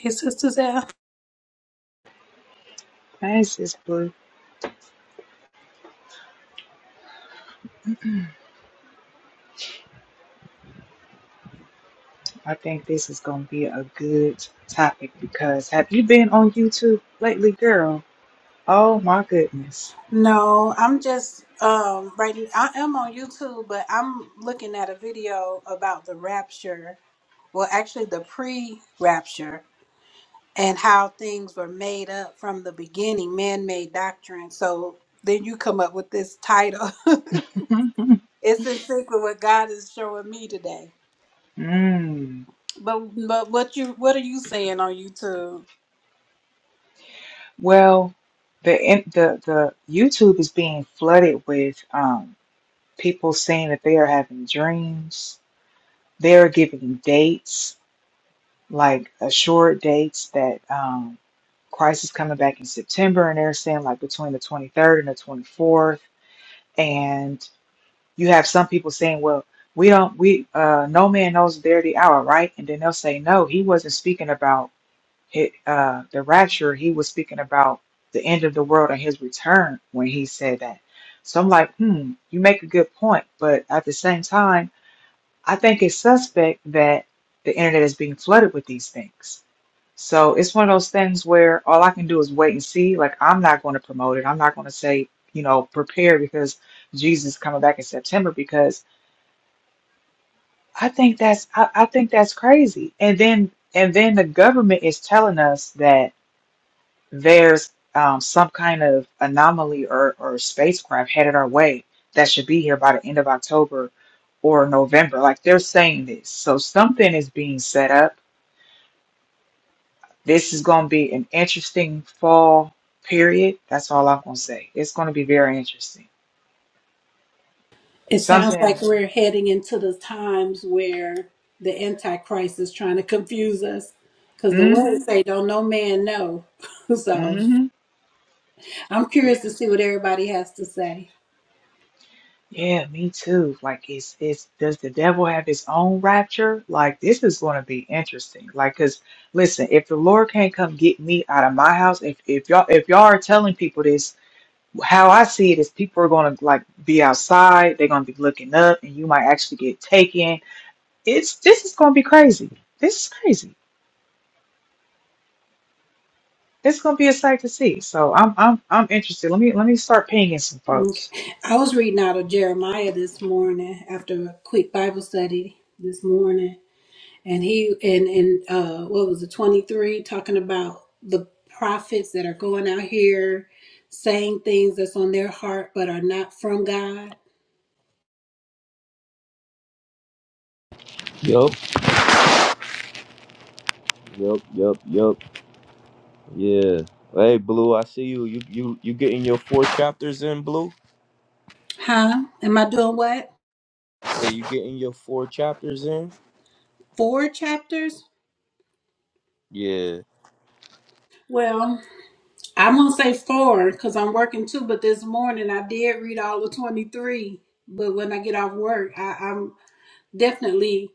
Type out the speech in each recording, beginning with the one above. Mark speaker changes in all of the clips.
Speaker 1: Hey, Sister Zell.
Speaker 2: Hey, Sis Blue. I think this is going to be a good topic because have you been on YouTube lately, girl? Oh my goodness.
Speaker 1: No, I'm just um right. n- I am on YouTube, but I'm looking at a video about the rapture. Well, actually, the pre-rapture and how things were made up from the beginning, man-made doctrine. So then you come up with this title. it's in sync with what God is showing me today.
Speaker 2: mm.
Speaker 1: But but what you what are you saying on YouTube?
Speaker 2: Well, the, in- the the YouTube is being flooded with um, people saying that they are having dreams. They are giving dates, like assured dates that um, Christ is coming back in September, and they're saying like between the 23rd and the 24th. you have some people saying, well, we don't, we, uh, no man knows the day or the hour, right? And then they'll say, no, he wasn't speaking about it, uh, the rapture. He was speaking about the end of the world and his return when he said that. So I'm like, hmm, you make a good point. But at the same time, I think it's suspect that the internet is being flooded with these things. So it's one of those things where all I can do is wait and see. Like, I'm not going to promote it. I'm not going to say, you know, prepare because Jesus is coming back in September because I think that's I, I think that's crazy. And then and then the government is telling us that there's um, some kind of anomaly or, or spacecraft headed our way that should be here by the end of October or November. Like they're saying this. So something is being set up. This is going to be an interesting fall period. That's all I'm going to say. It's going to be very interesting.
Speaker 1: It sounds
Speaker 2: Something.
Speaker 1: like we're heading into the times where the Antichrist is trying to confuse us because the
Speaker 2: Mm-hmm.
Speaker 1: words say, don't no man know. so
Speaker 2: Mm-hmm.
Speaker 1: I'm
Speaker 2: yeah.
Speaker 1: curious to see what everybody has to say.
Speaker 2: Yeah, me too. Like, is is does the devil have his own rapture? Like, this is going to be interesting. Like, cause listen, if the Lord can't come get me out of my house, if if y'all if y'all are telling people this, how I see it is people are going to like be outside, they're going to be looking up, and you might actually get taken. It's this is going to be crazy. This is crazy. This is going to be a sight to see. So I'm I'm I'm interested. Let me let me start pinging some
Speaker 1: Okay.
Speaker 2: folks.
Speaker 1: I was reading out of Jeremiah this morning after a quick Bible study this morning. And he, and, and uh, what was it, 23, talking about the prophets that are going out here saying things that's on their heart but are not from God
Speaker 3: Yup, yup, yup, yup. Yeah. Hey, Blue, I see you. You you you getting your four chapters in, Blue?
Speaker 1: Huh? Am I doing what?
Speaker 3: Hey, you getting your four chapters in?
Speaker 1: Four chapters?
Speaker 3: Yeah.
Speaker 1: Well, I'm going to say four because I'm working too, but this morning I did read all of 23. But when I get off work, I, I'm definitely,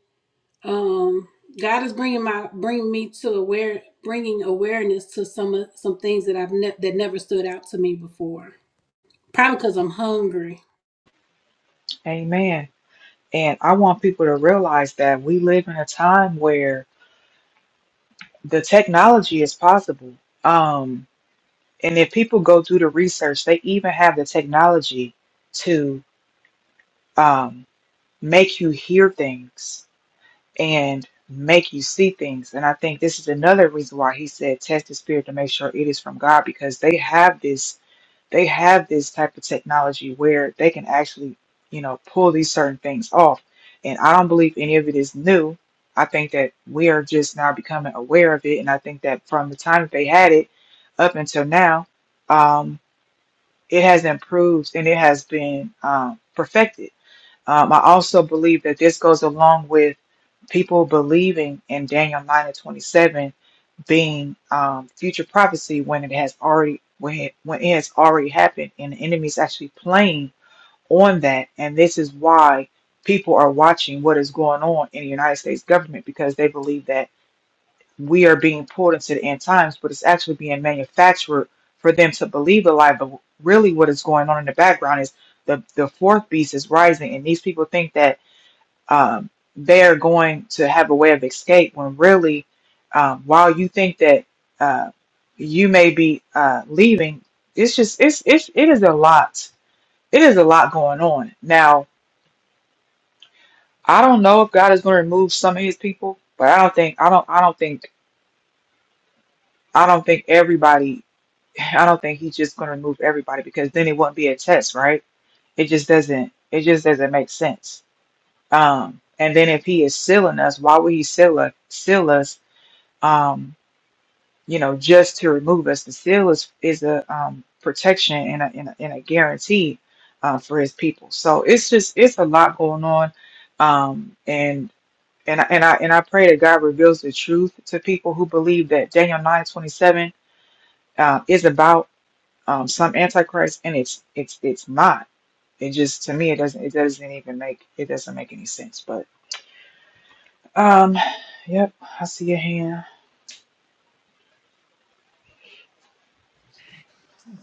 Speaker 1: um, God is bringing my, bringing me to aware, bringing awareness to some, of some things that I've, ne- that never stood out to me before. Probably because I'm hungry.
Speaker 2: Amen. And I want people to realize that we live in a time where the technology is possible. Um, and if people go do the research, they even have the technology to um, make you hear things and make you see things. And I think this is another reason why he said test the spirit to make sure it is from God because they have this they have this type of technology where they can actually, you know, pull these certain things off. And I don't believe any of it is new. I think that we are just now becoming aware of it. And I think that from the time that they had it up until now, um, it has improved and it has been um, perfected um, I also believe that this goes along with people believing in Daniel 9 and 27 being um, future prophecy when it has already when it, when it has already happened and the enemy's actually playing on that and this is why people are watching what is going on in the United States government because they believe that we are being pulled into the end times but it's actually being manufactured for them to believe a lie but really what is going on in the background is the the fourth beast is rising and these people think that um, they're going to have a way of escape when really, um, while you think that uh, you may be uh, leaving, it's just it's it's it is a lot. It is a lot going on now. I don't know if God is going to remove some of His people, but I don't think I don't I don't think I don't think everybody. I don't think He's just going to remove everybody because then it wouldn't be a test, right? It just doesn't. It just doesn't make sense. Um, and then if He is sealing us, why would He seal us? Seal us um, you know, just to remove us. The seal is is a um, protection and a, and a, and a guarantee uh, for his people. So it's just it's a lot going on, um, and and I, and I and I pray that God reveals the truth to people who believe that Daniel nine twenty seven uh, is about um, some antichrist, and it's it's it's not. It just to me it doesn't it doesn't even make it doesn't make any sense. But um, yep, I see your hand.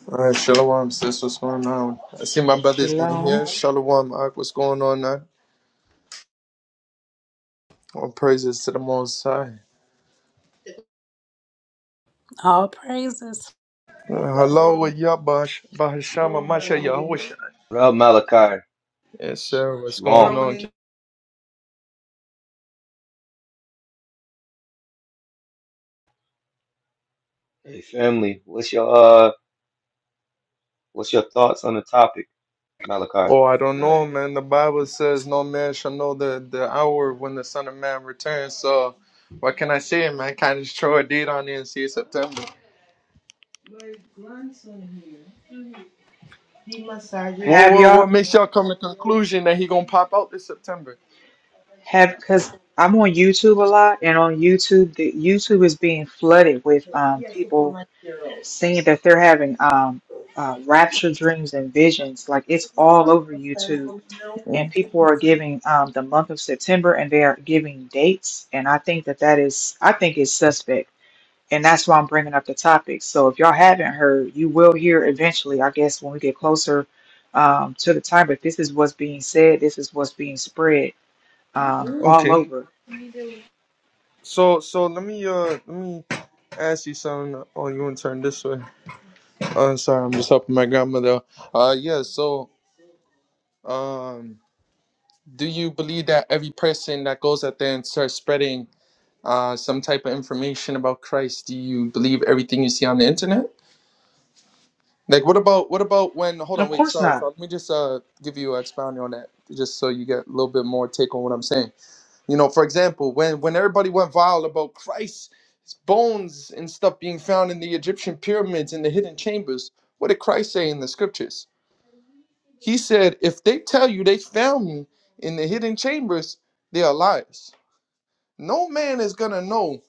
Speaker 4: All right, shalom, sis. What's going on? I see my brothers in
Speaker 2: Shalom.
Speaker 4: here. Shalom, Ak. What's going on? Ak? All praises to the Most High.
Speaker 1: All praises.
Speaker 4: Uh, hello, with Yabash, Bahashama, Masha, Yahushua.
Speaker 3: What up, Malachi?
Speaker 4: Yes, sir. What's going
Speaker 3: Shalom.
Speaker 4: on?
Speaker 3: Hey, family. What's your uh? What's your thoughts on the topic, Malachi?
Speaker 4: Oh, I don't know, man. The Bible says no man shall know the, the hour when the Son of Man returns. So, what can I say, man? Kind of just throw a date on there and see September. What,
Speaker 2: Have
Speaker 4: what,
Speaker 2: y'all?
Speaker 4: what makes y'all come to conclusion that he gonna pop out this September?
Speaker 2: Have because I'm on YouTube a lot, and on YouTube, the YouTube is being flooded with um, people saying that they're having um, uh, rapture dreams and visions. Like it's all over YouTube, and
Speaker 4: Mm,
Speaker 2: people are giving um, the month of September, and they are giving dates. And I think that that is, I think it's suspect, and that's why I'm bringing up the topic. So if y'all haven't heard, you will hear eventually, I guess, when we get closer um, to the time. But this is what's being said. This is what's being spread um, all
Speaker 4: Okay.
Speaker 2: over.
Speaker 4: So so let me uh let me ask you something. Oh, you want to turn this way? Oh, I'm sorry, I'm just helping my grandmother. Uh, yeah. So, um, do you believe that every person that goes out there and starts spreading uh some type of information about Christ, do you believe everything you see on the internet? Like, what about what about when? Hold
Speaker 2: Of
Speaker 4: on, wait,
Speaker 2: course
Speaker 4: sorry,
Speaker 2: not.
Speaker 4: sorry. Let me just uh give you a expounding on that, just so you get a little bit more take on what I'm saying. You know, for example, when when everybody went wild about Christ's bones and stuff being found in the Egyptian pyramids and the hidden chambers, what did Christ say in the scriptures? He said, "If they tell you they found me in the hidden chambers, they are liars. No man is gonna know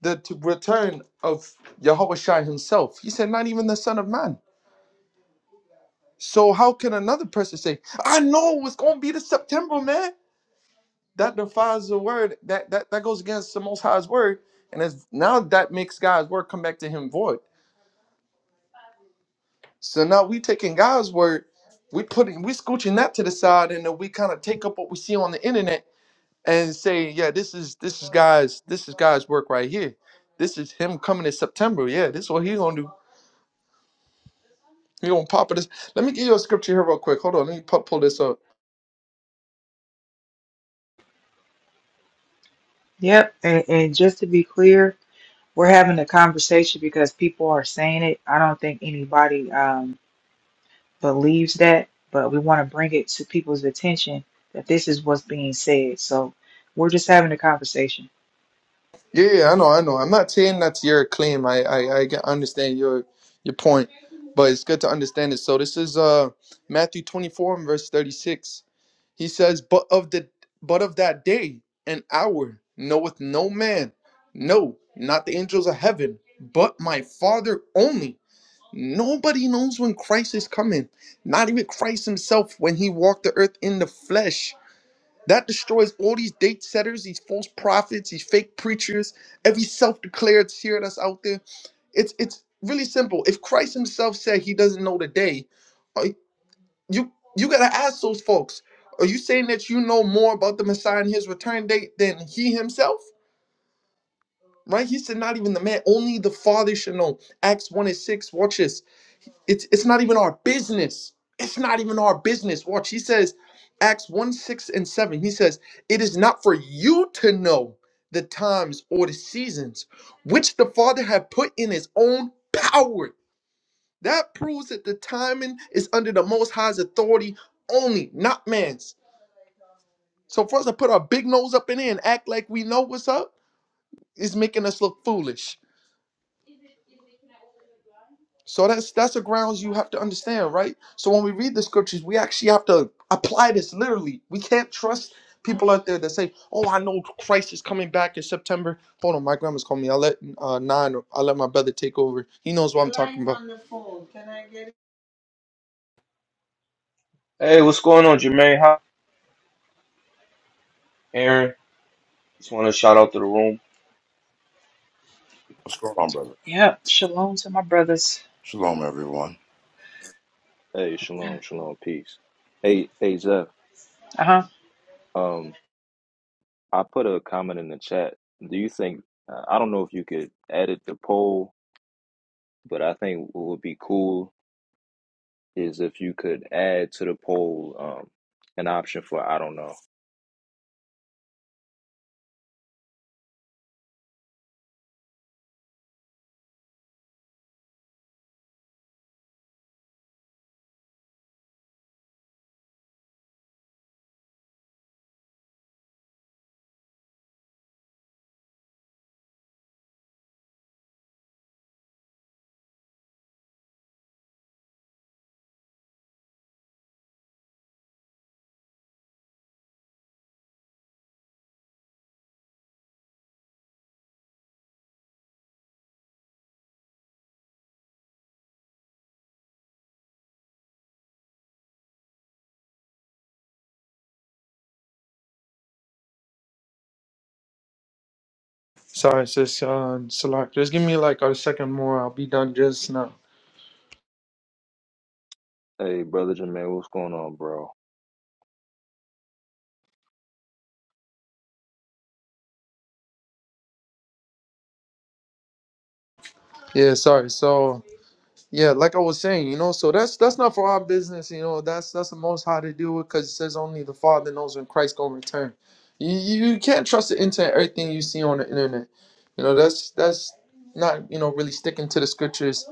Speaker 4: the t- return of Yahweh Shai himself." He said, "Not even the Son of Man." So how can another person say, "I know it's gonna be the September man"? that defies the word that that that goes against the most high's word and it's now that makes god's word come back to him void so now we taking god's word we putting we scooching that to the side and then we kind of take up what we see on the internet and say yeah this is this is god's this is god's work right here this is him coming in september yeah this is what he gonna do he gonna pop it let me give you a scripture here real quick hold on let me pu- pull this up
Speaker 2: Yep. And, and just to be clear, we're having a conversation because people are saying it. I don't think anybody um, believes that, but we want to bring it to people's attention that this is what's being said. So we're just having a conversation.
Speaker 4: Yeah, yeah, I know, I know. I'm not saying that's your claim. I, I, I get- understand your your point, but it's good to understand it. So this is uh Matthew 24 and verse 36. He says, "But of the but of that day and hour knoweth no man, no, not the angels of heaven, but my Father only." Nobody knows when Christ is coming. Not even Christ himself when he walked the earth in the flesh. That destroys all these date setters, these false prophets, these fake preachers, every self-declared seer that's out there. It's it's really simple. If Christ Himself said He doesn't know the day, uh, you you gotta ask those folks. Are you saying that you know more about the Messiah and His return date than He Himself? Right? He said, not even the man, only the Father should know. Acts one and six. Watch this. It's it's not even our business. It's not even our business. Watch, he says, Acts 1, 6 and 7. He says, It is not for you to know the times or the seasons which the Father had put in his own power. That proves that the timing is under the most high's authority only, not man's. So for us to put our big nose up in there and act like we know what's up is making us look foolish. So that's that's the grounds you have to understand, right? So when we read the scriptures, we actually have to apply this literally. We can't trust people out there that say, "Oh, I know Christ is coming back in September." Hold on, my grandma's calling me. I let uh, nine. I let my brother take over. He knows what I'm talking about.
Speaker 3: Hey, what's going on, Jermaine? How Aaron? Just want to shout out to the room.
Speaker 5: What's going on, brother?
Speaker 2: Yep. Shalom to my brothers.
Speaker 5: Shalom, everyone.
Speaker 6: Hey, shalom, shalom, peace. Hey, hey, Zeph.
Speaker 2: Uh huh.
Speaker 6: Um, I put a comment in the chat. Do you think? uh, I don't know if you could edit the poll, but I think what would be cool is if you could add to the poll um an option for I don't know.
Speaker 4: Sorry, sis. Uh, Salak, just give me like a second more. I'll be done just now.
Speaker 6: Hey, brother Jermaine, what's going on, bro?
Speaker 4: Yeah, sorry. So. Yeah, like I was saying, you know, so that's that's not for our business, you know. That's that's the most how to do it because it says only the Father knows when Christ gonna return. You, you you can't trust the internet, everything you see on the internet. You know, that's that's not you know really sticking to the scriptures.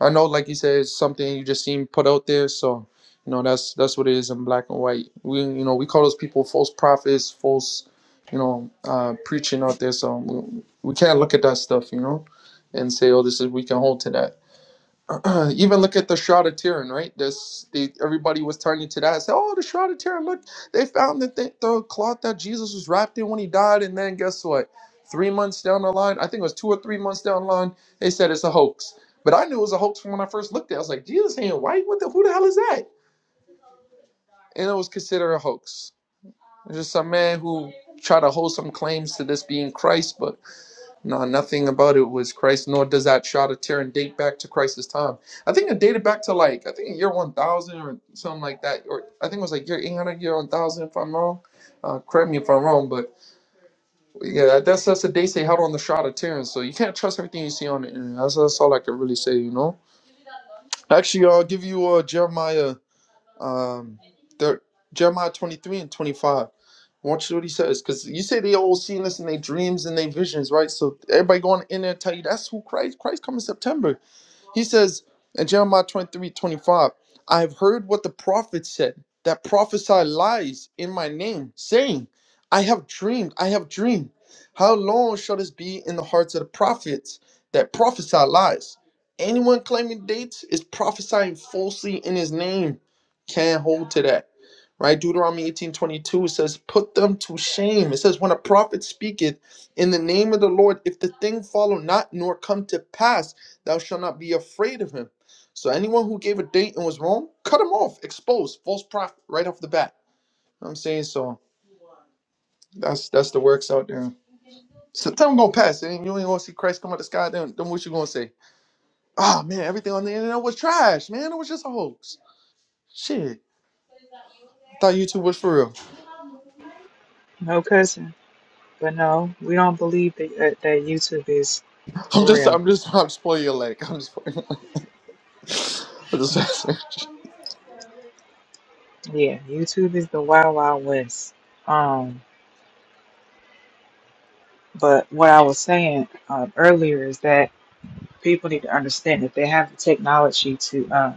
Speaker 4: I know, like you said, it's something you just seen put out there, so you know that's that's what it is in black and white. We you know we call those people false prophets, false you know uh, preaching out there. So we, we can't look at that stuff, you know, and say, oh, this is we can hold to that even look at the Shroud of Turin, right? This the everybody was turning to that and said, "Oh, the Shroud of Turin! Look, they found the thing, the cloth that Jesus was wrapped in when he died." And then guess what? Three months down the line, I think it was two or three months down the line, they said it's a hoax. But I knew it was a hoax from when I first looked at. it. I was like, "Jesus ain't white. What the? Who the hell is that?" And it was considered a hoax. It's just some man who tried to hold some claims to this being Christ, but no, nothing about it was Christ, nor does that shot of Turin date back to Christ's time. I think it dated back to like, I think year 1000 or something like that. Or I think it was like year 800, year 1000, if I'm wrong. Uh, correct me if I'm wrong, but yeah, that- that's, that's the dates they held on the shot of Turin. So you can't trust everything you see on the internet. That's, that's all I can really say, you know? Actually, I'll give you uh, Jeremiah, um, thir- Jeremiah 23 and 25. Watch what he says, because you say they all seen this in their dreams and their visions, right? So everybody going in there tell you that's who Christ. Christ come in September. He says in Jeremiah 23 25, I have heard what the prophets said that prophesy lies in my name, saying, I have dreamed, I have dreamed. How long shall this be in the hearts of the prophets that prophesy lies? Anyone claiming dates is prophesying falsely in his name. Can't hold to that. Right? Deuteronomy 18 22 says, Put them to shame. It says, When a prophet speaketh in the name of the Lord, if the thing follow not nor come to pass, Thou shalt not be afraid of him. So anyone who gave a date and was wrong, cut him off, expose false prophet right off the bat. You know what I'm saying so. That's that's the works out there. So time gonna pass, and you ain't gonna see Christ come out the sky. Then, then what you gonna say? Ah man, everything on the internet was trash, man. It was just a hoax. Shit, I thought YouTube was for real.
Speaker 2: No cousin. But no, we don't believe that, that, that YouTube is
Speaker 4: I'm
Speaker 2: for
Speaker 4: just,
Speaker 2: real.
Speaker 4: I'm just, I'm just pulling your leg. I'm just, pulling- your leg. I'm just.
Speaker 2: Yeah, YouTube is the wild, wild west. Um, but what I was saying um, earlier is that people need to understand that they have the technology to uh,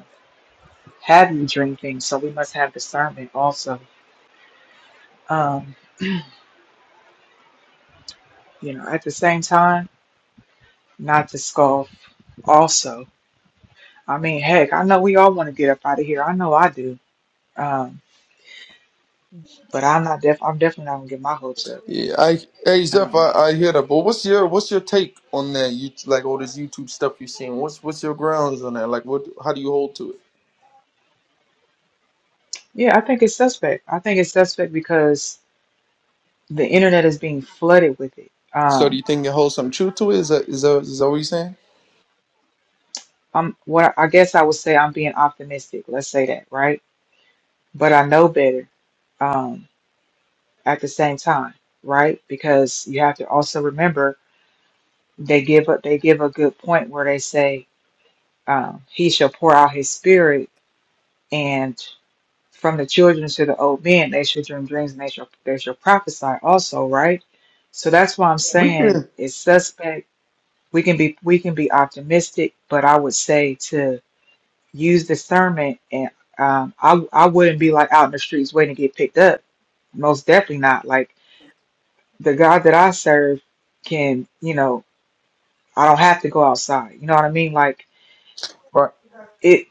Speaker 2: have you dream things, so we must have discernment also. Um, you know, at the same time, not to scoff also. I mean, heck, I know we all want to get up out of here. I know I do. Um, but I'm not def I'm definitely not gonna get my hopes up.
Speaker 4: Yeah, I hey Zeph,
Speaker 2: Um,
Speaker 4: I, I hear that, but what's your what's your take on that? You like all this YouTube stuff you're seeing. What's what's your grounds on that? Like, what how do you hold to it?
Speaker 2: yeah, I think it's suspect. I think it's suspect because the internet is being flooded with it.
Speaker 4: So do
Speaker 2: Um,
Speaker 4: you think it holds some truth to it? Is that is that is that what you're saying?
Speaker 2: I'm well, I guess I would say I'm being optimistic, let's say that, right? But I know better. Um, at the same time, right? Because you have to also remember they give up they give a good point where they say, um, he shall pour out his spirit and from the children to the old men they shall dream dreams and they shall they shall prophesy also, right? So that's why I'm
Speaker 4: We
Speaker 2: saying
Speaker 4: can.
Speaker 2: it's suspect. We can be we can be optimistic, but I would say to use discernment and um, I I wouldn't be like out in the streets waiting to get picked up. Most definitely not. Like the God that I serve can, you know, I don't have to go outside. You know what I mean? Like it,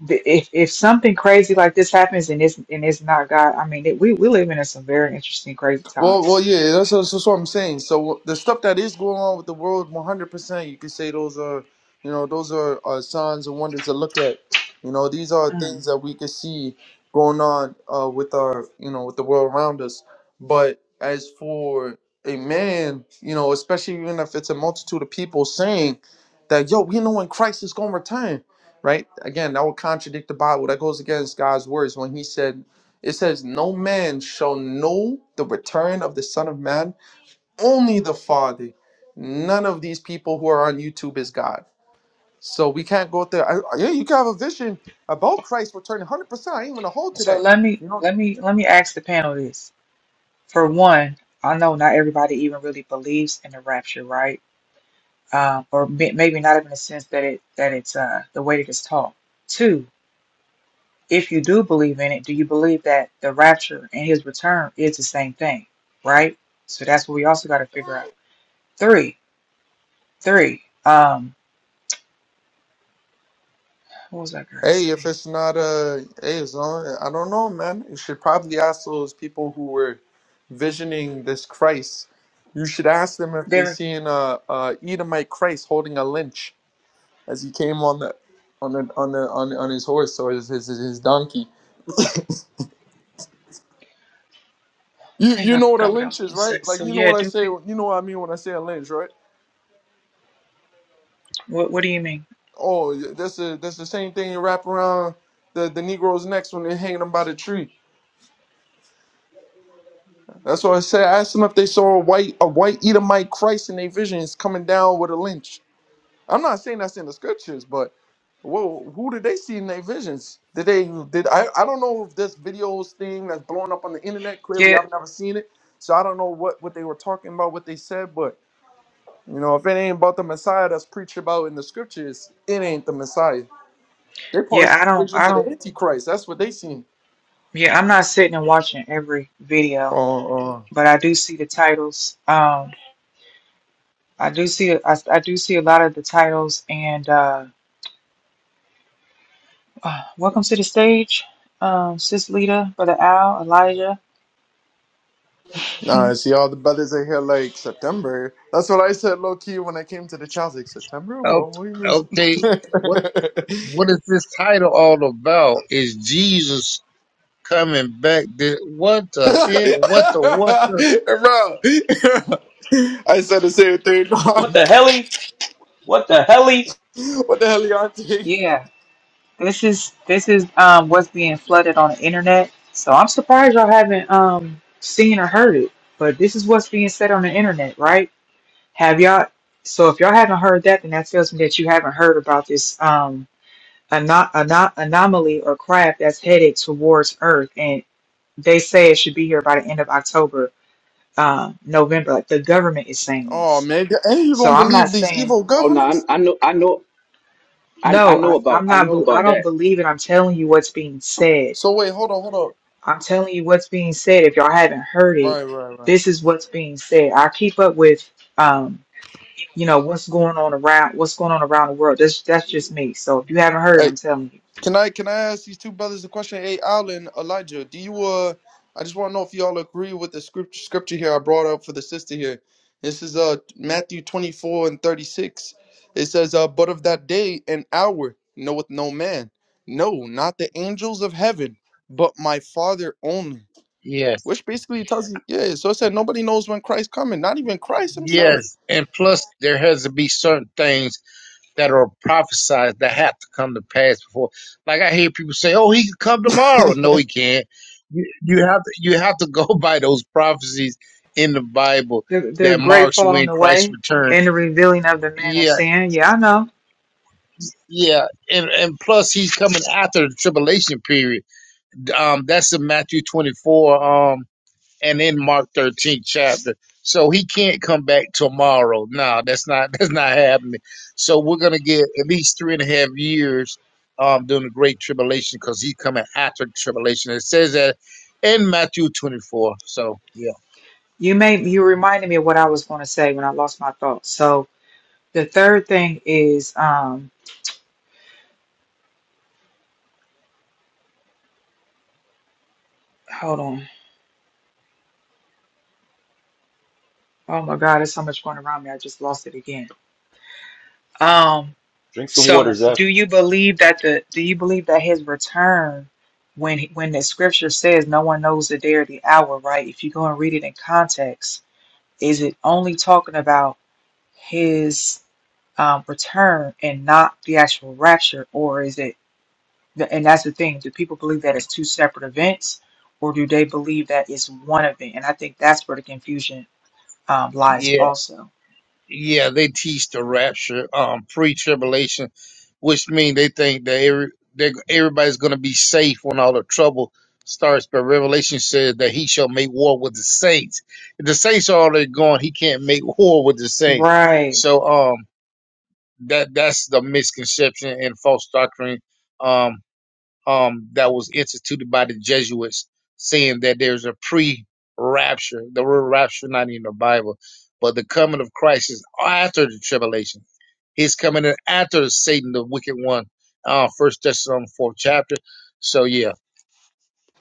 Speaker 2: the- if if something crazy like this happens and it's and it's not God, I mean, it, we we live in some very interesting, crazy
Speaker 4: Well, well,
Speaker 2: times.
Speaker 4: yeah, that's, that's what I'm saying. So the stuff that is going on with the world, 100%, you could say those are, you know, those are, are signs and wonders to look at. You know, these are
Speaker 2: Mm.
Speaker 4: things that we could see going on uh, with our, you know, with the world around us. But as for a man, you know, especially even if it's a multitude of people saying that, yo, we know when Christ is going to return, right? Again, that would contradict the Bible. That goes against God's words when He said it says, No man shall know the return of the Son of Man, only the Father. None of these people who are on YouTube is God. So we can't go out there. I, I- yeah, you can have a vision about Christ returning 100%. I ain't even a hold
Speaker 2: So
Speaker 4: today.
Speaker 2: let me
Speaker 4: You know?
Speaker 2: let me let me ask the panel this. For one, I know not everybody even really believes in the rapture, right? Um, or may, maybe not even in the sense that it that it's uh, the way that it's taught. Two, if you do believe in it, do you believe that the rapture and his return is the same thing, right? So that's what we also got to figure out. Three, three. Um, what was I going to
Speaker 4: Hey, if
Speaker 2: say?
Speaker 4: it's not a, hey, it's on, I don't know, man. You should probably ask those people who were visioning this Christ. You should ask them if they
Speaker 2: There,
Speaker 4: seen a, a Edomite Christ holding a lynch. as he came on the on the on the on, on his horse or his, his his donkey. You
Speaker 2: dang,
Speaker 4: you
Speaker 2: I
Speaker 4: know what a
Speaker 2: forgot what I
Speaker 4: lynch
Speaker 2: was
Speaker 4: is,
Speaker 2: going to
Speaker 4: right?
Speaker 2: say.
Speaker 4: Like
Speaker 2: So
Speaker 4: you know
Speaker 2: yeah,
Speaker 4: what I
Speaker 2: do
Speaker 4: say.
Speaker 2: pe-
Speaker 4: You know what I mean when I say a lynch, right?
Speaker 2: what? What do you mean?
Speaker 4: Oh, that's a that's the same thing you wrap around the the Negroes' necks when they're hanging them by the tree. That's what I said. I asked them if they saw a white a white Edomite Christ in their visions coming down with a lynch. I'm not saying that's in the scriptures, but well, who did they see in their visions? Did they did I, I don't know if this videos thing that's blowing up on the internet. Clearly
Speaker 2: Yeah,
Speaker 4: I've never seen it. So I don't know what, what they were talking about, what they said, but you know, if it ain't about the Messiah that's preached about in the scriptures, it ain't the Messiah. They probably
Speaker 2: yeah.
Speaker 4: see
Speaker 2: I don't,
Speaker 4: visions
Speaker 2: I
Speaker 4: of the
Speaker 2: don't.
Speaker 4: Antichrist. That's what they seen.
Speaker 2: Yeah, I'm not sitting and watching every video,
Speaker 4: Oh, uh,
Speaker 2: but I do see the titles. Um, I do see, I, I do see a lot of the titles. And uh, uh welcome to the stage, um, Sis Lita, Brother Al, Elijah.
Speaker 4: nah, I see all the brothers are here like September. That's what I said low key when I came to the Chelsea. September?
Speaker 7: Oh,
Speaker 4: Well, what is
Speaker 7: okay. What what is this title all about? Is Jesus coming back? Did, what the
Speaker 4: Bro,
Speaker 7: heck? What the what the?
Speaker 4: I said the same thing, dog.
Speaker 3: What the helly? What the helly?
Speaker 4: What the hell y'all doing?
Speaker 2: Yeah, this is this is um what's being flooded on the internet. So I'm surprised y'all haven't um seen or heard it. But this is what's being said on the internet, right? Have y'all? So if y'all haven't heard that, then that tells me that you haven't heard about this um ano- ano- anomaly or craft that's headed towards Earth, and they say it should be here by the end of October, uh, November. Like the government is saying
Speaker 4: Oh,
Speaker 2: this.
Speaker 4: man. And you
Speaker 2: So
Speaker 4: don't
Speaker 2: I'm not
Speaker 4: believe these
Speaker 2: saying
Speaker 4: evil
Speaker 8: Oh no, I,
Speaker 4: governors?
Speaker 8: I know, I know, I, I
Speaker 2: no.
Speaker 8: know
Speaker 2: I,
Speaker 8: about,
Speaker 2: I'm
Speaker 8: I
Speaker 2: not.
Speaker 8: know
Speaker 2: bel- I
Speaker 8: about
Speaker 2: don't
Speaker 8: that.
Speaker 2: believe it. I'm telling you what's being said
Speaker 4: So, wait, hold on, hold on.
Speaker 2: I'm telling you what's being said. If y'all haven't heard it,
Speaker 4: Right, right, right.
Speaker 2: this is what's being said. I keep up with, um, you know, what's going on around, what's going on around the world. That's that's just me. So if you haven't heard,
Speaker 4: Hey,
Speaker 2: I'm telling you,
Speaker 4: Can I can I ask these two brothers a question? Hey, Alan, Elijah, do you uh? I just want to know if y'all agree with the scripture scripture here I brought up for the sister here. This is uh Matthew twenty four and thirty six. It says uh, but of that day and hour knoweth no man, no, not the angels of heaven, but my Father only.
Speaker 7: Yes,
Speaker 4: Which basically tells you, yeah. So it said nobody knows when Christ coming, not even Christ himself.
Speaker 7: yes. And plus, there has to be certain things that are prophesied that have to come to pass before. Like I hear people say, "Oh, he can come tomorrow." No, he can't. You, you have to you have to go by those prophecies in the Bible
Speaker 2: the the
Speaker 7: that
Speaker 2: great
Speaker 7: marks when
Speaker 2: falling
Speaker 7: Christ
Speaker 2: away
Speaker 7: returns.
Speaker 2: and the revealing of the man of
Speaker 7: Yeah,
Speaker 2: sin. Yeah, I know.
Speaker 7: Yeah, and and plus he's coming after the tribulation period. Um, that's in Matthew twenty four, um, and in Mark thirteen chapter. So he can't come back tomorrow. No, that's not that's not happening. So we're gonna get at least three and a half years um during the Great Tribulation because he's coming after the tribulation. It says that in Matthew twenty four. So yeah.
Speaker 2: You made you reminded me of what I was going to say when I lost my thoughts. So the third thing is, um, hold on. Oh my God, there's so much going around me. I just lost it again. Um,
Speaker 3: Drink some water,
Speaker 2: So,
Speaker 3: Zeph.
Speaker 2: do you believe that the do you believe that his return, when when the scripture says no one knows the day or the hour, right? If you go and read it in context, is it only talking about his um, return and not the actual rapture, or is it? And that's the thing. Do people believe that it's two separate events, or do they believe that it's one event? And I think that's where the confusion um, lies,
Speaker 7: Yeah.
Speaker 2: also.
Speaker 7: yeah, they teach the rapture, um, pre-tribulation, which mean they think that every, that everybody's going to be safe when all the trouble starts. But Revelation says that he shall make war with the saints. If the saints are already gone, he can't make war with the saints.
Speaker 2: Right.
Speaker 7: So, um, that that's the misconception and false doctrine. Um, um, that was instituted by the Jesuits, saying that there's a pre-rapture. The word rapture not in the Bible, but the coming of Christ is after the tribulation. He's coming in after Satan, the wicked one. Uh, First Thessalonians fourth chapter. So yeah,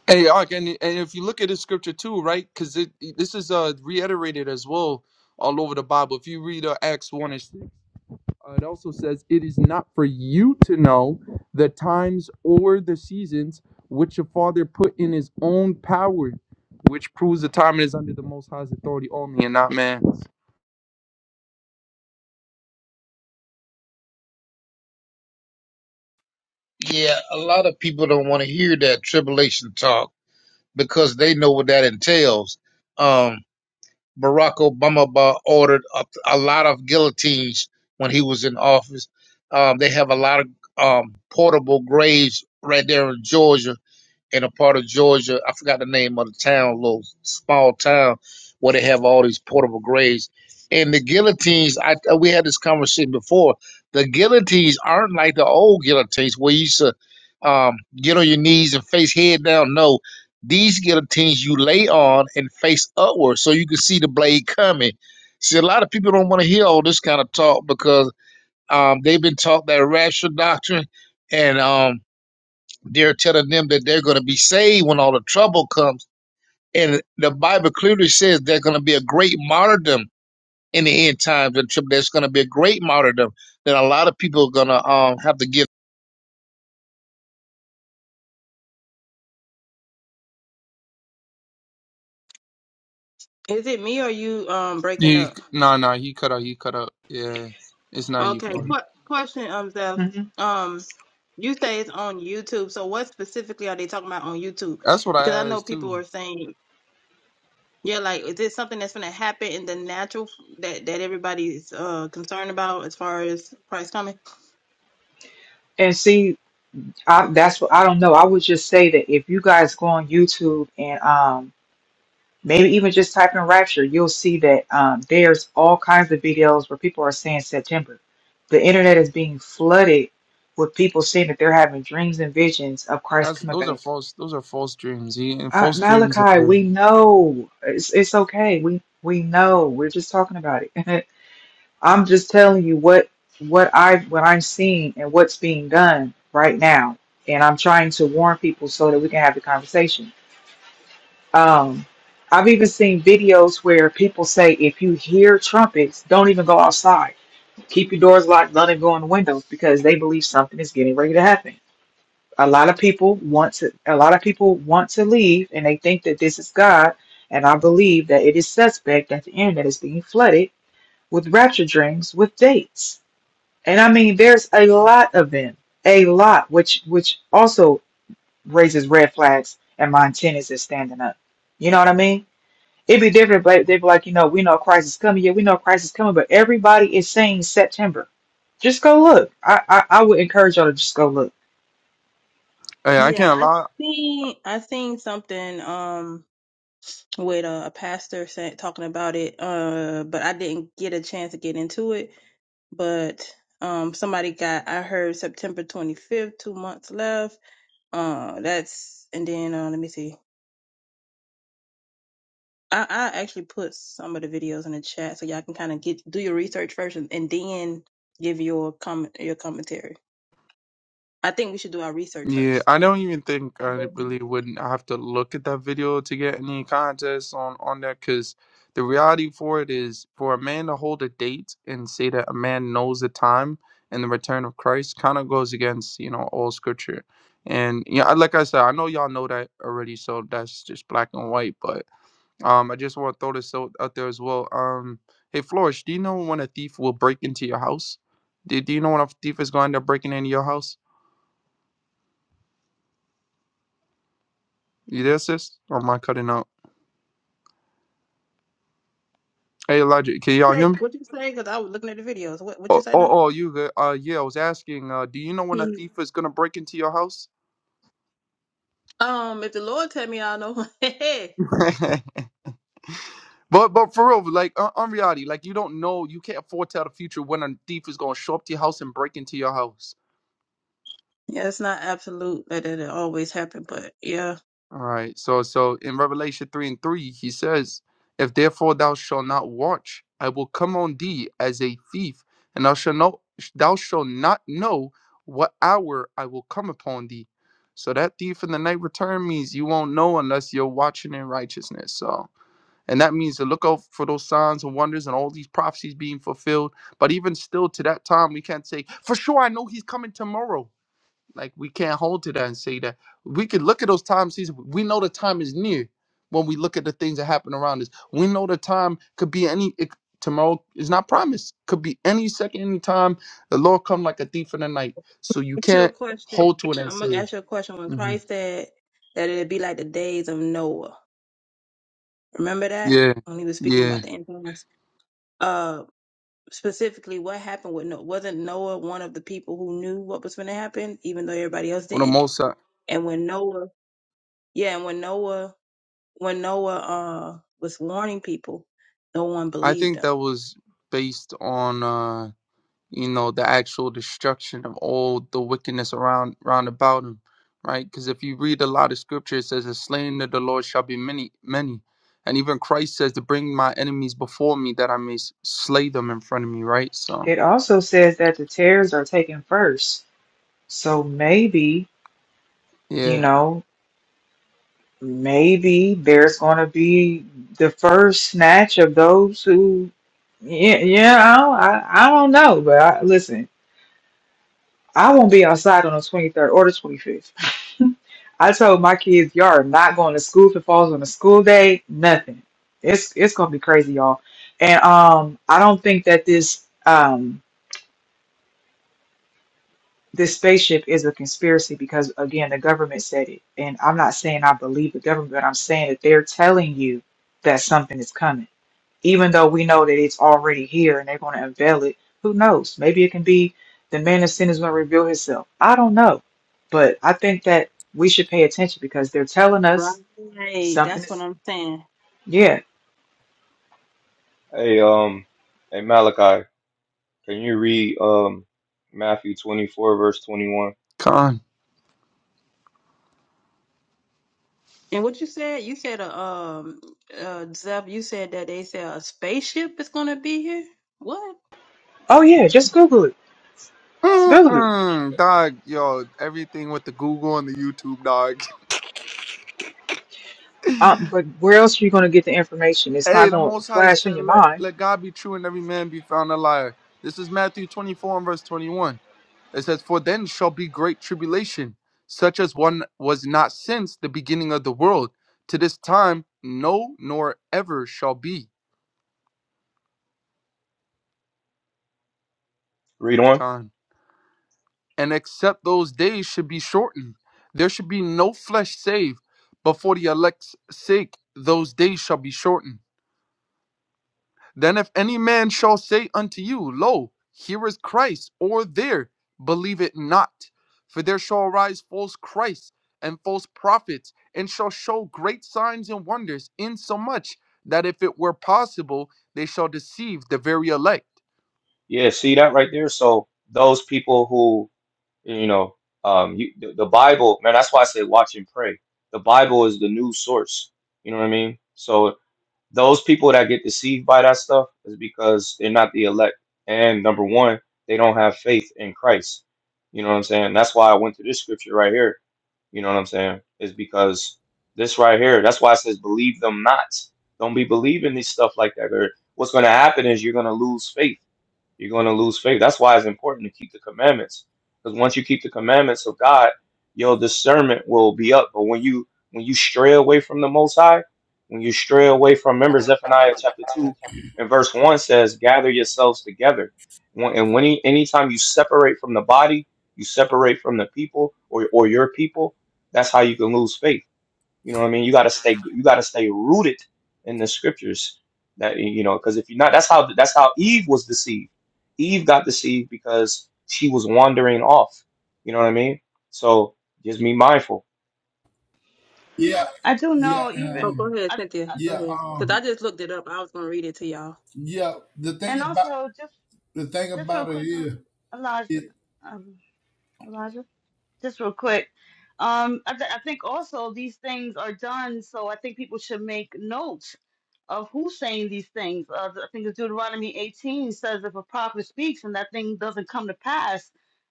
Speaker 4: Hey, Ark, and, and if you look at the scripture too, right? Because it, this is uh, reiterated as well all over the Bible. If you read uh, Acts 1 and 6, uh, it also says, It is not for you to know the times or the seasons which your Father put in his own power, which proves the time is under the Most High's authority only and not man's.
Speaker 7: yeah. A lot of people don't want to hear that tribulation talk because they know what that entails. Um, Barack Obama ba- ordered a, a lot of guillotines when he was in office. Um, they have a lot of um, portable graves right there in Georgia in a part of Georgia. I forgot the name of the town, little small town where they have all these portable graves. And the guillotines, I uh, we had this conversation before. The guillotines aren't like the old guillotines where you used to um, get on your knees and face head down. No, these guillotines you lay on and face upward so you can see the blade coming. See, a lot of people don't want to hear all this kind of talk because um, they've been taught that rational doctrine, and um, they're telling them that they're going to be saved when all the trouble comes. And the Bible clearly says there's going to be a great martyrdom in the end times. And trib- There's going to be a great martyrdom that a lot of people are going to um, have to give.
Speaker 9: Is it me or you um breaking
Speaker 4: He,
Speaker 9: up?
Speaker 4: nah, nah, he cut up, he cut up. Yeah, it's not you,
Speaker 9: Okay.
Speaker 4: Father.
Speaker 9: Qu- question, um, Zeph.
Speaker 2: hmm
Speaker 9: Um, you say it's on YouTube. So what specifically are they talking about on YouTube?
Speaker 4: That's what I
Speaker 9: Because I know
Speaker 4: asked
Speaker 9: people
Speaker 4: too.
Speaker 9: are saying, yeah, like is this something that's gonna happen in the natural f- that that everybody's uh concerned about as far as Christ coming?
Speaker 2: And see, I, that's what I don't know. I would just say that if you guys go on YouTube and um, maybe even just type in Rapture, you'll see that um, there's all kinds of videos where people are saying September. The internet is being flooded with people saying that they're having dreams and visions of Christ
Speaker 4: That's
Speaker 2: coming
Speaker 4: those are
Speaker 2: back.
Speaker 4: false. Those are false dreams. He and
Speaker 2: Uh,
Speaker 4: false dreams and
Speaker 2: Malachi,
Speaker 4: visions.
Speaker 2: we know it's it's okay. We we know. We're just talking about it. I'm just telling you what what I what I'm seeing and what's being done right now, and I'm trying to warn people so that we can have the conversation. Um, I've even seen videos where people say if you hear trumpets, don't even go outside. Keep your doors locked, don't even go in the windows because they believe something is getting ready to happen. A lot of people want to a lot of people want to leave and they think that this is God, and I believe that it is suspect at the end that is being flooded with rapture dreams with dates and I mean, there's a lot of them, a lot, which which also raises red flags. And my antennas is standing up. You know what I mean? It'd be different, but they'd be like, you know, we know Christ is coming. Yeah, we know Christ is coming, but everybody is saying September. Just go look. I, I, I would encourage y'all to just go look.
Speaker 4: Hey, I
Speaker 9: Yeah,
Speaker 4: can't
Speaker 9: I
Speaker 4: lie.
Speaker 9: seen I seen something um with a, a pastor saying, talking about it, uh, but I didn't get a chance to get into it. but um somebody got I heard September 25th, two months left. Uh that's and then uh let me see. I, I actually put some of the videos in the chat so y'all can kind of get do your research first and, and then give your comment your commentary. I think we should do our research
Speaker 4: Yeah,
Speaker 9: first.
Speaker 4: I don't even think I really wouldn't have to look at that video to get any context on on that because the reality for it is for a man to hold a date and say that a man knows the time and the return of Christ kind of goes against, you know, all scripture. And yeah, I- like I said, I know y'all know that already, so that's just black and white. But um, I just want to throw this out, out there as well. Um, hey, Flourish, do you know when a thief will break into your house? Do, do you know when a thief is going to break into your house? You there, sis? Or am I cutting out? Hey, Elijah, can y'all
Speaker 9: Hey,
Speaker 4: hear me?
Speaker 9: What you say? Because I was looking at the videos. What what you
Speaker 4: Oh,
Speaker 9: say
Speaker 4: oh,
Speaker 9: now?
Speaker 4: oh, you good? Uh, yeah, I was asking. Uh, do you know when a
Speaker 9: Mm.
Speaker 4: thief is gonna break into your house?
Speaker 9: Um, if the Lord tell me, I know. yeah,
Speaker 4: but, but for real, like on, on reality, like you don't know, you can't foretell the future when a thief is gonna show up to your house and break into your house.
Speaker 9: it's not absolute that it always happen, but yeah.
Speaker 4: All right. So so in Revelation 3 and 3, he says, If therefore thou shalt not watch, I will come on thee as a thief, and thou shalt know thou shalt not know what hour I will come upon thee. So that thief in the night return means you won't know unless you're watching in righteousness. So and that means to look out for those signs and wonders and all these prophecies being fulfilled. But even still to that time, we can't say, for sure I know he's coming tomorrow like we can't hold to that and say that we can look at those time seasons. We know the time is near when we look at the things that happen around us. We know the time could be any it, tomorrow is not promised. Could be any second, any time. The Lord come like a thief in the night. So you
Speaker 9: ask you a
Speaker 4: can't hold
Speaker 9: question.
Speaker 4: to it and
Speaker 9: I'm gonna
Speaker 4: say,
Speaker 9: ask you a question. When
Speaker 4: Mhm.
Speaker 9: Christ said that it'd be like the days of Noah, remember that
Speaker 4: yeah,
Speaker 9: when he was speaking
Speaker 4: yeah.
Speaker 9: about the end times? Uh, specifically, what happened with Noah? Wasn't Noah one of the people who knew what was going to happen, even though everybody else
Speaker 4: On the
Speaker 9: didn't?
Speaker 4: most, I
Speaker 9: And when Noah, yeah, and when Noah, when Noah uh was warning people, no one
Speaker 4: I
Speaker 9: believed
Speaker 4: think
Speaker 9: him.
Speaker 4: that was based on. Uh, you know the actual destruction of all the wickedness around round about him right because if you read a lot of scripture it says the slain of the lord shall be many many and even christ says to bring my enemies before me that i may s- slay them in front of me right so
Speaker 2: It also says that the tears are taken first. So maybe, you
Speaker 4: yeah
Speaker 2: know, maybe there's going to be the first snatch of those who, yeah, yeah I, don't, I, I don't know. But I, listen, I won't be outside on the 23rd or the 25th. I told my kids, y'all are not going to school if it falls on a school day, nothing. It's it's gonna be crazy, y'all. And um, I don't think that this um this spaceship is a conspiracy because again the government said it and i'm not saying i believe the government but i'm saying that they're telling you that something is coming even though we know that it's already here and they're going to unveil it who knows maybe it can be the man of sin is going to reveal himself i don't know but i think that we should pay attention because they're telling us
Speaker 9: Right.
Speaker 2: something
Speaker 9: That's what
Speaker 2: is
Speaker 9: I'm saying.
Speaker 2: yeah
Speaker 3: Hey, um, hey Malachi, can you read um Matthew twenty four verse twenty one?
Speaker 4: con
Speaker 9: And what you said, you said a um uh Zeb, you said that they said a spaceship is gonna be here. What?
Speaker 2: oh yeah just google it google it
Speaker 4: Mm-mm, dog yo everything with the google and the youtube dog
Speaker 2: um, but where else are you going to get the information it's not
Speaker 4: hey the
Speaker 2: going to
Speaker 4: most high
Speaker 2: flash in
Speaker 4: said
Speaker 2: your
Speaker 4: let,
Speaker 2: mind
Speaker 4: let god be true and every man be found a liar this is matthew 24 and verse 21 It says, For then shall be great tribulation, such as one was not since the beginning of the world, to this time, no, nor ever shall be.
Speaker 3: Read on.
Speaker 4: Con. And except those days should be shortened, there should be no flesh saved, but for the elect's sake, those days shall be shortened. Then if any man shall say unto you, Lo, here is Christ, or there, believe it not. For there shall arise false Christs and false prophets, and shall show great signs and wonders, insomuch that if it were possible, they shall deceive the very elect.
Speaker 3: Yeah, see that right there? So those people who, you know, um, you, the, the Bible, man, that's why I say watch and pray. The Bible is the new source. You know what I mean? So those people that get deceived by that stuff is because they're not the elect. And number one, they don't have faith in Christ. You know what I'm saying? That's why I went to this scripture right here. You know what I'm saying? Is because this right here, that's why it says believe them not. Don't be believing this stuff like that. Or what's going to happen is you're going to lose faith you're going to lose faith. That's why it's important to keep the commandments. Because once you keep the commandments of God, your discernment will be up. But when you when you stray away from the Most High, when you stray away from, remember Zephaniah chapter two and verse one says, "Gather yourselves together." When- And when he, anytime you separate from the body, you separate from the people or or your people. That's how you can lose faith you know what I mean? You gotta stay you gotta stay rooted in the scriptures. That you know, because if you're not, that's how that's how Eve was deceived. Eve got deceived because she was wandering off. You know what I mean? So just be mindful.
Speaker 7: Yeah,
Speaker 10: I do
Speaker 7: yeah,
Speaker 10: know even
Speaker 9: Oh,
Speaker 7: um,
Speaker 9: go ahead,
Speaker 10: I,
Speaker 9: Cynthia. Go
Speaker 7: yeah,
Speaker 9: ahead. Cause
Speaker 7: um,
Speaker 9: I
Speaker 10: I
Speaker 9: just looked it up. I was gonna read it to y'all.
Speaker 7: yeah. The thing
Speaker 10: and
Speaker 7: about
Speaker 10: also just
Speaker 7: the thing
Speaker 10: just real
Speaker 7: about it
Speaker 10: quick,
Speaker 7: is,
Speaker 10: Elijah,
Speaker 7: it,
Speaker 10: um, Elijah, just real quick. Um, I, th- I think also these things are done, so I think people should make notes of who's saying these things. Uh, I think it's Deuteronomy 18 says if a prophet speaks and that thing doesn't come to pass,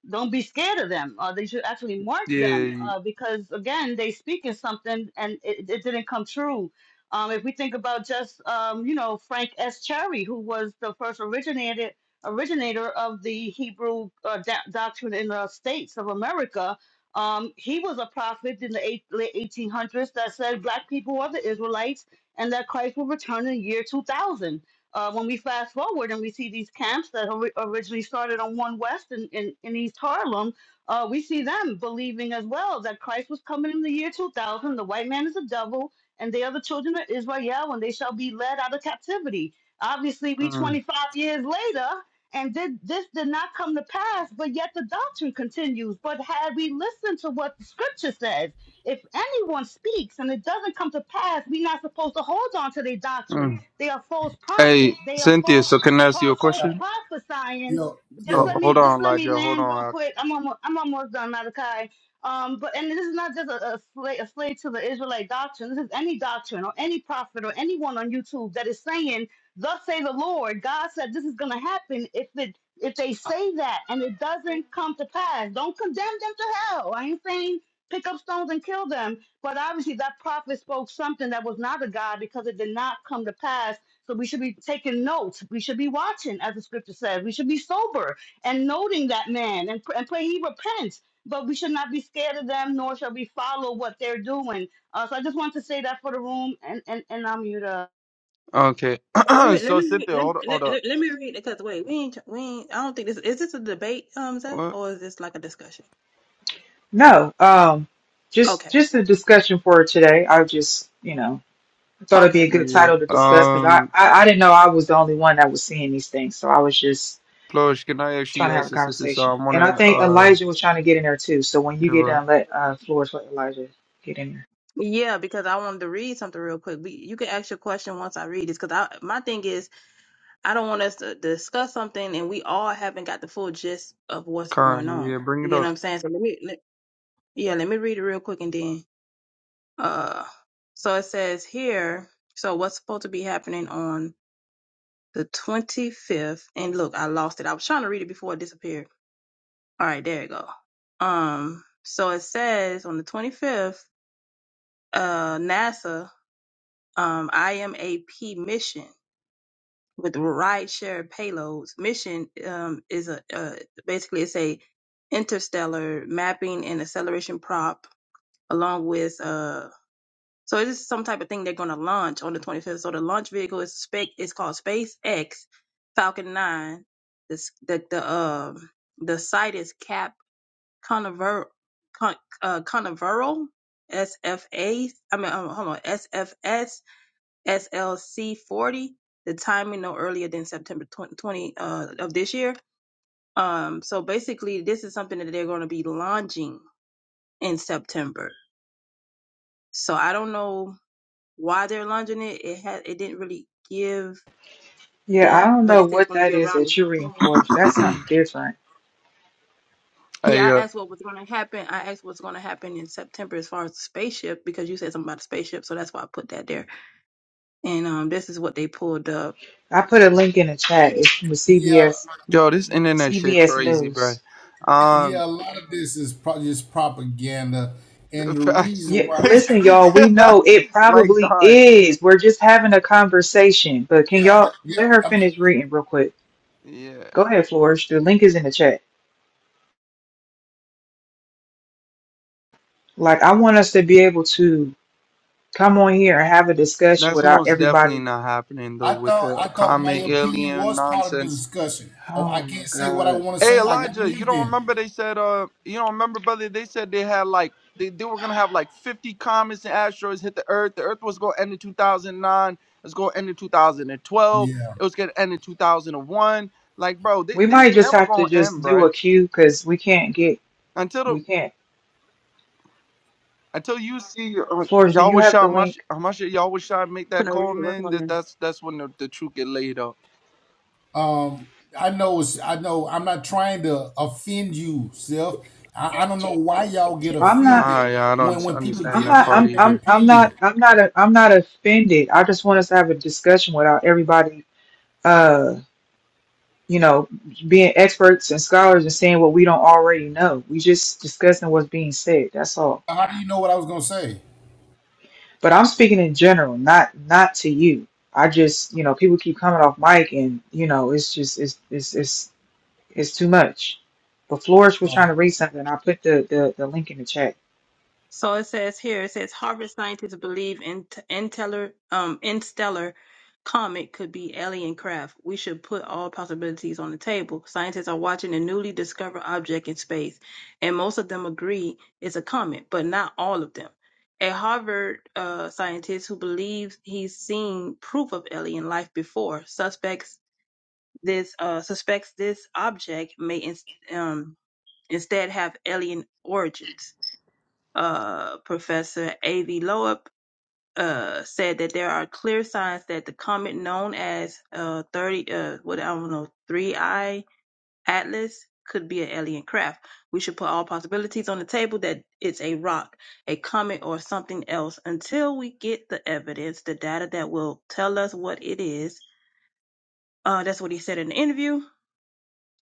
Speaker 10: don't be scared of them. Uh, they should actually mark them
Speaker 4: Yeah.
Speaker 10: uh, because, again, they speak in something and it, it didn't come true. Um, if we think about just, um, you know, Frank S. Cherry, who was the first originated, originator of the Hebrew uh, do- doctrine in the states of America, um, he was a prophet in the eight, late 1800s that said black people are the Israelites and that Christ will return in the year 2000. Uh, when we fast forward and we see these camps that ori- originally started on One West in, in, in East Harlem, uh, we see them believing as well that Christ was coming in the year 2000. The white man is a devil, and they are the children of Israel, and they shall be led out of captivity. Obviously, we
Speaker 4: mm,
Speaker 10: 25 years later, and did, this did not come to pass, but yet the doctrine continues. But had we listened to what the scripture says, if anyone speaks and it doesn't come to pass, we're not supposed to hold on to their doctrine.
Speaker 4: mm.
Speaker 10: They are false
Speaker 4: Hey,
Speaker 10: prophets. They are
Speaker 4: Cynthia,
Speaker 10: false,
Speaker 4: so can I ask you
Speaker 10: pro-
Speaker 4: a
Speaker 10: false
Speaker 7: uh,
Speaker 4: question?
Speaker 10: prophesying.
Speaker 7: yo,
Speaker 4: Uh,
Speaker 10: Just let
Speaker 7: yo,
Speaker 4: hold
Speaker 10: me
Speaker 4: on,
Speaker 10: just let me
Speaker 4: Elijah. Hold
Speaker 10: land real
Speaker 4: on.
Speaker 10: quick. I'm almost I'm almost done, Malachi. Um, but and this is not just a, a, slave, a slave to the Israelite doctrine. This is any doctrine or any prophet or anyone on YouTube that is saying, "Thus say the Lord." God said this is going to happen if it if they say that and it doesn't come to pass. Don't condemn them to hell. I ain't saying pick up stones and kill them. But obviously, that prophet spoke something that was not of God because it did not come to pass. So we should be taking notes. We should be watching, as the scripture says. We should be sober and noting that man and, pr- and pray he repents. But we should not be scared of them, nor shall we follow what they're doing. Uh, so I just want to say that for the room, and and and I'm mute. up.
Speaker 4: Okay.
Speaker 9: Let me let
Speaker 4: so,
Speaker 9: me read-
Speaker 4: Cynthia,
Speaker 9: let
Speaker 4: hold,
Speaker 9: let,
Speaker 4: hold up.
Speaker 9: let, let me read it. Cause wait, we ain't we ain't. I don't think this is this a debate, um, Zeb,
Speaker 4: What?
Speaker 9: or is this like a discussion?
Speaker 2: No, um, just
Speaker 9: Okay.
Speaker 2: just a discussion for today. I just, you know, I thought it'd be
Speaker 9: Okay.
Speaker 2: a good
Speaker 9: Perfect.
Speaker 4: Yeah.
Speaker 2: title to discuss because
Speaker 4: Um.
Speaker 2: I, I I didn't know I was the only one that was seeing these things, so I was just
Speaker 4: Plush, can I
Speaker 2: trying
Speaker 4: actually
Speaker 2: to have a
Speaker 4: ask the sister? So I
Speaker 2: conversation.
Speaker 4: want
Speaker 2: And I
Speaker 4: to,
Speaker 2: think
Speaker 4: uh,
Speaker 2: Elijah was trying to get in there too. So when you
Speaker 4: give are
Speaker 2: get done,
Speaker 4: right.
Speaker 2: let uh, Flores let Elijah get in there.
Speaker 9: Yeah, because I wanted to read something real quick. We, you can ask your question once I read this. Cause I my thing is I don't want us to discuss something and we all haven't got the full gist of what's going
Speaker 4: Karen,
Speaker 9: on.
Speaker 4: yeah, bring
Speaker 9: You
Speaker 4: it
Speaker 9: get
Speaker 4: up.
Speaker 9: what I'm saying? So let me, let, yeah, let me read it real quick and then, uh, so it says here, so what's supposed to be happening on the 25th? And look, I lost it. I was trying to read it before it disappeared. All right, there you go. Um, so it says on the 25th, uh, NASA, um, IMAP mission. with ride share payloads. Mission um, is a uh, basically it's a interstellar mapping and acceleration prop along with uh so it is some type of thing they're going to launch on the 25th. So the launch vehicle is spec is called SpaceX Falcon 9. This the the um the site is Cap Canaveral Con, uh, Canaveral SFA I mean um, hold on SFS SLC 40, the timing no earlier than September 20, uh, of this year. Um, so basically, this is something that they're going to be launching in September. So I don't know why they're launching it. It had it didn't really give
Speaker 2: Yeah, I
Speaker 9: depth,
Speaker 2: don't
Speaker 9: but
Speaker 2: know
Speaker 9: it said it's
Speaker 2: what
Speaker 9: going to
Speaker 2: that
Speaker 9: be
Speaker 2: is
Speaker 9: around.
Speaker 2: that you're reading, Flores. That's something different.
Speaker 9: Yeah,
Speaker 4: Hey,
Speaker 9: I
Speaker 4: uh,
Speaker 9: asked what was going to happen. I asked what's going to happen in September as far as the spaceship because you said something about the spaceship, so that's why I put that there. And um, this is what they pulled up.
Speaker 2: I put a link in the chat. It's from
Speaker 7: yeah,
Speaker 2: CBS
Speaker 4: yo, this internet shit
Speaker 2: CBS
Speaker 4: crazy,
Speaker 2: News.
Speaker 4: bro.
Speaker 7: yeah.
Speaker 4: Um,
Speaker 7: A lot of this is probably just propaganda,
Speaker 4: the
Speaker 7: and the
Speaker 4: facts.
Speaker 2: Yeah,
Speaker 7: reason why,
Speaker 2: listen, y'all, we know it
Speaker 4: like,
Speaker 2: probably
Speaker 4: dog.
Speaker 2: is. We're just having a conversation, but can
Speaker 7: yeah, I'm,
Speaker 2: y'all let her
Speaker 7: yeah. I'm
Speaker 2: finish reading real quick?
Speaker 4: Yeah,
Speaker 2: Go ahead, Flourish. The link is in the chat. Like, I want us to be able to come on here and have a discussion
Speaker 4: that's
Speaker 2: without
Speaker 4: most definitely
Speaker 2: everybody.
Speaker 4: not happening, though,
Speaker 7: I
Speaker 4: with
Speaker 7: thought
Speaker 4: the
Speaker 7: I thought my
Speaker 4: common
Speaker 7: opinion
Speaker 4: alien
Speaker 7: was part of the
Speaker 4: nonsense.
Speaker 7: discussion. Oh, I
Speaker 2: Oh my
Speaker 7: can't say what I
Speaker 2: God.
Speaker 7: want to
Speaker 4: Hey
Speaker 7: say. I got
Speaker 4: Elijah, you
Speaker 7: leave
Speaker 4: don't
Speaker 7: then.
Speaker 4: remember they said uh you don't remember brother they said they had like they, they were gonna have like fifty comets and asteroids hit the earth. The earth was gonna end in two thousand nine, it's gonna end in two thousand and twelve,
Speaker 7: Yeah.
Speaker 4: it was gonna end in two thousand and one. Like bro, th-
Speaker 2: We
Speaker 4: these
Speaker 2: might just
Speaker 4: never
Speaker 2: have to
Speaker 4: gonna
Speaker 2: just
Speaker 4: end,
Speaker 2: do
Speaker 4: bro.
Speaker 2: a queue because we can't get,
Speaker 4: Until the
Speaker 2: we can't.
Speaker 4: until you see uh,
Speaker 2: Flourish, do you
Speaker 4: Yahweh
Speaker 2: have
Speaker 4: Shah
Speaker 2: the
Speaker 4: Mash
Speaker 2: link?
Speaker 4: Hamasha Yahweh Shah make
Speaker 9: When
Speaker 4: that
Speaker 9: I read
Speaker 4: call,
Speaker 9: it, work
Speaker 4: man,
Speaker 9: on
Speaker 4: that
Speaker 9: them.
Speaker 4: that's that's when the, the truth get laid up.
Speaker 7: Um. I know. It's. I know. I'm not trying to offend you, self.
Speaker 9: Yeah,
Speaker 7: I, I don't know
Speaker 9: G-
Speaker 7: why y'all get
Speaker 9: too.
Speaker 2: I'm not.
Speaker 7: offended
Speaker 4: I I
Speaker 7: when
Speaker 4: don't
Speaker 7: when people
Speaker 2: I'm
Speaker 4: understand
Speaker 7: give
Speaker 4: that
Speaker 2: not.
Speaker 7: their,
Speaker 4: part
Speaker 2: I'm.
Speaker 7: their
Speaker 4: either.
Speaker 2: I'm. I'm
Speaker 7: opinion.
Speaker 2: not. I'm not. i am not i am i am i am not i am not i am not offended. I just want us to have a discussion without everybody. Uh. you know, being experts and scholars and saying what we don't already know. We just discussing what's being said. That's all.
Speaker 7: How do you know what I was gonna say?
Speaker 2: But I'm speaking in general, not not to you. I just, you know, people keep coming off mic and, you know, it's just it's it's it's it's too much. But Flores was
Speaker 7: Oh,
Speaker 2: trying to read something. I put the, the, the link in the chat.
Speaker 9: So it says here, it says Harvard scientists believe in interstellar, um, interstellar comet could be alien craft. We should put all possibilities on the table. Scientists are watching a newly discovered object in space, and most of them agree it's a comet, but not all of them. A Harvard uh, scientist who believes he's seen proof of alien life before suspects this uh, suspects this object may ins um, instead have alien origins uh, Professor A.V. Loeb uh, said that there are clear signs that the comet known as uh, 30, uh, what I don't know, 3I Atlas could be an alien craft. We should put all possibilities on the table that it's a rock, a comet, or something else until we get the evidence, the data that will tell us what it is. Uh, that's what he said in the interview.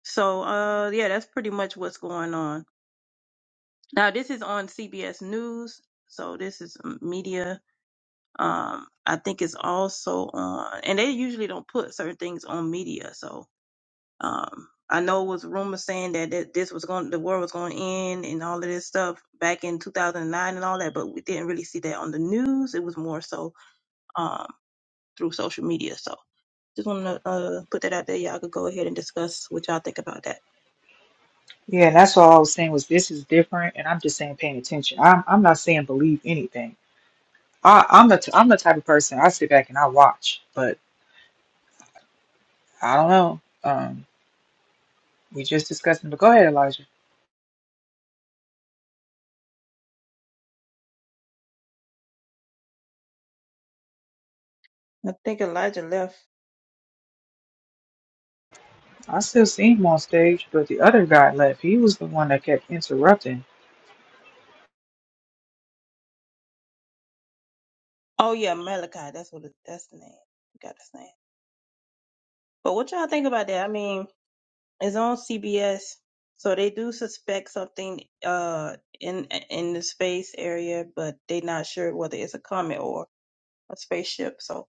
Speaker 9: So, uh, yeah, that's pretty much what's going on. Now, this is on CBS News. So, this is um, media Um, I think it's also on, and they usually don't put certain things on media. So um, I know it was rumors saying that that this was going, the war was going to end, and all of this stuff back in 2009 and all that, but we didn't really see that on the news. It was more so um, through social media. So just want to uh, put that out there. Y'all could go ahead and discuss what y'all think about that.
Speaker 2: Yeah, and that's all I was saying was this is different and I'm just saying paying attention. I'm I'm not saying believe anything. I, I'm the t- I'm the type of person I sit back and I watch, but I don't know. Um, We just discussed him, but go ahead, Elijah.
Speaker 9: I think Elijah left.
Speaker 2: I still see him on stage, but the other guy left. He was the one that kept interrupting.
Speaker 9: Oh yeah, Malachi. That's what it, that's the name. Got his name. But what y'all think about that? I mean, It's on CBS, so they do suspect something uh in in the space area, but they're not sure whether it's a comet or a spaceship. So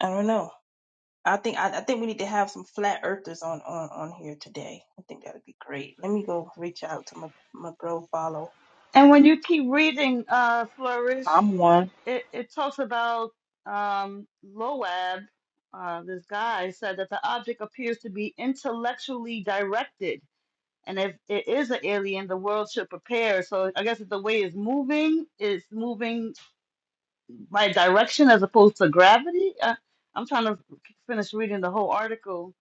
Speaker 9: I don't know. I think I, I think we need to have some flat earthers on on on here today. I think that would be great. Let me go reach out to my my bro follow.
Speaker 10: And when you keep reading uh, Flourish,
Speaker 2: I'm one.
Speaker 10: it, it talks about um, Loab, uh, this guy said that the object appears to be intellectually directed. And if it is an alien, the world should prepare. So I guess if the way is moving, it's moving my direction as opposed to gravity. I, I'm trying to finish reading the whole article.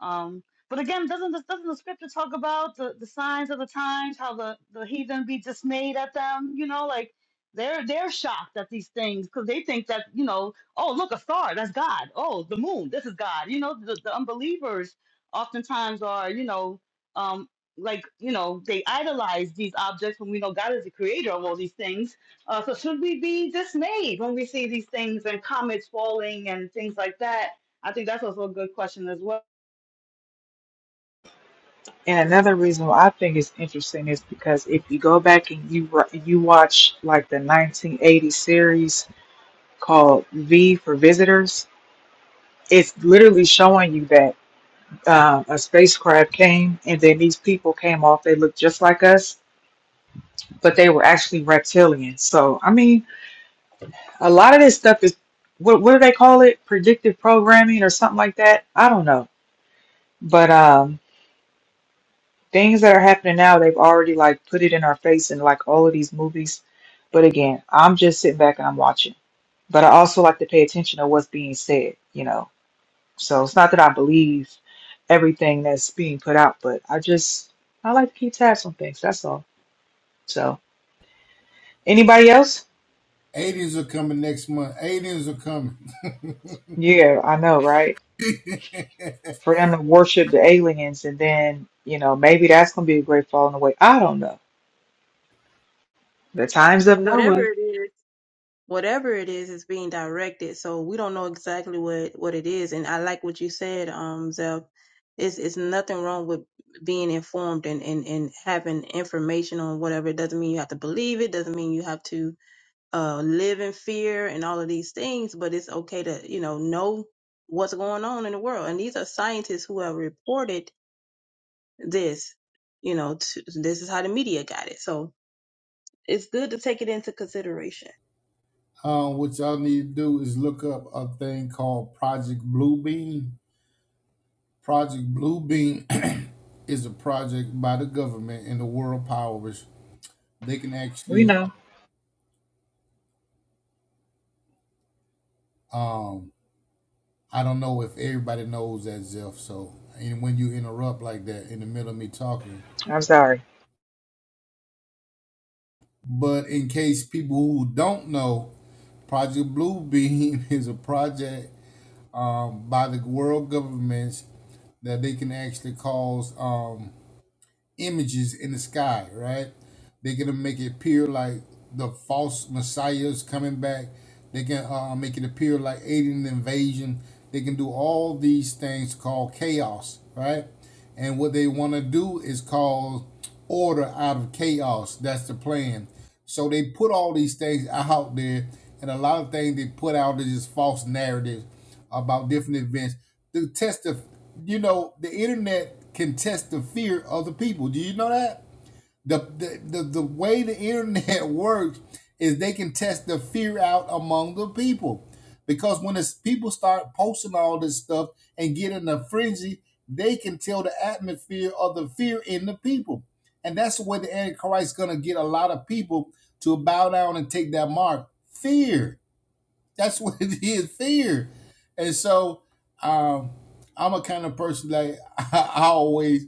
Speaker 10: Um, but again, doesn't the, doesn't the scripture talk about the, the signs of the times, how the, the heathen be dismayed at them? You know, like they're they're shocked at these things because they think that you know, oh look, a star, that's God. Oh, the moon, this is God. You know, the, the unbelievers oftentimes are you know um, like you know they idolize these objects when we know God is the creator of all these things uh, so should we be dismayed when we see these things and comets falling and things like that? I think that's also a good question as well.
Speaker 2: And another reason why I think it's interesting is because if you go back and you wa- you watch like the 1980 series called V for Visitors, it's literally showing you that uh, a spacecraft came and then these people came off. They looked just like us, but they were actually reptilians. So I mean, A lot of this stuff is what what do they call it? Predictive programming or something like that. I don't know. But um things that are happening now, they've already like put it in our face in like all of these movies. But again, I'm just sitting back and I'm watching. But I also like to pay attention to what's being said, you know. So it's not that I believe everything that's being put out, but I just I like to keep tabs on things. That's all. So anybody else?
Speaker 7: aliens are coming next month. Aliens are coming.
Speaker 2: Yeah, I know, right? for them to worship the aliens and then you know maybe that's gonna be a great falling away i don't know the times of
Speaker 9: Whatever
Speaker 2: noah
Speaker 9: it is. whatever it is is being directed so we don't know exactly what what it is and i like what you said um Zeph. it's it's nothing wrong with being informed and and and having information on whatever it doesn't mean you have to believe it doesn't mean you have to uh live in fear and all of these things but it's okay to you know know what's going on in the world and these are scientists who have reported this you know to, this is how the media got it so it's good to take it into consideration
Speaker 7: um, what y'all need to do is look up a thing called Project Bluebeam. Project Blue Beam is a project by the government and the world powers. They can
Speaker 2: we
Speaker 7: actually,
Speaker 2: know
Speaker 7: um, I don't know if everybody knows that, Zeph. So, and when you interrupt like that in the middle of me talking,
Speaker 2: i'm sorry
Speaker 7: but in case people who don't know, Project Blue Beam is a project um, by the world governments that they can actually cause. Um, images in the sky, right? They're gonna make it appear like the false messiahs coming back. They can uh, make it appear like alien invasion. They can do all these things called chaos, right? And what they want to do is cause order out of chaos. That's the plan. So they put all these things out there, and a lot of things they put out is just false narratives about different events. The test of, you know, the internet can test the fear of the people. Do you know that? The, the, the, the way the internet works is they can test the fear out among the people. Because when it's, people start posting all this stuff and get in a frenzy, they can tell the atmosphere of the fear in the people. And that's the way the Antichrist is going to get a lot of people to bow down and take that mark. Fear that's what it is, fear. And so um, I'm a kind of person like I, I always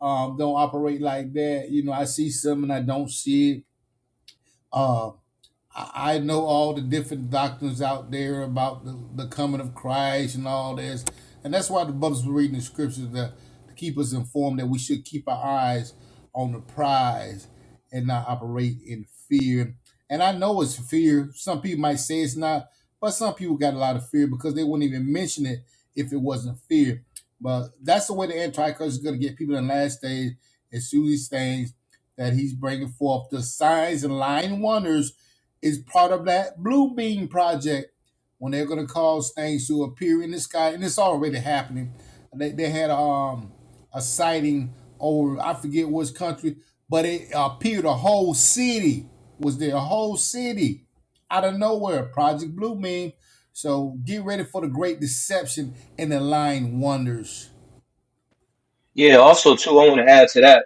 Speaker 7: um, don't operate like that. You know, I see something I don't see it. Uh, I I know all the different doctrines out there about the, the coming of Christ and all this. And that's why the brothers were reading the scriptures to, to keep us informed that we should keep our eyes on the prize and not operate in fear. And I know it's fear. Some people might say it's not, but some people got a lot of fear because they wouldn't even mention it if it wasn't fear. But that's the way the Antichrist is going to get people in the last days and through these things that he's bringing forth the signs and lying wonders is part of that blue beam project when they're going to cause things to appear in the sky and it's already happening they, they had um a sighting over i forget which country but it appeared a whole city was there a whole city out of nowhere project blue beam so get ready for the great deception and the lying wonders
Speaker 3: Yeah, also too, I want to add to that.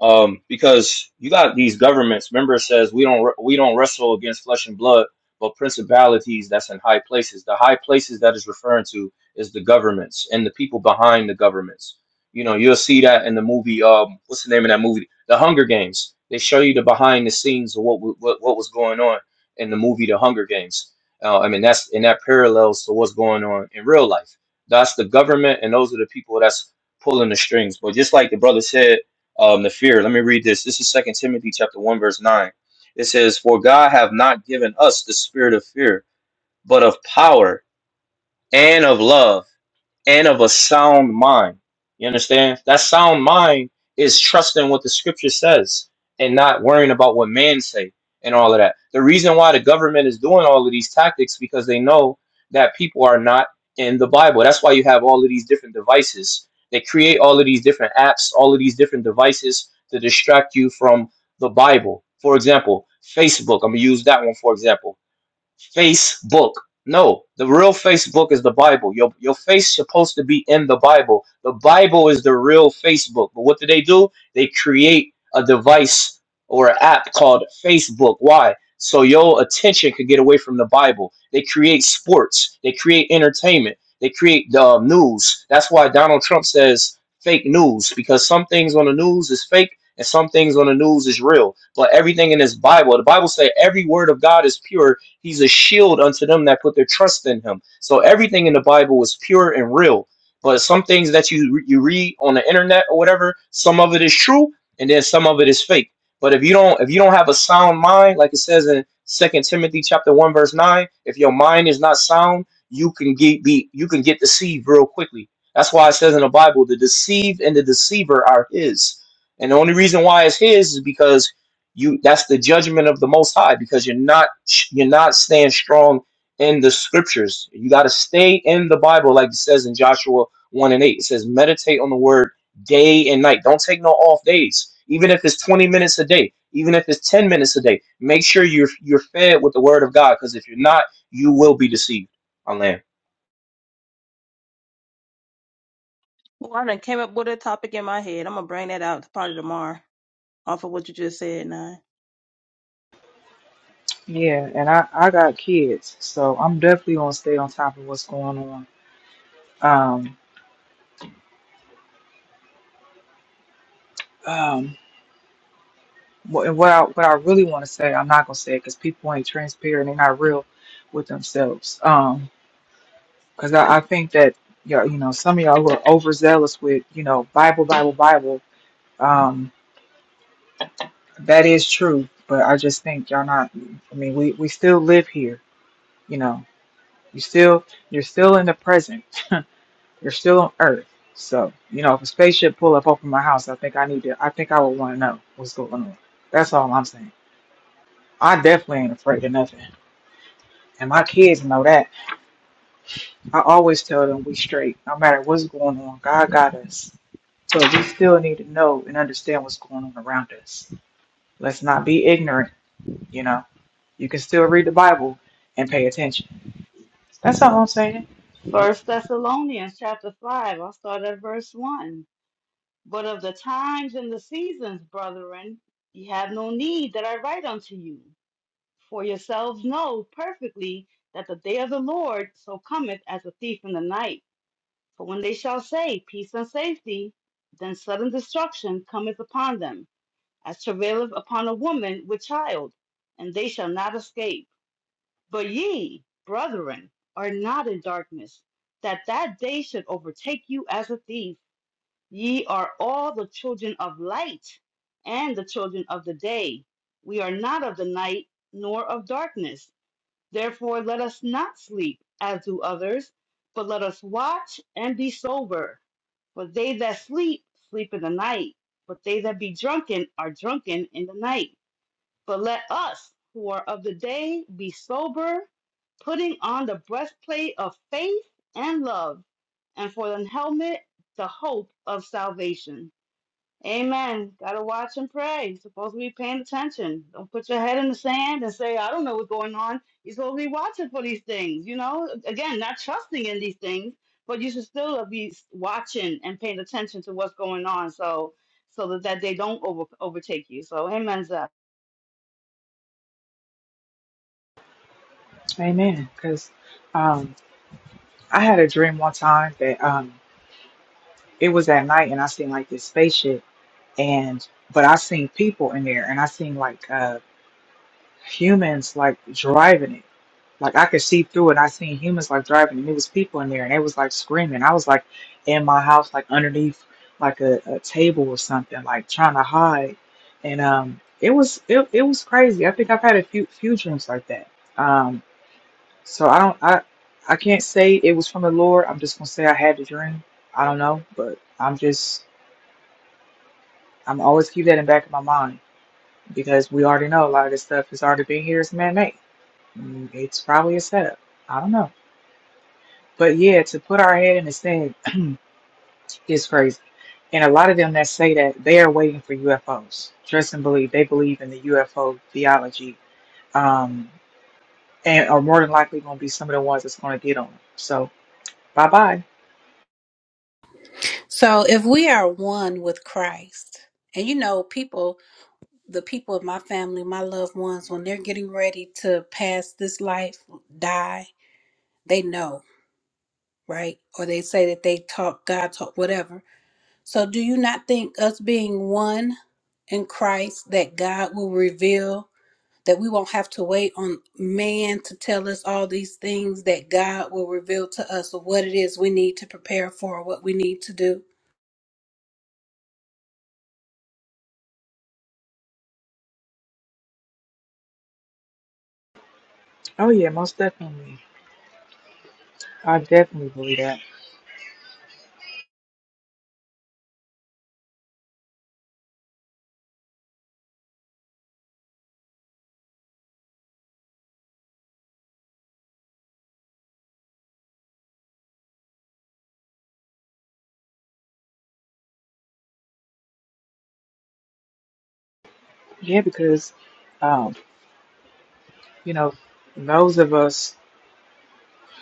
Speaker 3: um, because you got these governments. Remember, it says we don't we don't wrestle against flesh and blood, but principalities that's in high places. The high places that is referring to is the governments and the people behind the governments. You know, you'll see that in the movie. Um, what's the name of that movie? The Hunger Games. They show you the behind the scenes of what wa- what, what was going on in the movie The Hunger Games. Uh, I mean, that's and that parallels to what's going on in real life. That's the government, and those are the people that's pulling the strings. But just like the brother said um, the fear. Let me read this. This is Second Timothy chapter one verse nine. It says, "For God hath not given us the spirit of fear, but of power and of love." and of a sound mind. You understand? That sound mind is trusting what the scripture says and not worrying about what man say and all of that. The reason why the government is doing all of these tactics because they know that people are not in the Bible. That's why you have all of these different devices. They create all of these different apps, all of these different devices to distract you from the Bible. For example, Facebook. I'm gonna use that one for example. Facebook. No, the real Facebook is the Bible. Your your face supposed to be in the Bible. The Bible is the real Facebook. But what do they do? They create a device or an app called Facebook. Why? So your attention could get away from the Bible. They create sports. They create entertainment. They create the um, news. That's why Donald Trump says fake news because some things on the news is fake and some things on the news is real. But everything in this Bible, the Bible say every word of God is pure He's a shield unto them that put their trust in him. So everything in the Bible is pure and real. But some things that you you read on the internet or whatever, some of it is true, and then some of it is fake. But if you don't if you don't have a sound mind, like it says in Second Timothy chapter one verse nine, if your mind is not sound, you can get be you can get deceived real quickly. That's why it says in the Bible, the deceived and the deceiver are his. And the only reason why it's his is because you that's the judgment of the most high because you're not you're not staying strong in the scriptures you got to stay in the bible like it says in joshua 1 and 8 it says meditate on the word day and night don't take no off days even if it's 20 minutes a day even if it's 10 minutes a day make sure you're you're fed with the word of god because if you're not you will be deceived i land.
Speaker 9: Well, I done came up with a topic in my head. I'm gonna bring that out probably tomorrow off of what you just said, Nine.
Speaker 2: yeah and i i got kids so i'm definitely gonna stay on top of what's going on um um wh- and what i what i really want to say i'm not gonna say it because people ain't transparent they're not real with themselves um because I, I think that you all you know some of y'all who are overzealous with you know bible bible bible um That is true, but I just think y'all not. I mean, we we still live here, you know. You still you're still in the present. You're still on Earth. So you know, if a spaceship pull up over my house, I think I need to. I think I would want to know what's going on. That's all I'm saying. I definitely ain't afraid of nothing, and my kids know that. I always tell them we straight, no matter what's going on. God got us, but we still need to know and understand what's going on around us. Let's not be ignorant, you know. You can still read the Bible and pay attention. That's all I'm saying.
Speaker 10: First Thessalonians chapter five, I'll start at verse one. But of the times and the seasons, brethren, ye have no need that I write unto you, for yourselves know perfectly that the day of the Lord so cometh as a thief in the night. For when they shall say peace and safety, then sudden destruction cometh upon them as travaileth upon a woman with child, and they shall not escape. But ye, brethren, are not in darkness, that that day should overtake you as a thief. Ye are all the children of light and the children of the day. We are not of the night nor of darkness. Therefore, let us not sleep as do others, but let us watch and be sober. For they that sleep, sleep in the night, but they that be drunken are drunken in the night. But let us who are of the day be sober, putting on the breastplate of faith and love, and for the helmet, the hope of salvation. Amen. Gotta watch and pray. Supposed to be paying attention. Don't put your head in the sand and say, I don't know what's going on. You're supposed to be watching for these things, you know? Again, not trusting in these things, but you should still be watching and paying attention to what's going on so so that, that they don't over, overtake you. So, amen, Zeph.
Speaker 2: Amen. Because um, I had a dream one time that um, it was at night and I seen like this spaceship and but I seen people in there and I seen like uh, humans like driving it Like I could see through it. I seen humans like driving, and it was people in there, and they was like screaming. I was like in my house, like underneath like a, a table or something, like trying to hide. And um, it was it, it was crazy. I think I've had a few few dreams like that. Um, so I don't I I can't say it was from the Lord. I'm just gonna say I had the dream. I don't know, but I'm just I'm always keep that in back of my mind because we already know a lot of this stuff has already been here. It's man made. It's probably a setup. I don't know. But yeah, to put our head in the sand is crazy. And a lot of them that say that they are waiting for UFOs. Trust and believe they believe in the UFO theology, um, and are more than likely going to be some of the ones that's going to get on. 'em. So bye bye.
Speaker 1: So if we are one with Christ, and you know, people the people of my family, my loved ones, when they're getting ready to pass this life, die, they know, right? Or they say that they talk, God talk, whatever. So, do you not think us being one in Christ that God will reveal that we won't have to wait on man to tell us all these things that God will reveal to us of what it is we need to prepare for, what we need to do?
Speaker 2: Oh yeah, most definitely. I definitely believe that. Yeah, because um, you know those of us.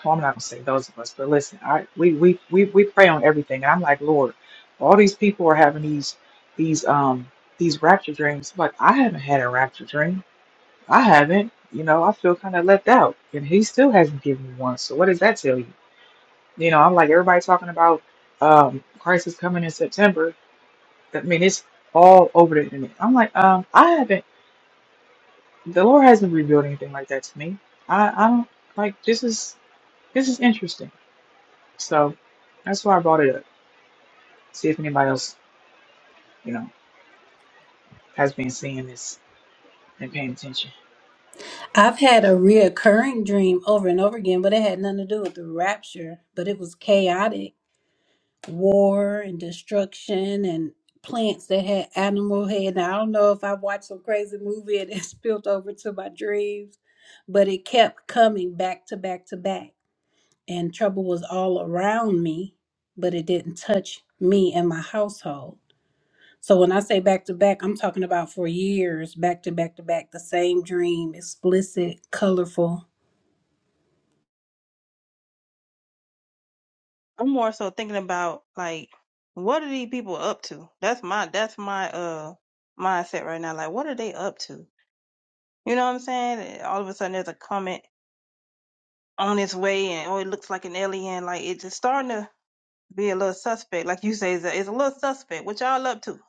Speaker 2: well, I'm not gonna say those of us, but listen, I we we we we pray on everything, and I'm like, Lord, all these people are having these these um these rapture dreams. Like I haven't had a rapture dream. I haven't. You know, I feel kind of left out, and He still hasn't given me one. So what does that tell you? You know, I'm like everybody talking about um Christ is coming in September. I mean, it's all over the internet. I'm like, um, I haven't. The Lord hasn't revealed anything like that to me. I I don't like this is this is interesting So that's why I brought it up. See if anybody else, you know, has been seeing this and paying attention.
Speaker 1: I've had a reoccurring dream over and over again, but it had nothing to do with the rapture, but it was chaotic war and destruction and plants that had animal head. Now I don't know if I watched some crazy movie and it spilled over to my dreams, but it kept coming back to back to back. And trouble was all around me, but it didn't touch me and my household. So when I say back to back, I'm talking about for years, back to back to back, the same dream, explicit, colorful
Speaker 9: I'm more so thinking about like what are these people up to? That's my that's my uh mindset right now. Like what are they up to? You know what I'm saying? All of a sudden there's a comment on its way and oh it looks like an alien. Like it's just starting to be a little suspect. Like you say, it's a, it's a little suspect. What y'all up to?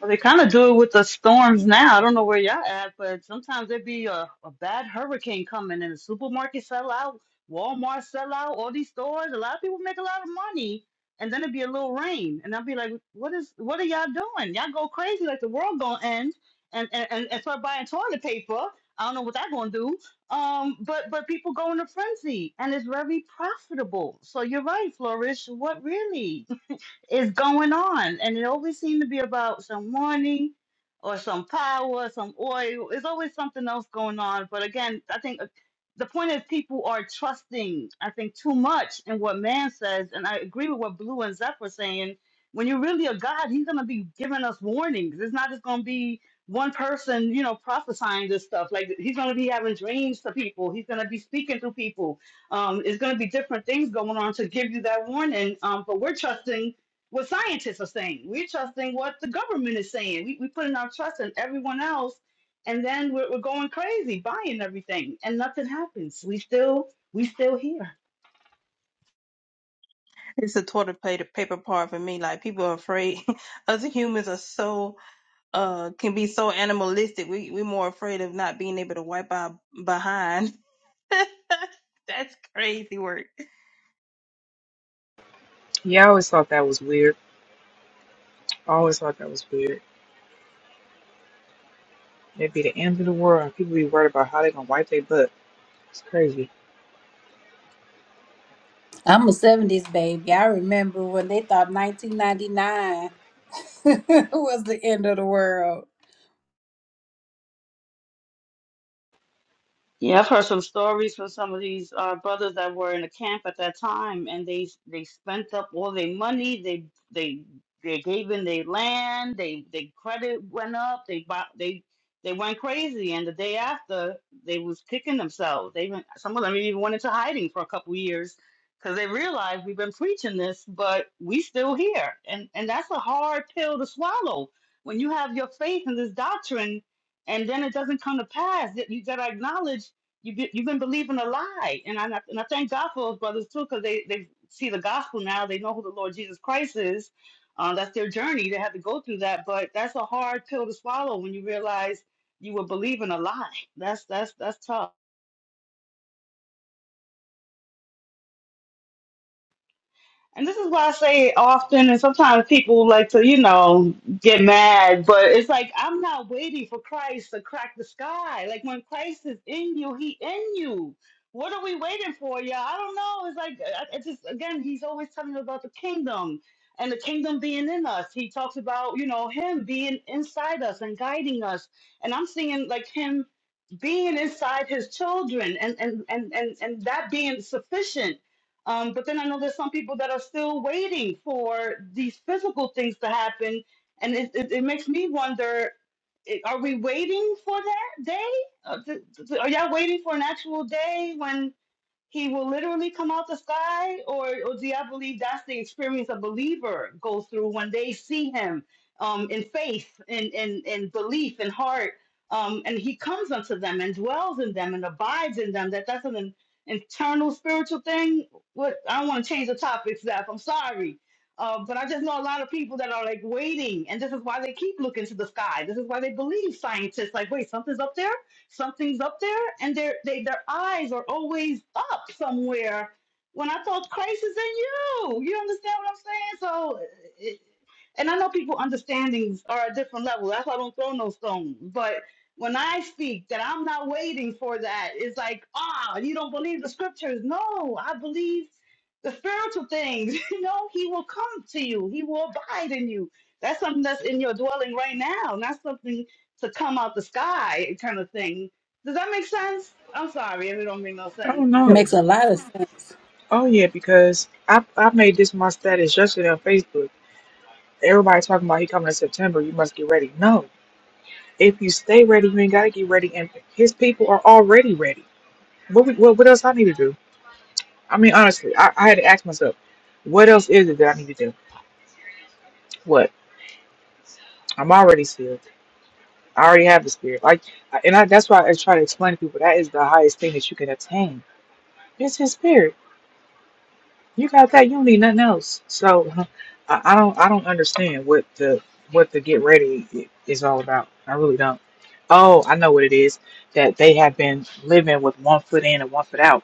Speaker 10: Well, they kind of do it with the storms now. I don't know where y'all at, but sometimes there be a, a bad hurricane coming and the supermarket sell out, Walmart sell out, all these stores. A lot of people make a lot of money, and then it'd be a little rain, and I'll be like, "What is? What are y'all doing? Y'all go crazy like the world gonna end, and and and, and start buying toilet paper. I don't know what that gonna do. Um, but but people go in a frenzy, and it's very profitable. So you're right, Flourish. What really? is going on, and it always seems to be about some money or some power, some oil. There's always something else going on. But again, I think uh, the point is people are trusting, I think, too much in what man says, and I agree with what Blue and Zeph were saying. When you're really a God, He's gonna be giving us warnings. It's not just gonna be one person, you know, prophesying this stuff. Like He's gonna be having dreams to people. He's gonna be speaking to people um, it's going to be different things going on to give you that warning. Um, but we're trusting what scientists are saying. We're trusting what the government is saying. We we putting our trust in everyone else, and then we're, we're going crazy buying everything, and nothing happens. We still we still here.
Speaker 9: It's a toilet paper paper part for me. Like people are afraid. Us humans are so uh can be so animalistic. We we're more afraid of not being able to wipe our behind. That's crazy work.
Speaker 2: Yeah, I always thought that was weird. I always thought that was weird. It'd be the end of the world and people be worried about how they gonna wipe their butt. It's crazy.
Speaker 1: I'm a 70s baby. I remember when they thought 1999 was the end of the world.
Speaker 10: Yeah, I've heard some stories from some of these uh, brothers that were in the camp at that time, and they they spent up all their money. They they they gave in their land. They they credit went up. They bought they they went crazy, and the day after they was kicking themselves. They went, some of them even went into hiding for a couple years because they realized we've been preaching this, but we still here, and and that's a hard pill to swallow when you have your faith in this doctrine and then it doesn't come to pass. That you got to acknowledge you be, you've been believing a lie, and I and I thank God for those brothers too because they they see the gospel now. They know who the Lord Jesus Christ is. Uh, that's their journey. They have to go through that, but that's a hard pill to swallow when you realize you were believing a lie. That's that's that's tough. And this is why I say often, and sometimes people like to, you know, get mad, but it's like, I'm not waiting for Christ to crack the sky. Like, when Christ is in you, he in you. What are we waiting for, y'all? I don't know. It's like, I- I just, again, he's always telling us about the kingdom and the kingdom being in us. He talks about, you know, him being inside us and guiding us. And I'm seeing, like, him being inside his children and and and and, and that being sufficient um, but then I know there's some people that are still waiting for these physical things to happen, and it, it, it makes me wonder: i- Are we waiting for that day? Uh, th- th- Are y'all waiting for an actual day when? he will literally come out the sky or, or do y'all believe that's the experience a believer goes through when they see him um, in faith and in, in, in belief and heart um, and he comes unto them and dwells in them and abides in them that that's an in- internal spiritual thing what i don't want to change the topic Zeph. i'm sorry uh, but i just know a lot of people that are like waiting and this is why they keep looking to the sky this is why they believe scientists like wait something's up there Something's up there, and their they, their eyes are always up somewhere. When I thought Christ is in you, you understand what I'm saying? So, it, and I know people understandings are a different level. That's why I don't throw no stones. But when I speak that I'm not waiting for that, it's like, ah, you don't believe the scriptures. No, I believe the spiritual things. You know, he will come to you, he will abide in you. That's something that's in your dwelling right now, not something to come out the sky kind of thing. Does that make sense? I'm sorry if it don't make no
Speaker 2: I
Speaker 10: sense.
Speaker 2: don't know.
Speaker 1: Makes a lot of sense.
Speaker 2: Oh yeah, because I I made this my status yesterday on Facebook. Everybody talking about he coming in September, you must get ready. No. If you stay ready, you ain't gotta get ready and his people are already ready. What we, what, what else I need to do? I mean honestly, I, I had to ask myself, what else is it that I need to do? What? I'm already sealed. I already have the spirit. Like, I- and I, that's why I try to explain to people that is the highest thing that you can attain. It's His spirit. You got that. You don't need nothing else. So, I, I don't. I don't understand what the what the get ready i- is all about. I really don't. Oh, I know what it is. That they have been living with one foot in and one foot out.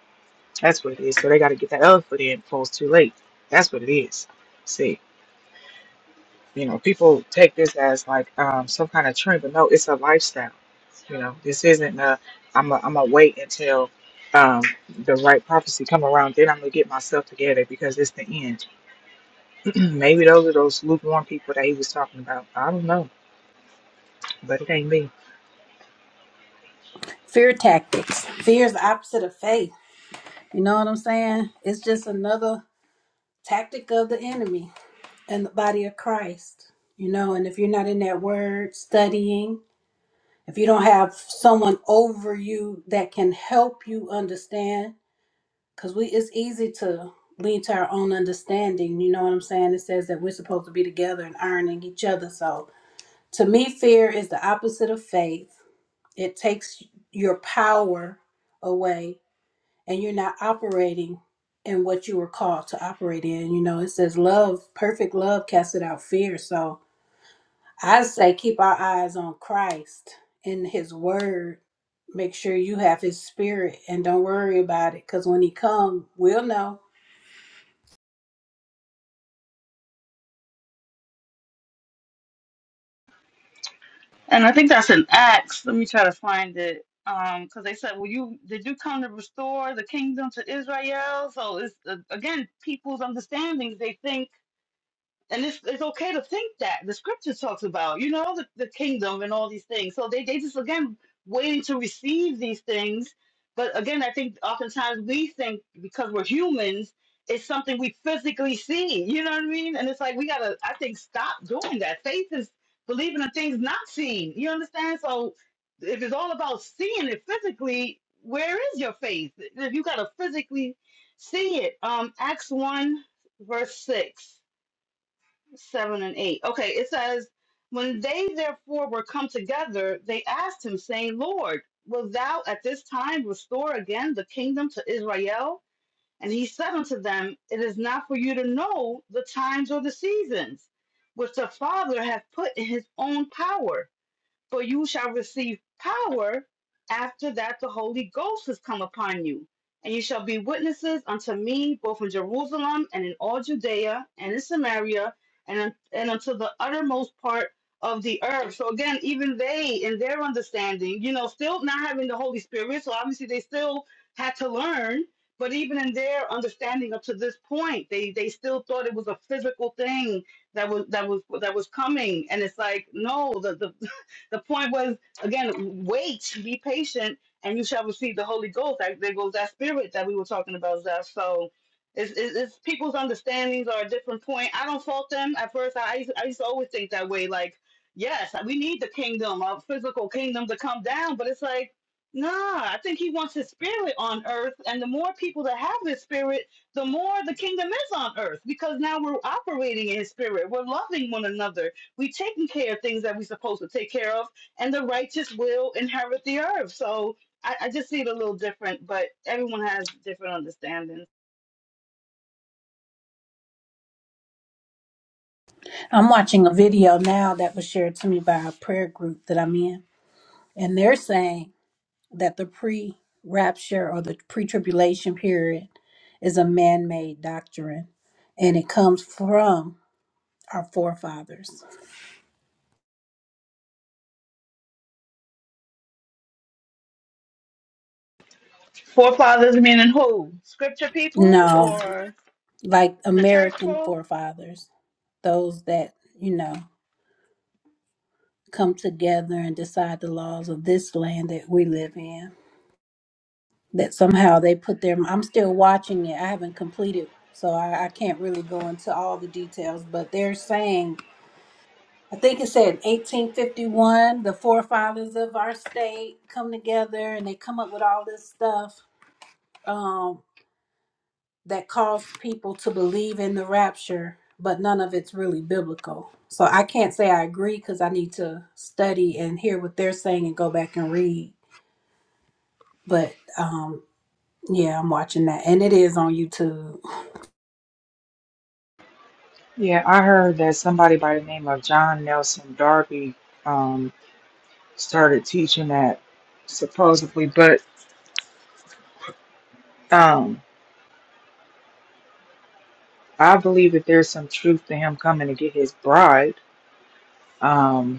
Speaker 2: That's what it is. So they got to get that other foot in before it's too late. That's what it is. See. You know, people take this as like um, some kind of trend, but no, it's a lifestyle. You know, this isn't a, I'm a, I'm a wait until um, the right prophecy come around, then I'm gonna get myself together because it's the end. Maybe those are those lukewarm people that he was talking about. I don't know, but it ain't me.
Speaker 1: Fear tactics. Fear is the opposite of faith. You know what I'm saying? It's just another tactic of the enemy and the body of Christ. You know, and if you're not in that word studying, if you don't have someone over you that can help you understand Cause we it's easy to lean to our own understanding, you know what I'm saying? It says that we're supposed to be together and ironing each other. So to me, fear is the opposite of faith. It takes your power away and you're not operating in what you were called to operate in. You know, it says love, perfect love casts out fear. So I say keep our eyes on Christ and his word. Make sure you have his spirit and don't worry about it. Cause when he come, we'll know
Speaker 10: And I think that's an Acts. Let me try to find it. Um, because they said, "Well, you did you come to restore the kingdom to Israel?" So it's uh, again people's understandings. They think. and it's it's okay to think that the scripture talks about you know the, the kingdom and all these things so they, they just again waiting to receive these things but again i think oftentimes we think because we're humans it's something we physically see you know what i mean and it's like we gotta i think stop doing that faith is believing in things not seen you understand so if it's all about seeing it physically where is your faith if you gotta physically see it um acts 1 verse 6 seven and eight. Okay, it says, When they therefore were come together, they asked him, saying, Lord, wilt thou at this time restore again the kingdom to Israel? And he said unto them, It is not for you to know the times or the seasons, which the Father hath put in his own power for you shall receive power after that the Holy Ghost has come upon you. And you shall be witnesses unto me both in Jerusalem and in all Judea and in Samaria and, and unto the uttermost part of the earth. So again, even they in their understanding, you know, still not having the Holy Spirit, so obviously they still had to learn. But even in their understanding up to this point, they they still thought it was a physical thing that was that was that was coming. And it's like, no, the the the point was again, wait, be patient, and you shall receive the Holy Ghost. Like, there goes that spirit that we were talking about, Zeph. So it's, it's, it's people's understandings are a different point. I don't fault them. At first, I, I, used, I used to always think that way. Like, yes, we need the kingdom, our physical kingdom to come down, but it's like, nah, I think he wants his spirit on earth. And the more people that have this spirit, the more the kingdom is on earth because now we're operating in his spirit. We're loving one another we taking care of things that we supposed to take care of, and the righteous will inherit the earth. So I, I just see it a little different, but everyone has different understandings.
Speaker 1: I'm watching a video now that was shared to me by a prayer group that I'm in, and they're saying that the pre rapture or the pre tribulation period is a man made doctrine and it comes from our forefathers.
Speaker 10: Forefathers meaning who? Scripture people
Speaker 1: No,
Speaker 10: or
Speaker 1: like
Speaker 10: the church
Speaker 1: American
Speaker 10: folk?
Speaker 1: forefathers, those that, you know, come together and decide the laws of this land that we live in. that somehow they put their i'm still watching it i haven't completed so I, I can't really go into all the details but they're saying i think it said 1851 the forefathers of our state come together and they come up with all this stuff um, that caused people to believe in the rapture but none of it's really biblical so i can't say i agree because i need to study and hear what they're saying and go back and read but um, yeah i'm watching that and it is on youtube
Speaker 2: Yeah, I heard that somebody by the name of John Nelson Darby um, started teaching that supposedly, but um, I believe that there's some truth to him coming to get his bride. Um,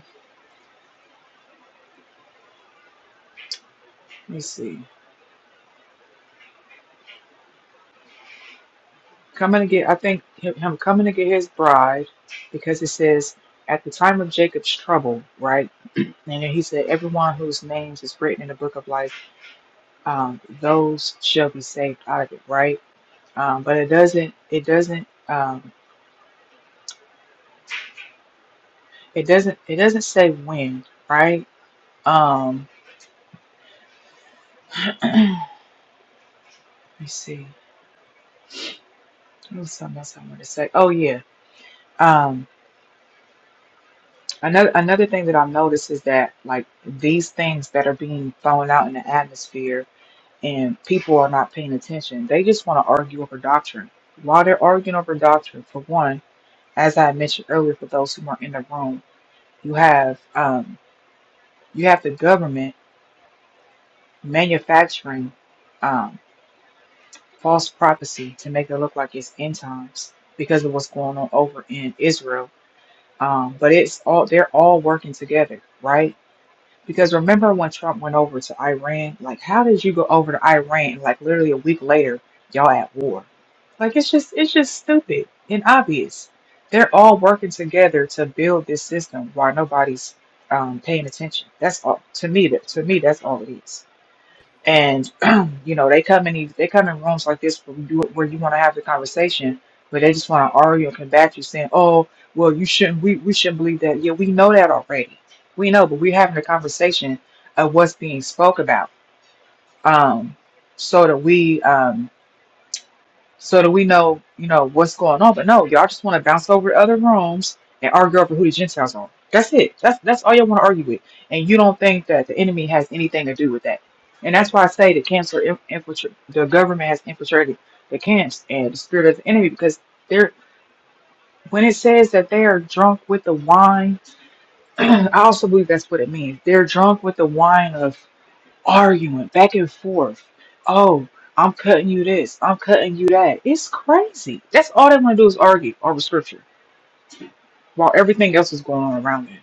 Speaker 2: Let me see. Coming to get, I think him, him coming to get his bride, because it says at the time of Jacob's trouble, right? And then he said, everyone whose names is written in the book of life, um, those shall be saved out of it, right? Um, but it doesn't, it doesn't, um, it doesn't, it doesn't say when, right? Um, let me see. There was something else I wanted to say. Oh yeah. Um, another another thing that I've noticed is that like these things that are being thrown out in the atmosphere and people are not paying attention. They just want to argue over doctrine. While they're arguing over doctrine, for one, as I mentioned earlier, for those who are in the room, you have um, you have the government manufacturing um, false prophecy to make it look like it's end times because of what's going on over in Israel. Um, but it's all they're all working together, right? Because remember when Trump went over to Iran? Like, how did you go over to Iran? Like, literally a week later, y'all at war. Like, it's just, it's just stupid and obvious. They're all working together to build this system while nobody's um, paying attention. That's all. To me, that to me, that's all it is and you know they come in these they come in rooms like this where you where you want to have the conversation but they just want to argue and combat you saying oh well you shouldn't we, we shouldn't believe that yeah we know that already we know but we're having a conversation of what's being spoke about um so that we um so that we know, you know, what's going on. But no, y'all just want to bounce over to other rooms and argue over who the Gentiles are. That's it. That's that's all y'all want to argue with. And you don't think that the enemy has anything to do with that. And that's why I say the cancer inf- infiltrate the government has infiltrated the camps and the spirit of the enemy because they're when it says that they are drunk with the wine, I also believe that's what it means. They're drunk with the wine of arguing back and forth. Oh, I'm cutting you this. I'm cutting you that. It's crazy. That's all they want to do is argue over scripture while everything else is going on around it.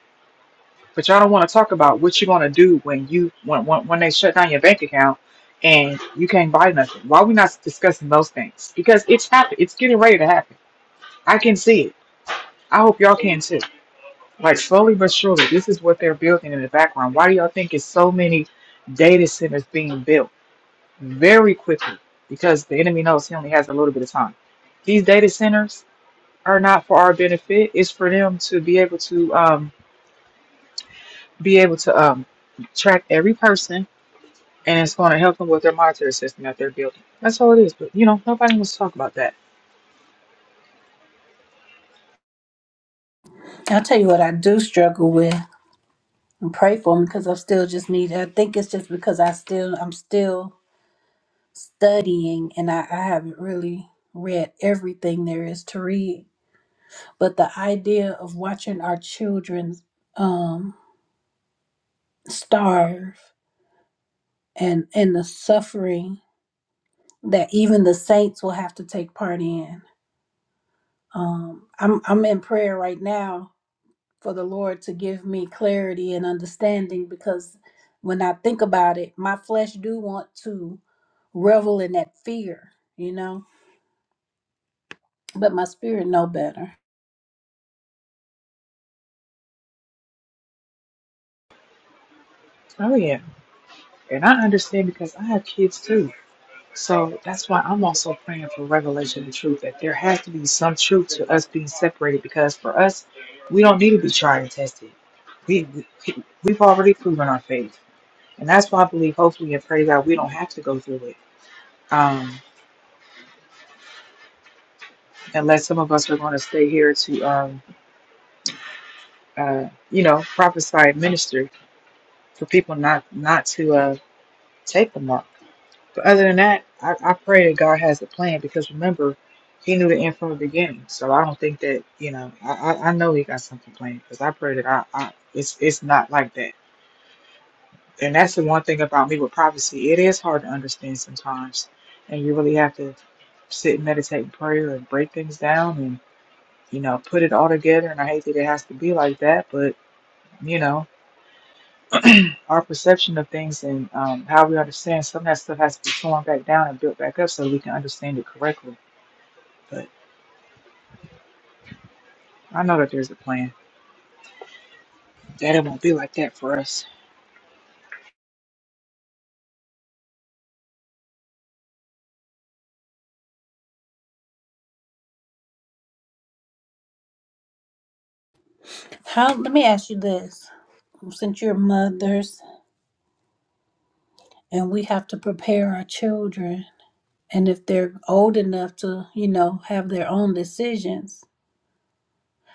Speaker 2: But y'all don't want to talk about what you're going to do when you when, when when they shut down your bank account and you can't buy nothing. Why we not discussing those things? Because it's happening. It's getting ready to happen. I can see it. I hope y'all can too. Like slowly but surely, this is what they're building in the background. Why do y'all think it's so many data centers being built? very quickly because the enemy knows he only has a little bit of time. These data centers are not for our benefit. It's for them to be able to um, be able to um, track every person, and it's going to help them with their monitoring system that they're building. That's all it is. But you know, nobody wants to talk about that.
Speaker 1: I'll tell you what I do struggle with and pray for them because I still just need I think it's just because I still I'm still studying and I, I haven't really read everything there is to read. But the idea of watching our children um starve and and the suffering that even the saints will have to take part in. Um I'm I'm in prayer right now for the Lord to give me clarity and understanding because when I think about it, my flesh do want to revel in that fear, you know, but my spirit know better.
Speaker 2: Oh yeah, and I understand because I have kids too. So that's why I'm also praying for revelation and truth that there has to be some truth to us being separated because for us, we don't need to be tried and tested. We, we we've already proven our faith, and that's why I believe, hopefully, and pray that we don't have to go through it. Um, unless some of us are going to stay here to, um, uh, you know, prophesy and minister for people not not to uh, take the mark. But other than that, I, I pray that God has a plan because remember, He knew the end from the beginning. So I don't think that you know. I I, I know He got something planned because I pray that I, I it's it's not like that. And that's the one thing about me with prophecy. It is hard to understand sometimes, and you really have to sit and meditate in prayer and break things down and you know put it all together. And I hate that it has to be like that, but you know our perception of things and um, how we understand some of that stuff has to be torn back down and built back up so we can understand it correctly but I know that there's a plan. That it won't be like that for us.
Speaker 1: How let me ask you this. Since you're mothers and we have to prepare our children and if they're old enough to, you know, have their own decisions,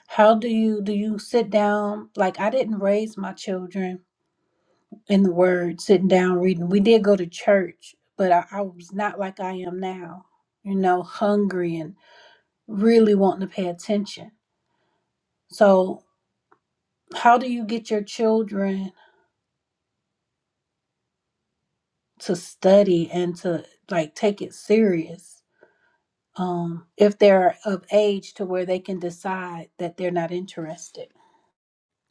Speaker 1: how do you do you sit down like I didn't raise my children in the Word, sitting down reading. We did go to church, but I, I was not like I am now, you know, hungry and really wanting to pay attention. So, how do you get your children to study and to like take it serious um, if they're of age to where they can decide that they're not interested?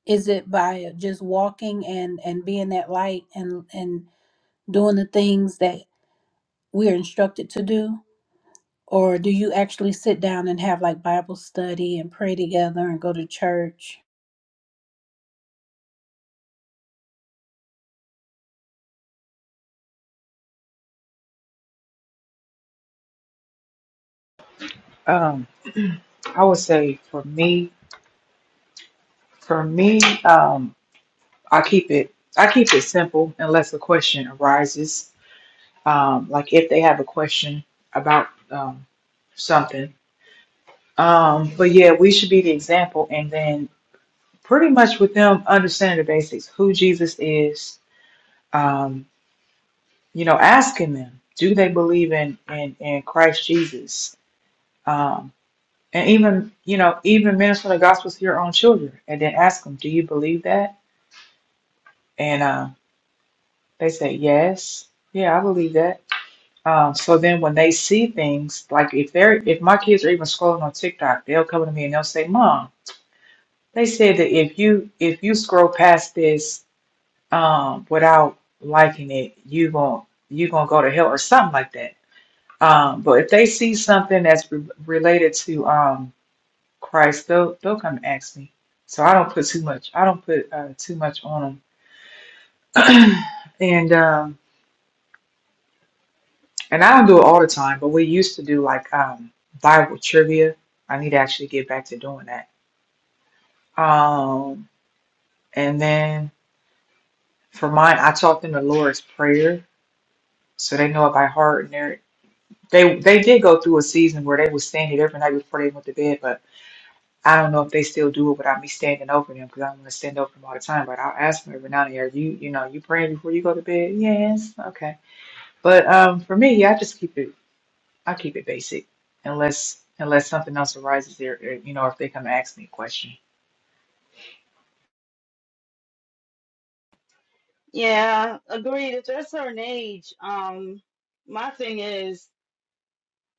Speaker 1: Is it by just walking and and being that light and and doing the things that we are instructed to do? Or do you actually sit down and have like Bible study and pray together and go to church?
Speaker 2: Um, I would say for me, for me, um, I keep it, I keep it simple unless a question arises. Um, like if they have a question about um, something. Um, but yeah, we should be the example, and then pretty much with them understanding the basics, who Jesus is. Um, you know, asking them, do they believe in in, in Christ Jesus? Um. And even, you know, even minister the gospel to your own children and then ask them, do you believe that? And uh, they say, yes. Yeah, I believe that. Um, so then when they see things, like if they're, if my kids are even scrolling on TikTok, they'll come to me and they'll say, Mom, they said that if you, if you scroll past this um, without liking it, you gon' you going to go to hell or something like that. Um, but if they see something that's re- related to, um, Christ, they'll they'll come ask me, so I don't put too much. I don't put uh, too much on them, and um, and I don't do it all the time. But we used to do like um, Bible trivia. I need to actually get back to doing that. Um, and then for mine, I taught them the Lord's Prayer, so they know it by heart. And they they they did go through a season where they would stand it every night before they went to bed, but I don't know if they still do it, without me standing over them because I am going to stand over them all the time. But I'll ask them every now and then, are you, you know, you praying before you go to bed? Yes. Okay. But um, for me, yeah, I just keep it, I keep it basic unless, unless something else arises there, or, you know, if they come ask me a question.
Speaker 10: Yeah, agreed. If they're a certain age, um, my thing is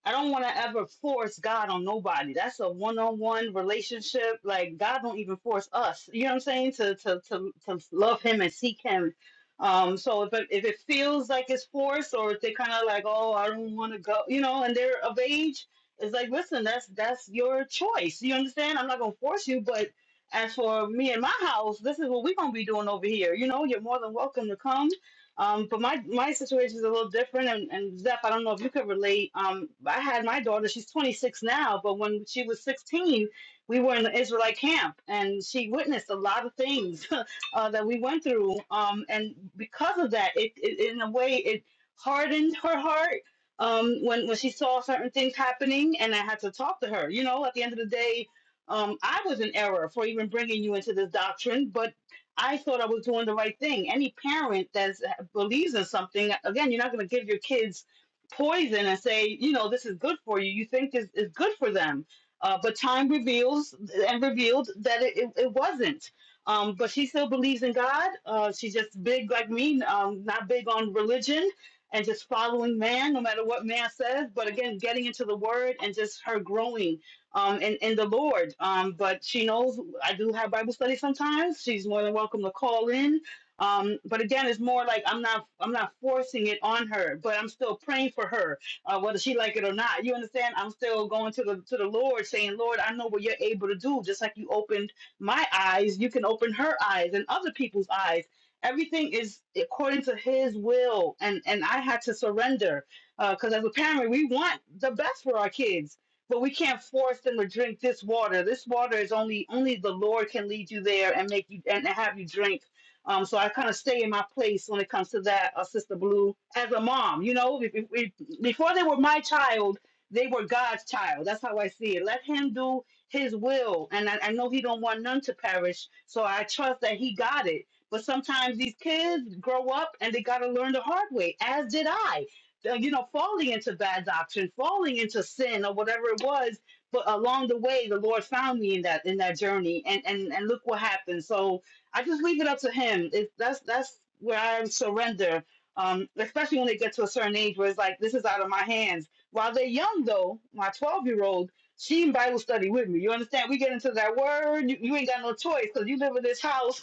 Speaker 10: I don't want to ever force God on nobody. That's a one-on-one relationship. Like God don't even force us. You know what I'm saying? To to to to love Him and seek Him. Um, so if it, if it feels like it's forced, or if they kind of like, oh, I don't want to go, you know, and they're of age, it's like, listen, that's that's your choice. You understand? I'm not gonna force you, but as for me and my house, this is what we're gonna be doing over here. You know, you're more than welcome to come um, but my my situation is a little different, and, and Zeph, I don't know if you could relate. Um, I had my daughter; she's 26 now, but when she was 16, we were in the Israelite camp, and she witnessed a lot of things uh, that we went through. Um, and because of that, it, it in a way it hardened her heart um, when when she saw certain things happening, and I had to talk to her. You know, at the end of the day. Um, I was in error for even bringing you into this doctrine, but I thought I was doing the right thing. Any parent that believes in something, again, you're not going to give your kids poison and say, you know, this is good for you. You think this is good for them. Uh, but time reveals and revealed that it, it, it wasn't. Um, but she still believes in God. Uh, she's just big like me, um, not big on religion and just following man, no matter what man says. But again, getting into the word and just her growing um, in, in the Lord. Um, but she knows I do have Bible study sometimes. She's more than welcome to call in. Um, but again, it's more like I'm not I'm not forcing it on her, but I'm still praying for her, uh, whether she like it or not. You understand? I'm still going to the to the Lord, saying, Lord, I know what you're able to do. Just like you opened my eyes, you can open her eyes and other people's eyes. Everything is according to His will, and and I had to surrender because as a parent, we want the best for our kids but we can't force them to drink this water. This water is only only the Lord can lead you there and make you and have you drink. Um, so I kind of stay in my place when it comes to that, uh, Sister Blue, as a mom. You know, if, if, if- before they were my child, they were God's child. That's how I see it. Let Him do His will, and I, I know He don't want none to perish. So I trust that He got it. But sometimes these kids grow up and they got to learn the hard way, as did I uh, you know, falling into bad doctrine, falling into sin or whatever it was. But along the way, the Lord found me in that in that journey, and and and look what happened. So I just leave it up to Him. It, that's that's where I surrender. Um, especially when they get to a certain age where it's like this is out of my hands. While they're young, though, my twelve-year-old, she in Bible study with me. You understand? We get into that word. You, you ain't got no choice because you live in this house.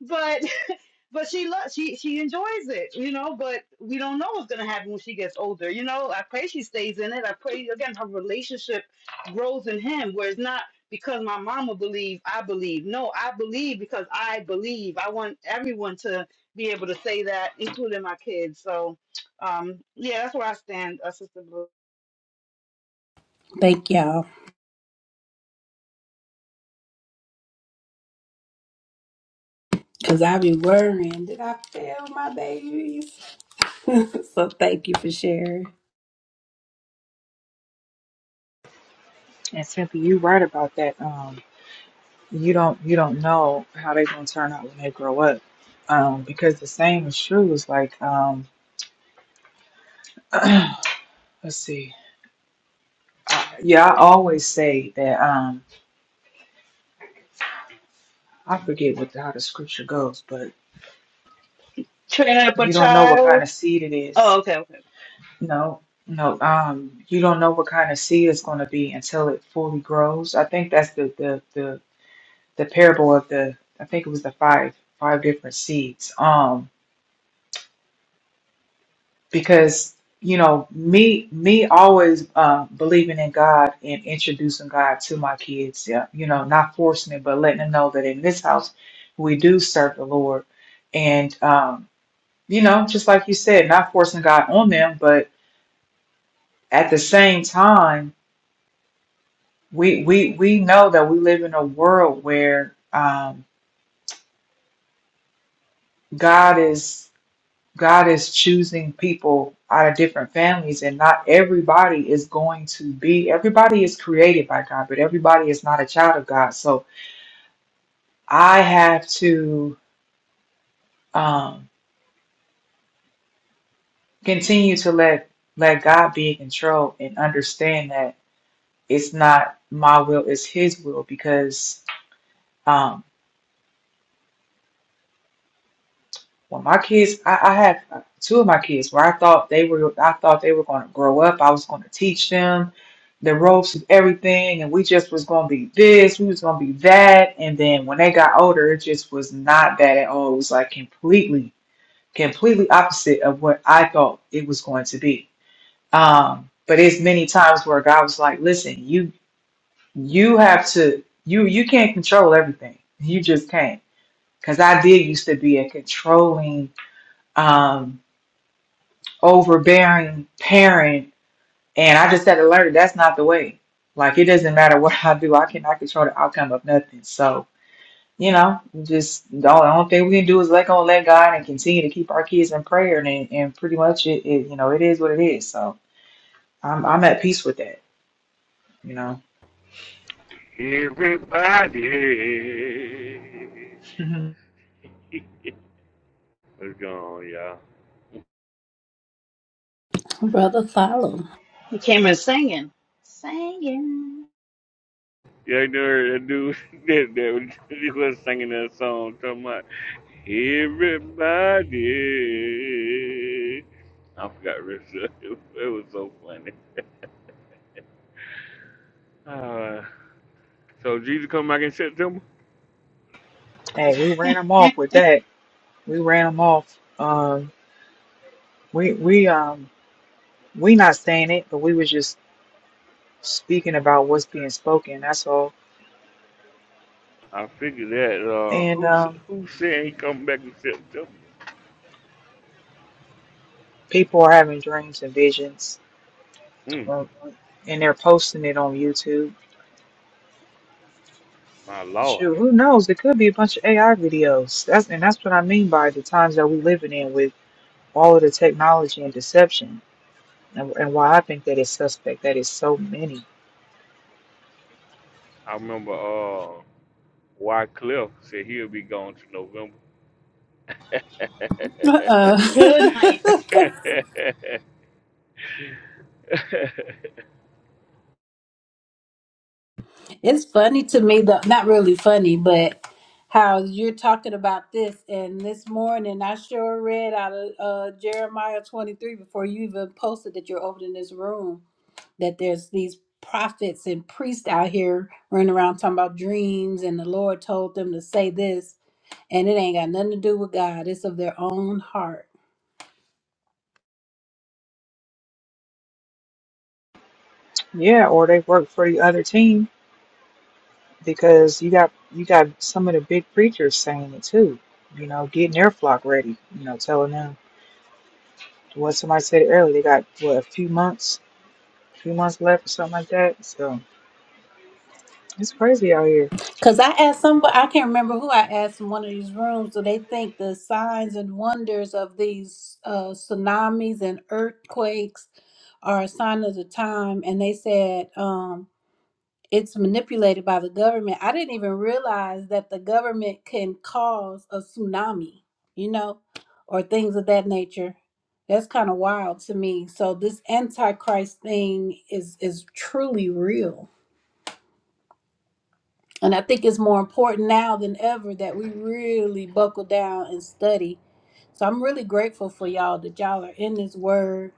Speaker 10: But but she loves she she enjoys it, you know. But we don't know what's gonna happen when she gets older, you know. I pray she stays in it. I pray again her relationship grows in him, where it's not because my mama believe I believe. No, I believe because I believe. I want everyone to be able to say that, including my kids. So, um, yeah, that's where I stand, uh, Sister Blue.
Speaker 1: Thank y'all. Because I be worrying. Did I fail my babies? so thank you for sharing.
Speaker 2: And Cynthia, you're right about that. Um, you don't, you don't know how they're going to turn out when they grow up. Um, because the same is true is like, um, let's see. Uh, yeah, I always say that, um, I forget what the, how the scripture goes, but
Speaker 10: Train up a
Speaker 2: you don't know what kind
Speaker 10: child.
Speaker 2: of seed it is.
Speaker 10: Oh, okay, okay.
Speaker 2: No, no, um, you don't know what kind of seed it's going to be until it fully grows. I think that's the the the the parable of the. I think it was the five five different seeds. Um, because you know me me always uh, believing in God and introducing God to my kids. Yeah, you know, not forcing it, but letting them know that in this house we do serve the Lord and. Um, you know, just like you said, not forcing God on them, but at the same time, we we we know that we live in a world where um, God is God is choosing people out of different families, and not everybody is going to be. Everybody is created by God, but everybody is not a child of God. So I have to um, continue to let let God be in control and understand that it's not my will, it's His will, because Um, When my kids, I, I had uh, two of my kids where I thought they were, I thought they were going to grow up. I was going to teach them the ropes of everything, and we just was going to be this, we was going to be that. And then when they got older, it just was not that at all. It was like completely, completely opposite of what I thought it was going to be. Um, but it's many times where God was like, "Listen, you, you have to, you, you can't control everything. You just can't." Because I did used to be a controlling. um overbearing parent and I just had to learn that that's not the way. Like it doesn't matter what I do, I cannot control the outcome of nothing. So, you know, just the only, the only thing we can do is let go and let God and continue to keep our kids in prayer and and and pretty much it, it you know, it is what it is. So I'm I'm at peace with that, you know.
Speaker 11: Everybody
Speaker 2: Mhm.
Speaker 11: what's going on, y'all.
Speaker 1: Brother Follow.
Speaker 10: He came in singing, singing.
Speaker 11: Yeah, I know that dude that, that was, he was singing that song talking about everybody. I forgot the rest of it. It was so funny. Uh, so Jesus come back in September?
Speaker 2: Hey, we ran them off with that. We ran them off. Um, we we um we not saying it, but we was just speaking about what's being spoken. That's all.
Speaker 11: I figured that. Uh,
Speaker 2: And
Speaker 11: who s-
Speaker 2: um,
Speaker 11: who said he come back in September?
Speaker 2: People are having dreams and visions,
Speaker 11: Hmm,
Speaker 2: um, and they're posting it on YouTube.
Speaker 11: my Lord.
Speaker 2: Shoot, who knows? It could be a bunch of AI videos. That's and that's what I mean by the times that we're living in with all of the technology and deception, and, and why I think that it's suspect that it's so many.
Speaker 11: I remember uh, Wycliffe said he'll be gone to November.
Speaker 1: Uh-oh.
Speaker 10: Good night.
Speaker 1: it's funny to me, though. Not really funny, but how you're talking about this. And this morning, I sure read out of uh, Jeremiah 23 before you even posted that you're opening this room that there's these prophets and priests out here running around talking about dreams and the Lord told them to say this and it ain't got nothing to do with God. It's of their own heart.
Speaker 2: Yeah, or they work for the other team because you got you got some of the big preachers saying it too. You know, getting their flock ready. You know, telling them what somebody said earlier. They got what a few months, few months left or something like that. So. It's crazy out here.
Speaker 1: Cause I asked somebody I can't remember who I asked in one of these rooms, do they think the signs and wonders of these uh, tsunamis and earthquakes are a sign of the time? And they said, um, it's manipulated by the government. I didn't even realize that the government can cause a tsunami, you know, or things of that nature. That's kind of wild to me. So this antichrist thing is is truly real. And I think it's more important now than ever that we really buckle down and study. So I'm really grateful for y'all that y'all are in this word.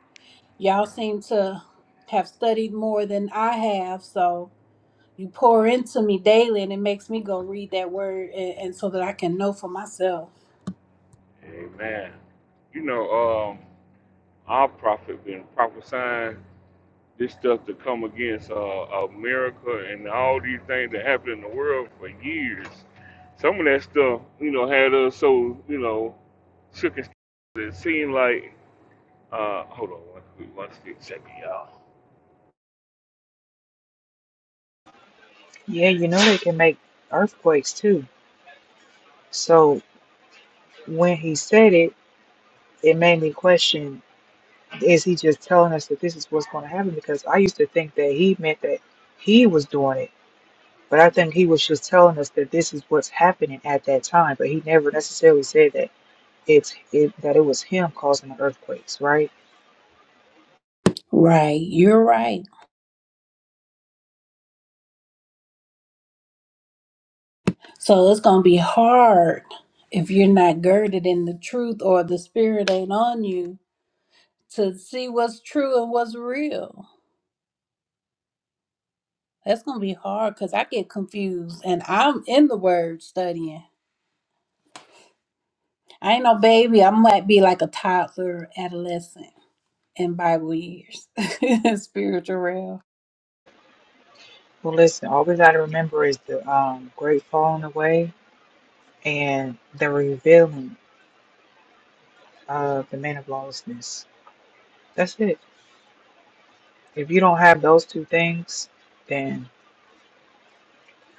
Speaker 1: Y'all seem to have studied more than I have, so you pour into me daily, and it makes me go read that word, and, and so that I can know for myself.
Speaker 11: Amen. You know, um, our prophet been prophesying this stuff to come against uh, America and all these things that happen in the world for years. Some of that stuff, you know, had us so, you know, shook and stuff. It seemed like, uh, hold on one, quick- one quick second, y'all.
Speaker 2: Yeah, you know they can make earthquakes too. So when he said it, it made me question, is he just telling us that this is what's going to happen? Because I used to think that he meant that he was doing it. But I think he was just telling us that this is what's happening at that time. But he never necessarily said that it's it, that it was him causing the earthquakes, right?
Speaker 1: Right, you're right. So it's gonna be hard if you're not girded in the truth or the spirit ain't on you to see what's true and what's real. That's gonna be hard because I get confused, and I'm in the word studying. I ain't no baby. I might be like a toddler, adolescent in Bible years, spiritual realm.
Speaker 2: Well, listen, all we got to remember is the um, great falling away and the revealing of the man of lawlessness. That's it. If you don't have those two things, then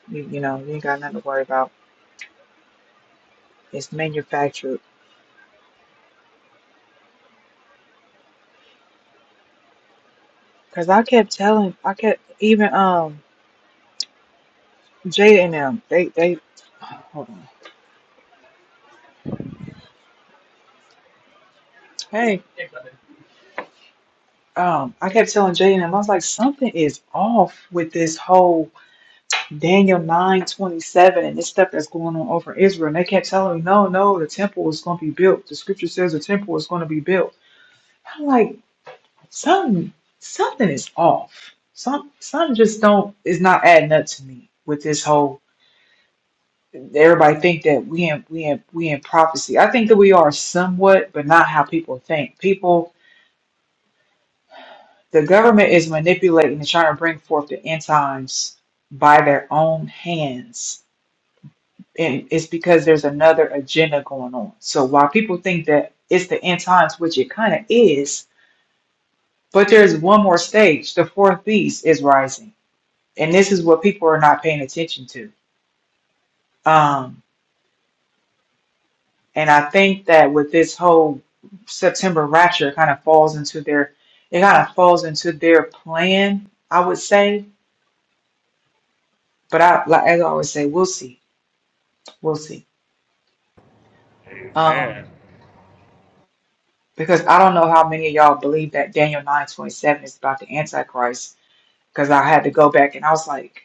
Speaker 2: you you know you ain't got nothing to worry about. It's manufactured. Cause I kept telling, I kept even um Jada and them, they they hold on. Hey, um, I kept telling Jay and them. I was like, something is off with this whole Daniel 9 27 and this stuff that's going on over in Israel. And they kept telling me, no, no, the temple is going to be built. The scripture says the temple is going to be built. I'm like, Something something is off. Some some just don't is not adding up to me with this whole everybody think that we in we in we in prophecy. I think that we are somewhat, but not how people think. People the government is manipulating and trying to bring forth the end times by their own hands. And it's because there's another agenda going on. So while people think that it's the end times, which it kind of is, but there's one more stage. The fourth beast is rising and this is what people are not paying attention to. Um, and I think that with this whole September rapture, it kind of falls into their, it kind of falls into their plan, I would say. But I, like, as I always say, we'll see, we'll see.
Speaker 11: Amen.
Speaker 2: Um, because I don't know how many of y'all believe that Daniel nine twenty seven is about the Antichrist. Because I had to go back and I was like,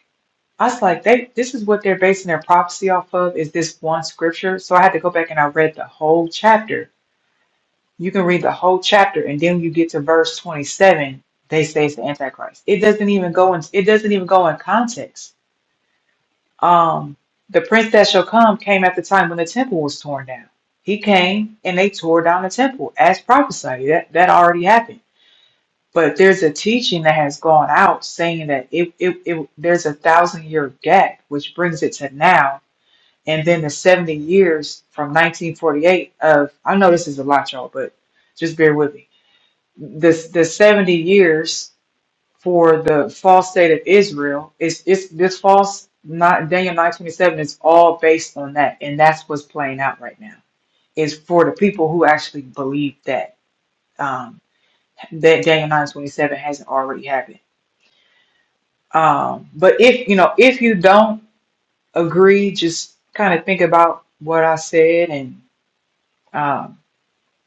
Speaker 2: I was like, they, this is what they're basing their prophecy off of, is this one scripture. So I had to go back and I read the whole chapter You can read the whole chapter and then you get to verse 27, they say it's the Antichrist. It doesn't even go in it doesn't even go in context. Um the prince that shall come came at the time when the temple was torn down. He came and they tore down the temple as prophesied. That that already happened. But there's a teaching that has gone out saying that it, it, it there's a thousand year gap, which brings it to now, and then the 70 years from 1948 of I know this is a lot, y'all, but just bear with me this the 70 years for the false state of Israel is it's this false not Daniel 927 is all based on that and that's what's playing out right now is for the people who actually believe that um that Daniel 927 hasn't already happened um but if you know if you don't agree just kind of think about what I said and um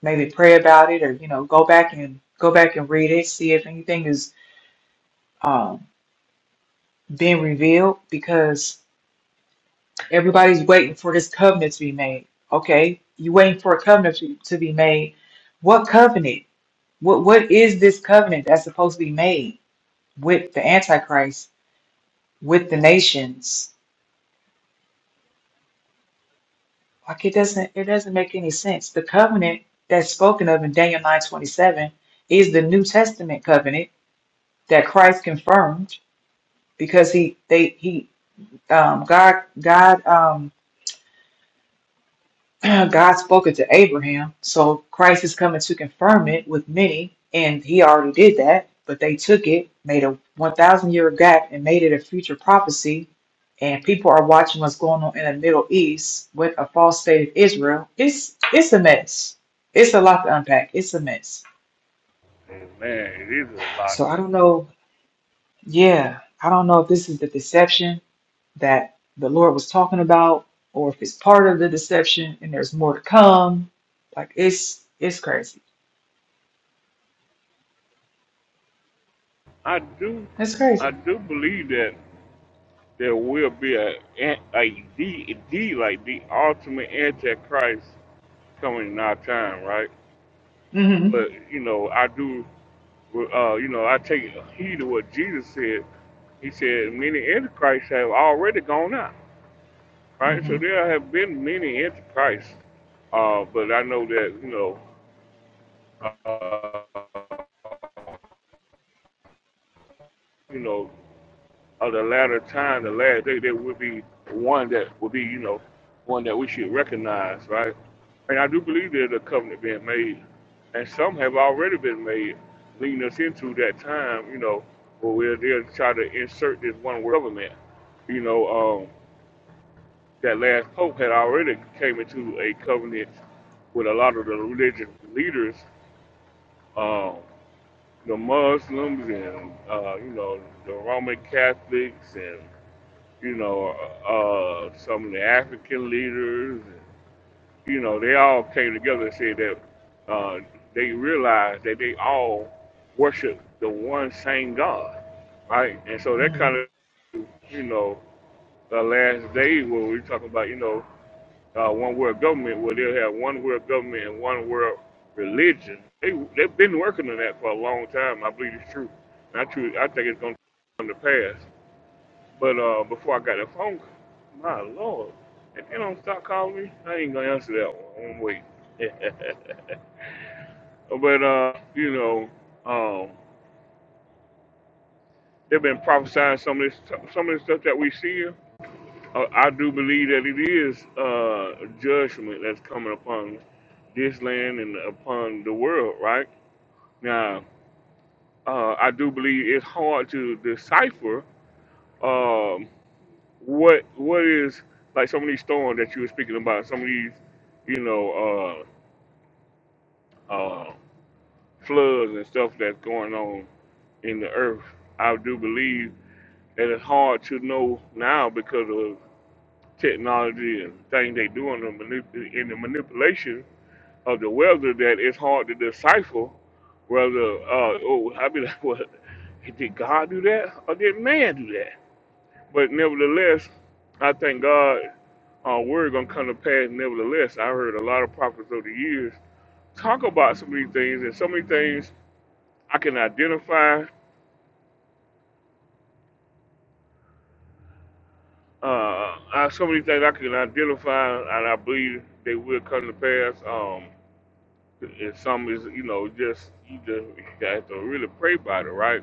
Speaker 2: maybe pray about it or you know go back and go back and read it see if anything is um, been revealed because everybody's waiting for this covenant to be made. Okay, you waiting for a covenant to, to be made. What covenant? What what is this covenant that's supposed to be made with the Antichrist, with the nations? Like it doesn't it doesn't make any sense. The covenant that's spoken of in Daniel nine twenty seven is the New Testament covenant that Christ confirmed because he they he um God God um God spoke it to Abraham, so Christ is coming to confirm it with many, and he already did that, but they took it, made a 1,000 year gap, and made it a future prophecy. And people are watching what's going on in the Middle East with a false state of Israel. It's it's a mess. It's a lot to unpack. It's a mess.
Speaker 11: Amen. It is a lot.
Speaker 2: So I don't know. Yeah, I don't know if this is the deception that the Lord was talking about, or if it's part of the deception and there's more to come. Like it's it's crazy.
Speaker 11: I do,
Speaker 2: That's
Speaker 11: I
Speaker 2: crazy.
Speaker 11: do believe that there will be a an- like the the like the ultimate antichrist coming in our time, right?
Speaker 2: Mm-hmm.
Speaker 11: But you know, I do, uh, you know, I take heed to what Jesus said. He said many antichrists have already gone out, right? So
Speaker 2: Mm-hmm.
Speaker 11: there have been many antichrists. Uh, but I know that you know, you know. of the latter time, the last day, there will be one that will be, you know, one that we should recognize, right? And I do believe there's a covenant being made, and some have already been made, leading us into that time, you know, where we're there to try to insert this one world government. You know, um, that last pope had already came into a covenant with a lot of the religious leaders, um, the Muslims and uh, you know the Roman Catholics and you know, uh, some of the African leaders, you know, they all came together and said that uh, they realized that they all worship the one same God, right? And so that kind
Speaker 2: Mm-hmm.
Speaker 11: of, you know, the last days where we talk about, you know, uh, one world government, where they'll have one world government and one world religion. They, they've been working on that for a long time. I believe it's true. And I, truly, I think it's going to come to pass. But uh, before I got the phone, call, my lord, if they don't stop calling me, I ain't gonna answer that one. I'm gonna wait. but uh, you know, um, they've been prophesying some of this, some of the stuff that we see. Uh, I do believe that it is uh, judgment that's coming upon this land and upon the world. Right now, uh, I do believe it's hard to decipher. Um, what what is like some of these storms that you were speaking about, some of these, you know, uh, uh, floods and stuff that's going on in the earth. I do believe that it's hard to know now because of technology and things they do in the, manip- in the manipulation of the weather that it's hard to decipher whether uh, oh I be like what did God do that or did man do that? But nevertheless, I thank God uh, word gonna come to pass nevertheless. I heard a lot of prophets over the years talk about so many things, and so many things I can identify. Uh, I, so many things I can identify, and I believe they will come to pass. Um, and some is, you know, just you just you have to really pray about it, right?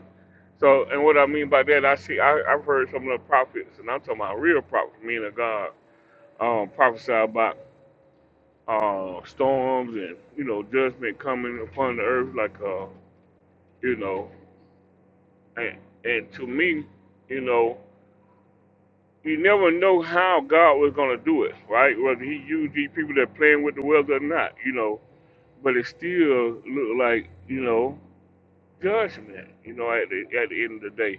Speaker 11: So, and what I mean by that, I see, I, I've heard some of the prophets, and I'm talking about real prophets, meaning God, um, prophesy about uh, storms and you know judgment coming upon the earth, like. Uh, you know. And, and to me, you know, you never know how God was going to do it, right? Whether he used these people that playing with the wells or not, you know. But it still looked like, you know, judgment, you know, at the, at the end of the day.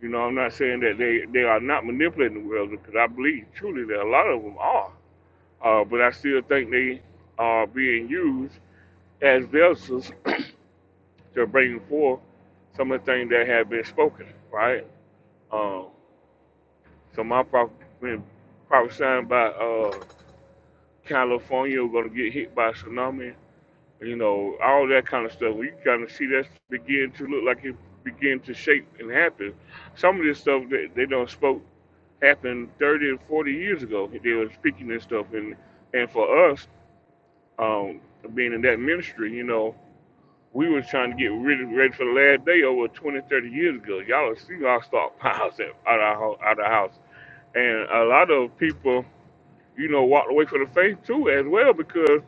Speaker 11: You know, I'm not saying that they, they are not manipulating the world because I believe truly that a lot of them are. Uh, but I still think they are being used as vessels to bring forth some of the things that have been spoken, right? Um, So my property been prophesying by uh, California we're gonna get hit by a tsunami. You know, all that kind of stuff. We kind of see that begin to look like it begin to shape and happen. Some of this stuff that they don't spoke happened 30 and 40 years ago. They were speaking this stuff, and and for us, um, being in that ministry, you know, we was trying to get really ready for the last day over 20, 30 years ago. Y'all see our stockpiles out of our, hou- out of the house, and a lot of people you know, walked away from the faith too, as well, because,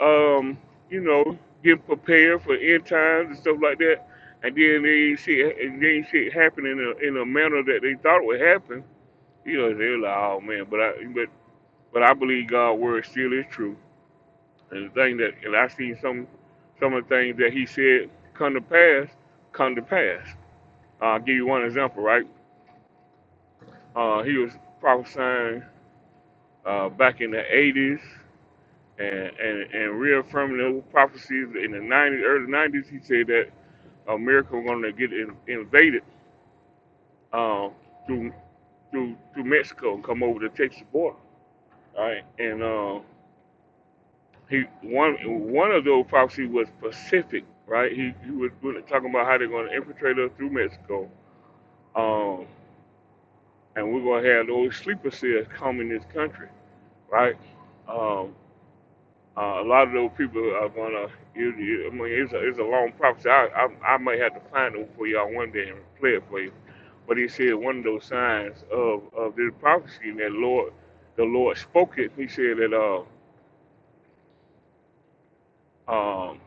Speaker 11: um, you know, getting prepared for end times and stuff like that, and then they ain't shit, and then shit happened in a in a manner that they thought would happen. You know, they're like, oh man, but I but but I believe God's word still is true, and the thing that and I seen some some of the things that He said come to pass, come to pass. Uh, I'll give you one example, right? Uh, he was prophesying uh, back in the 80s and, and, and reaffirming the prophecies in the 90s, early 90s. He said that America was going to get in, invaded uh, through, through through Mexico and come over the Texas border. Right, and uh, he one one of those prophecies was Pacific. Right, he, he was really talking about how they're going to infiltrate us through Mexico, um, and we're going to have those sleeper cells come in this country. Right, Um, Uh, a lot of those people are gonna. You, you, I mean, it's a, it's a long prophecy. I, I I might have to find it for y'all one day and play it for you. But he said one of those signs of of this prophecy that Lord, the Lord spoke it. He said that uh um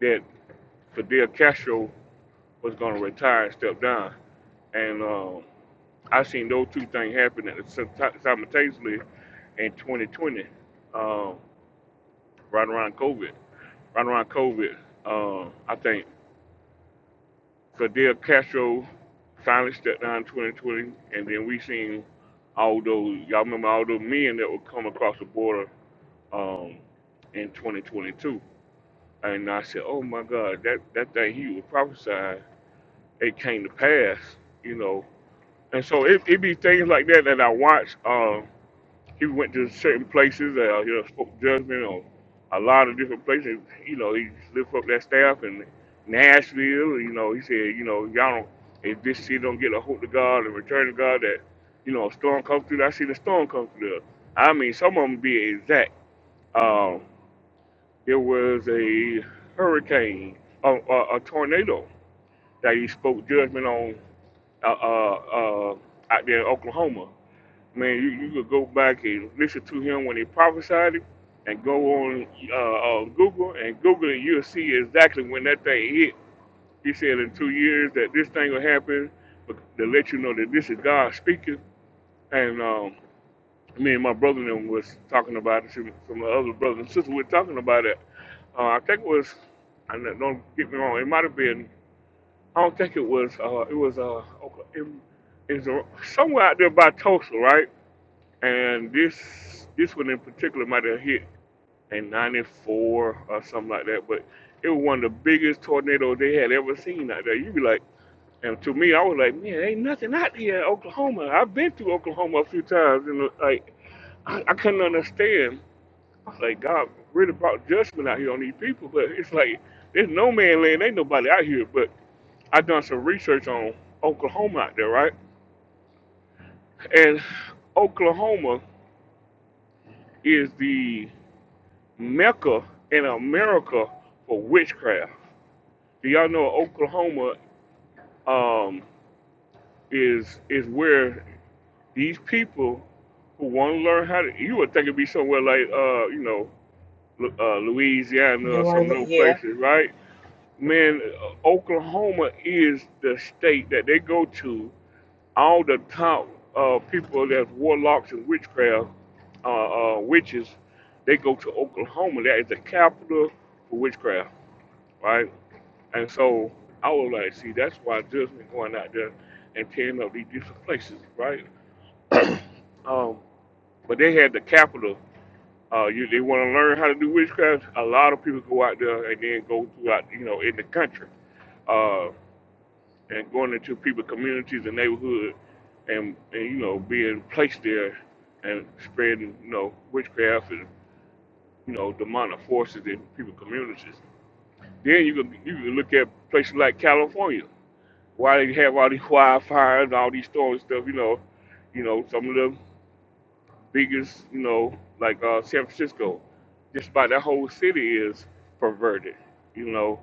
Speaker 11: that Fidel Castro was gonna retire and step down. And um, I seen those two things happen at the same ti- simultaneously in 2020, um, right around COVID. Right around COVID, um, I think Fidel Castro finally stepped down in 2020, and then we seen all those, y'all remember all those men that would come across the border um, in 2022. And I said, oh my God, that, that thing he was prophesying, it came to pass, you know. And so it, it be things like that that I watch. Um, he went to certain places. Uh, he spoke judgment on a lot of different places. You know, he lifted up that staff in Nashville. You know, he said, you know, y'all don't, if this city don't get a hold of God and return to God, that you know, a storm comes through. I seen a storm come through. There. I mean, some of them be exact. Um, there was a hurricane, a, a, a tornado that he spoke judgment on uh, uh, uh, out there in Oklahoma Man, you, you could go back and listen to him when he prophesied it, and go on uh, uh, Google and Google it. You'll see exactly when that thing hit. He said in two years that this thing will happen, but to let you know that this is God speaking. And um, me and my brother and them was talking about it. Some of the other brothers and sisters were talking about it. Uh, I think it was. I don't don't get me wrong. It might have been. I don't think it was. Uh, it was uh, Oka- in, is somewhere out there by Tulsa, right? and this this one in particular might have hit in '94 or something like that. But it was one of the biggest tornadoes they had ever seen out there. You'd be like, and to me, I was like, man, ain't nothing out here in Oklahoma. I've been to Oklahoma a few times, and like I, I couldn't understand. I was like, God really brought judgment out here on these people. But it's like there's no man land, ain't nobody out here. But I done some research on Oklahoma out there, right? And Oklahoma is the Mecca in America for witchcraft. Do y'all know Oklahoma um, is is where these people who want to learn how to you would think it'd be somewhere like uh, you know uh, Louisiana
Speaker 2: New
Speaker 11: or some
Speaker 2: Orleans.
Speaker 11: little
Speaker 2: Yeah.
Speaker 11: places, right? Man, uh, Oklahoma is the state that they go to. All the top uh, people that's warlocks and witchcraft, uh, uh, witches, they go to Oklahoma. That is the capital for witchcraft, right? And so I was like, see, that's why judgment going out there and tearing up these different places, right? Um, but they had the capital. Uh, you, they want to learn how to do witchcraft. A lot of people go out there and then go throughout, you know, in the country, uh, and going into people communities and neighborhood, and, and you know, being placed there and spreading, you know, witchcraft and you know, demonic forces in people communities. Then you can you can look at places like California why they have all these wildfires and all these storms and stuff, you know, you know, some of the biggest, you know, like uh, San Francisco, just about that whole city is perverted. You know,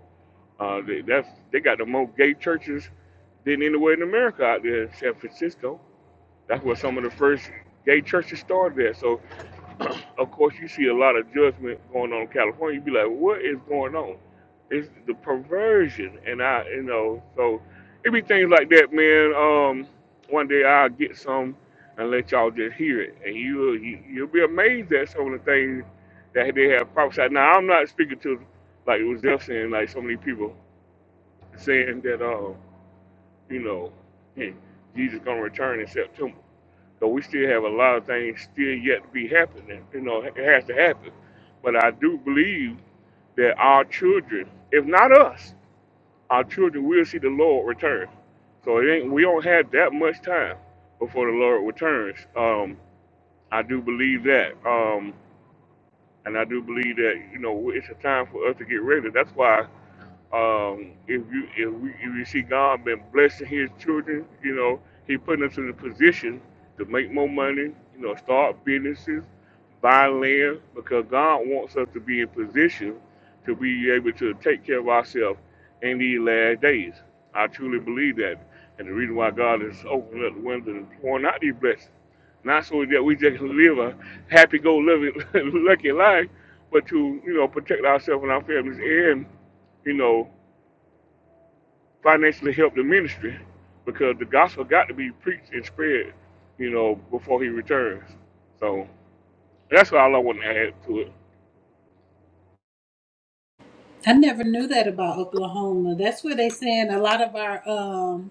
Speaker 11: uh, they, that's they got the most gay churches than anywhere in America out there in San Francisco. That's where some of the first gay churches started at. So, of course, you see a lot of judgment going on in California. You be like, what is going on? It's the perversion, and I, you know, so it be things like that, man. Um, one day I'll get some and let y'all just hear it, and you you- you'll be amazed at some of the things that they have prophesied. Now, I'm not speaking to like it was just saying, like so many people saying that, uh, you know, hey, Jesus gonna return in September. So we still have a lot of things still yet to be happening. You know, it has to happen. But I do believe that our children, if not us, our children will see the Lord return. So it ain't we don't have that much time before the Lord returns. Um, I do believe that. Um, and I do believe that, you know, it's a time for us to get ready. That's why um, if you if we if you see God been blessing His children, you know He putting us in a position to make more money, you know, start businesses, buy land, because God wants us to be in position to be able to take care of ourselves in these last days. I truly believe that, and the reason why God is opening up the windows and pouring out these blessings, not so that we just live a happy go living lucky life, but to you know protect ourselves and our families and you know financially help the ministry because the gospel got to be preached and spread, you know, before he returns. So that's all I want to add to it.
Speaker 1: I never knew that about Oklahoma. That's where they send a lot of our um,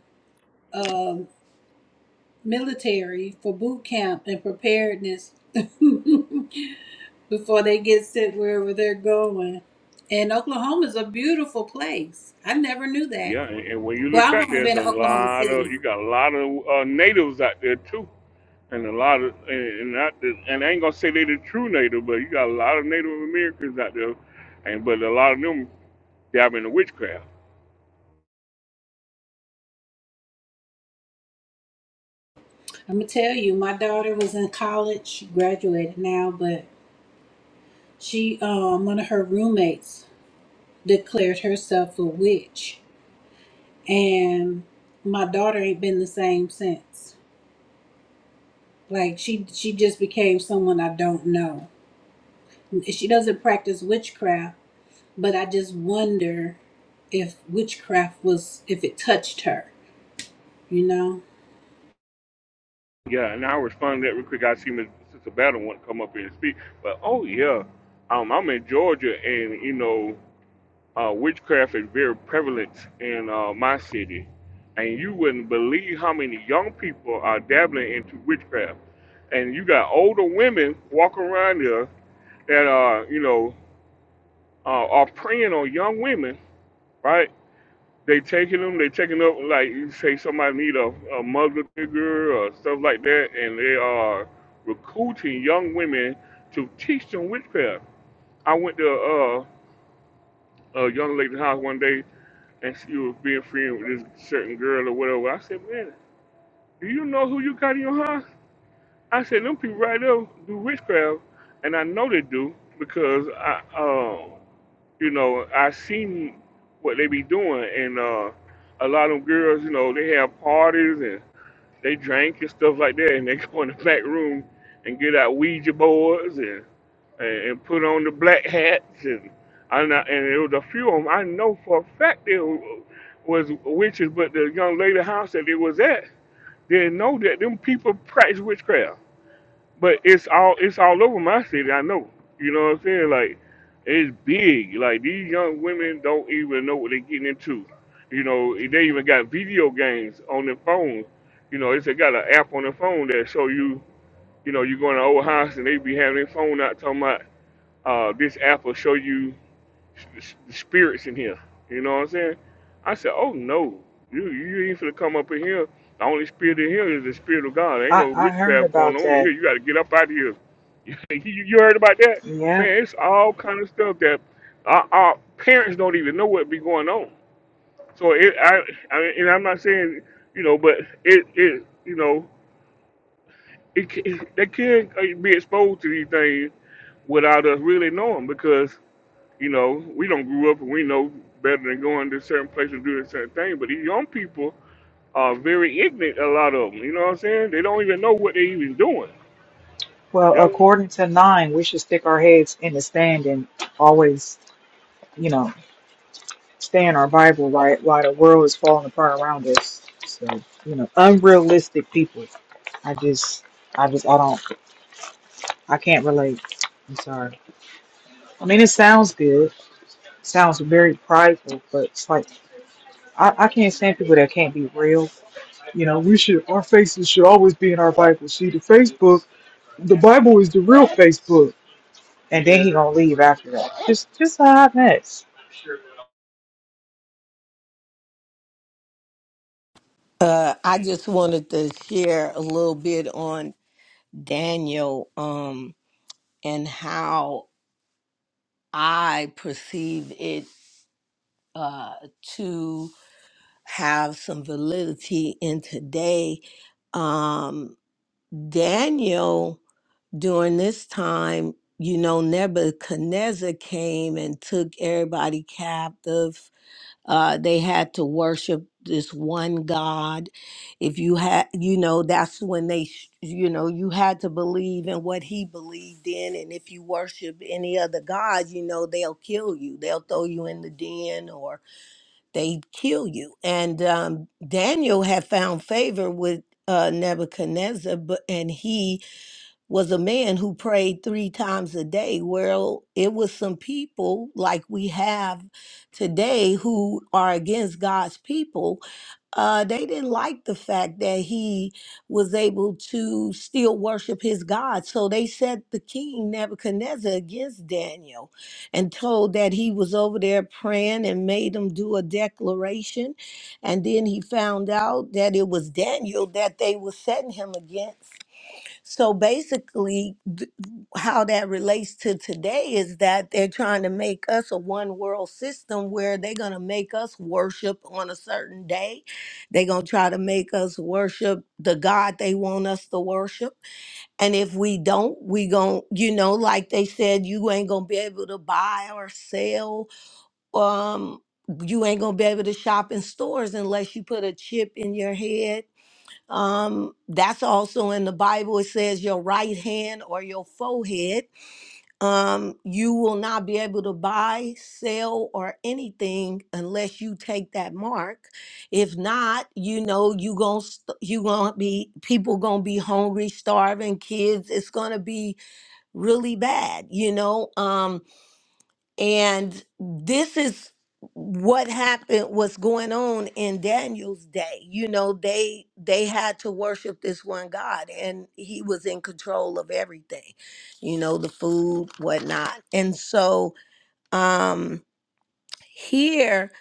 Speaker 1: um, military for boot camp and preparedness before they get sent wherever they're going. And Oklahoma's a beautiful place. I never knew that.
Speaker 11: Yeah, and, and when you look
Speaker 1: Well, I've
Speaker 11: out
Speaker 1: only
Speaker 11: there,
Speaker 1: been
Speaker 11: there's
Speaker 1: to
Speaker 11: a
Speaker 1: Oklahoma
Speaker 11: lot
Speaker 1: City.
Speaker 11: of you got a lot of uh, natives out there too, and a lot of and, and not and I ain't gonna say they are the true native, but you got a lot of Native Americans out there, and but a lot of them dive into witchcraft.
Speaker 1: I'm gonna tell you, my daughter was in college. She graduated now, but she um, one of her roommates declared herself a witch and my daughter ain't been the same since. Like she she just became someone I don't know. She doesn't practice witchcraft, but I just wonder if witchcraft was if it touched her, you know.
Speaker 11: Yeah, and I'll respond to that real quick. I see Miss Sister Battle want to come up here and speak, but oh yeah, um, I'm in Georgia, and you know. uh, witchcraft is very prevalent in uh, my city, and you wouldn't believe how many young people are dabbling into witchcraft. And you got older women walking around there that are, you know, uh, are preying on young women, right? They taking them, they taking up like you say somebody need a, a Muslim figure or stuff like that, and they are recruiting young women to teach them witchcraft. I went to uh, a young lady's house one day and she was being friends with this certain girl or whatever. I said, man, do you know who you got in your house? I said, them people right there do witchcraft, and I know they do because I, um, you know, I seen what they be doing, and uh, a lot of them girls, you know, they have parties and they drink and stuff like that, and they go in the back room and get out Ouija boards and and, and put on the black hats and I know, and it was a few of them I know for a fact they w- was witches, but the young lady house that it was at didn't know that them people practice witchcraft. But it's all it's all over my city. I know. You know what I'm saying? Like it's big. Like these young women don't even know what they're getting into. You know, they even got video games on their phones. You know, it's they got an app on their phone that show you. You know, you go in an old house and they be having their phone out talking about uh, this app will show you s- s- spirits in here. You know what I'm saying? I said, oh no, you you ain't finna come up in here. The only spirit in here is the spirit of God. ain't
Speaker 2: I,
Speaker 11: no
Speaker 2: I heard
Speaker 11: witchcraft going
Speaker 2: about
Speaker 11: on in
Speaker 2: that.
Speaker 11: here. You got to get up out of here. you, you heard about that?
Speaker 2: Yeah.
Speaker 11: Man, it's all kind of stuff that our, our parents don't even know what be going on. So it, I, I mean, and I'm not saying, you know, but it, it, you know, it, c- it they could uh, be exposed to these things without us really knowing because you know, we don't grew up and we know better than going to certain places and doing certain things. But these young people are very ignorant, a lot of them. You know what I'm saying? They don't even know what they're even doing.
Speaker 2: Well,
Speaker 11: Yeah,
Speaker 2: according to nine, we should stick our heads in the sand and always, you know, stay in our Bible right while the world is falling apart around us. So, you know, unrealistic people. I just I just I don't I can't relate. I'm sorry. I mean it sounds good. Sounds very prideful, but it's like I, I can't stand people that can't be real You know, we should our faces should always be in our Bible. See, the Facebook, the Bible is the real Facebook. And then he gonna leave after that. Just, just a hot mess.
Speaker 12: Uh, I just wanted to share a little bit on Daniel um, and how I perceive it uh, to have some validity in today. Um, Daniel, during this time, you know, Nebuchadnezzar came and took everybody captive Uh, they had to worship this one God. If you had, you know, that's when they, sh- you know, you had to believe in what he believed in. And if you worship any other God, you know, they'll kill you. They'll throw you in the den or they kill you. And um, Daniel had found favor with uh, Nebuchadnezzar, but and he was a man who prayed three times a day. Well, it was some people like we have today who are against God's people. Uh, they didn't like the fact that he was able to still worship his God. So they set the king Nebuchadnezzar against Daniel and told that he was over there praying and made him do a declaration. And then he found out that it was Daniel that they were setting him against so basically, th- how that relates to today is that they're trying to make us a one world system where they're going to make us worship on a certain day. They're going to try to make us worship the God they want us to worship. And if we don't, we going to, you know, like they said, you ain't going to be able to buy or sell. Um, you ain't going to be able to shop in stores unless you put a chip in your head um, that's also in the Bible. It says your right hand or your forehead. Um, you will not be able to buy, sell, or anything unless you take that mark. If not, you know you gonna st- you gonna be people gonna be hungry, starving, kids. It's gonna be really bad. You know. Um, and this is what happened, what's going on in Daniel's day. You know, they they had to worship this one God and he was in control of everything, you know, the food, whatnot. And so um here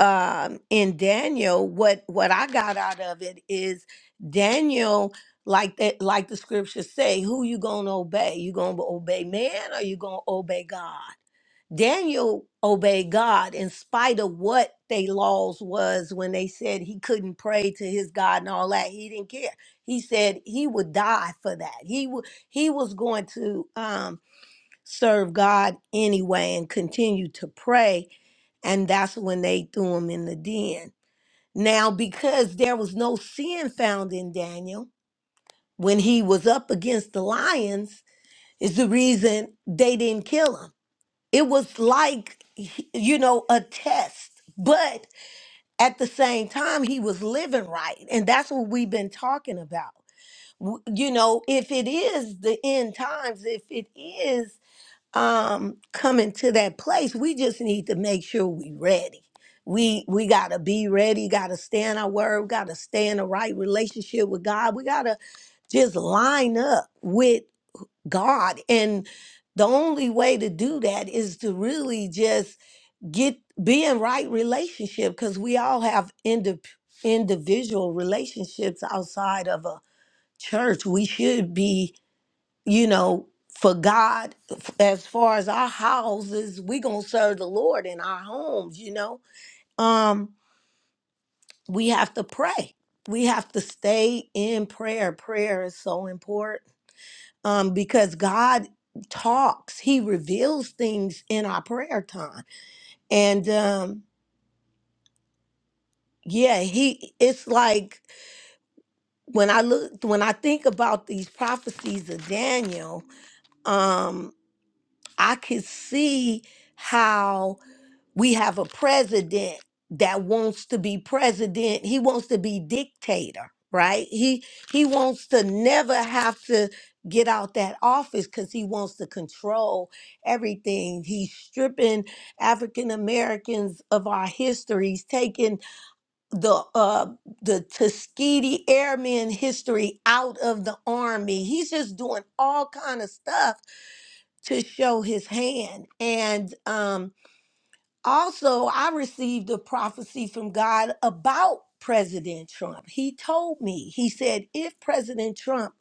Speaker 12: um in Daniel, what what I got out of it is Daniel like that like the scriptures say who you gonna obey you gonna obey man or you gonna obey god Daniel obeyed God in spite of what they laws was when they said he couldn't pray to his God and all that. He didn't care. He said he would die for that. He would he was going to um serve God anyway and continue to pray. And that's when they threw him in the den. Now, because there was no sin found in Daniel when he was up against the lions, is the reason they didn't kill him it was like you know a test but at the same time he was living right and that's what we've been talking about W- you know if it is the end times if it is um coming to that place we just need to make sure we ready we we gotta be ready gotta stay in our word we gotta stay in the right relationship with god we gotta just line up with god and the only way to do that is to really just get be in right relationship because we all have indi- individual relationships outside of a church we should be you know for god f- as far as our houses we gonna serve the lord in our homes you know um we have to pray we have to stay in prayer prayer is so important um because god talks he reveals things in our prayer time and um yeah he it's like when i look when i think about these prophecies of daniel um i could see how we have a president that wants to be president he wants to be dictator right he he wants to never have to get out that office because he wants to control everything he's stripping african americans of our histories taking the uh the Tuskegee Airmen history out of the army. He's just doing all kind of stuff to show his hand. And um also I received a prophecy from God about President Trump. He told me, he said, if President Trump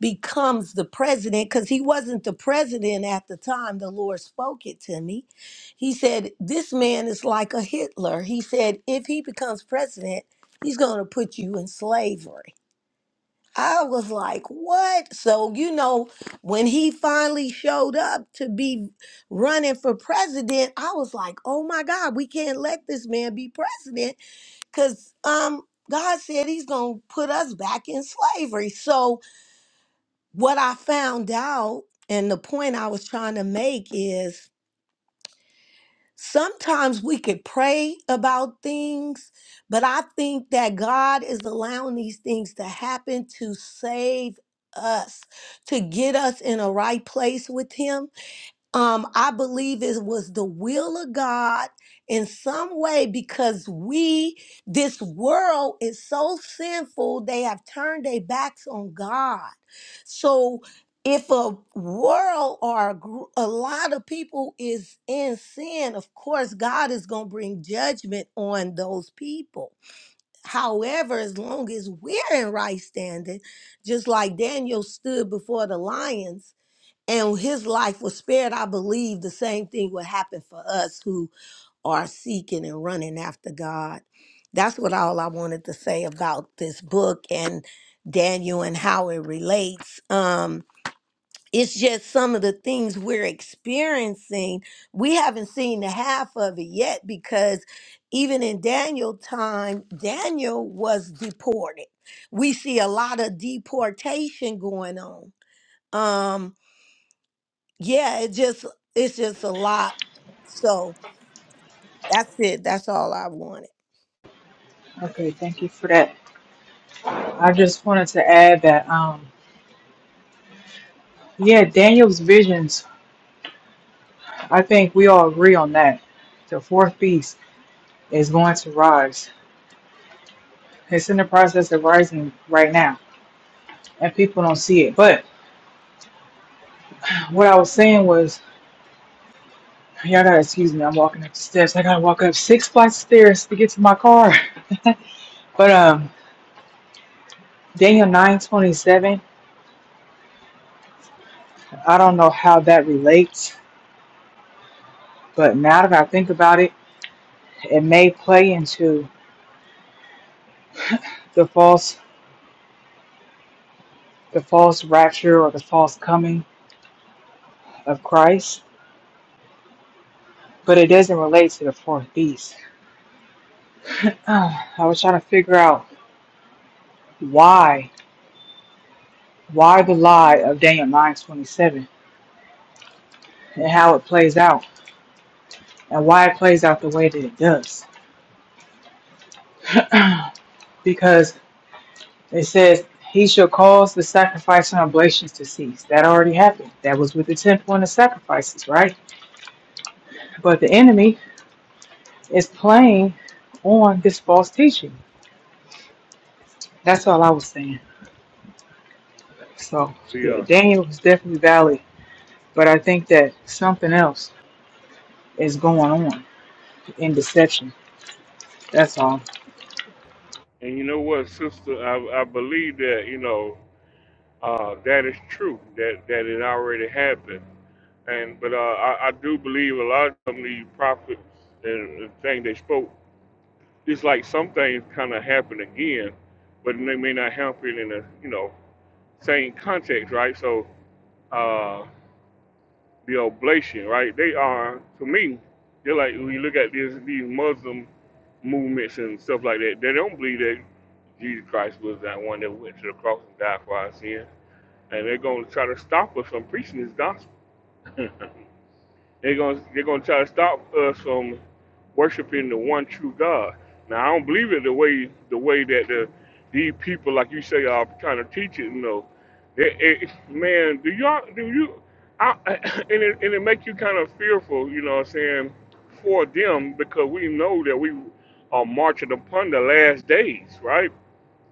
Speaker 12: becomes the president because he wasn't the president at the time the Lord spoke it to me. He said, This man is like a Hitler. He said, If he becomes president, he's going to put you in slavery. I was like, What? So, you know, when he finally showed up to be running for president, I was like, Oh my God, we can't let this man be president because, um, God said he's going to put us back in slavery. So, what I found out, and the point I was trying to make is sometimes we could pray about things, but I think that God is allowing these things to happen to save us, to get us in a right place with Him. Um, I believe it was the will of God in some way because we, this world is so sinful, they have turned their backs on God. So if a world or a, gr- a lot of people is in sin, of course, God is going to bring judgment on those people. However, as long as we're in right standing, just like Daniel stood before the lions, and his life was spared, I believe the same thing would happen for us who are seeking and running after God. That's what all I wanted to say about this book and Daniel and how it relates. Um, it's just some of the things we're experiencing. We haven't seen the half of it yet because even in Daniel time, Daniel was deported. We see a lot of deportation going on. Um, yeah, it just it's just a lot. So that's it. That's all I wanted.
Speaker 2: Okay, thank you for that. I just wanted to add that, um, yeah, Daniel's visions. I think we all agree on that. The fourth beast is going to rise. It's in the process of rising right now, and people don't see it. But what I was saying was, y'all gotta excuse me. I'm walking up the steps. I gotta walk up six flights of stairs to get to my car. But um Daniel nine twenty seven. I don't know how that relates, but now that I think about it, it may play into the false the false rapture or the false coming of Christ, but it doesn't relate to the fourth beast. Ah, I was trying to figure out why why the lie of Daniel nine twenty seven and how it plays out and why it plays out the way that it does. because It says, He shall cause the sacrifice and oblations to cease. That already happened. That was with the tenth one of sacrifices, right? But the enemy is playing on this false teaching. That's all I was saying. So,
Speaker 11: Oh,
Speaker 2: yeah,
Speaker 11: yeah.
Speaker 2: Daniel was definitely valid, but I think that something else is going on in deception. That's all.
Speaker 11: And you know what, sister? I, I believe that you know uh, that is true. That that it already happened. And but uh, I, I do believe a lot of them, the prophets and the thing they spoke, it's like some things kind of happen again, but they may not happen in a you know same context, right? So uh, the oblation, right? They are, to me, they're like when you look at these these Muslim movements and stuff like that. They don't believe that Jesus Christ was that one that went to the cross and died for our sins, and they're going to try to stop us from preaching His gospel. They're gonna they're gonna try to stop us from worshiping the one true God. Now I don't believe it the way the way that the these people like you say are trying to teach it. You know, It- it- man, do y'all do you? I, and it and it make you kind of fearful. You know what I'm saying for them because we know that we are marching upon the last days, right?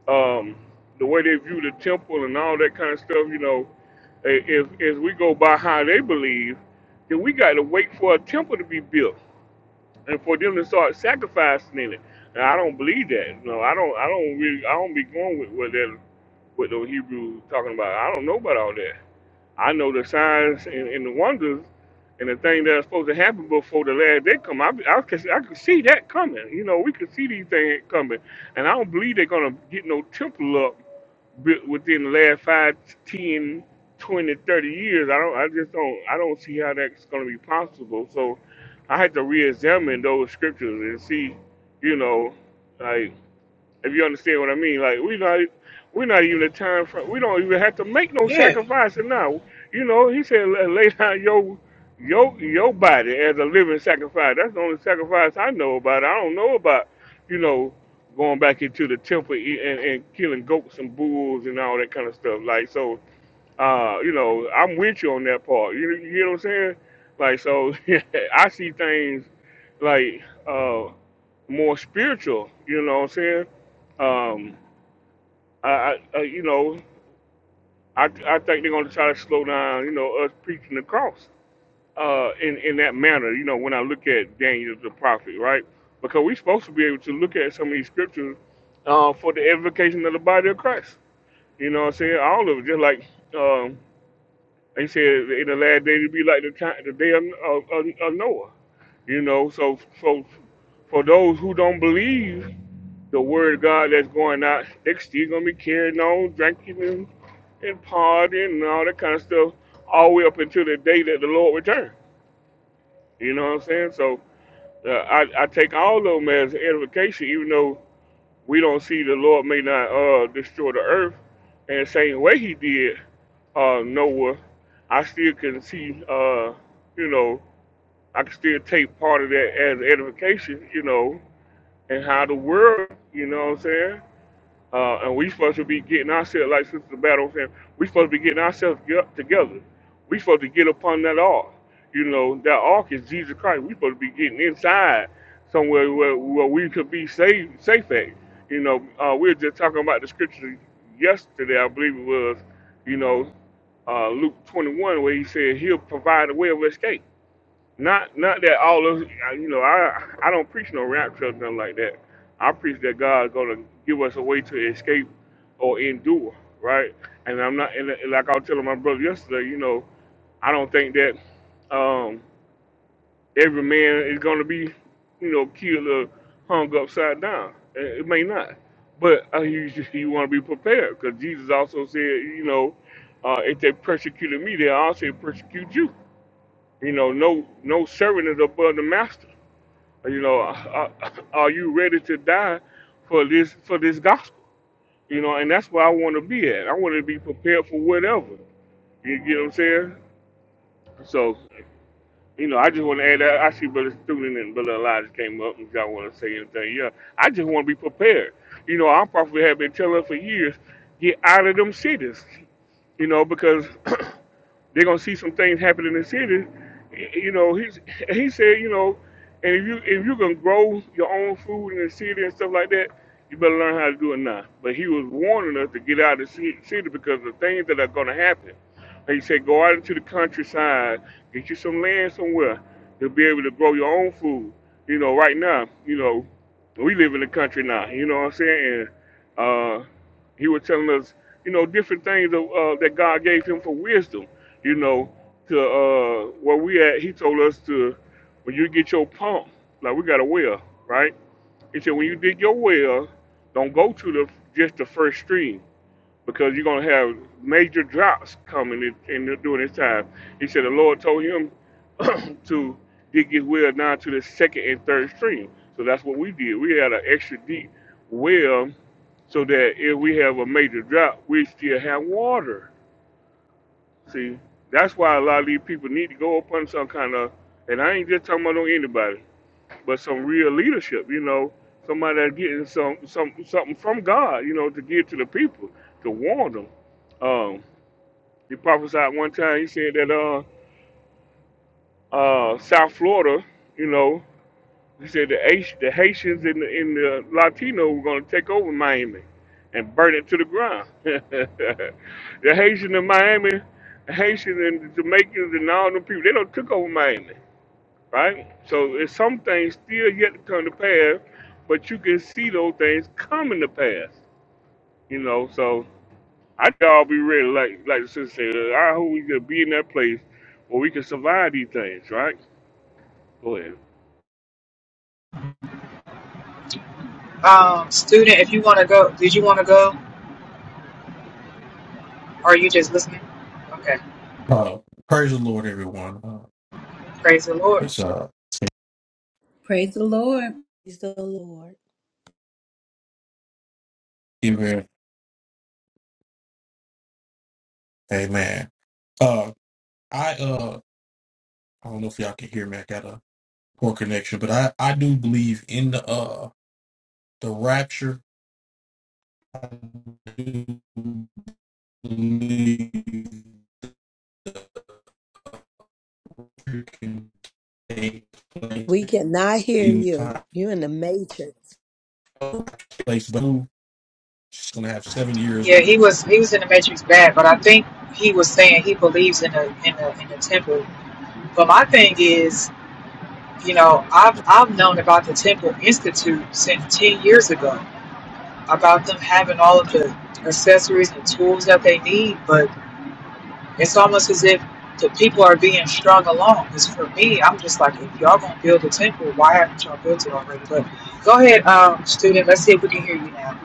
Speaker 11: Um, the way they view the temple and all that kind of stuff. You know, if, if we go by how they believe, then we got to wait for a temple to be built and for them to start sacrificing in it. And I don't believe that. No, I don't. I don't really. I don't be going with what that what those Hebrews talking about. I don't know about all that. I know the signs and, and the wonders and the thing that's supposed to happen before the last day come. I I can I can see that coming. You know, we can see these things coming, and I don't believe they're gonna get no temple up bi- within the last five, ten, twenty, thirty years, I don't, I just don't, I don't see how that's going to be possible. So I had to reexamine those scriptures and see, you know, like if you understand what I mean, like we not we not even a time for we don't even have to make no
Speaker 2: Yeah.
Speaker 11: sacrifice now. You know, he said "La- lay down your your your body as a living sacrifice. That's the only sacrifice I know about. I don't know about, you know, going back into the temple e- and, and killing goats and bulls and all that kind of stuff. Like so, uh, you know, I'm with you on that part. You you know what I'm saying? Like so, I see things like. uh, more spiritual. You know what I'm saying? Um, I, I, I you know, I, I think they're going to try to slow down, you know, us preaching the cross uh, in in that manner. You know, when I look at Daniel the prophet, right? Because we're supposed to be able to look at some of these scriptures uh, for the edification of the body of Christ. You know what I'm saying? All of it, just like um, they said, in the last day to be like the time, the day of, of, of Noah. You know, so so for those who don't believe the word of God that's going out. They're still gonna be carrying on, drinking and, and partying and all that kind of stuff, all the way up until the day that the Lord returns. You know what I'm saying? So uh, I, I take all of them as edification, even though we don't see the Lord may not uh, destroy the earth in the same way He did uh, Noah. I still can see, uh, you know, I can still take part of that as edification, you know, and how the world, you know what I'm saying? Uh, and we supposed to be getting ourselves, like Sister Battle was saying, we supposed to be getting ourselves get together. We supposed to get upon that ark. You know, that ark is Jesus Christ. We supposed to be getting inside somewhere where, where we could be safe, safe at. You know, uh, we were just talking about the scripture yesterday, I believe it was, you know, uh, Luke 21, where he said he'll provide a way of escape not not that all of I- you know I I don't preach no rapture or nothing like that. I preach that God's gonna give us a way to escape or endure, right? And I'm not and like I was telling my brother yesterday, you know, I don't think that um, every man is gonna be you know killed or hung upside down. It it may not, but uh, you you want to be prepared because Jesus also said, you know, uh, if they persecuted me, they also persecute you you know, no no servant is above the master. You know, are, are you ready to die for this for this gospel? You know, and that's where I want to be at. I want to be prepared for whatever. You get what I'm saying? So, you know, I just want to add that. I see Brother Student and Brother Elijah came up and y'all want to say anything. Yeah, I just want to be prepared. You know, our prophet have been telling us for years, get out of them cities. You know, because they're gonna see some things happen in the city. You know, he's he said, you know, and if you if you can grow your own food in the city and stuff like that, you better learn how to do it now. But he was warning us to get out of the ci- city because the things that are gonna happen. He said, go out into the countryside, get you some land somewhere to be able to grow your own food. You know, right now, you know we live in the country now, you know what I'm saying? And uh, he was telling us, you know, different things of, uh, that God gave him for wisdom, you know, to uh, where we at. He told us to, when you get your pump, like we got a well, right? He said, when you dig your well, don't go to the just the first stream because you're going to have major droughts coming in, in during this time. He said the Lord told him to dig his well down to the second and third stream. So that's what we did. We had an extra deep well so that if we have a major drought, we still have water. See, that's why a lot of these people need to go up on some kind of, and I ain't just talking about on anybody, but some real leadership. You know, somebody that's getting some some something from God. You know, to give to the people to warn them. Um, he prophesied one time. He said that uh, uh, South Florida, you know, he said the H, the Haitians and the, and the Latino were going to take over Miami and burn it to the ground. the Haitians in Miami, the Haitians and the Jamaicans and all them people, they don't took over Miami, right? So it's some things still yet to come to pass, but you can see those things coming to pass, you know. So I think I'll be ready, like like the sister said. I hope we can be in that place where we can survive these things, right? Go ahead.
Speaker 2: Um, student, if you want to go, did you want to go? Or are you just listening? Okay.
Speaker 13: Uh, praise the Lord, everyone. Uh,
Speaker 2: Praise the Lord.
Speaker 13: it's uh,
Speaker 1: Praise the Lord.
Speaker 12: Praise the Lord.
Speaker 13: even amen. Uh, I uh, I don't know if y'all can hear me. I got a poor connection, but I I do believe in the uh the rapture. I do believe it can take place
Speaker 12: We cannot hear
Speaker 13: in
Speaker 12: you.
Speaker 13: time,
Speaker 12: You in the matrix.
Speaker 13: place, but she's gonna have seven years.
Speaker 2: Yeah, he was he was in the Matrix bad, but I think he was saying he believes in the in the in the temple. But my thing is, you know, I've I've known about the Temple Institute since ten years ago about them having all of the accessories and tools that they need, but it's almost as if the people are being strung along. Because for me, I'm just like, if y'all gonna build a temple, why haven't y'all built it already? But go ahead, um, student. Let's see if we can hear you now.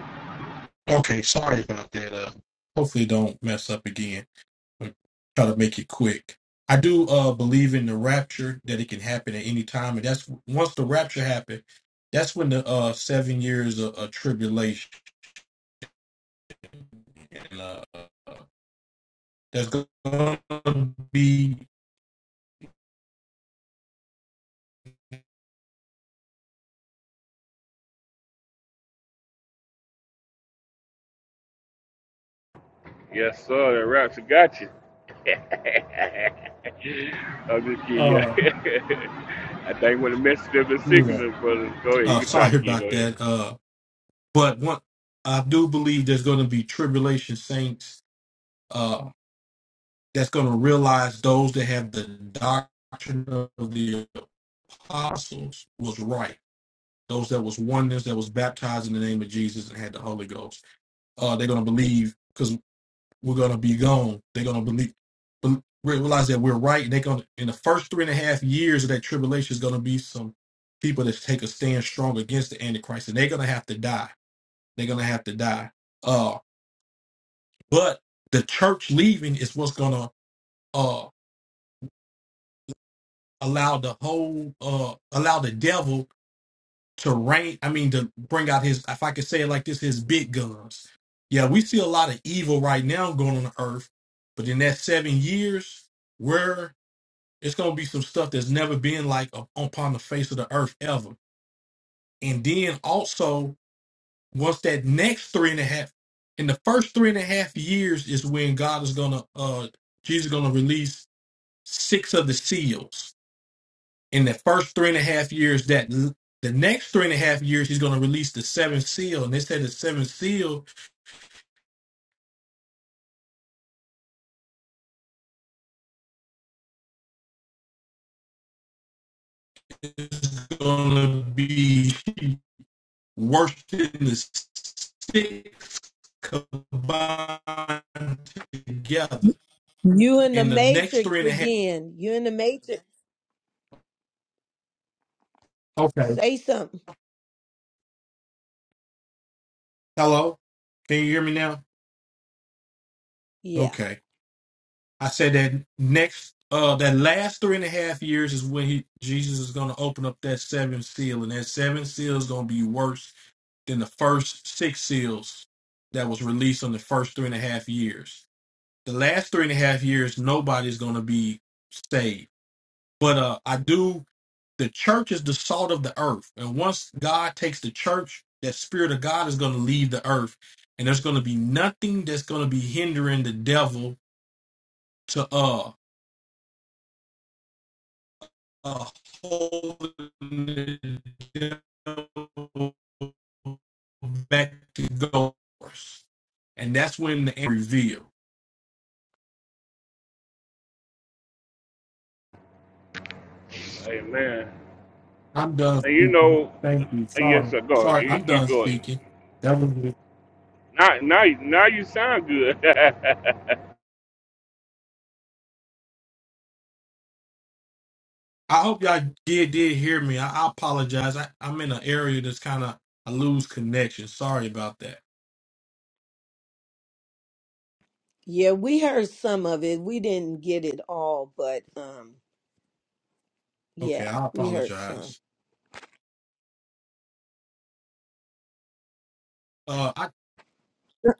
Speaker 13: Okay, sorry about that. Uh, hopefully, it don't mess up again. but try to make it quick. I do uh, believe in the rapture that it can happen at any time, and that's once the rapture happens, that's when the uh, seven years of, of tribulation and uh, there's going to be.
Speaker 11: Yes, sir. That raps got you. I'm just kidding. Yeah.
Speaker 13: Uh,
Speaker 11: I think when the message of the
Speaker 13: yeah.
Speaker 11: signal, brothers, go ahead. You
Speaker 13: Uh,
Speaker 11: can try to
Speaker 13: sorry
Speaker 11: get. Go
Speaker 13: about
Speaker 11: ahead.
Speaker 13: that. Uh, but one, I do believe there's going to be tribulation saints. Uh, that's going to realize those that have the doctrine of the apostles was right those that was oneness that was baptized in the name of Jesus and had the Holy Ghost. Uh, they're gonna believe because we're gonna be gone. They're gonna believe, bel- realize that we're right. And they're gonna in the first three and a half years of that tribulation is gonna be some people that take a stand strong against the Antichrist, and they're gonna have to die. They're gonna have to die. Uh, but the church leaving is what's gonna uh allow the whole uh allow the devil to rank. I mean, to bring out his, if I could say it like this, his big guns. Yeah, we see a lot of evil right now going on the earth, but in that seven years, where it's going to be some stuff that's never been like up- upon the face of the earth ever. And then also, once that next three and a half, in the first three and a half years is when God is going to, uh, Jesus is going to release six of the seals in the first three and a half years that the next three and a half years he's going to release the seventh seal and they said the seventh seal is going to be worse than the six combined together
Speaker 12: You in the
Speaker 13: in the next
Speaker 12: matrix
Speaker 13: three and a half
Speaker 12: again. You in the matrix.
Speaker 13: okay
Speaker 12: Say something.
Speaker 13: hello can you hear me now
Speaker 12: Yeah.
Speaker 13: okay i said that next uh that last three and a half years is when he jesus is going to open up that seventh seal and that seventh seal is going to be worse than the first six seals that was released on the first three and a half years. The last three and a half years, nobody's going to be saved. But uh, I do. The church is the salt of the earth, and once God takes the church, that spirit of God is going to leave the earth, and there's going to be nothing that's going to be hindering the devil to uh uh, holding back to goers. And that's when the reveal.
Speaker 11: Amen.
Speaker 13: I'm done
Speaker 11: And you
Speaker 13: speaking.
Speaker 11: know,
Speaker 13: Thank you.
Speaker 11: yes,
Speaker 13: Sorry.
Speaker 11: sir. Go.
Speaker 13: Sorry,
Speaker 11: You,
Speaker 13: I'm
Speaker 11: you
Speaker 13: done
Speaker 11: go.
Speaker 13: speaking. That was it.
Speaker 11: Now, now, now you sound good.
Speaker 13: I hope y'all did did hear me. I, I apologize. I, I'm in an area that's kind of I lose connection. Sorry about that.
Speaker 12: Yeah, we heard some of it. We didn't get it all, but um yeah,
Speaker 13: Okay, I
Speaker 12: we heard some.
Speaker 13: apologize. Uh, I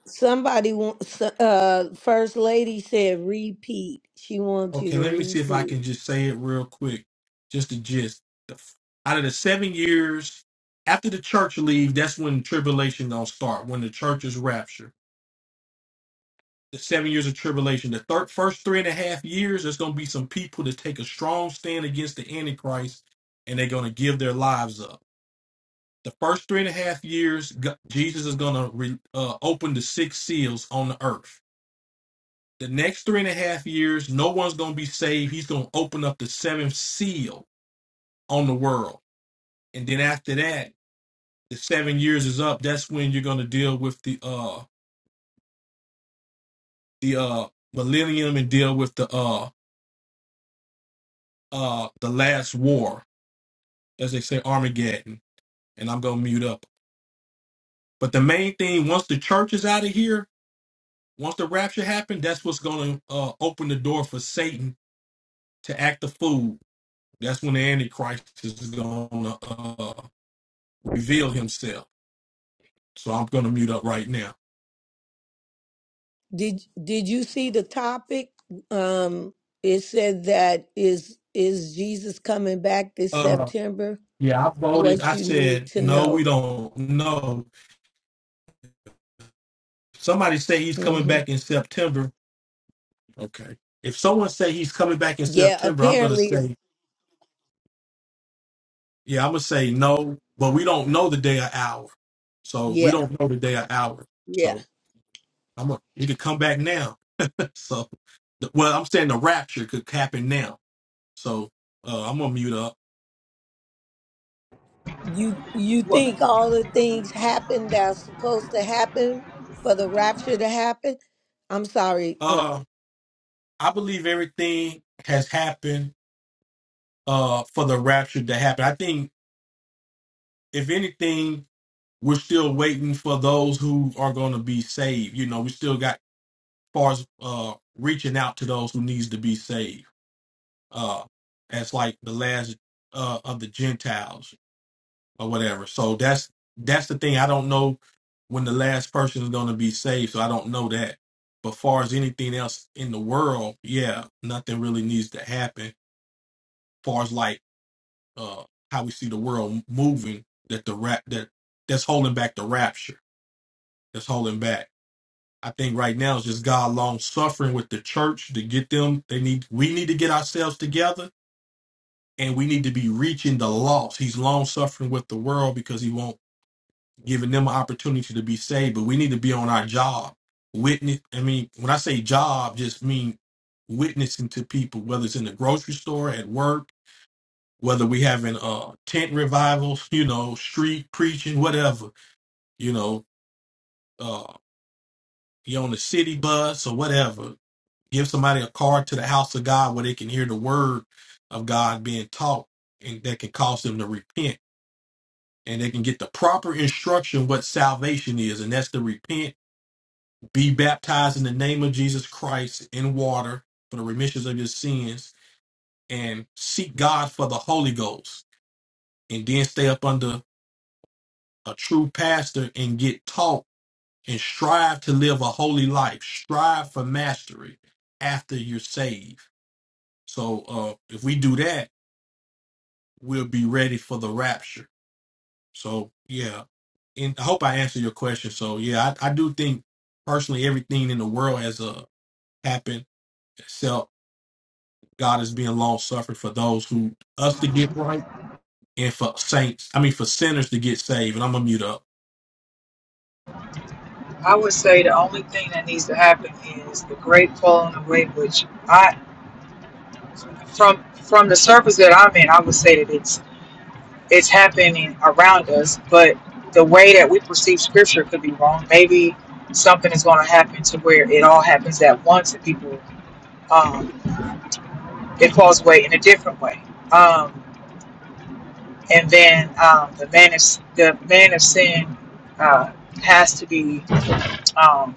Speaker 12: Somebody wants uh first lady said repeat. She wants
Speaker 13: Okay,
Speaker 12: you to
Speaker 13: let me see if I
Speaker 12: repeat.
Speaker 13: can just say it real quick. Just the gist. The, f- out of the seven years after the church leave, that's when tribulation gonna start. When the church is raptured, the seven years of tribulation. The thir- first three and a half years, there's gonna be some people that take a strong stand against the antichrist, and they're gonna give their lives up. The first three and a half years, G- Jesus is gonna re- uh, open the six seals on the earth. The next three and a half years, no one's gonna be saved. He's gonna open up the seventh seal on the world. And then after that, the seven years is up. That's when you're gonna deal with the uh the uh millennium and deal with the uh uh the last war, as they say, Armageddon. And I'm gonna mute up. But the main thing, once the church is out of here, once the rapture happened, that's what's gonna uh open the door for Satan to act the fool. That's when the Antichrist is gonna uh reveal himself. So I'm gonna mute up right now.
Speaker 12: Did did you see the topic? Um, it said that is is Jesus coming back this
Speaker 13: Uh,
Speaker 12: September?
Speaker 13: Yeah, I voted.
Speaker 12: What
Speaker 13: I
Speaker 12: you need
Speaker 13: said,
Speaker 12: to
Speaker 13: no,
Speaker 12: know.
Speaker 13: we don't know. Somebody say he's coming
Speaker 12: hmm
Speaker 13: back in September. Okay. If someone say he's coming back in
Speaker 12: Yeah,
Speaker 13: September, I'm going to
Speaker 12: apparently, it's,
Speaker 13: say, yeah, I'm going to say no, but we don't know the day or hour. So we
Speaker 12: yeah,
Speaker 13: don't know the day or hour.
Speaker 12: yeah.
Speaker 13: So I'm going to, he could come back now. so, the- well, I'm saying the rapture could happen now. So uh, I'm going to mute up.
Speaker 12: You you think all the things happen that's supposed to happen for the rapture to happen? I'm sorry. Uh,
Speaker 13: Uh, I believe everything has happened uh, for the rapture to happen. I think, if anything, we're still waiting for those who are going to be saved. You know, we still got far as uh, reaching out to those who needs to be saved, uh, as like the last uh, of the Gentiles or whatever. So that's that's the thing. I don't know when the last person is going to be saved, so I don't know that. But far as anything else in the world, yeah, nothing really needs to happen. Far as like uh, how we see the world moving, that the rap that that's holding back the rapture, that's holding back. I think right now it's just God long suffering with the church to get them. They need we need to get ourselves together and we need to be reaching the lost. He's long suffering with the world because he won't giving them an opportunity to be saved. But we need to be on our job. Witness I mean, when I say job, just mean witnessing to people, whether it's in the grocery store, at work, whether we having uh tent revivals, you know, street preaching, whatever, you know, uh you on the city bus or whatever Give somebody a card to the house of God where they can hear the word of God being taught and that can cause them to repent and they can get the proper instruction what salvation is and that's to repent, be baptized in the name of Jesus Christ in water for the remissions of your sins and seek God for the Holy Ghost and then stay up under a true pastor and get taught and strive to live a holy life, strive for mastery after you're saved. So uh, if we do that we'll be ready for the rapture. So yeah, and I hope I answered your question. So yeah, I, I do think personally everything in the world has uh, happened except God is being long suffering for those who us to get right and for saints. I mean for sinners to get saved. And I'm gonna mute up.
Speaker 2: I would say the only thing that needs to happen is the great falling away, which I from from the surface that I'm in, I would say that it's it's happening around us, but the way that we perceive scripture could be wrong. Maybe something is going to happen to where it all happens at once, and people um, it falls away in a different way. Um, and then um, the man of the man of sin uh, has to be um,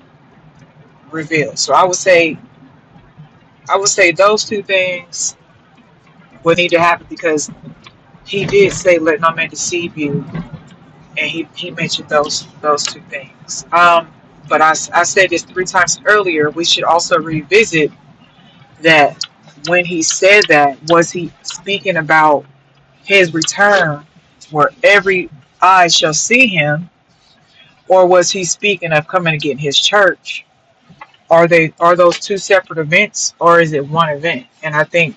Speaker 2: revealed. So I would say I would say those two things would need to happen because he did say, "Let no man deceive you," and he, he mentioned those those two things. Um, but I I said this three times earlier. We should also revisit that when he said that, was he speaking about his return, where every eye shall see him, or was he speaking of coming again his church? Are they are those two separate events, or is it one event? And I think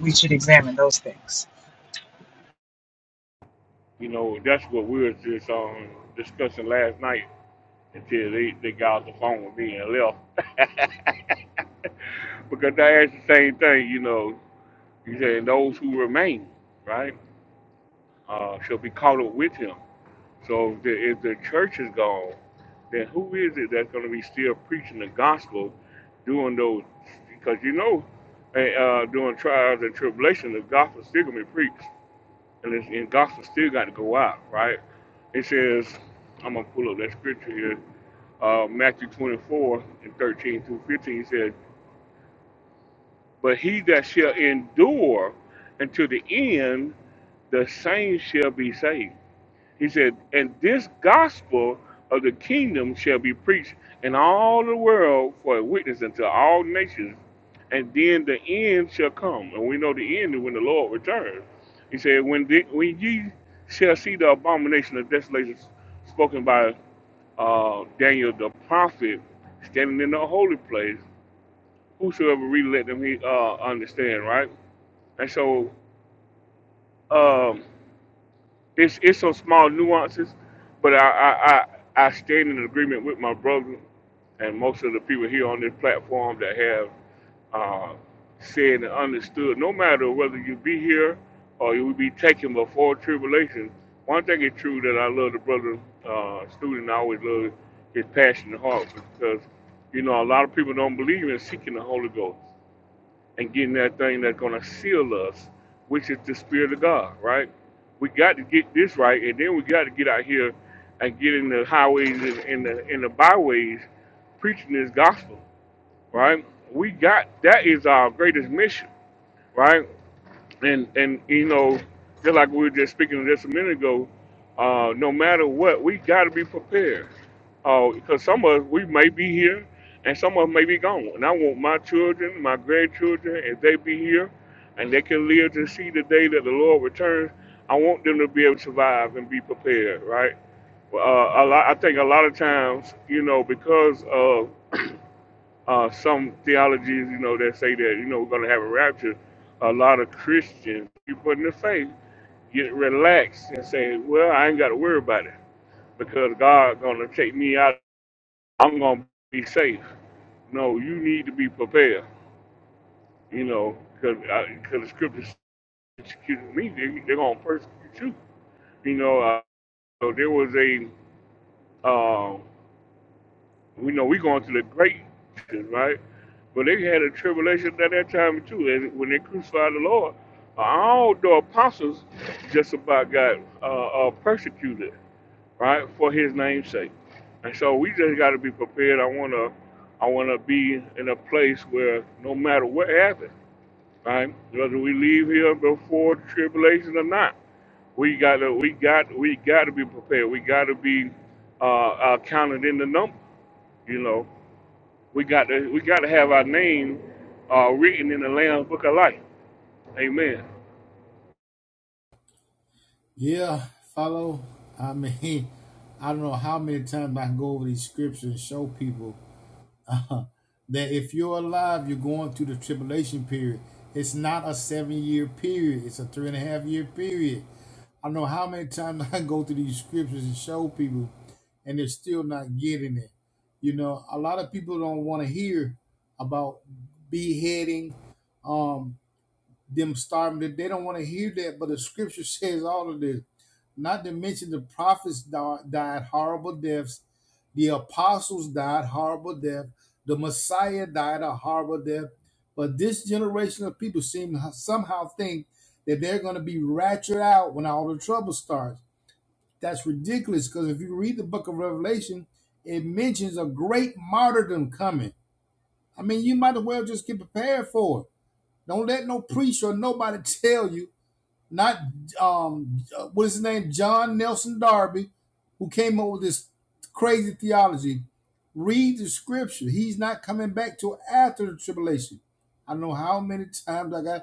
Speaker 2: we should examine those things.
Speaker 11: you know, that's what we were just um, discussing last night until they, they got off the phone with me and left. because they asked the same thing, you know. He said, those who remain, right, uh, shall be caught up with him. So if the, if the church is gone, then who is it that's going to be still preaching the gospel during those? Because you know, eh, uh, during trials and tribulation, the gospel is still going to be preached and, it's, and gospel still got to go out, right? It says, I'm gonna pull up that scripture here, uh, Matthew 24 and 13 through 15. He said, "But he that shall endure until the end, the same shall be saved." He said, And this gospel of the kingdom shall be preached in all the world for a witness unto all nations, and then the end shall come. And we know the end is when the Lord returns. He said, When, the, when ye shall see the abomination of desolation spoken by uh, Daniel the prophet standing in the holy place, whosoever read, let them he, uh, understand, right? And so, um, It's it's some small nuances, but I I, I, I stand in agreement with my brother and most of the people here on this platform that have uh, said and understood. No matter whether you be here or you will be taken before tribulation, one thing is true that I love the brother uh, student. I always love his passionate heart because you know a lot of people don't believe in seeking the Holy Ghost and getting that thing that's going to seal us, which is the Spirit of God, right? We got to get this right, and then we got to get out here and get in the highways and in the in the byways preaching this gospel, right? We got that is our greatest mission, right? and and you know, just like we were just speaking just a minute ago, uh, no matter what, we got to be prepared. Uh, because some of us we may be here, and some of us may be gone. And I want my children, my grandchildren, if they be here, and they can live to see the day that the Lord returns, I want them to be able to survive and be prepared. Right? Uh, a lot, I think a lot of times, you know, because of uh, some theologies, you know, that say that, you know, we're going to have a rapture. A lot of Christians, people in the faith, get relaxed and say, well, I ain't got to worry about it because God's going to take me out. I'm going to be safe. No, you need to be prepared, you know, because the scriptures persecute me, they, they're going to persecute you. You know, uh, so there was a, um, We know we're going through the great, tribulation, right? But they had a tribulation at that time too. And when they crucified the Lord, all the apostles just about got uh, uh, persecuted, right, for His name's sake. And so we just got to be prepared. I wanna, I wanna be in a place where no matter what happens, right, whether we leave here before the tribulation or not, we gotta, we got, we gotta be prepared. We gotta be uh, uh, counted in the number, you know. We got to we got to have our name uh, written in the Lamb's Book of Life. Amen.
Speaker 7: yeah follow i mean i don't know how many times i can go over these scriptures and show people that if you're alive, you're going through the tribulation period. It's not a seven year period, it's a three and a half year period. I know how many times I go through these scriptures and show people, and they're still not getting it. You know, a lot of people don't want to hear about beheading, um, them starving. They they don't want to hear that, but the scripture says all of this. Not to mention the prophets di- died horrible deaths, the apostles died horrible death, the Messiah died a horrible death. But this generation of people seem to somehow think that they're going to be ratcheted out when all the trouble starts. That's ridiculous because if you read the book of Revelation, it mentions a great martyrdom coming. I mean, you might as well just get prepared for it. Don't let no priest or nobody tell you not um uh, what is his name john nelson darby who came up with this crazy theology read the scripture he's not coming back till after the tribulation i don't know how many times i got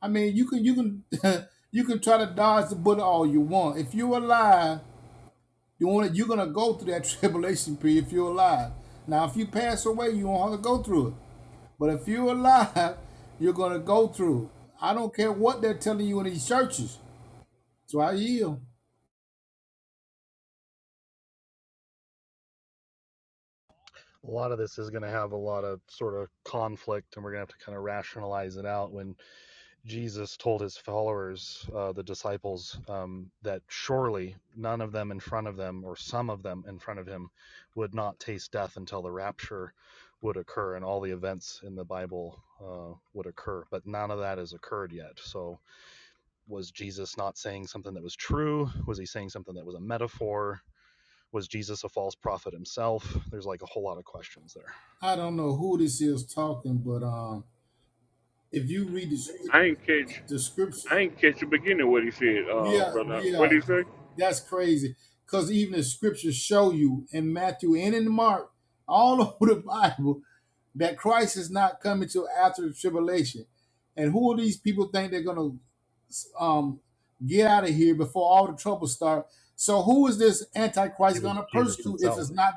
Speaker 7: i mean you can you can you can try to dodge the bullet all you want if you're alive you want to you're gonna go through that tribulation period if you're alive now if you pass away you won't have to go through it but if you're alive you're gonna go through it i don't care what they're telling you in these churches so I yield.
Speaker 14: a lot of this is going to have a lot of sort of conflict and we're going to have to kind of rationalize it out when jesus told his followers uh, the disciples um, that surely none of them in front of them or some of them in front of him would not taste death until the rapture would occur and all the events in the bible uh, would occur but none of that has occurred yet so was jesus not saying something that was true was he saying something that was a metaphor was jesus a false prophet himself there's like a whole lot of questions there
Speaker 7: I don't know who this is talking, but um, if you read the, scrip-
Speaker 11: I ain't catch
Speaker 7: the scripture,
Speaker 11: I ain't catch the beginning of what he said, uh,
Speaker 7: yeah,
Speaker 11: brother. What
Speaker 7: yeah,
Speaker 11: did he say?
Speaker 7: That's crazy. Because even the scriptures show you in Matthew and in Mark, all over the Bible, that Christ is not coming till after the tribulation. And who are these people think they're gonna um, get out of here before all the trouble start? So who is this Antichrist
Speaker 14: It was
Speaker 7: gonna
Speaker 14: Jesus
Speaker 7: persecute if
Speaker 14: himself.
Speaker 7: it's not?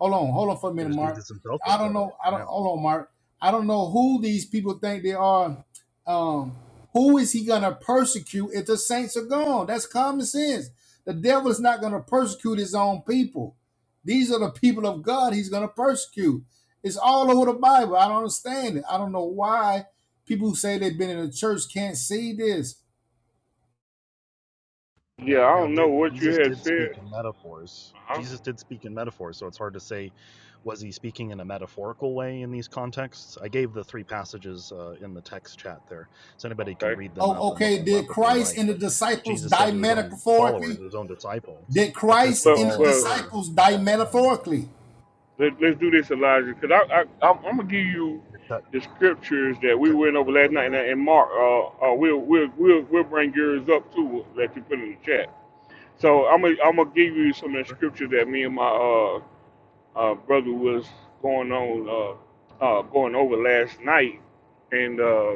Speaker 7: Hold on, hold on for a
Speaker 14: It
Speaker 7: minute,
Speaker 14: was
Speaker 7: Mark.
Speaker 14: Jesus himself
Speaker 7: I
Speaker 14: that
Speaker 7: don't
Speaker 14: said it.
Speaker 7: know. I don't.
Speaker 14: Yeah.
Speaker 7: Hold on, Mark. I don't know who these people think they are. Um, who is he going to persecute if the saints are gone? That's common sense. The devil is not going to persecute his own people. These are the people of God he's going to persecute. It's all over the Bible. I don't understand it. I don't know why people who say they've been in the church can't see this.
Speaker 14: Yeah.
Speaker 11: Yeah, I
Speaker 14: Now,
Speaker 11: don't know
Speaker 14: did
Speaker 11: what you
Speaker 14: Jesus
Speaker 11: had
Speaker 14: did
Speaker 11: said.
Speaker 14: speak in metaphors?
Speaker 11: Uh-huh.
Speaker 14: Jesus did speak in metaphors, so it's hard to say was he speaking in a metaphorical way in these contexts? I gave the three passages uh, in the text chat there, so anybody can
Speaker 11: Okay.
Speaker 14: read them
Speaker 7: Oh,
Speaker 14: up and look
Speaker 7: okay.
Speaker 14: them up
Speaker 7: Did
Speaker 14: if they
Speaker 7: Christ
Speaker 14: like.
Speaker 7: and the
Speaker 14: But
Speaker 7: disciples
Speaker 14: Jesus said
Speaker 7: die
Speaker 14: to his own
Speaker 7: metaphorically?
Speaker 14: followers, his own disciples,
Speaker 7: Did
Speaker 14: that this
Speaker 7: Christ
Speaker 14: would
Speaker 11: Well,
Speaker 7: and the
Speaker 14: all
Speaker 11: well,
Speaker 14: occur
Speaker 7: disciples
Speaker 14: at
Speaker 7: die
Speaker 14: that time.
Speaker 7: metaphorically?
Speaker 11: let, let's do this, Elijah, because I, I, I'm, I'm gonna give you
Speaker 14: You're, cut,
Speaker 11: the scriptures that
Speaker 14: you're
Speaker 11: we
Speaker 14: cutting
Speaker 11: went
Speaker 14: out
Speaker 11: over
Speaker 14: a
Speaker 11: last
Speaker 14: little
Speaker 11: night, and,
Speaker 14: there.
Speaker 11: and Mark, uh, uh, we'll, we'll, we'll, we'll bring yours up too. That you put in the chat. So I'm gonna, I'm gonna give
Speaker 14: Yeah,
Speaker 11: you some
Speaker 14: that's
Speaker 11: of the
Speaker 14: perfect.
Speaker 11: scriptures that me and my uh uh, brother was going on uh, uh, going over last night, and uh,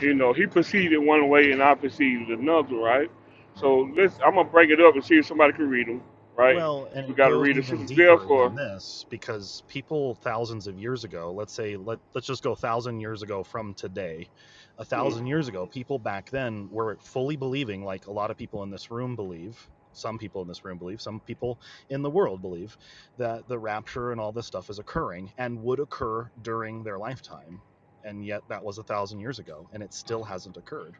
Speaker 11: you know he proceeded one way and I proceeded another, right?
Speaker 14: Yeah.
Speaker 11: So let's I'm gonna break it up and see if somebody can read them, right?
Speaker 14: Well, and
Speaker 11: We
Speaker 14: it
Speaker 11: got to
Speaker 14: goes
Speaker 11: read it.
Speaker 14: even
Speaker 11: Sister Zell
Speaker 14: deeper than
Speaker 11: for
Speaker 14: this because people thousands of years ago, let's say let let's just go a thousand years ago from today. A
Speaker 11: hmm,
Speaker 14: thousand years ago, people back then were fully believing, like a lot of people in this room believe, some people in this room believe, some people in the world believe, that the rapture and all this stuff is occurring and would occur during their lifetime. And yet that was a thousand years ago, and it still hasn't occurred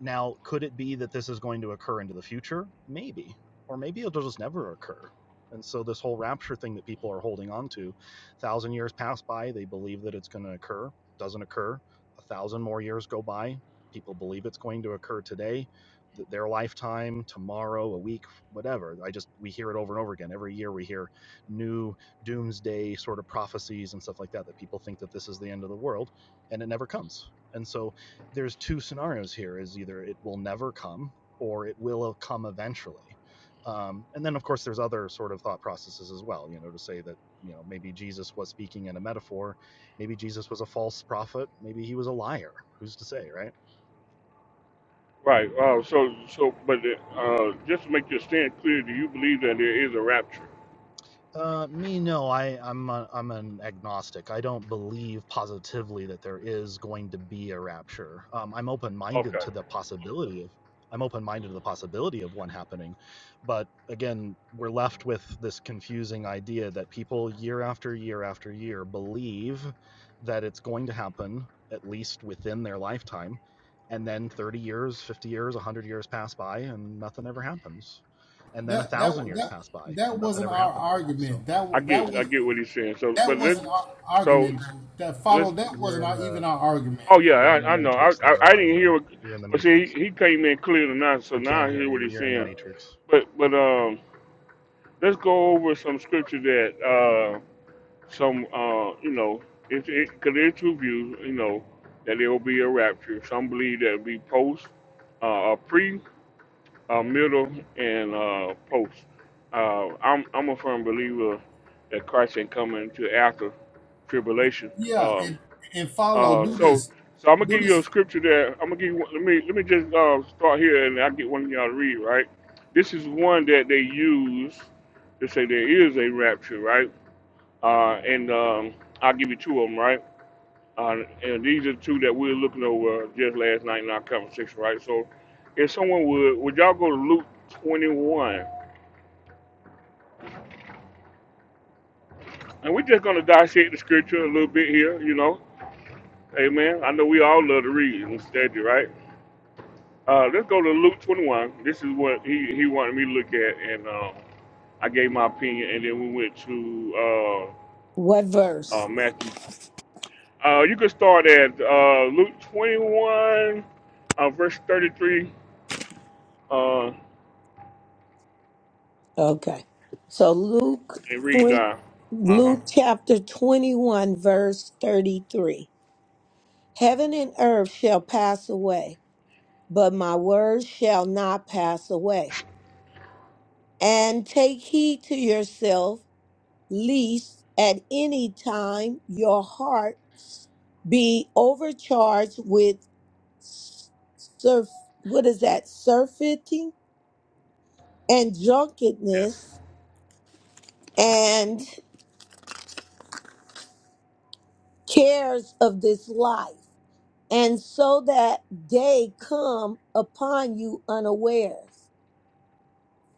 Speaker 14: now, could it be that this is going to occur into the future? Maybe. Or maybe it'll just never occur. And so this whole rapture thing that people are holding on to, thousand years pass by, they believe that it's going to occur, doesn't occur. A thousand more years go by, people believe it's going to occur today, their lifetime, tomorrow, a week, whatever. I just we hear it over and over again. Every year we hear new doomsday sort of prophecies and stuff like that that people think that this is the end of the world, and it never comes. And so there's two scenarios here is either it will never come or it will uh, come eventually um, and then of course there's other sort of thought processes as well you know to say that you know maybe jesus was speaking in a metaphor maybe jesus was a false prophet maybe he was a liar who's to say right
Speaker 11: right. Uh, so so but uh, just to make your stand clear, do you believe that there is a rapture?
Speaker 14: Uh, me, no. I, I'm a, I'm an agnostic. I don't believe positively that there is going to be a rapture. Um, I'm open-minded
Speaker 11: Okay,
Speaker 14: to the possibility of. I'm open-minded to the possibility of one happening, but again, we're left with this confusing idea that people year after year after year believe that it's going to happen at least within their lifetime, and then 30 years, 50 years, 100 years pass by, and nothing ever happens, and then a
Speaker 7: That that
Speaker 14: thousand years
Speaker 7: that
Speaker 14: pass by,
Speaker 7: that
Speaker 14: and nothing
Speaker 7: wasn't
Speaker 14: ever
Speaker 7: our
Speaker 14: happens so
Speaker 7: argument.
Speaker 11: I
Speaker 7: That that
Speaker 11: get I
Speaker 7: was.
Speaker 11: get what he's saying. So but
Speaker 7: that
Speaker 11: let's
Speaker 7: wasn't our
Speaker 11: so
Speaker 7: argument dude. that follow
Speaker 11: let's
Speaker 7: that
Speaker 14: you're
Speaker 7: wasn't
Speaker 14: in
Speaker 7: our,
Speaker 14: the
Speaker 7: even our argument
Speaker 11: Oh yeah,
Speaker 14: you're in the
Speaker 11: I, I know. I,
Speaker 14: matrix
Speaker 11: I
Speaker 14: there,
Speaker 11: I didn't
Speaker 14: Elijah.
Speaker 11: hear. What,
Speaker 14: You're in the
Speaker 11: well, see,
Speaker 14: matrix.
Speaker 11: he, he came in clear tonight, so
Speaker 14: We
Speaker 11: now
Speaker 14: can't
Speaker 11: I
Speaker 14: hear
Speaker 11: hear what
Speaker 14: you.
Speaker 11: he's
Speaker 14: You're in the
Speaker 11: saying.
Speaker 14: matrix.
Speaker 11: But but um, let's go over some scripture that uh some uh you know it's it because there's two views you know that there will be a rapture. Some believe that it'll be post, uh, a pre, uh, middle, and uh post. Uh, I'm I'm a firm believer that Christ ain't coming to after tribulation.
Speaker 7: yeah
Speaker 11: Um,
Speaker 7: and and follow
Speaker 11: uh,
Speaker 7: do
Speaker 11: so,
Speaker 7: this
Speaker 11: so I'm gonna
Speaker 7: do
Speaker 11: give you a
Speaker 7: this
Speaker 11: scripture there. I'm gonna give you. Let me let me just uh, start here, and I will get one of y'all to read. Right, this is one that they use to say there is a rapture, right? Uh, and um, I'll give you two of them, right? Uh, and these are two that we were looking over just last night in our conversation, right? So, if someone would, would y'all go to Luke 21? And we're just gonna dissect the scripture a little bit here, you know? Amen. I know we all love to read and study, right? Uh, let's go to Luke 21. This is what he, he wanted me to look at, and um, I gave my opinion, and then we went to
Speaker 12: what
Speaker 11: uh,
Speaker 12: verse?
Speaker 11: uh, Matthew. Uh, you can start at uh, Luke 21, uh, verse 33, uh,
Speaker 12: Okay, so Luke
Speaker 11: and read
Speaker 12: 20,
Speaker 11: down. Uh huh.
Speaker 12: Luke chapter twenty one verse thirty three. Heaven and earth shall pass away, but my words shall not pass away. And take heed to yourself, lest at any time your hearts be overcharged with surf, what is that, surfeiting and drunkenness
Speaker 11: Yes.
Speaker 12: and cares of this life, and so that day come upon you unawares.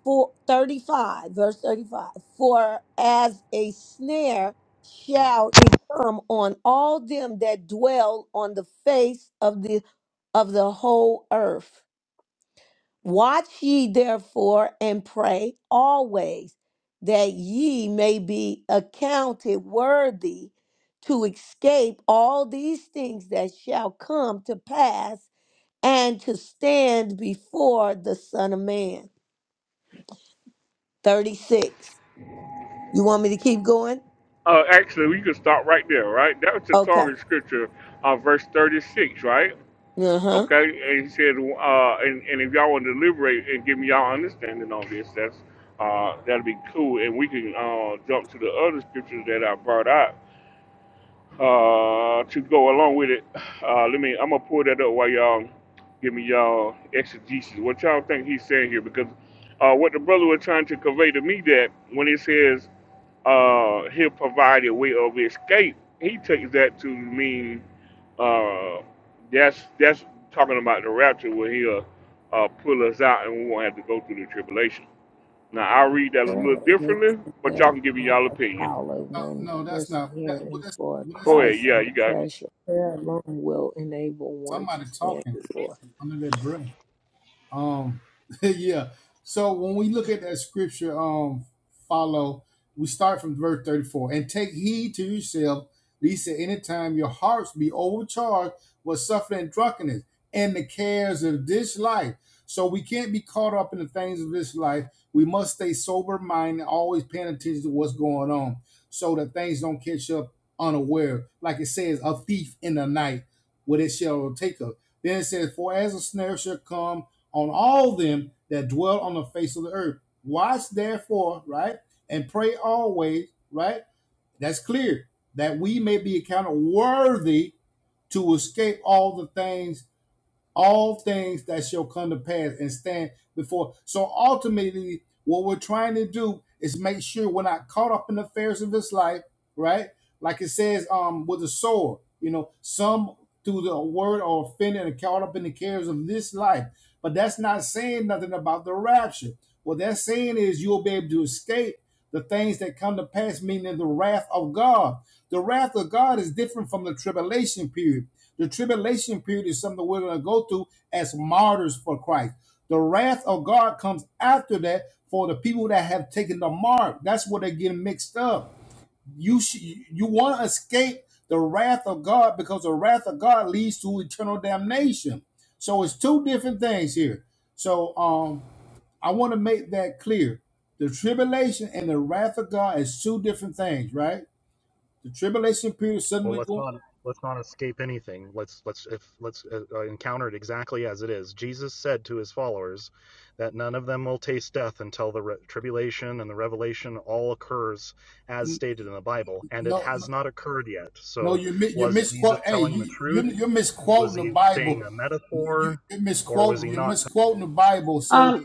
Speaker 12: for 35 verse 35 for as a snare shall it come on all them that dwell on the face of the of the whole earth watch ye therefore and pray always that ye may be accounted worthy to escape all these things that shall come to pass and to stand before the son of man 36 You want me to keep going?
Speaker 11: Uh, actually, we can stop right there, right? That was the
Speaker 12: Okay.
Speaker 11: target scripture, uh, verse 36, right?
Speaker 12: Uh huh.
Speaker 11: Okay, and he said, uh, and, and if y'all want to deliberate and give me y'all understanding on this, that's uh, that'd be cool, and we can uh, jump to the other scriptures that I brought out uh, to go along with it. Uh, let me, I'm gonna pull that up while y'all give me y'all exegesis. What y'all think he's saying here? Because uh, what the brother was trying to convey to me that when he says uh, he'll provide a way of escape, he takes that to mean uh, that's that's talking about the rapture where he'll uh, pull us out and we won't have to go through the tribulation. Now I read that a
Speaker 12: There
Speaker 11: little
Speaker 12: is
Speaker 11: differently, but
Speaker 12: the
Speaker 11: y'all can give me
Speaker 12: part
Speaker 11: y'all
Speaker 12: of
Speaker 11: opinion.
Speaker 12: power when
Speaker 7: no, no that's not that well,
Speaker 12: persevering
Speaker 7: that's,
Speaker 12: for
Speaker 7: well, that's
Speaker 11: Go ahead.
Speaker 12: Christ
Speaker 11: Yeah,
Speaker 12: under
Speaker 11: you got.
Speaker 12: pressure. Prayer alone will enable one
Speaker 7: somebody
Speaker 12: to stand
Speaker 7: talking
Speaker 12: before Him.
Speaker 7: under their breath Um, yeah. So when we look at that scripture, um, follow, we start from verse 34 and take heed to yourself, lest at any time your hearts be overcharged with suffering and drunkenness and the cares of this life. So we can't be caught up in the things of this life. We must stay sober minded, always paying attention to what's going on so that things don't catch up unaware. Like it says, a thief in the night, what it shall take us. Then it says, For as a snare shall come on all them that dwell on the face of the earth. Watch therefore, right? And pray always, right? That's clear that we may be accounted worthy to escape all the things all things that shall come to pass and stand before. So ultimately, what we're trying to do is make sure we're not caught up in the affairs of this life, right? Like it says, um, with a sword, you know, some through the word are offended and caught up in the cares of this life. But that's not saying nothing about the rapture. What that's saying is you'll be able to escape the things that come to pass, meaning the wrath of God. The wrath of God is different from the tribulation period the tribulation period is something we're going to go through as martyrs for Christ. The wrath of God comes after that for the people that have taken the mark. That's where they get mixed up. You sh- you want to escape the wrath of God because the wrath of God leads to eternal damnation. So it's two different things here. So um, I want to make that clear. The tribulation and the wrath of God is two different things, right? The tribulation period
Speaker 14: Well,
Speaker 7: suddenly
Speaker 14: let's
Speaker 7: going
Speaker 14: not let's not escape anything. Let's let's if let's uh, uh, encounter it exactly as it is. Jesus said to his followers that none of them will taste death until the re- tribulation and the revelation all occurs as stated in the Bible, and it
Speaker 7: no
Speaker 14: has not occurred yet.
Speaker 7: No,
Speaker 14: So,
Speaker 7: you mi- you
Speaker 14: was Jesus
Speaker 7: misquote. Hey,
Speaker 14: telling the
Speaker 7: you you
Speaker 14: truth?
Speaker 7: you're
Speaker 14: Was
Speaker 7: misquoting the
Speaker 14: he saying
Speaker 7: Bible.
Speaker 14: a
Speaker 7: You
Speaker 14: metaphor,
Speaker 7: you're
Speaker 14: or was
Speaker 7: misquoting.
Speaker 14: he
Speaker 7: You're
Speaker 14: not
Speaker 7: misquoting the Bible, sir.
Speaker 10: Um,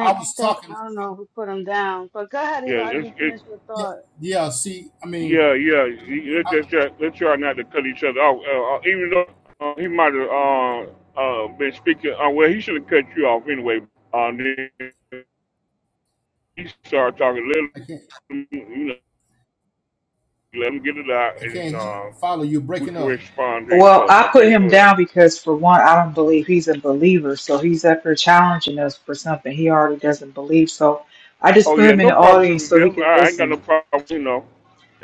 Speaker 7: I was
Speaker 10: thank.
Speaker 7: talking.
Speaker 10: I don't know who put him down, but go ahead,
Speaker 11: Yeah, it's,
Speaker 10: Elijah.
Speaker 11: it,
Speaker 10: Finish your
Speaker 7: Yeah,
Speaker 10: thought.
Speaker 7: yeah. See, I mean,
Speaker 11: yeah, yeah. you- Let's just try, let's try not to cut each other off. Uh, uh, even though uh, he might have uh, uh, been speaking, uh, well, he should have cut you off anyway. Uh, then he started talking.
Speaker 7: I
Speaker 11: Let
Speaker 7: can't
Speaker 11: him, you know, let him get it out,
Speaker 7: I
Speaker 11: and
Speaker 7: can't
Speaker 11: uh,
Speaker 7: follow you.
Speaker 11: we
Speaker 7: Breaking
Speaker 11: can
Speaker 7: up.
Speaker 11: respond to each
Speaker 2: Well,
Speaker 11: other.
Speaker 2: I put
Speaker 11: Okay, go
Speaker 2: him
Speaker 11: ahead.
Speaker 2: down because, for one, I don't believe he's a believer. So he's up here challenging us for something he already doesn't believe. So I just
Speaker 11: Oh
Speaker 2: put
Speaker 11: yeah,
Speaker 2: him in
Speaker 11: no
Speaker 2: the
Speaker 11: problem,
Speaker 2: audience
Speaker 11: Sister
Speaker 2: so he
Speaker 11: Jeff.
Speaker 2: can
Speaker 11: I I ain't got no
Speaker 2: listen.
Speaker 11: problem, you know.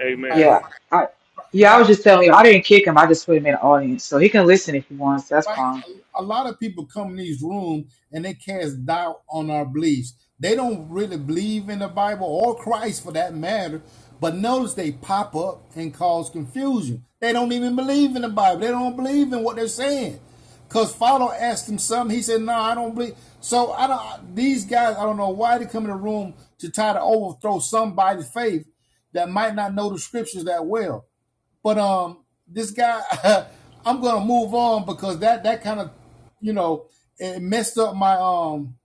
Speaker 11: Amen.
Speaker 7: Right,
Speaker 2: Yeah, I, yeah, I
Speaker 7: right.
Speaker 2: was just telling you, I didn't kick him. I just put him in the audience so he can listen if he wants. That's
Speaker 7: right?
Speaker 2: fine.
Speaker 7: A, lot of people come in these rooms and they cast doubt on our beliefs. They don't really believe in the Bible or Christ for that matter. But notice they pop up and cause confusion. They don't even believe in the Bible. They don't believe in what they're saying. Cause Father asked him something. He said, "No, I don't believe." So I don't. These guys, I don't know why they come in the room to try to overthrow somebody's faith that might not know the scriptures that well. But um, this guy, I'm gonna move on because that that kind of, you know, it messed up my um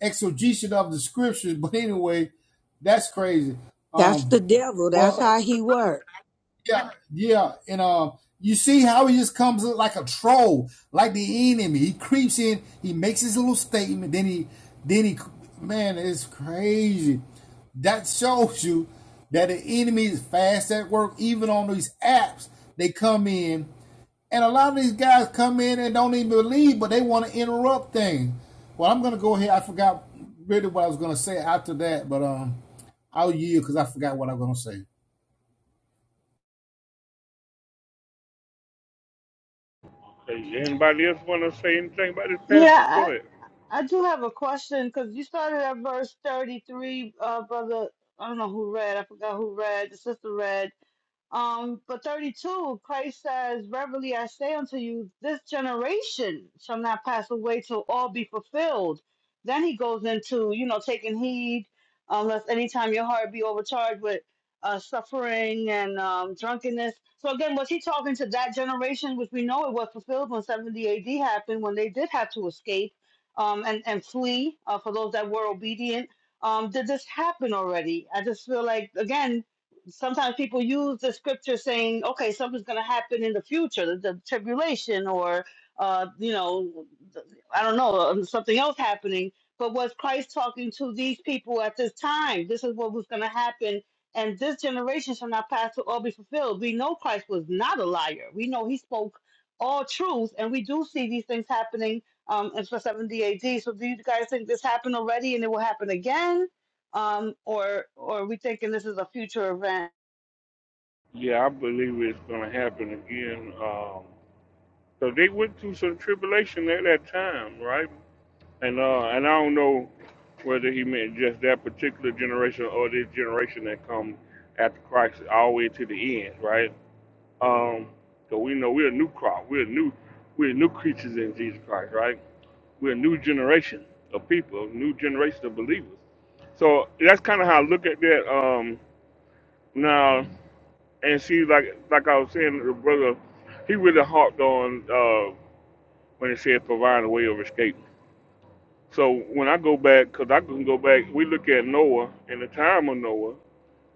Speaker 7: exegesis of the scriptures. But anyway, that's crazy.
Speaker 12: That's
Speaker 7: Um,
Speaker 12: the devil. That's
Speaker 7: well,
Speaker 12: how he works.
Speaker 7: yeah, yeah, and um, Uh, you see how he just comes like a troll, like the enemy. He creeps in, he makes his little statement, then he, then he, man, it's crazy. That shows you that the enemy is fast at work, even on these apps. They come in and a lot of these guys come in and don't even believe, but they want to interrupt things. Well, I'm going to go ahead. I forgot really what I was going to say after that, but um, I'll yield because I forgot what I'm going to say.
Speaker 11: Hey, anybody else want to say anything about this passage? Go
Speaker 10: Yeah,
Speaker 11: ahead.
Speaker 10: I, I do have a question because you started at verse thirty-three, uh, brother. I don't know who read. I forgot who read. The sister read. Um, but 32, Christ says, Verily I say unto you, this generation shall not pass away till all be fulfilled. Then he goes into, you know, taking heed, unless anytime your heart be overcharged with uh, suffering and um, drunkenness. So again, was he talking to that generation, which we know it was fulfilled when 70 AD happened, when they did have to escape um, and, and flee uh, for those that were obedient? Um, did this happen already? I just feel like, again, sometimes people use the scripture saying, okay, something's going to happen in the future, the, the tribulation, or, uh, you know, th- I don't know, um, something else happening. But was Christ talking to these people at this time? This is what was going to happen. And this generation shall not pass to all be fulfilled. We know Christ was not a liar. We know he spoke all truth, and we do see these things happening um, in for 70 AD. So do you guys think this happened already and it will happen again? Um, or, or are we thinking this is a future event?
Speaker 11: Yeah, I believe it's going to happen again. Um, so they went through some tribulation at that time, right? And uh, and I don't know whether he meant just that particular generation or this generation that come after Christ all the way to the end, right? Um, so we know we're a new crop. We're new. We're new creatures in Jesus Christ, right? We're a new generation of people, new generation of believers. So that's kind of how I look at that um, now. And see, like like I was saying, the brother, he really harped on uh, when he said providing a way of escape. So when I go back, because I can go back, we look at Noah and the time of Noah,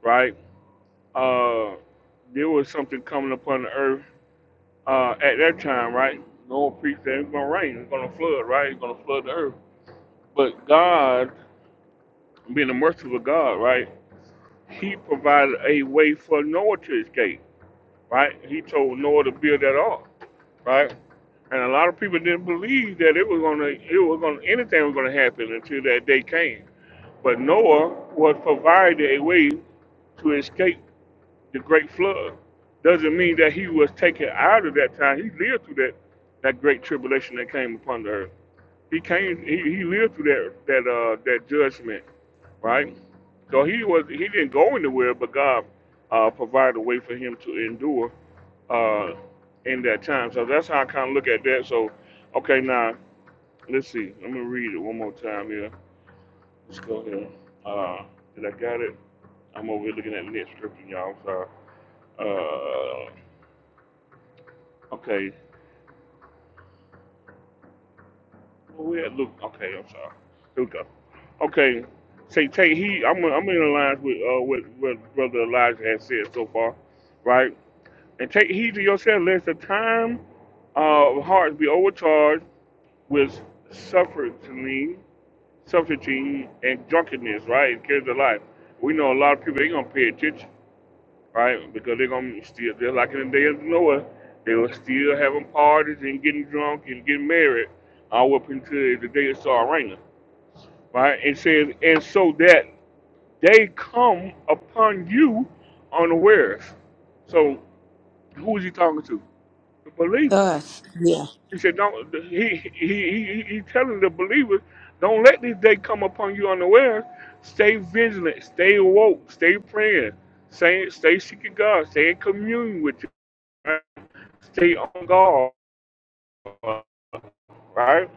Speaker 11: right? Uh, there was something coming upon the earth uh, at that time, right? Noah preached that it's going to rain, it's going to flood, right? It's going to flood the earth. But God being a merciful God, right? He provided a way for Noah to escape, right? He told Noah to build that ark, right? And a lot of people didn't believe that it was gonna, it was gonna, anything was gonna happen until that day came. But Noah was provided a way to escape the great flood. Doesn't mean that he was taken out of that time. He lived through that, that great tribulation that came upon the earth. He came, he, he lived through that, that, uh, that judgment right? So he was he didn't go anywhere, but God uh, provided a way for him to endure uh, in that time. So that's how I kind of look at that. So, okay, now let's see. Let me read it one more time here. Let's go here. Uh, did I got it? I'm over here looking at the next scripture, y'all. I'm sorry. Uh, okay. Where we at Luke? Okay, I'm sorry. Here we go. Okay. Say, take heed. I'm, I'm in alliance with uh, what, what Brother Elijah has said so far, right? and take heed to yourself lest the time of hearts be overcharged with suffering, suffering and drunkenness, right? It carries the life. We know a lot of people ain't gonna pay attention, right? Because they're gonna still just like in the day of Noah, they were still having parties and getting drunk and getting married all up until the day it started raining. Right? It says, and so that they come upon you unawares. So who is he talking to? The believers.
Speaker 12: Us. Yeah,
Speaker 11: He said, "Don't." He he he, he telling the believers, "Don't let this day come upon you unaware. Stay vigilant. Stay awoke. Stay praying. Stay stay seeking God. Stay in communion with you. Right? Stay on God." Right?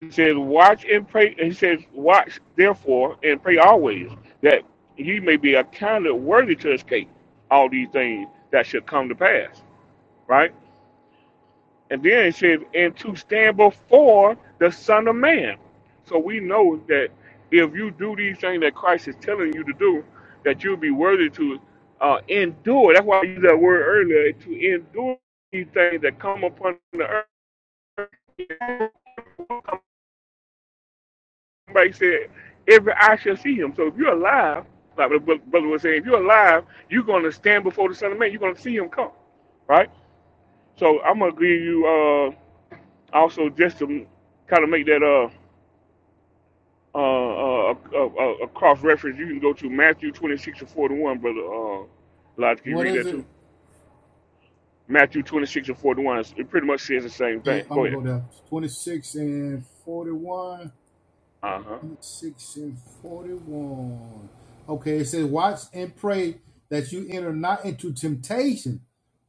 Speaker 11: He says, "Watch and pray." He says, "Watch therefore and pray always, that ye may be accounted worthy to escape all these things that should come to pass." Right? And then it says, and to stand before the Son of Man. So we know that if you do these things that Christ is telling you to do, that you'll be worthy to uh, endure. That's why I used that word earlier to endure these things that come upon the earth. Somebody said, every eye shall see him. So if you're alive, like the bro- brother was saying, if you're alive, you're going to stand before the Son of Man. You're going to see him come, right? So I'm going to give you uh, also just to kind of make that. Uh, uh, uh, a, a, a cross reference. You can go to Matthew 26 and 41, brother. Uh, Lodge, can you
Speaker 7: What
Speaker 11: read
Speaker 7: is
Speaker 11: that
Speaker 7: it?
Speaker 11: too? Matthew 26 and 41. It pretty much says the same
Speaker 7: Okay,
Speaker 11: thing. Go
Speaker 7: I'm
Speaker 11: ahead.
Speaker 7: going to go there. 26 and 41.
Speaker 11: Uh huh.
Speaker 7: six and forty-one. Okay, it says, "Watch and pray that you enter not into temptation.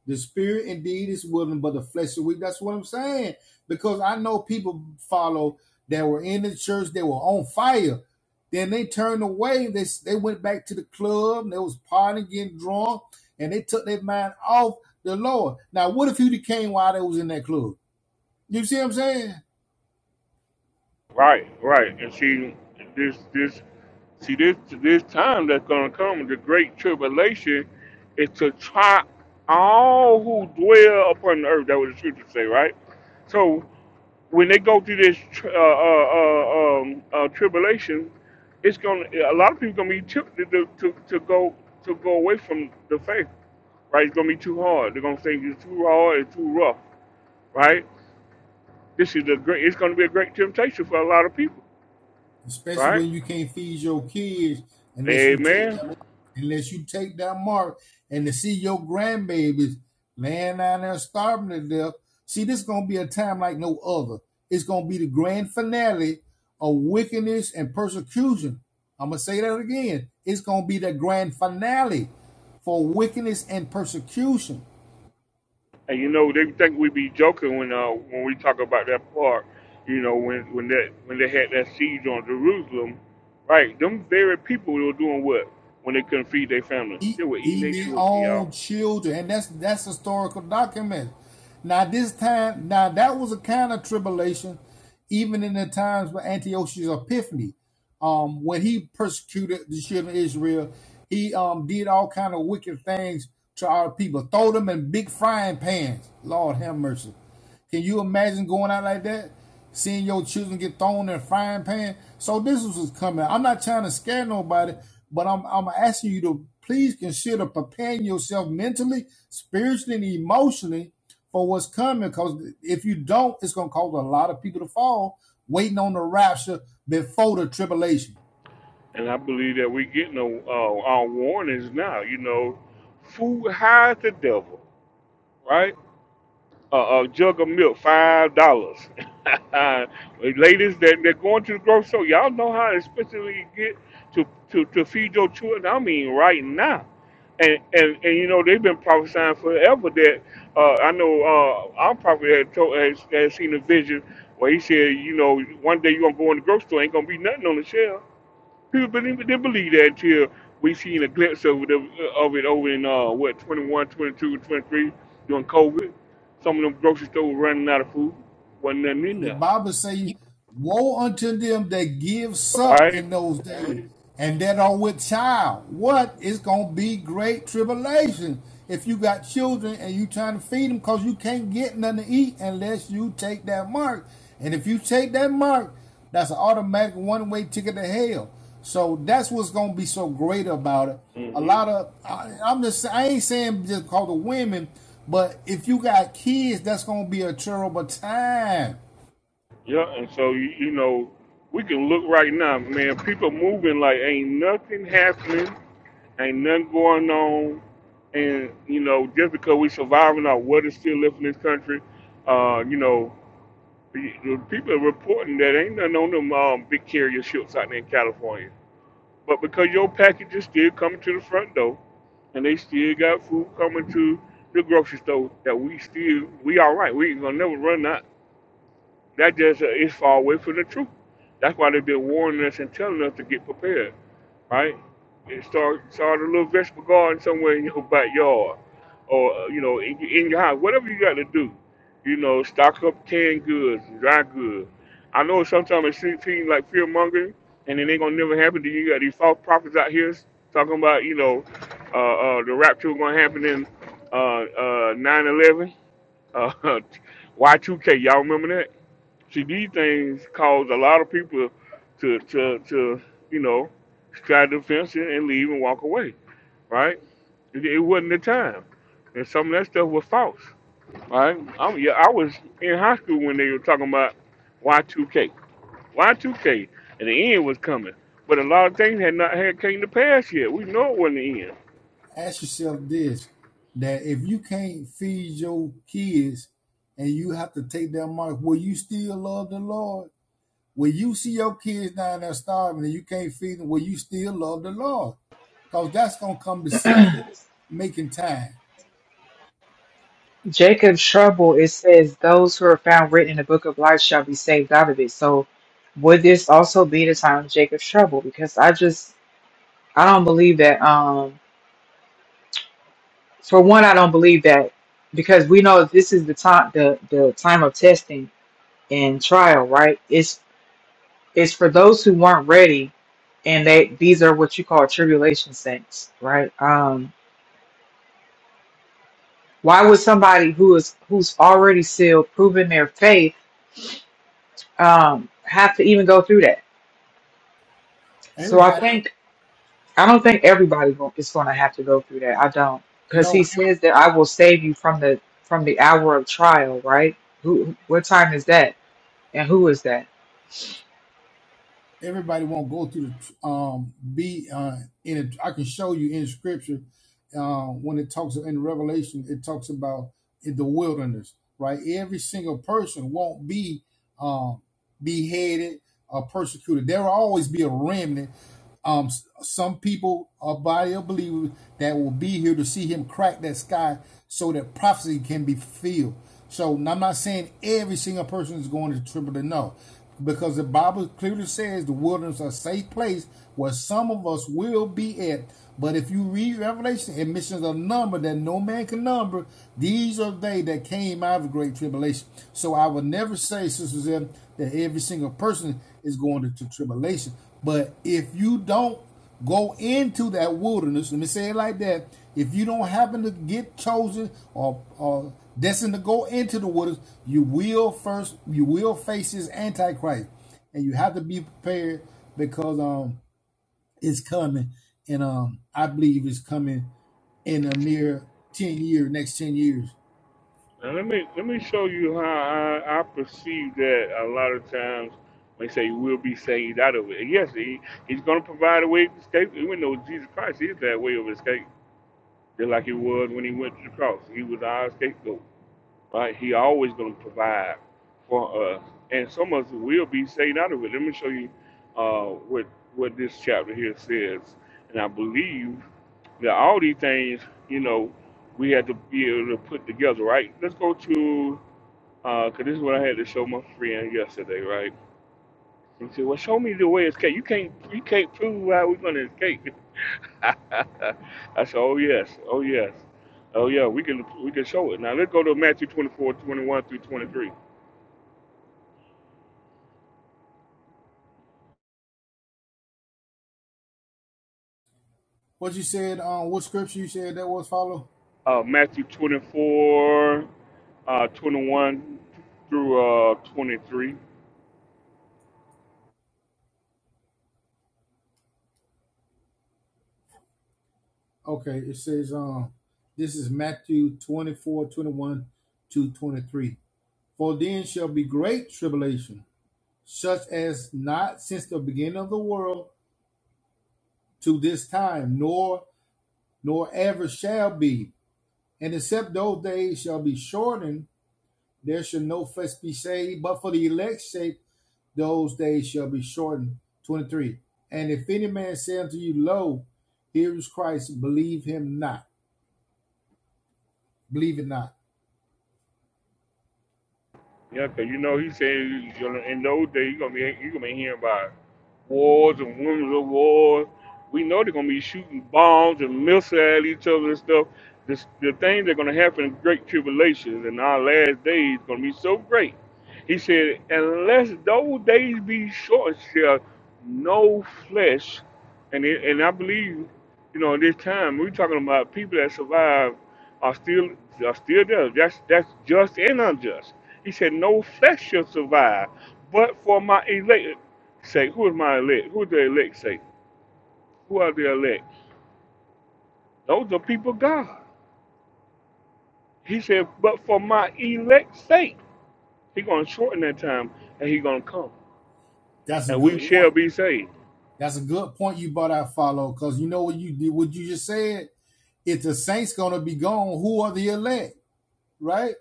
Speaker 7: The spirit indeed is willing, but the flesh is weak." That's what I'm saying because I know people follow that were in the church, they were on fire. Then they turned away. They they went back to the club. And they was partying, getting drunk, and they took their mind off the Lord. Now, what if you became while they was in that club? You see what I'm saying?
Speaker 11: Right, right. And see, this, this, see, this, this time that's gonna come, the great tribulation, is to try all who dwell upon the earth. That was the scripture say, right? So when they go through this tr- uh, uh, uh, um, uh, tribulation, it's gonna a lot of people gonna be tempted to, to, to go to go away from the faith. Right? It's gonna be too hard. They're gonna think it's too hard. It's too rough. Right? This is a great. It's gonna be a great temptation for a lot of people.
Speaker 7: especially
Speaker 11: Right?
Speaker 7: when you can't feed your kids unless you take
Speaker 11: Amen.
Speaker 7: that unless you take that mark and to see your grandbabies laying down there starving to death. See, this is gonna be a time like no other. It's gonna be the grand finale of wickedness and persecution. I'm gonna say that again. It's gonna be the grand finale for wickedness and persecution.
Speaker 11: And you know, they think we be joking when uh, when we talk about that part. You know, when when that when they had that siege on Jerusalem, right? Them very people were doing what when they couldn't feed their family.
Speaker 7: eat,
Speaker 11: They were eating
Speaker 7: eating
Speaker 11: their
Speaker 7: their
Speaker 11: children, y'all.
Speaker 7: own children, and that's that's historical document. Now this time, now that was a kind of tribulation, even in the times of Antiochus Epiphanes, um, when he persecuted the children of Israel, he um did all kind of wicked things to our people, throw them in big frying pans. Lord have mercy. Can you imagine going out like that? Seeing your children get thrown in a frying pan. So this is what's coming. I'm not trying to scare nobody, but I'm I'm asking you to please consider preparing yourself mentally, spiritually, and emotionally for what's coming. Because if you don't, it's gonna cause a lot of people to fall waiting on the rapture before the tribulation.
Speaker 11: And I believe that we getting uh, our warnings now. You know, food hides the devil, right? a, a jug of milk, five dollars. Ladies that they're going to the grocery store, y'all know how expensive it get to, to, to feed your children. I mean, right now, and and, and you know they've been prophesying forever that uh, I know uh, our prophet had, told, had, had seen a vision where he said, you know, one day you're gonna go in the grocery store, ain't gonna be nothing on the shelf. People believe, they believe that until we seen a glimpse of it, of it over in, uh, what, 21, 22, 23, during COVID. Some of them grocery stores were running out of food. Wasn't nothing in
Speaker 7: the
Speaker 11: there.
Speaker 7: Bible say,
Speaker 12: you-
Speaker 7: "Woe unto them that give suck
Speaker 11: Right?
Speaker 7: in those days, and that are with child." What is gonna be great tribulation if you got children and you trying to feed them because you can't get nothing to eat unless you take that mark. And if you take that mark, that's an automatic one way ticket to hell. So that's what's gonna be so great about it. A
Speaker 11: hmm
Speaker 7: lot of I, I'm just I ain't saying just call the women, but if you got kids, that's gonna be a terrible time.
Speaker 11: Yeah, and so, you, you know, we can look right now, man. People moving like ain't nothing happening, ain't nothing going on. And, you know, just because we surviving our what is still left in this country, uh, you know, The people are reporting that ain't nothing on them um, big carrier ships out there in California. But because your package is still coming to the front door, and they still got food coming to the grocery store, that we still we all right. We ain't gonna never run out. That just uh, is far away from the truth. That's why they've been warning us and telling us to get prepared right? And start start a little vegetable garden somewhere in your backyard, or uh, you know, in, in your house, whatever you got to do. You know, stock up canned goods, dry goods. I know sometimes it seems seems like fear mongering, and it ain't gonna never happen. Then you got these false prophets out here talking about you know, uh, uh, the rapture gonna happen in uh, uh, 9/11, uh, Y2K. Y'all remember that? See, these things cause a lot of people to to to you know strike the fence and, and leave and walk away. Right? It, it wasn't the time, and some of that stuff was false. Right? I'm, yeah, I was in high school when they were talking about Y2K. Y2K, and the end was coming, but a lot of things had not had came to pass yet. We know it wasn't the end.
Speaker 7: ask yourself this that if you can't feed your kids and you have to take their money, will you still love the Lord? When you see your kids down there starving and you can't feed them, will you still love the Lord? Because that's gonna come decision making time.
Speaker 2: Jacob's trouble. It says those who are found written in the book of life shall be saved out of it. So would this also be the time of Jacob's trouble? Because I just I don't believe that. Um For one, I don't believe that because we know this is the time the the time of testing and trial, right? It's it's for those who weren't ready, and they these are what you call tribulation saints, right? Um, why would somebody who is who's already sealed, proven their faith, um, have to even go through that? So I
Speaker 7: Everybody
Speaker 2: think I don't think everybody go- is going to have to go through that. I don't because he
Speaker 7: know.
Speaker 2: says that I will save you from the from the hour of trial, right? Who? What time is that? And who is that?
Speaker 7: everybody won't go through the um be uh in it i can show you in scripture uh when it talks in revelation it talks about in the wilderness right every single person won't be um beheaded or persecuted there will always be a remnant um, some people a body of believers that will be here to see him crack that sky so that prophecy can be fulfilled. So I'm not saying every single person is going to triple to no, because the Bible clearly says the wilderness is a safe place where some of us will be at. But if you read Revelation, it mentions a number that no man can number. These are they that came out of the great tribulation. So I would never say, Sister Zeb, that every single person is going to, to tribulation. But if you don't go into that wilderness, let me say it like that, if you don't happen to get chosen or, or destined to go into the wilderness, you will first you will face this antichrist. And you have to be prepared because um it's coming and um I believe it's coming in a near ten year next ten years.
Speaker 11: Now let me let me show you how I, I perceive that a lot of times when they say we'll be saved out of it. And Yes, he, he's going to provide a way of escape. We know Jesus Christ is that way of escape, just like he was when he went to the cross. He was our scapegoat, right? He always going to provide for us, and some of us will be saved out of it. Let me show you uh, what what this chapter here says, and I believe that all these things, you know, we have to be able to put together, right? Let's go to uh, Cause this is what I had to show my friend yesterday, right? He said, "Well, show me the way to escape. You can't, you can't prove how we're gonna escape." I said, "Oh yes, oh yes, oh yeah. We can, we can show it." Now let's go to Matthew twenty-four, twenty-one through 23.
Speaker 7: What you said, um what scripture you said that was follow?
Speaker 11: Uh, Matthew 24, uh, 21 through uh, 23.
Speaker 7: Okay, it says um this is Matthew 24 21 to 23. For then shall be great tribulation, such as not since the beginning of the world to this time, nor nor ever shall be. And except those days shall be shortened, there shall no flesh be saved, but for the elect sake those days shall be shortened. 23. And if any man say unto you, Lo, here is Christ, believe him not. Believe it not.
Speaker 11: Yeah, 'cause you know he said you know, in those days you gonna be you gonna be hearing about wars and rumors of wars. We know they're gonna be shooting bombs and missiles at each other and stuff. This, the things that are gonna happen in great tribulations and our last days gonna be so great. He said, unless those days be short, shall no flesh. And it, and I believe, you know, at this time we're talking about people that survive are still are still there. That's that's just and unjust. He said, No flesh shall survive, but for my elect say, who is my elect? Who is the elect say? Who are the elect? Those are people God. He said, But for my elect's sake, He's gonna shorten that time and He's gonna come.
Speaker 7: That's a
Speaker 11: And we
Speaker 7: good point.
Speaker 11: shall be saved.
Speaker 7: That's a good point you brought out, follow, because you know what you did, what you just said. If the saints gonna be gone, who are the elect, right?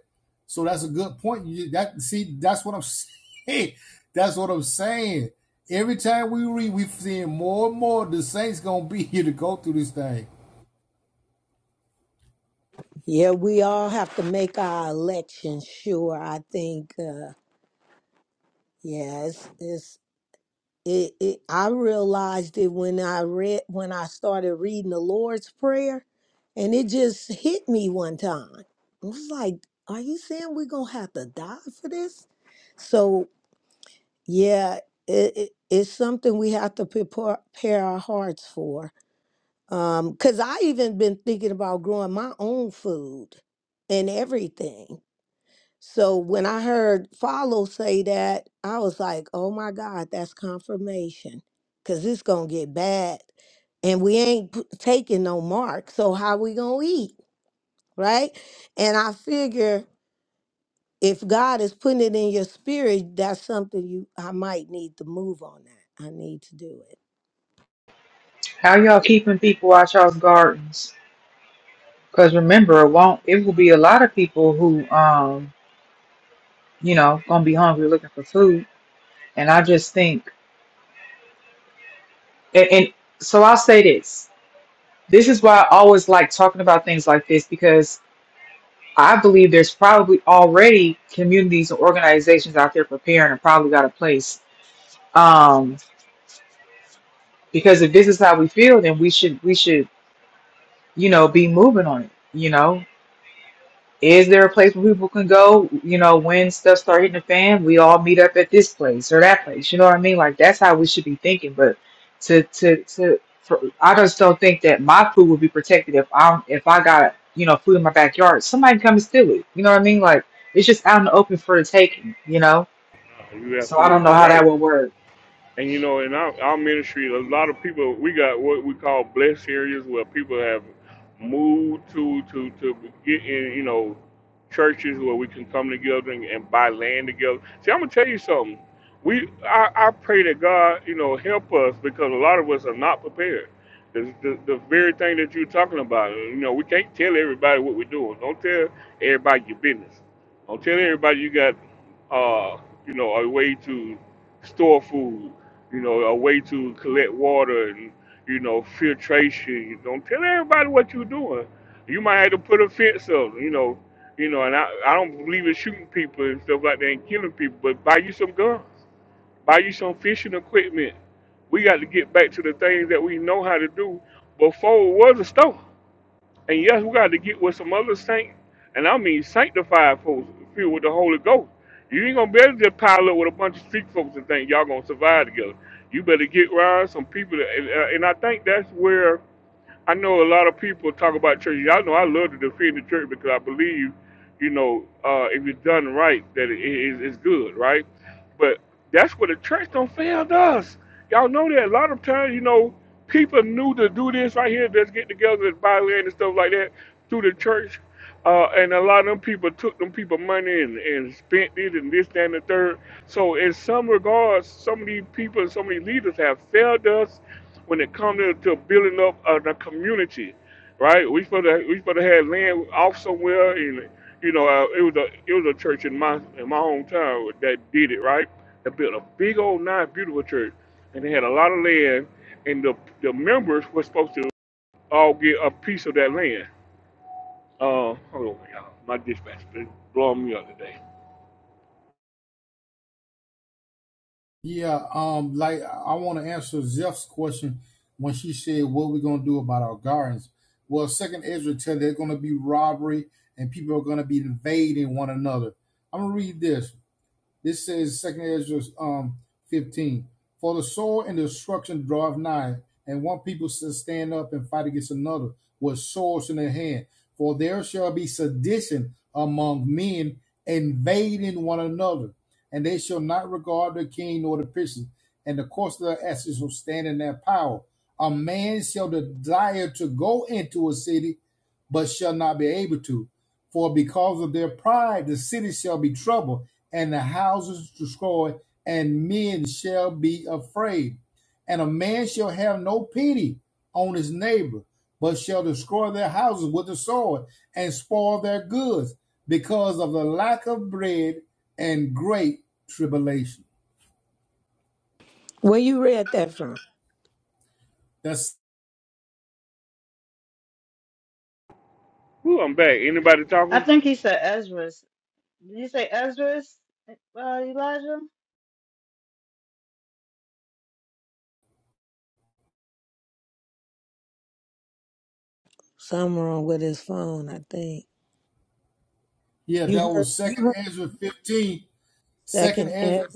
Speaker 7: So that's a good point. You that see, that's what I'm saying. That's what I'm saying. Every time we read, we are seeing more and more the saints gonna be here to go through this thing.
Speaker 12: yeah, we all have to make our election sure. I think, uh, yes, it's, it's It, it I realized it when I read when I started reading the Lord's Prayer, and it just hit me one time. I was like, "Are you saying we're gonna have to die for this?" So yeah, it, it, it's something we have to prepare, prepare our hearts for. Um, cause I even been thinking about growing my own food and everything. So when I heard Follow say that, I was like, oh my God, that's confirmation because it's going to get bad. And we ain't p- taking no mark. So how we going to eat? Right. And I figure if God is putting it in your spirit, that's something you, I might need to move on that. I need to do it.
Speaker 2: How y'all keeping people out y'all's gardens? Because remember, it won't. It will be a lot of people who, um, you know, gonna be hungry looking for food. And I just think, and, and so I'll say this. This is why I always like talking about things like this because I believe there's probably already communities and organizations out there preparing and probably got a place. Um, because if this is how we feel, then we should we should you know be moving on it. You know, Is there a place where people can go? You know, when stuff start hitting the fan, we all meet up at this place or that place. You know what I mean? Like that's how we should be thinking. But to to to, for, I just don't think that my food would be protected if I if I got you know food in my backyard. Somebody can come and steal it. You know what I mean? Like it's just out in the open for the taking. You know.
Speaker 11: Uh, You're
Speaker 2: So I don't
Speaker 11: absolutely
Speaker 2: know how that
Speaker 11: right.
Speaker 2: would work.
Speaker 11: And you know, in our, our ministry, a lot of people we got what we call blessed areas where people have moved to to to get in, you know, churches where we can come together and, and buy land together. See, I'm gonna tell you something. We I, I pray that God, you know, help us because a lot of us are not prepared. The, the, the very thing that you're talking about, you know, we can't tell everybody what we're doing. Don't tell everybody your business. Don't tell everybody you got, uh, you know, a way to store food, you know, a way to collect water and, you know, filtration. Don't tell everybody what you're doing. You might have to put a fence up, you know, you know, and I, I don't believe in shooting people and stuff like that and killing people, but buy you some guns, buy you some fishing equipment. We got to get back to the things that we know how to do before it was a store. And yes, we got to get with some other saint, and I mean sanctified folks filled with the Holy Ghost. You ain't gonna be able to just pile up with a bunch of street folks and think y'all gonna survive together. You better get around some people, that, and, uh, and I think that's where I know a lot of people talk about church. Y'all know I love to defend the church because I believe, you know, uh, if it's done right, that it is it's good, right? But that's what the church don't fail us. Y'all know that a lot of times, you know, people knew to do this right here, just get together and buy land and stuff like that through the church. Uh, and a lot of them people took them people money and, and spent it and this, that, and the third. So in some regards, some of these people and some of these leaders have failed us when it comes to, to building up uh, the community, right? We supposed to we supposed to have land off somewhere, and you know uh, it was a it was a church in my in my hometown that did it, right? They built a big old nice beautiful church, and they had a lot of land, and the the members were supposed to all get a piece of that land uh, hold on, y'all. My dispatch been blowing me up today.
Speaker 7: Yeah, um, like I want to answer Zeph's question when she said, "What are we gonna do about our gardens?" Well, Second Ezra tell there's gonna be robbery and people are gonna be invading one another. I'm gonna read this. This says Second Ezra um, 15. For the sword and the destruction draweth nigh, and one people shall stand up and fight against another with swords in their hand. For there shall be sedition among men invading one another, and they shall not regard the king nor the princes, and the course of their asses shall stand in their power. A man shall desire to go into a city, but shall not be able to. For because of their pride, the city shall be troubled, and the houses destroyed, and men shall be afraid. And a man shall have no pity on his neighbor, but shall destroy their houses with the sword and spoil their goods because of the lack of bread and great tribulation.
Speaker 12: Where you read that from?
Speaker 7: That's
Speaker 11: Who I'm back. Anybody
Speaker 10: I
Speaker 11: talking?
Speaker 10: think he said Ezra's. Did you say Ezra's, uh, Elijah?
Speaker 12: Somewhere on with his phone, I think.
Speaker 7: yeah,
Speaker 12: You
Speaker 7: that
Speaker 12: heard,
Speaker 7: was second
Speaker 12: you heard
Speaker 7: Ezra 15. Second
Speaker 12: second
Speaker 7: Ezra
Speaker 12: S.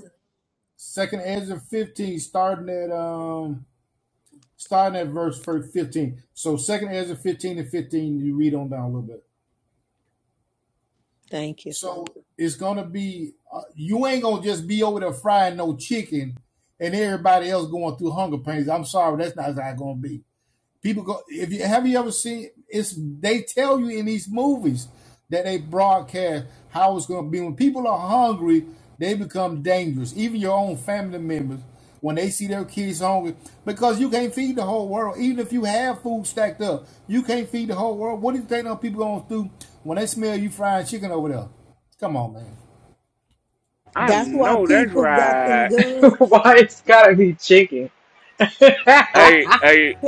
Speaker 7: second Ezra 15, starting at um starting at verse 15. So second Ezra 15 and 15, you read on down a little bit.
Speaker 12: Thank you.
Speaker 7: So it's gonna be uh, you ain't gonna just be over there frying no chicken and everybody else going through hunger pains. I'm sorry, that's not how it's gonna be. People go. If you have you ever seen? It's they tell you in these movies that they broadcast how it's going to be. When people are hungry, they become dangerous. Even your own family members, when they see their kids hungry, because you can't feed the whole world. Even if you have food stacked up, you can't feed the whole world. What do you think those people going to do when they smell you frying chicken over there? Come on, man.
Speaker 11: I
Speaker 12: That's why
Speaker 11: know that's
Speaker 12: people got them
Speaker 11: right.
Speaker 12: guns.
Speaker 2: Why it's gotta be chicken?
Speaker 11: Hey, hey,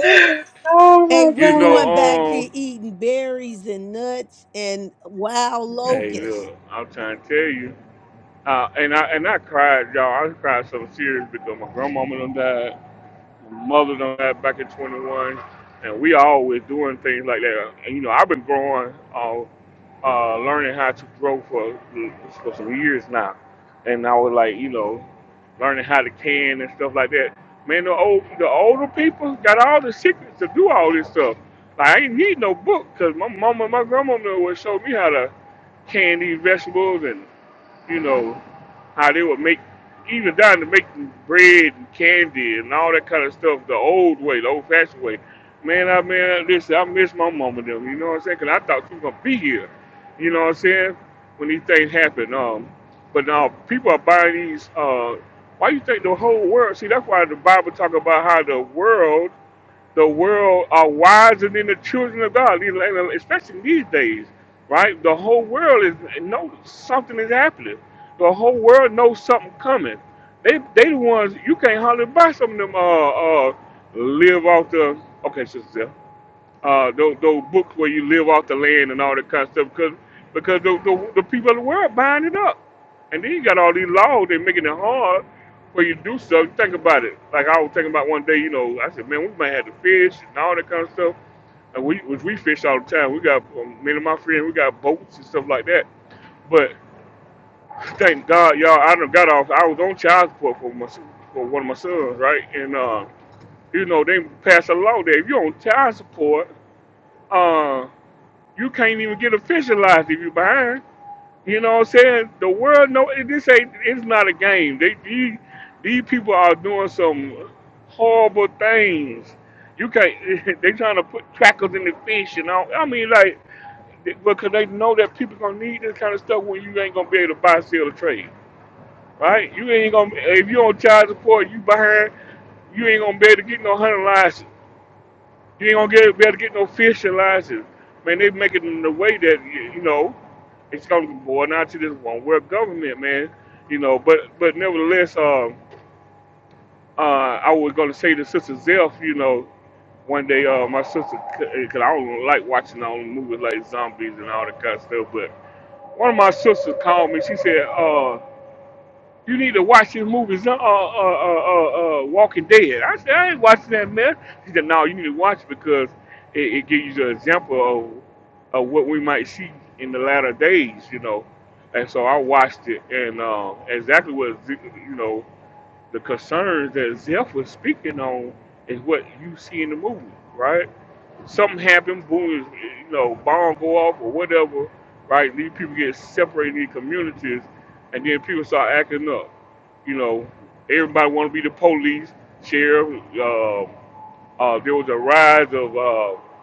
Speaker 2: oh
Speaker 12: Hey,
Speaker 2: my
Speaker 11: you
Speaker 12: we
Speaker 2: god.
Speaker 12: going back to
Speaker 11: know, um,
Speaker 12: eating berries and nuts and wild
Speaker 11: hey,
Speaker 12: locusts.
Speaker 11: look, I'm trying to tell you. Uh, and I and I cried, y'all. I cried so serious because my grandmama done died, mother done that back in 21, and we always doing things like that. And, you know, I've been growing, uh, uh, learning how to grow for for some years now, and I was like, you know, learning how to can and stuff like that. Man, the old the older people got all the secrets to do all this stuff. Like, I ain't need no book because my mama and my grandmama would show me how to can these vegetables and you know, how they would make, even down to making bread and candy and all that kind of stuff the old way, the old fashioned way. Man, I man, listen, I miss my mama them, you know what I'm saying? saying? Cause I thought she was going to be here, you know what I'm saying? When these things happen. Um, but now people are buying these, uh, why you think the whole world, see, that's why the Bible talk about how the world the world are wiser than the children of God, especially these days, right? The whole world is know something is happening. The whole world knows something coming. They they the ones you can't hardly buy some of them. Uh, uh, live off the okay, sister uh, those, those books where you live off the land and all that kind of stuff because because the, the, the people of the world buying it up. And then you got all these laws, they're making it hard for you to do stuff. Think about it. Like I was thinking about one day, you know, I said, man, we might have to fish and all that kind of stuff. And we, which we fish all the time. We got, um, me and my friend, we got boats and stuff like that. But thank God, y'all, I done got off. I was on child support for my, for one of my sons, right? And, uh, you know, they passed a law that if you're on child support, uh, you can't even get officialized if you behind. You know what I'm saying? The world know it- this ain't it's not a game. They these, these people are doing some horrible things. You can't they trying to put crackers in the fish and all I mean like because they know that people gonna need this kind of stuff when you ain't gonna be able to buy, sell, or trade. Right? You ain't gonna if you on child support, you behind, you ain't gonna be able to get no hunting license. You ain't gonna get be able to get no fishing license. Man, they make it in the way that y- you know it's gonna boil down to this one world government, man. You know, but but nevertheless, um, uh, I was gonna say to Sister Zelf, you know, one day, uh, my sister, cause I don't like watching all the movies like zombies and all that kind of stuff, but one of my sisters called me. She said, uh. You need to watch his movies, uh, uh, uh, uh, uh, Walking Dead. I said, I ain't watching that, man. He said, no, you need to watch it because it, it gives you an example of, of what we might see in the latter days, you know. And so I watched it, and uh, exactly what, Ze- you know, the concerns that Zeph was speaking on is what you see in the movie, right? something happened, boom, you know, bomb go off or whatever, right? These people get separated in communities, and then people start acting up. You know, everybody want to be the police, sheriff. Uh, uh, there was a rise of uh,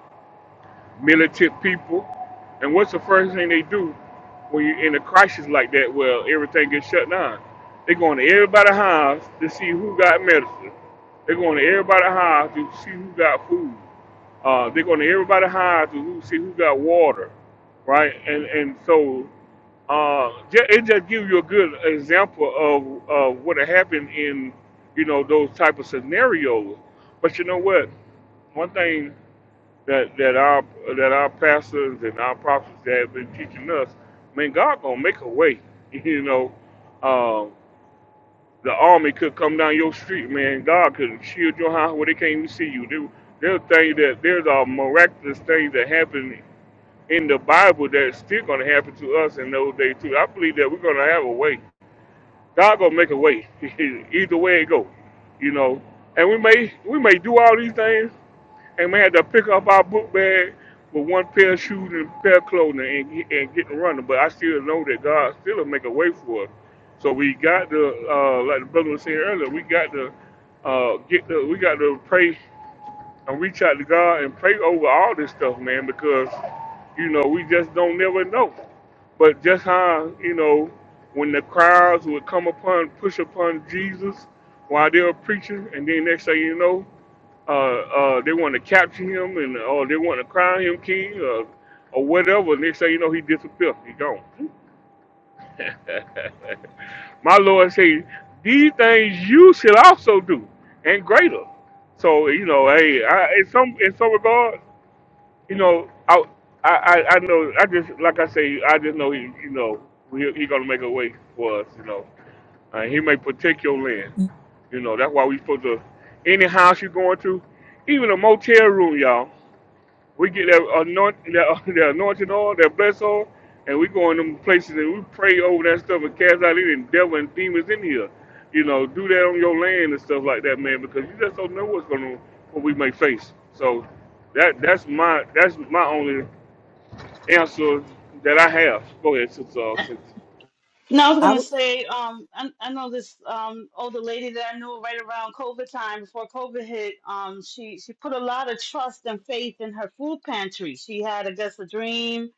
Speaker 11: militant people, and what's the first thing they do when you're in a crisis like that, where everything gets shut down? They going to everybody's house to see who got medicine. They're going to everybody's house to see who got food. Uh, they're going to everybody hides to who see who got water, right? And and so uh, ju- it just gives you a good example of, of what happened in you know those type of scenarios. But you know what? One thing that that our that our pastors and our prophets that have been teaching us, man, God gonna make a way. You know, uh, the army could come down your street, man. God could shield your house where they can't even see you. There, there's things that there's a miraculous things that happen in the Bible that's still gonna happen to us in those days too. I believe that we're gonna have a way. God gonna make a way. Either way it go, you know. And we may we may do all these things, and we had to pick up our book bag with one pair of shoes and a pair of clothing and, get- and get running. But I still know that God still will make a way for us. So we got to, uh, like the brother was saying earlier, we got to uh, get the, we got to pray and reach out to God and pray over all this stuff, man, because you know we just don't never know. But just how you know when the crowds would come upon, push upon Jesus while they were preaching, and then next thing you know uh, uh, they want to capture him and or they want to crown him king or, or whatever. And they say, you know, he disappeared. He gone. My Lord say, these things you should also do and greater. So you know, hey, I, in some in some regard, you know, I, I I I know I just like I say, I just know he you know he, he gonna make a way for us. You know, uh, he may protect your land.
Speaker 12: I
Speaker 11: You know, that's why we supposed to any house you going to, even a motel room, y'all. We get that anoint that, that anointing oil, that bless oil, and we go in them places and we pray over that stuff and cast out any devil and demons in here. You know, do that on your land and stuff like that, man, because you just don't know what's gonna what we may face. So that that's my that's my only answer that I have. Go ahead, sister. uh,
Speaker 10: Uh,
Speaker 11: sister.
Speaker 10: No, I was gonna
Speaker 12: w-
Speaker 10: say, um, I, I know this um older lady that I knew right around COVID time before COVID hit. Um, she she put a lot of trust and faith in her food pantry. She had, I guess, a dream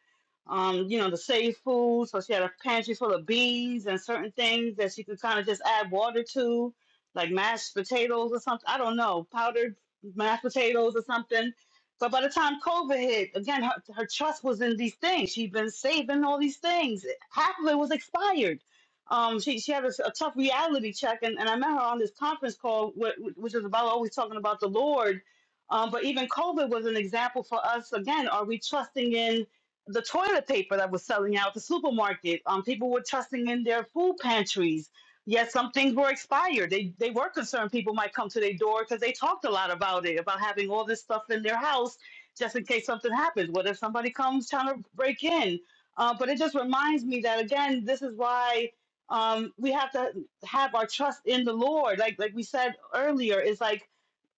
Speaker 10: um, you know, to save food. So she had a pantry full of beans and certain things that she could kind of just add water to, like mashed potatoes or something. I don't know, powdered mashed potatoes or something. But by the time COVID hit, again, her, her trust was in these things. She'd been saving all these things. Half of it was expired. Um, she, she had a a tough reality check. And, and I met her on this conference call, wh- wh- which is about always talking about the Lord. Um, but even COVID was an example for us. Again, are we trusting in? the toilet paper that was selling out at the supermarket. Um, people were trusting in their food pantries. Yet some things were expired. They they were concerned people might come to their door because they talked a lot about it, about having all this stuff in their house just in case something happens. What if somebody comes trying to break in? Uh, but it just reminds me that again, this is why um, we have to have our trust in the Lord. Like like we said earlier, it's like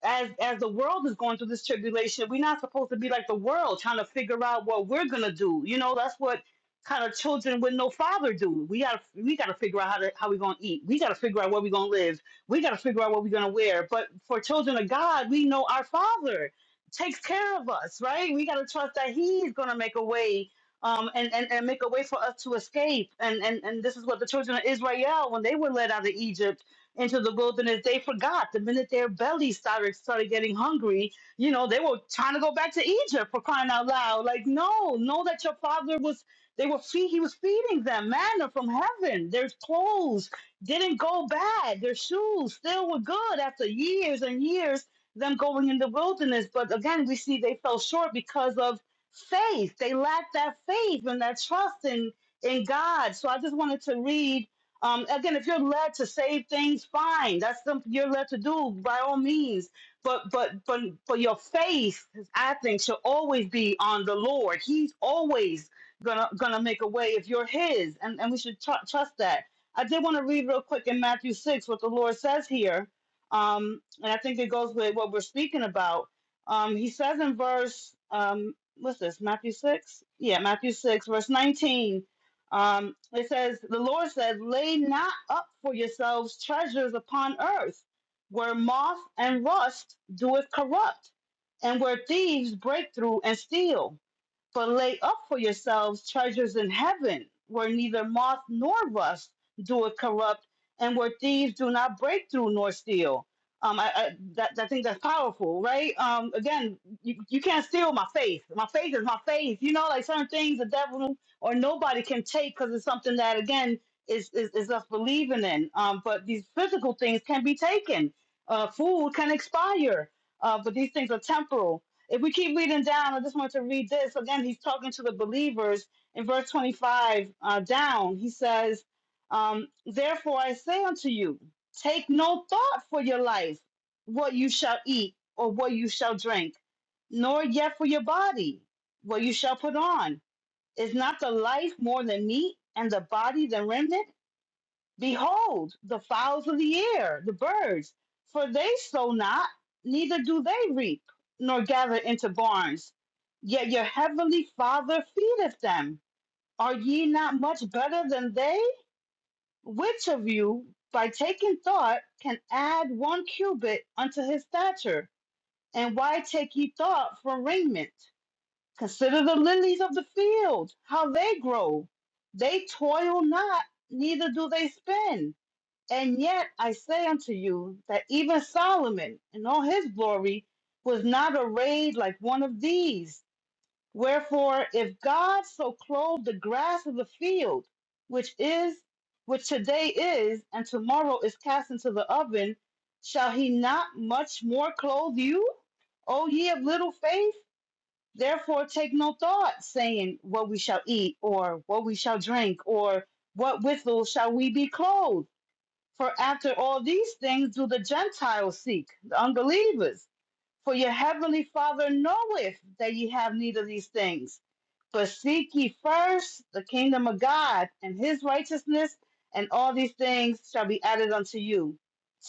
Speaker 10: as as the world is going through this tribulation, we're not supposed to be like the world trying to figure out what we're gonna do. You know, that's what kind of children with no father do. We gotta we gotta figure out how to how we gonna eat. We gotta figure out where we gonna live. We gotta figure out what we're gonna wear. But for children of God, we know our father takes care of us, right? We gotta trust that he's gonna make a way. Um, and, and, and make a way for us to escape. And, and and this is what the children of Israel, when they were led out of Egypt, into the wilderness, they forgot the minute their bellies started started getting hungry. You know, they were trying to go back to Egypt for crying out loud. Like, no, know that your father was. They were feed. He was feeding them manna from heaven. Their clothes didn't go bad. Their shoes still were good after years and years them going in the wilderness. But again, we see they fell short because of faith. They lacked that faith and that trust in in God. So I just wanted to read um, again, if you're led to save things, fine. That's something you're led to do by all means. But but but for your faith, I think, should always be on the Lord. He's always gonna gonna make a way if you're His, and and we should tr- trust that. I did want to read real quick in Matthew six what the Lord says here, um, and I think it goes with what we're speaking about. Um, he says in verse um, what's this Matthew six? Yeah, Matthew six, verse nineteen. Um, it says, the Lord says, lay not up for yourselves treasures upon earth, where moth and rust doeth corrupt, and where thieves break through and steal. For lay up for yourselves treasures in heaven, where neither moth nor rust do corrupt, and where thieves do not break through nor steal. Um, I, I that I think that's powerful, right? Um, again, you, you can't steal my faith. My faith is my faith. You know, like certain things the devil or nobody can take because it's something that again is, is is us believing in. Um, but these physical things can be taken. Uh, food can expire, uh, but these things are temporal if we keep reading down, I just want to read this. Again, he's talking to the believers in verse 25 uh, down. He says, um, Therefore I say unto you, take no thought for your life, what you shall eat or what you shall drink, nor yet for your body, what you shall put on. Is not the life more than meat and the body than raiment? Behold, the fowls of the air, the birds, for they sow not, neither do they reap, nor gather into barns. Yet your heavenly Father feedeth them. Are ye not much better than they? Which of you, by taking thought, can add one cubit unto his stature? And why take ye thought for raiment? Consider the lilies of the field, how they grow. They toil not, neither do they spin and yet I say unto you that even Solomon in all his glory was not arrayed like one of these. Wherefore, if God so clothe the grass of the field, which is, which today is, and tomorrow is cast into the oven, shall he not much more clothe you? O ye of little faith? Therefore take no thought, saying, What we shall eat, or what we shall drink, or what withal shall we be clothed? For after all these things do the Gentiles seek, the unbelievers. For your heavenly Father knoweth that ye have need of these things. But seek ye first the kingdom of God and his righteousness, and all these things shall be added unto you.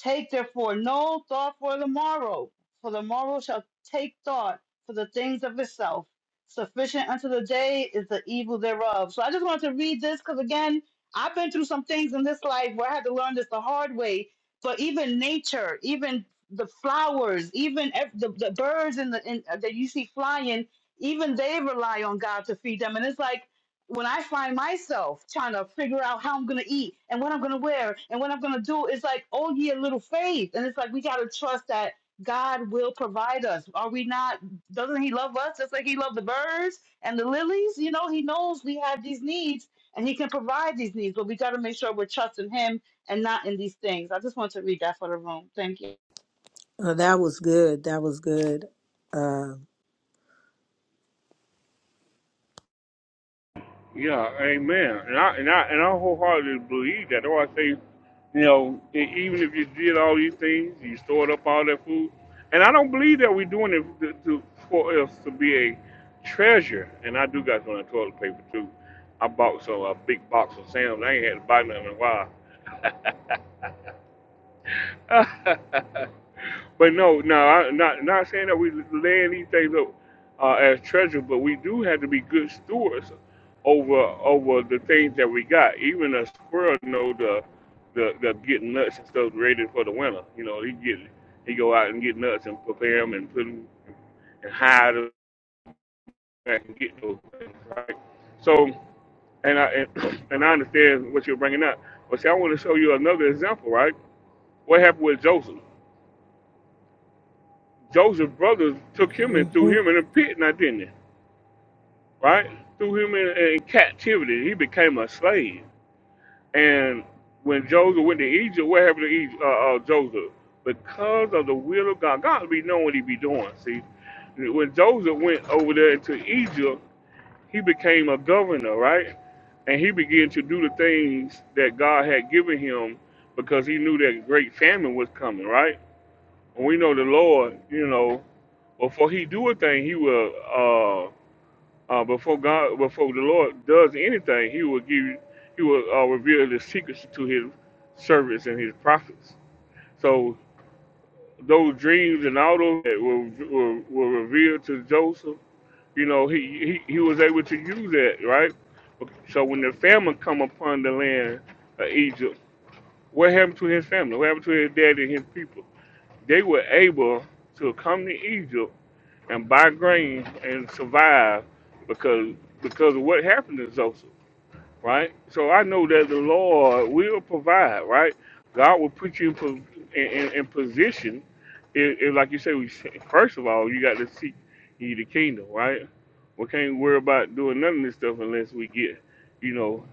Speaker 10: Take therefore no thought for the morrow, for the morrow shall take thought for the things of itself. Sufficient unto the day is the evil thereof. So I just wanted to read this because, again, I've been through some things in this life where I had to learn this the hard way. But even nature, even the flowers, even ev- the, the birds in the in, uh, that you see flying, even they rely on God to feed them. And it's like when I find myself trying to figure out how I'm gonna eat and what I'm gonna wear and what I'm gonna do, it's like oh yeah, little faith, and it's like we gotta trust that God will provide us. Are we not? Doesn't He love us just like He loved the birds and the lilies? You know, He knows we have these needs and He can provide these needs, but we gotta make sure we're trusting Him and not in these things. I just want to read that for the room. Thank you.
Speaker 12: uh, that was good. That was good. Uh,
Speaker 11: Yeah, amen. And I and I and I wholeheartedly believe that. Or I say, you know, e- even if you did all these things, you stored up all that food, and I don't believe that we're doing it to, to, for us to be a treasure. And I do got some of that toilet paper too. I bought some a big box of Sam's. I ain't had to buy nothing in a while. But no, no, I, not not saying that we laying these things up uh, as treasure, but we do have to be good stewards over over the things that we got. Even a squirrel know the the, the getting nuts and stuff ready for the winter. You know, he get he go out and get nuts and prepare them and put them and hide them and get those things right. So and I and, and I understand what you're bringing up, but see, I want to show you another example, right? What happened with Joseph? Joseph's brothers took him and threw
Speaker 12: mhm.
Speaker 11: him in a pit, now didn't they? Right? Threw him in, in captivity. He became a slave. And when Joseph went to Egypt, what happened to Egypt, uh, uh, Joseph? Because of the will of God, God be knowing what he be doing. See, when Joseph went over there into Egypt, he became a governor, right? And he began to do the things that God had given him because he knew that great famine was coming, right? And we know the Lord, you know, before he do a thing, he will uh, uh, before God, before the Lord does anything, he will give, you- he will uh, reveal the secrets to his servants and his prophets. So those dreams and all those that were, were, were revealed to Joseph, you know, he, he he was able to use that, right? So when the famine come upon the land of Egypt, what happened to his family? What happened to his dad and his people? They were able to come to Egypt and by grace and survive because because of what happened to Joseph, right? So I know that the Lord will provide, right? God will put you in po- in, in, in position. It, it, like you say, we say- first of all you got to seek ye the kingdom, right? We can't worry about doing none of this stuff unless we get, you know,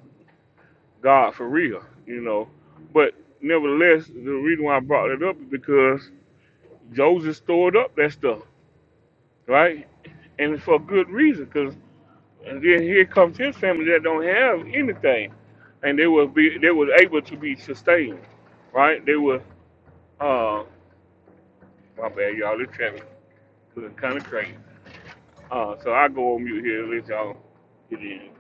Speaker 11: God for real, you know. But nevertheless, the reason why I brought it up is because Joseph stored up that stuff right? And for good reason, because then here comes his family that don't have anything, and they will be they was able to be sustained, right? They were uh my bad y'all, this traffic was kind of crazy. Uh, so I go on mute here, let y'all get in.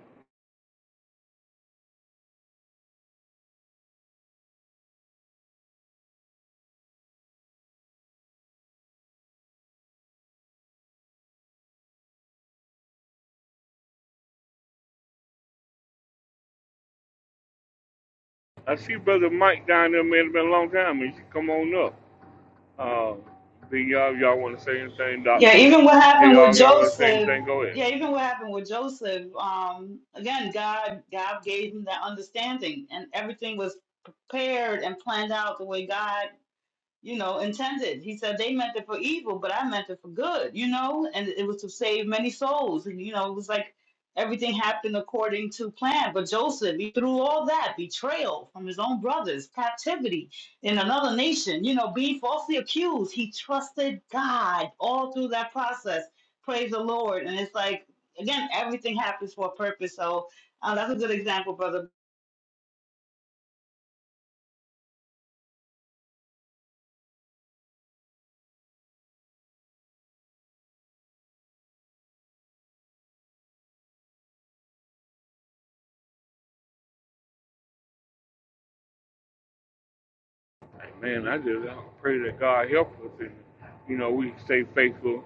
Speaker 11: I see brother Mike down there, man. It's been a long time. He should come on up. Uh, B y'all, y'all want to say anything,
Speaker 10: Yeah,
Speaker 11: Doctor
Speaker 10: even what
Speaker 11: J you
Speaker 10: happened with
Speaker 11: Y'all want to say
Speaker 10: Joseph.
Speaker 11: anything? Go ahead.
Speaker 10: Yeah, even what happened with Joseph. Um, again, God, God gave him that understanding, and everything was prepared and planned out the way God you know, intended. He said they meant it for evil, but I meant it for good, you know, and it was to save many souls. And, you know, it was like everything happened according to plan. But Joseph, he through all that betrayal from his own brothers, captivity in another nation, you know, being falsely accused, he trusted God all through that process. Praise the Lord. And it's like, again, everything happens for a purpose. So, uh, that's a good example, brother.
Speaker 11: Like, Man, I just I pray that God help us and you know we stay faithful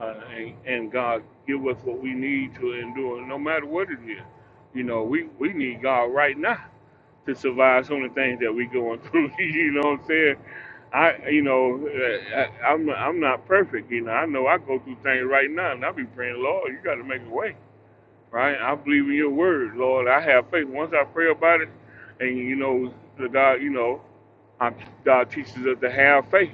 Speaker 11: uh, and, and God give us what we need to endure, no matter what it is. You know, we we need God right now to survive some of the things that we going through. you know what I'm saying? I you know uh, I, I'm I'm not perfect. You know, I know I go through things right now, and I be praying, Lord, you got to make a way right? I believe in your word, Lord. I have faith. Once I pray about it, and you know, the God, you know, I, God teaches us to have faith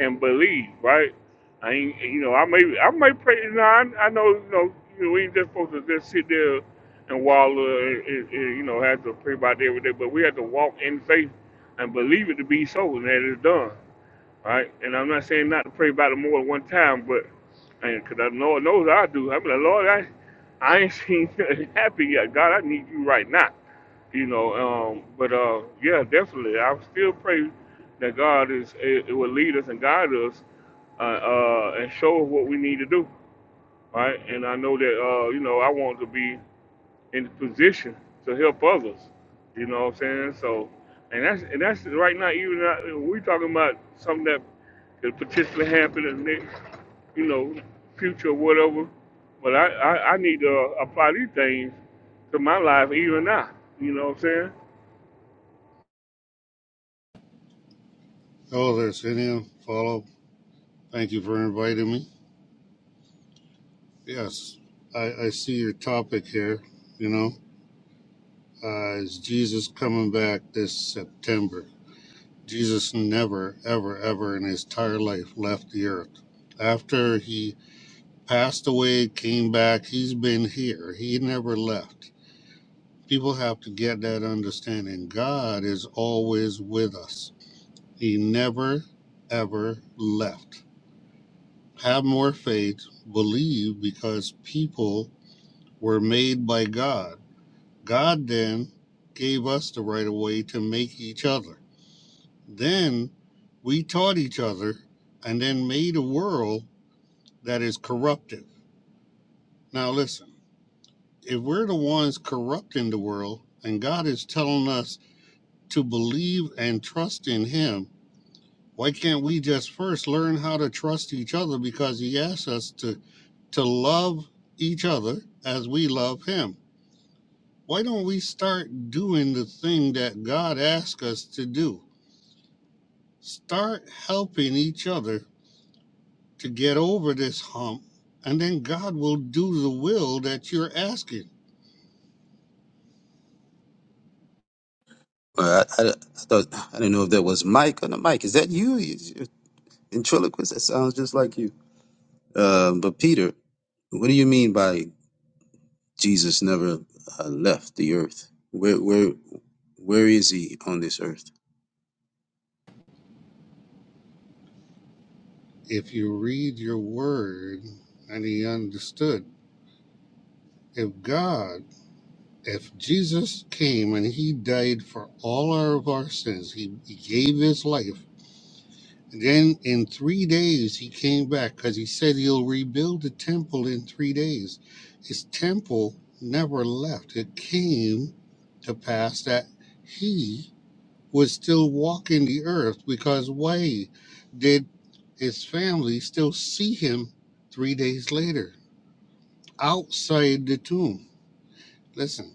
Speaker 11: and believe, right? I ain't, you know, I may, I may pray. You know, I, I know, you know, you know, we ain't just supposed to just sit there and wallow, and, and, and, you know, have to pray about it every day. But we have to walk in faith and believe it to be so, and that it's done. All right? And I'm not saying not to pray about it more than one time, but because the Lord knows I do. I'm like, Lord, I, I ain't seen nothing happen yet. God, I need you right now. You know, um, but uh, yeah, definitely. I still pray that God is it, it will lead us and guide us uh, uh, and show us what we need to do, right? And I know that uh, you know I want to be in the position to help others. You know what I'm saying? So, and that's and that's right now. Even not, we talking about something that could potentially happen in the next, you know, future or whatever. But I I, I need to apply these things to my life even now. You know what I'm saying?
Speaker 15: Hello there, Ian. Follow. Thank you for inviting me. Yes, I, I see your topic here. You know, uh, is Jesus coming back this September? Jesus never, ever, ever in his entire life left the earth. After he passed away, came back, he's been here. He never left. People have to get that understanding. God is always with us. He never, ever left. have more faith, believe because people were made by God. God then gave us the right of way to make each other. Then we taught each other and then made a world that is corruptive. Now, listen, if we're the ones corrupting the world and God is telling us to believe and trust in Him, Why can't we just first learn how to trust each other because he asks us to to love each other as we love him? Why don't we start doing the thing that God asks us to do? Start helping each other to get over this hump, and then God will do the will that you're asking.
Speaker 16: Well, I, I, I thought I didn't know if that was Mike on the mic. is that you? Is you ventriloquist? That sounds just like you. Um, but Peter, what do you mean by Jesus never uh, left the earth? Where, where, where is he on this earth?
Speaker 15: If you read your word and he understood, if God if Jesus came and he died for all our of our sins, he, he gave his life. Then in three days he came back because he said he'll rebuild the temple in three days. His temple never left. It came to pass that he was still walking the earth because why did his family still see him three days later outside the tomb? Listen.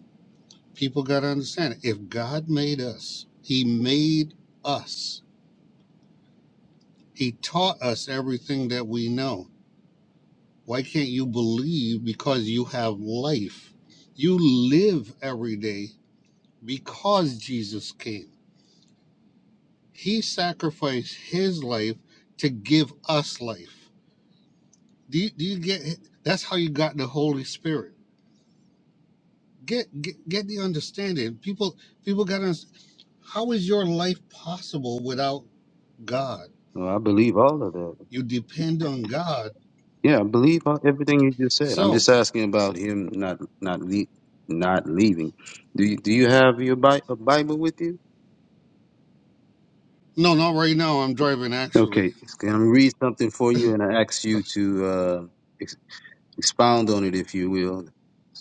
Speaker 15: People got to understand it. If God made us, He made us, He taught us everything that we know. Why can't you believe because you have life? You live every day because Jesus came. He sacrificed His life to give us life. Do you, do you get it? That's how you got the Holy Spirit. Get, get get the understanding. People people got to. How is your life possible without God?
Speaker 16: Well, I believe all of that.
Speaker 15: You depend on God.
Speaker 16: Yeah, I believe all- everything you just said. I'm
Speaker 15: So,
Speaker 16: just asking about him not not le- not leaving. Do you, do you have your Bi- a Bible with you?
Speaker 15: no, not right now. I'm driving, actually.
Speaker 16: Okay, I'm gonna read something for you, and I ask you to. Uh, Expound on it, if you will.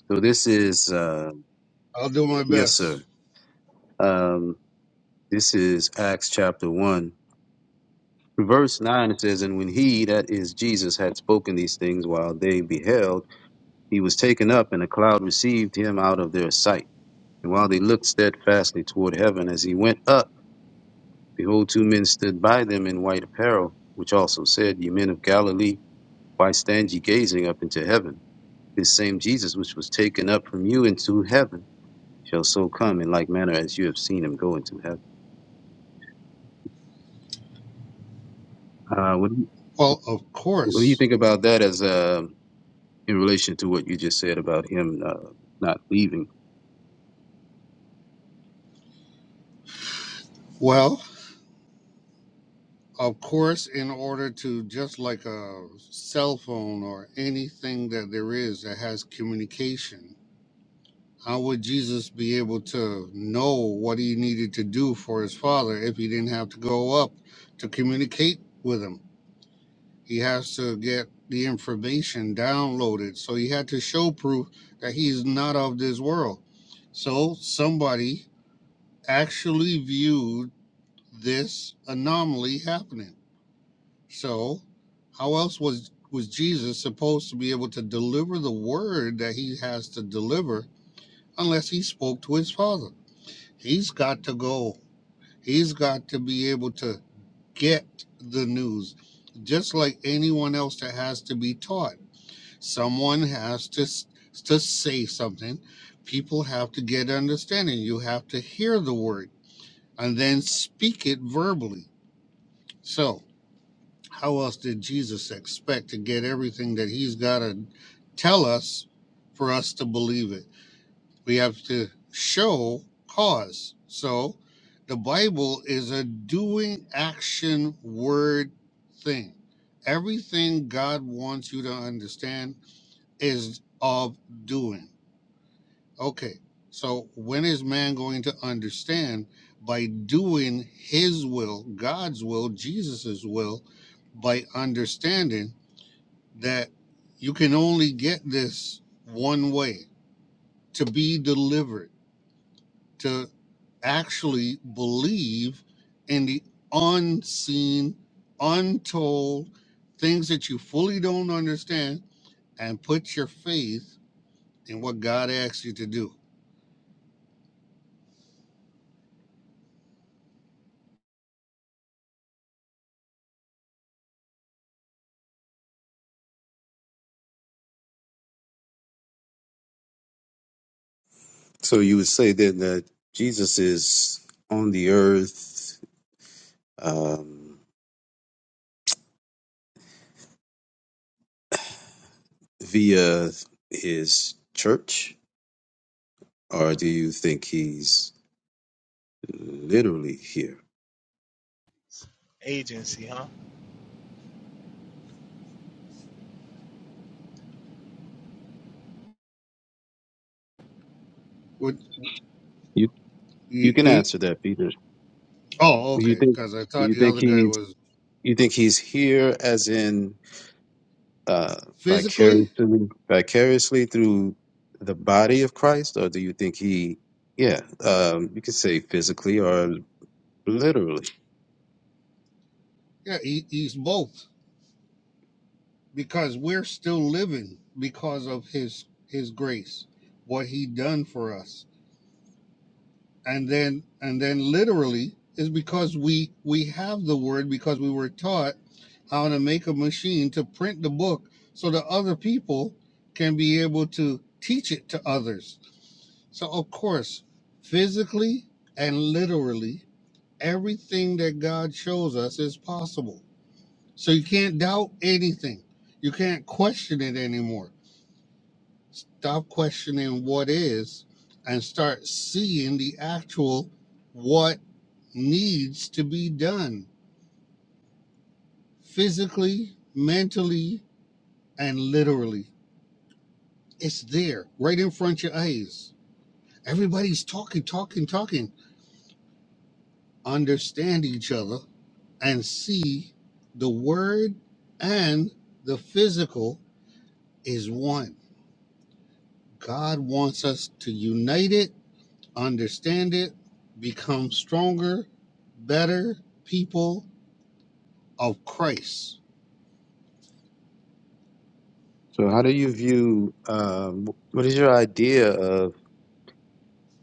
Speaker 16: So this is, uh,
Speaker 15: I'll do my
Speaker 16: yes, sir.
Speaker 15: best.
Speaker 16: Um, this is Acts chapter 1. Verse 9 it says, And when he, that is Jesus, had spoken these things while they beheld, he was taken up, and a cloud received him out of their sight. And while they looked steadfastly toward heaven as he went up, behold, two men stood by them in white apparel, which also said, Ye men of Galilee, why stand ye gazing up into heaven? This same Jesus which was taken up from you into heaven shall so come in like manner as you have seen him go into heaven. Uh, what, do you-
Speaker 15: Well, of
Speaker 16: what do you
Speaker 15: course.
Speaker 16: think about that as uh, in relation to what you just said about him uh, not leaving?
Speaker 15: Well, of course, in order to just like a cell phone or anything that there is that has communication, how would Jesus be able to know what he needed to do for his father if he didn't have to go up to communicate with him? He has to get the information downloaded. So he had to show proof that he's not of this world. So somebody actually viewed this anomaly happening. So how else was was Jesus supposed to be able to deliver the word that he has to deliver unless he spoke to his father? He's got to go. He's got to be able to get the news just like anyone else that has to be taught. someone has to s- to say something people have to get understanding you have to hear the word and then speak it verbally so how else did jesus expect to get everything that he's got to tell us for us to believe it we have to show cause so the bible is a doing action word thing everything god wants you to understand is of doing Okay. So when is man going to understand by doing his will, God's will, Jesus's will, by understanding that you can only get this one way to be delivered, to actually believe in the unseen, untold things that you fully don't understand and put your faith in what God asks you to do.
Speaker 16: So you would say then that Jesus is on the earth um, via his church, or do you think he's literally here?
Speaker 17: Agency, huh?
Speaker 15: What
Speaker 16: You you
Speaker 15: you
Speaker 16: can
Speaker 15: you.
Speaker 16: answer that, Peter.
Speaker 15: Oh,
Speaker 16: Do you
Speaker 15: okay.
Speaker 16: think
Speaker 15: Because I
Speaker 16: do
Speaker 15: thought
Speaker 16: you
Speaker 15: the
Speaker 16: think
Speaker 15: other guy
Speaker 16: he's
Speaker 15: was
Speaker 16: You think he's here as in uh,
Speaker 15: physically.
Speaker 16: vicariously vicariously through the body of Christ, or do you think he, yeah, um, you could say physically or literally?
Speaker 15: Yeah, he, he's both. Because we're still living because of his his grace, what he done for us, and then and then literally is because we we have the word because we were taught how to make a machine to print the book so that other people can be able to teach it to others. So of course, physically and literally everything that God shows us is possible. So you can't doubt anything. You can't question it anymore. Stop questioning what is and start seeing the actual what needs to be done physically, mentally, and literally. It's there right in front of your eyes. Everybody's talking, talking, talking. Understand each other and see the word and the physical is one. God wants us to unite it, understand it, become stronger, better people of Christ.
Speaker 16: So, how do you view? Um, what is your idea of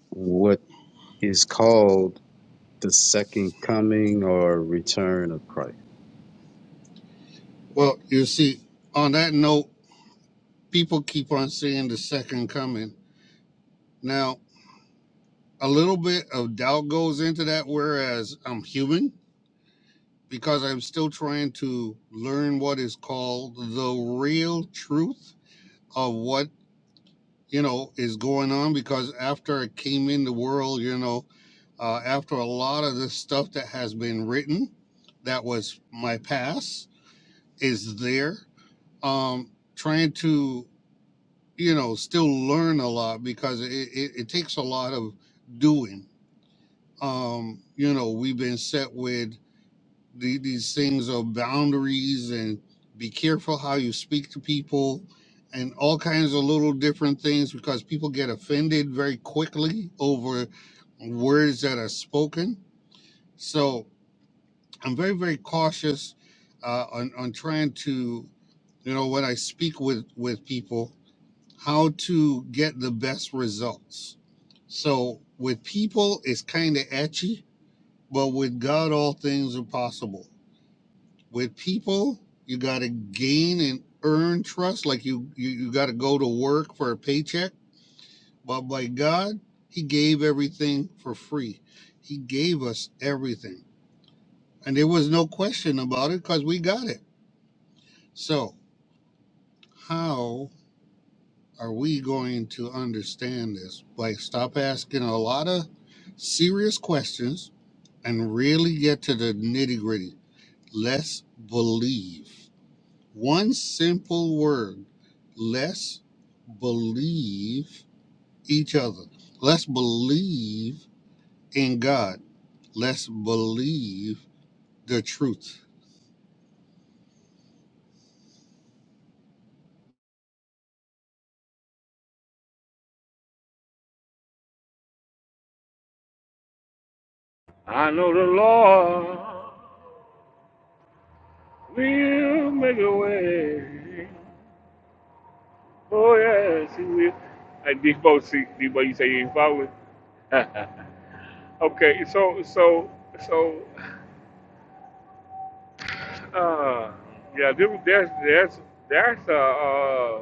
Speaker 16: what is called the second coming or return of Christ?
Speaker 15: Well, you see, on that note, people keep on saying the second coming. Now, a little bit of doubt goes into that, whereas I'm human because I'm still trying to learn what is called the real truth of what you know, is going on because after it came in the world, you know, uh, after a lot of the stuff that has been written, that was my past, is there. Um, trying to, you know, still learn a lot because it, it, it takes a lot of doing. Um, you know, we've been set with the- these things of boundaries and be careful how you speak to people and all kinds of little different things because people get offended very quickly over words that are spoken. So I'm very, very cautious uh, on, on trying to, you know, when I speak with, with people, how to get the best results. So with people, it's kind of etchy, but with God, all things are possible with people you got to gain and earn trust like you you, you got to go to work for a paycheck but by god he gave everything for free he gave us everything and there was no question about it because we got it so how are we going to understand this like stop asking a lot of serious questions and really get to the nitty gritty let's believe One simple word. Let's believe each other. Let's believe in God. Let's believe the truth.
Speaker 11: I know the Lord will make a way. Oh yes, He will. Like D-Bo, see, D-Bo, you say you ain't following. Okay, so so so uh yeah, there- that's that's that's a uh,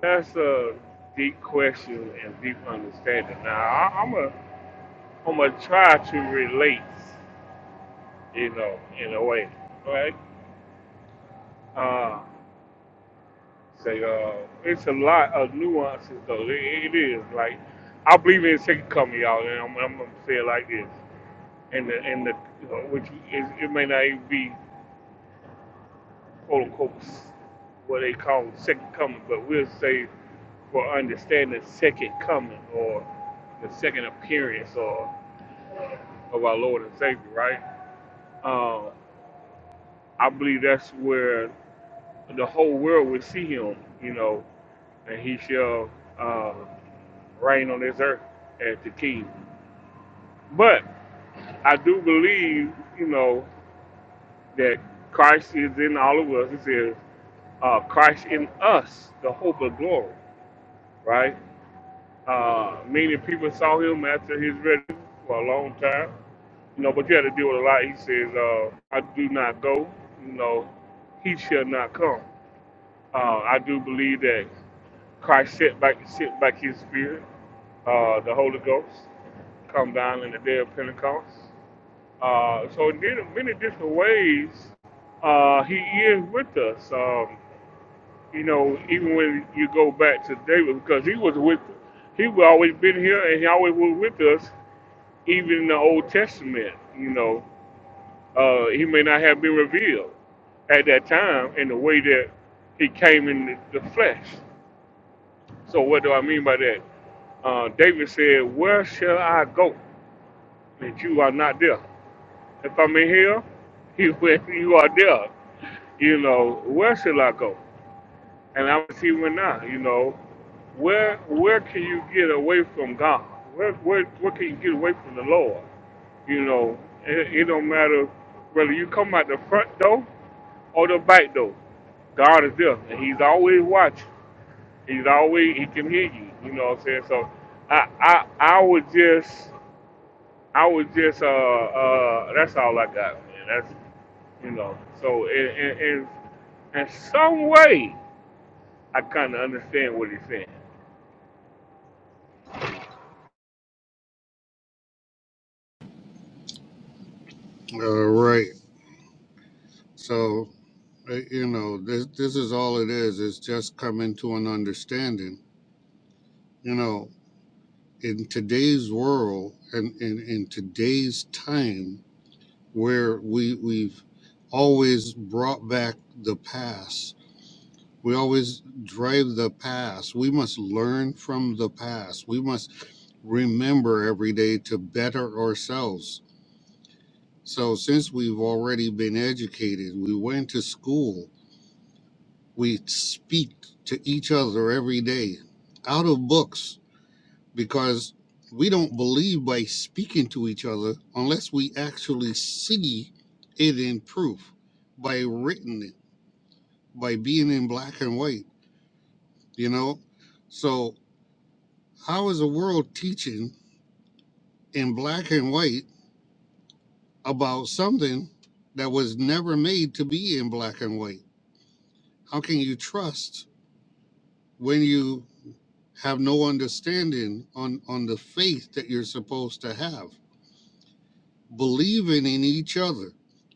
Speaker 11: that's a deep question and deep understanding. Now I, I'm a I'm gonna try to relate, you know, in a way, right? Uh, say uh, it's a lot of nuances though. It, it is like I believe in second coming, y'all, and I'm, I'm gonna say it like this, and the and the which is, it may not even be quote unquote what they call second coming, but we'll say for understanding second coming or the second appearance or of our Lord and Savior, right? Um, I believe that's where the whole world will see him, you know, and he shall uh, reign on this earth as the king. But I do believe, you know, that Christ is in all of us. It says, uh, Christ in us, the hope of glory, right? Uh, many people saw him after his wedding for a long time. You know, but you had to deal with a lot. He says, uh, I do not go. You know, he shall not come. Uh, I do believe that Christ sent back, sent back his spirit, uh, the Holy Ghost, come down in the day of Pentecost. Uh, so in many different ways, uh, he is with us. Um, you know, even when you go back to David, because he was with, he was always been here and he always was with us, even in the Old Testament, you know. Uh, he may not have been revealed at that time in the way that he came in the the flesh. So what do I mean by that? Uh, David said, where shall I go that you are not there? If I'm in here, you, you are there. You know, where shall I go? And I'm even now, you know, where where can you get away from God? Where where where can you get away from the Lord? You know, it, it don't matter whether you come out the front door or the back door. God is there, and He's always watching. He's always He can hear you. You know what I'm saying? So, I I I would just I would just uh uh that's all I got, man. That's you know. So in in in, in some way, I kind of understand what He's saying.
Speaker 15: All right. So, uh, you know, this, this is all it is. It's just coming to an understanding. You know, in today's world and in, in today's time where we, we've always brought back the past We always drive the past. We must learn from the past. We must remember every day to better ourselves. So, since we've already been educated, we went to school, we speak to each other every day out of books because we don't believe by speaking to each other unless we actually see it in proof by written by being in black and white, you know? So, How is the world teaching in black and white about something that was never made to be in black and white? How can you trust when you have no understanding on, on the faith that you're supposed to have? Believing in each other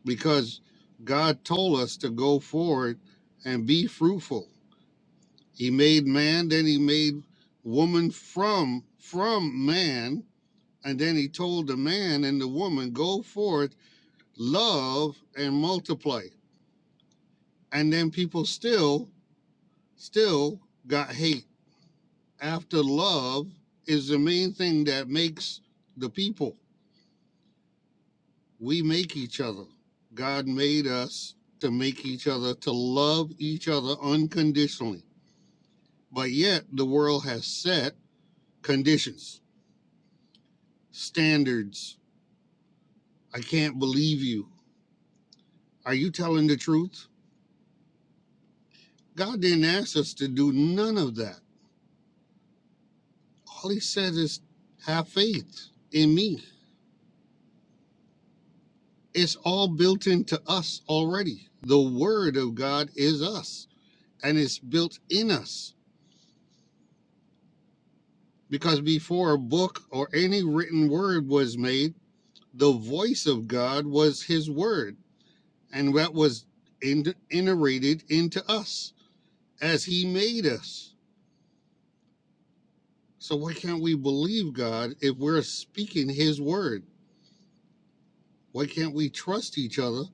Speaker 15: because God told us to go forward and be fruitful. He made man, then he made woman from from man, and then he told the man and the woman, go forth love and multiply. And then people still, still got hate. After love is the main thing that makes the people. We make each other. God made us to make each other, to love each other unconditionally. But yet the world has set conditions, standards. I can't believe you. Are you telling the truth? God didn't ask us to do none of that. All he said is, have faith in me. It's all built into us already. The word of God is us, and it's built in us. Because before a book or any written word was made, the voice of God was his word, and that was in- iterated into us as he made us. So, why can't we believe God if we're speaking his word? Why can't we trust each other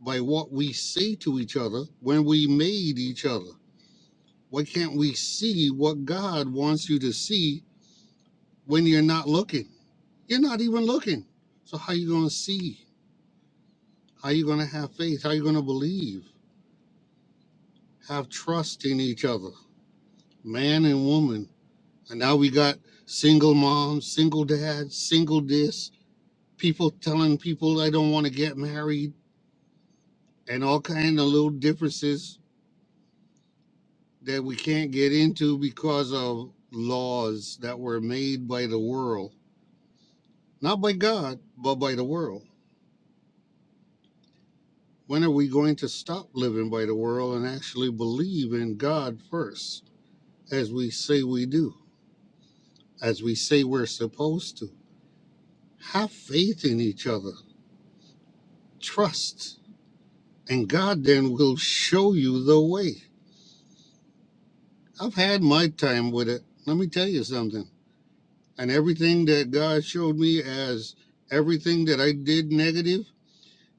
Speaker 15: by what we say to each other when we made each other. Why can't we see what God wants you to see when you're not looking? You're not even looking. So how you going to see? How you going to have faith? How you going to believe? Have trust in each other, man and woman. And now we got single moms, single dads, single this, people telling people I don't want to get married and all kind of little differences that we can't get into because of laws that were made by the world, not by God, but by the world. When are we going to stop living by the world and actually believe in God first, as we say we do, as we say we're supposed to? Have faith in each other, trust, and God then will show you the way. I've had my time with it. Let me tell you something. And everything that God showed me as everything that I did negative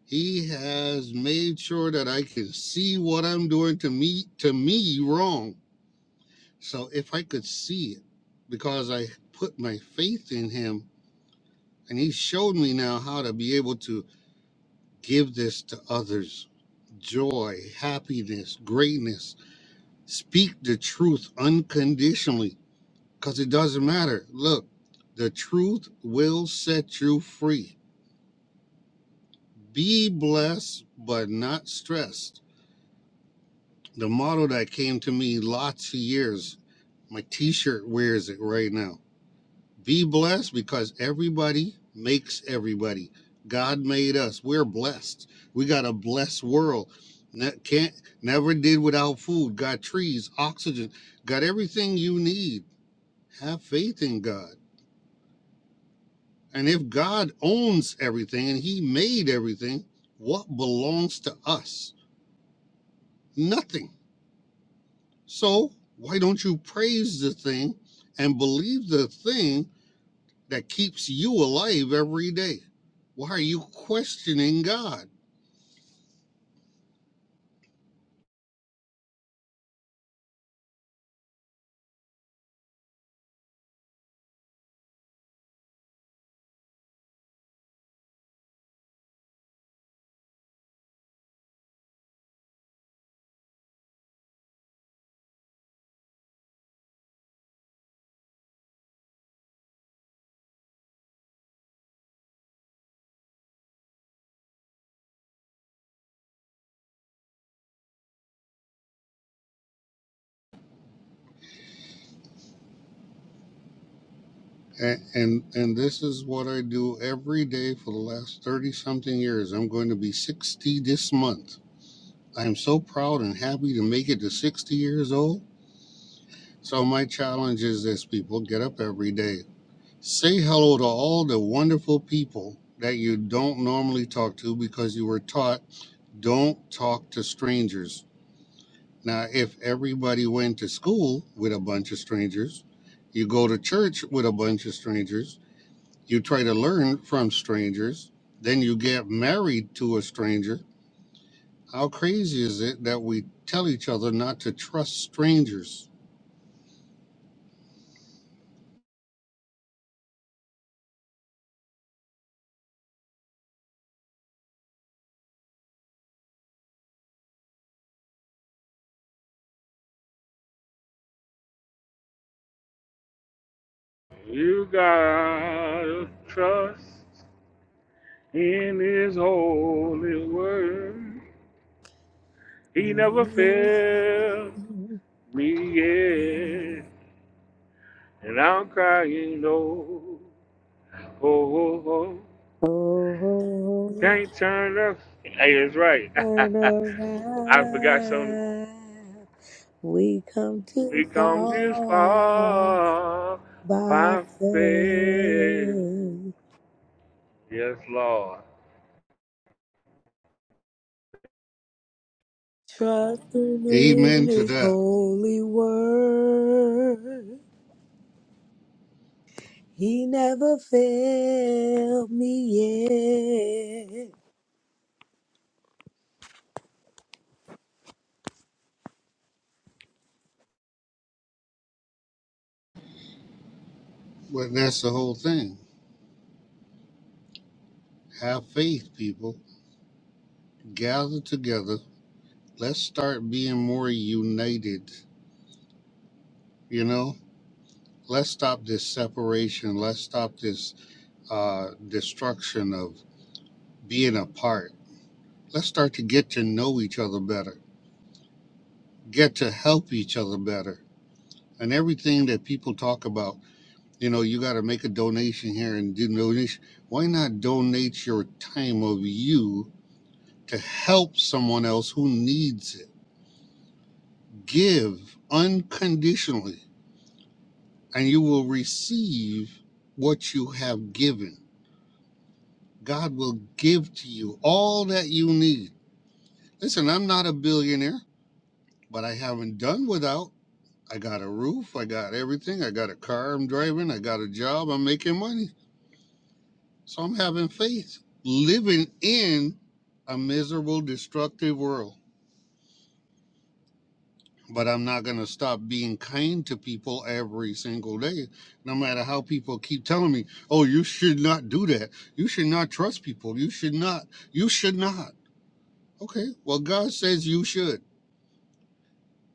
Speaker 15: He has made sure that I can see what I'm doing to me to me wrong. So if I could see it, because I put my faith in him and he showed me now how to be able to give this to others. Joy, happiness, greatness. Speak the truth unconditionally. Because it doesn't matter. Look, the truth will set you free. Be blessed but not stressed The motto that came to me lots of years, my t shirt wears it right now. Be blessed because everybody makes everybody. God made us. We're blessed. We got a blessed world. Ne- can't never did without food. Got trees, oxygen, got everything you need. Have faith in God. And if God owns everything and He made everything, what belongs to us? Nothing So why don't you praise the thing and believe the thing that keeps you alive every day? Why are you questioning God? And and, and this is what I do every day for the last 30 something years. I'm going to be 60 this month. I'm so proud and happy to make it to 60 years old. So my challenge is this people get up every day. Say hello to all the wonderful people that you don't normally talk to because you were taught Don't talk to strangers. Now, if everybody went to school with a bunch of strangers, you go to church with a bunch of strangers, you try to learn from strangers, then you get married to a stranger. How crazy is it that we tell each other not to trust strangers?
Speaker 11: You gotta trust in His holy word. He never failed me yet, and I'm crying no. Oh, oh, oh.
Speaker 12: oh,
Speaker 11: Can't turn up. Hey, that's right.
Speaker 12: turn
Speaker 11: I forgot something.
Speaker 12: around. We come too
Speaker 11: We come this
Speaker 12: far
Speaker 11: far
Speaker 12: by
Speaker 11: by faith.
Speaker 12: faith,
Speaker 11: Yes, Lord.
Speaker 12: trusting in
Speaker 15: Amen to
Speaker 12: His
Speaker 15: that.
Speaker 12: holy word. He never failed me yet.
Speaker 15: But that's the whole thing. Have faith, people. Gather together. Let's start being more united. You know? let's stop this separation. Let's stop this uh, destruction of being apart. Let's start to get to know each other better, get to help each other better. And everything that people talk about, you know, you got to make a donation here and do donation. Why not donate your time of you to help someone else who needs it? Give unconditionally, and you will receive what you have given God will give to you all that you need. Listen, I'm not a billionaire, but I haven't done without. I got a roof, I got everything, I got a car I'm driving, I got a job, I'm making money. So I'm having faith, living in a miserable, destructive world. But I'm not going to stop being kind to people every single day, no matter how people keep telling me, oh, you should not do that. You should not trust people. You should not. You should not. Okay, well, God says you should.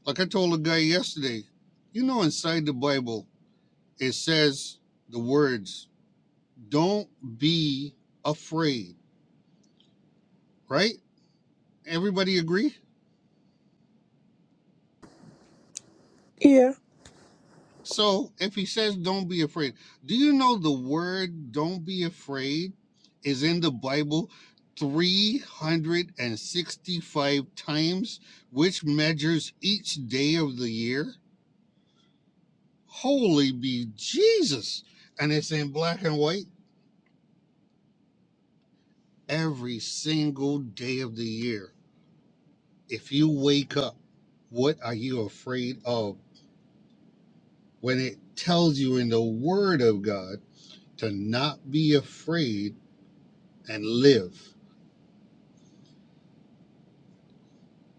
Speaker 15: Like I told a guy yesterday, you know, inside the Bible, it says the words, don't be afraid, right? Everybody agree?
Speaker 12: Yeah.
Speaker 15: So if he says don't be afraid, do you know the word don't be afraid is in the Bible 365 times, which measures each day of the year? Holy be Jesus. And it's in black and white every single day of the year. If you wake up, what are you afraid of? When it tells you in the Word of God to not be afraid and live.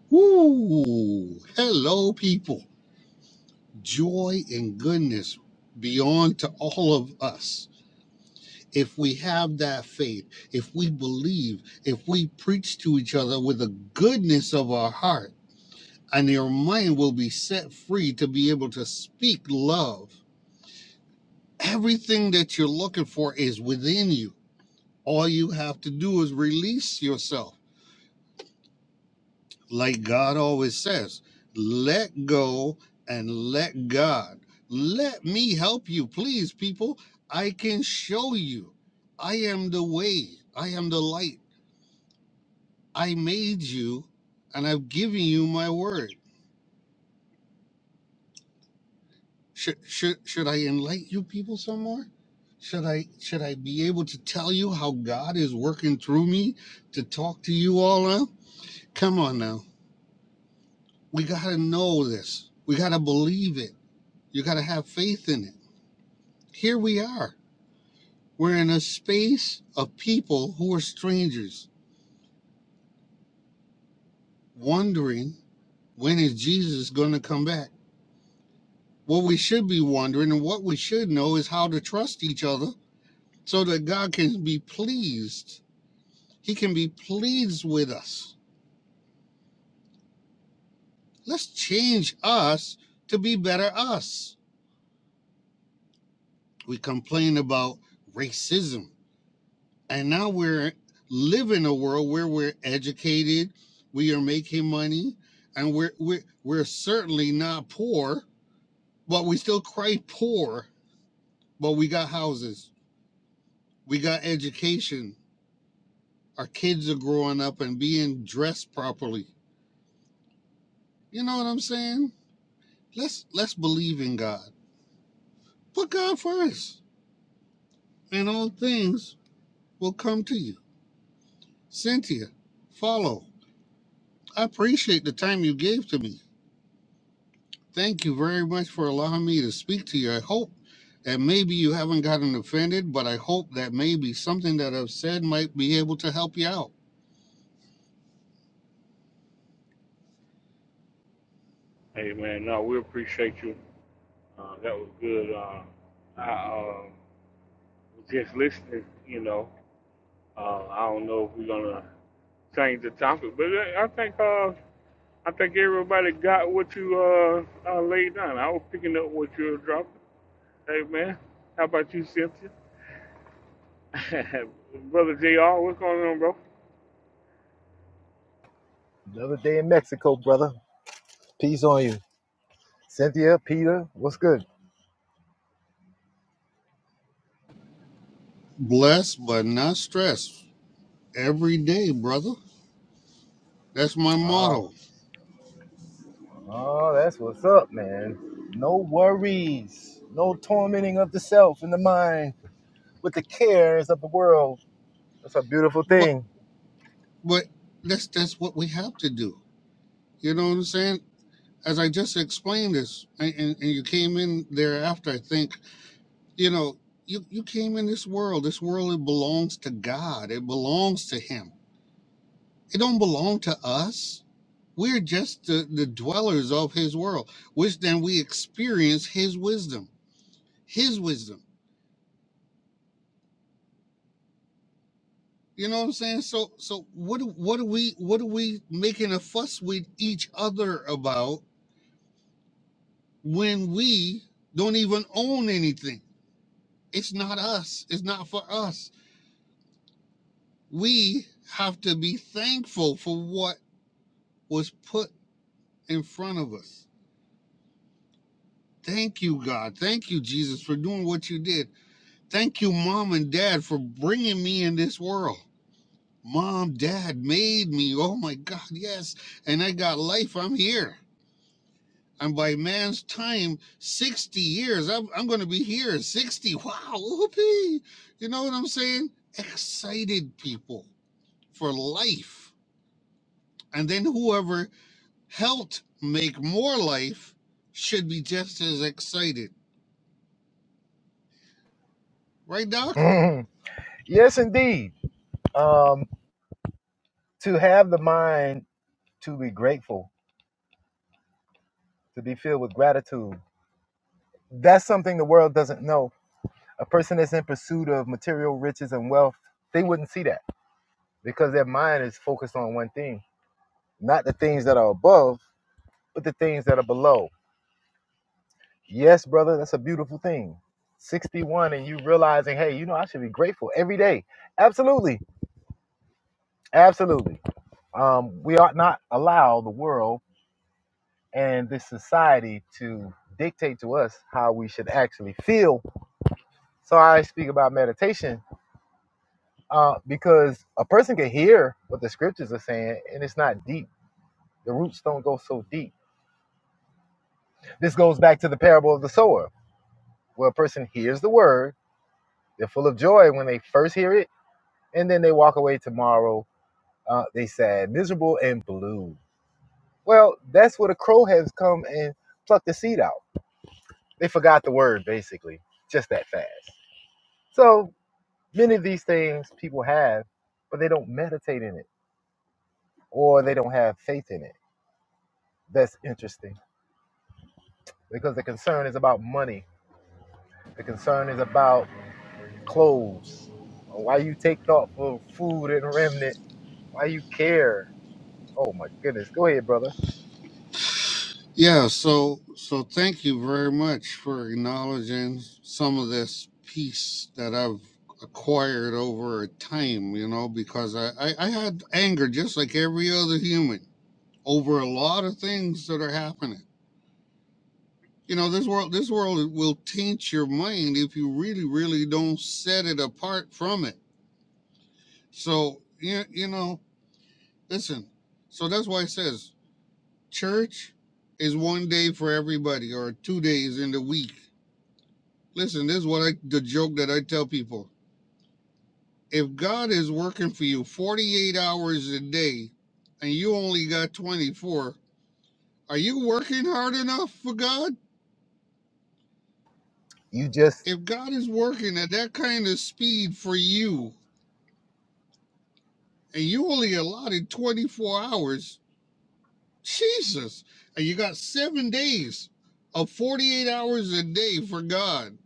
Speaker 15: Woo! Hello, people. Joy and goodness beyond to all of us. If we have that faith, if we believe, if we preach to each other with the goodness of our heart, and your mind will be set free to be able to speak love. Everything that you're looking for is within you. All you have to do is release yourself. Like God always says, let go and let God. Let me help you, please, people. I can show you. I am the way, I am the light. I made you, and I've given you my word. Should should should I enlighten you people some more? Should I should I be able to tell you how God is working through me to talk to you all now? Come on now. We gotta know this. We gotta believe it. You gotta have faith in it. Here we are. We're in a space of people who are strangers, wondering when is Jesus gonna come back? What we should be wondering and what we should know is how to trust each other so that God can be pleased He can be pleased with us. Let's change us to be better us. We complain about racism, and now we're living in a world where we're educated, we are making money, and we're we're we're certainly not poor, but we still cry poor. But we got houses, we got education. Our kids are growing up and being dressed properly. You know what I'm saying? Let's let's believe in God. Put God first and all things will come to you. Cynthia, follow. I appreciate the time you gave to me. Thank you very much for allowing me to speak to you. I hope that maybe you haven't gotten offended, but I hope that maybe something that I've said might be able to help you out.
Speaker 11: Amen. No, we appreciate you. Uh, that was good. Uh, I uh, was just listening, you know. Uh, I don't know if we're gonna change the topic, but I think uh, I think everybody got what you uh, uh, laid down. I was picking up what you were dropping. Hey man, how about you, Cynthia? Brother Jr., what's going on, bro?
Speaker 18: Another day in Mexico, brother. Peace on you. Cynthia, Peter, what's good?
Speaker 15: Blessed but not stressed every day, brother. That's my
Speaker 18: Oh,
Speaker 15: motto.
Speaker 18: oh, that's what's up, man. No worries. No tormenting of the self and the mind with the cares of the world. That's a beautiful
Speaker 15: But
Speaker 18: thing.
Speaker 15: but that's that's what we have to do. You know what I'm saying? As I just explained this, and, and, and you came in there after, I think you know you you came in this world this world it belongs to god it belongs to him it don't belong to us we're just the, the dwellers of his world which then we experience his wisdom his wisdom you know what i'm saying so so what do- what are we what are we making a fuss with each other about when we don't even own anything it's not us it's not for us we have to be thankful for what was put in front of us. Thank you, God. Thank you, Jesus, for doing what you did. Thank you, mom and dad, for bringing me in this world. Mom, dad made me. Oh my God, yes. And I got life. I'm here. And by man's time, 60 years, I'm, I'm going to be here. at 60. Wow. Whoopee. You know what I'm saying? Excited people for life. And then whoever helped make more life should be just as excited. Right, Doc?
Speaker 18: Mhm. yes, indeed. Um, to have the mind to be grateful, to be filled with gratitude. That's something the world doesn't know. A person that's in pursuit of material riches and wealth, they wouldn't see that because their mind is focused on one thing not the things that are above, but the things that are below. Yes, brother, that's a beautiful thing. 61 and you realizing, hey, you know, I should be grateful every day. Absolutely. Absolutely. Um, we ought not allow the world and this society to dictate to us how we should actually feel. So I speak about meditation uh, because a person can hear what the scriptures are saying and it's not deep. The roots don't go so deep. This goes back to the parable of the sower, where a person hears the word They're full of joy when they first hear it, and then they walk away tomorrow. Uh, they sad, miserable, and blue. Well, that's where the crow has come and plucked the seed out. They forgot the word, basically, just that fast. So many of these things people have, but they don't meditate in it or they don't have faith in it. That's interesting because the concern is about money. The concern is about clothes. Why you take thought for food and remnant? Why you care? Oh my goodness. Go ahead, brother.
Speaker 15: Yeah, so so thank you very much for acknowledging some of this peace that I've acquired over time, you know, because I, I, I had anger just like every other human over a lot of things that are happening. You know, this world this world will taint your mind if you really, really don't set it apart from it. So you, you know, listen. So that's why it says church is one day for everybody or two days in the week Listen, this is what I the joke that I tell people. If God is working for you 48 hours a day and you only got 24, are you working hard enough for God?
Speaker 18: you just
Speaker 15: If God is working at that kind of speed for you and you only allotted 24 hours, Jesus, and you got 7 days of 48 hours a day for God,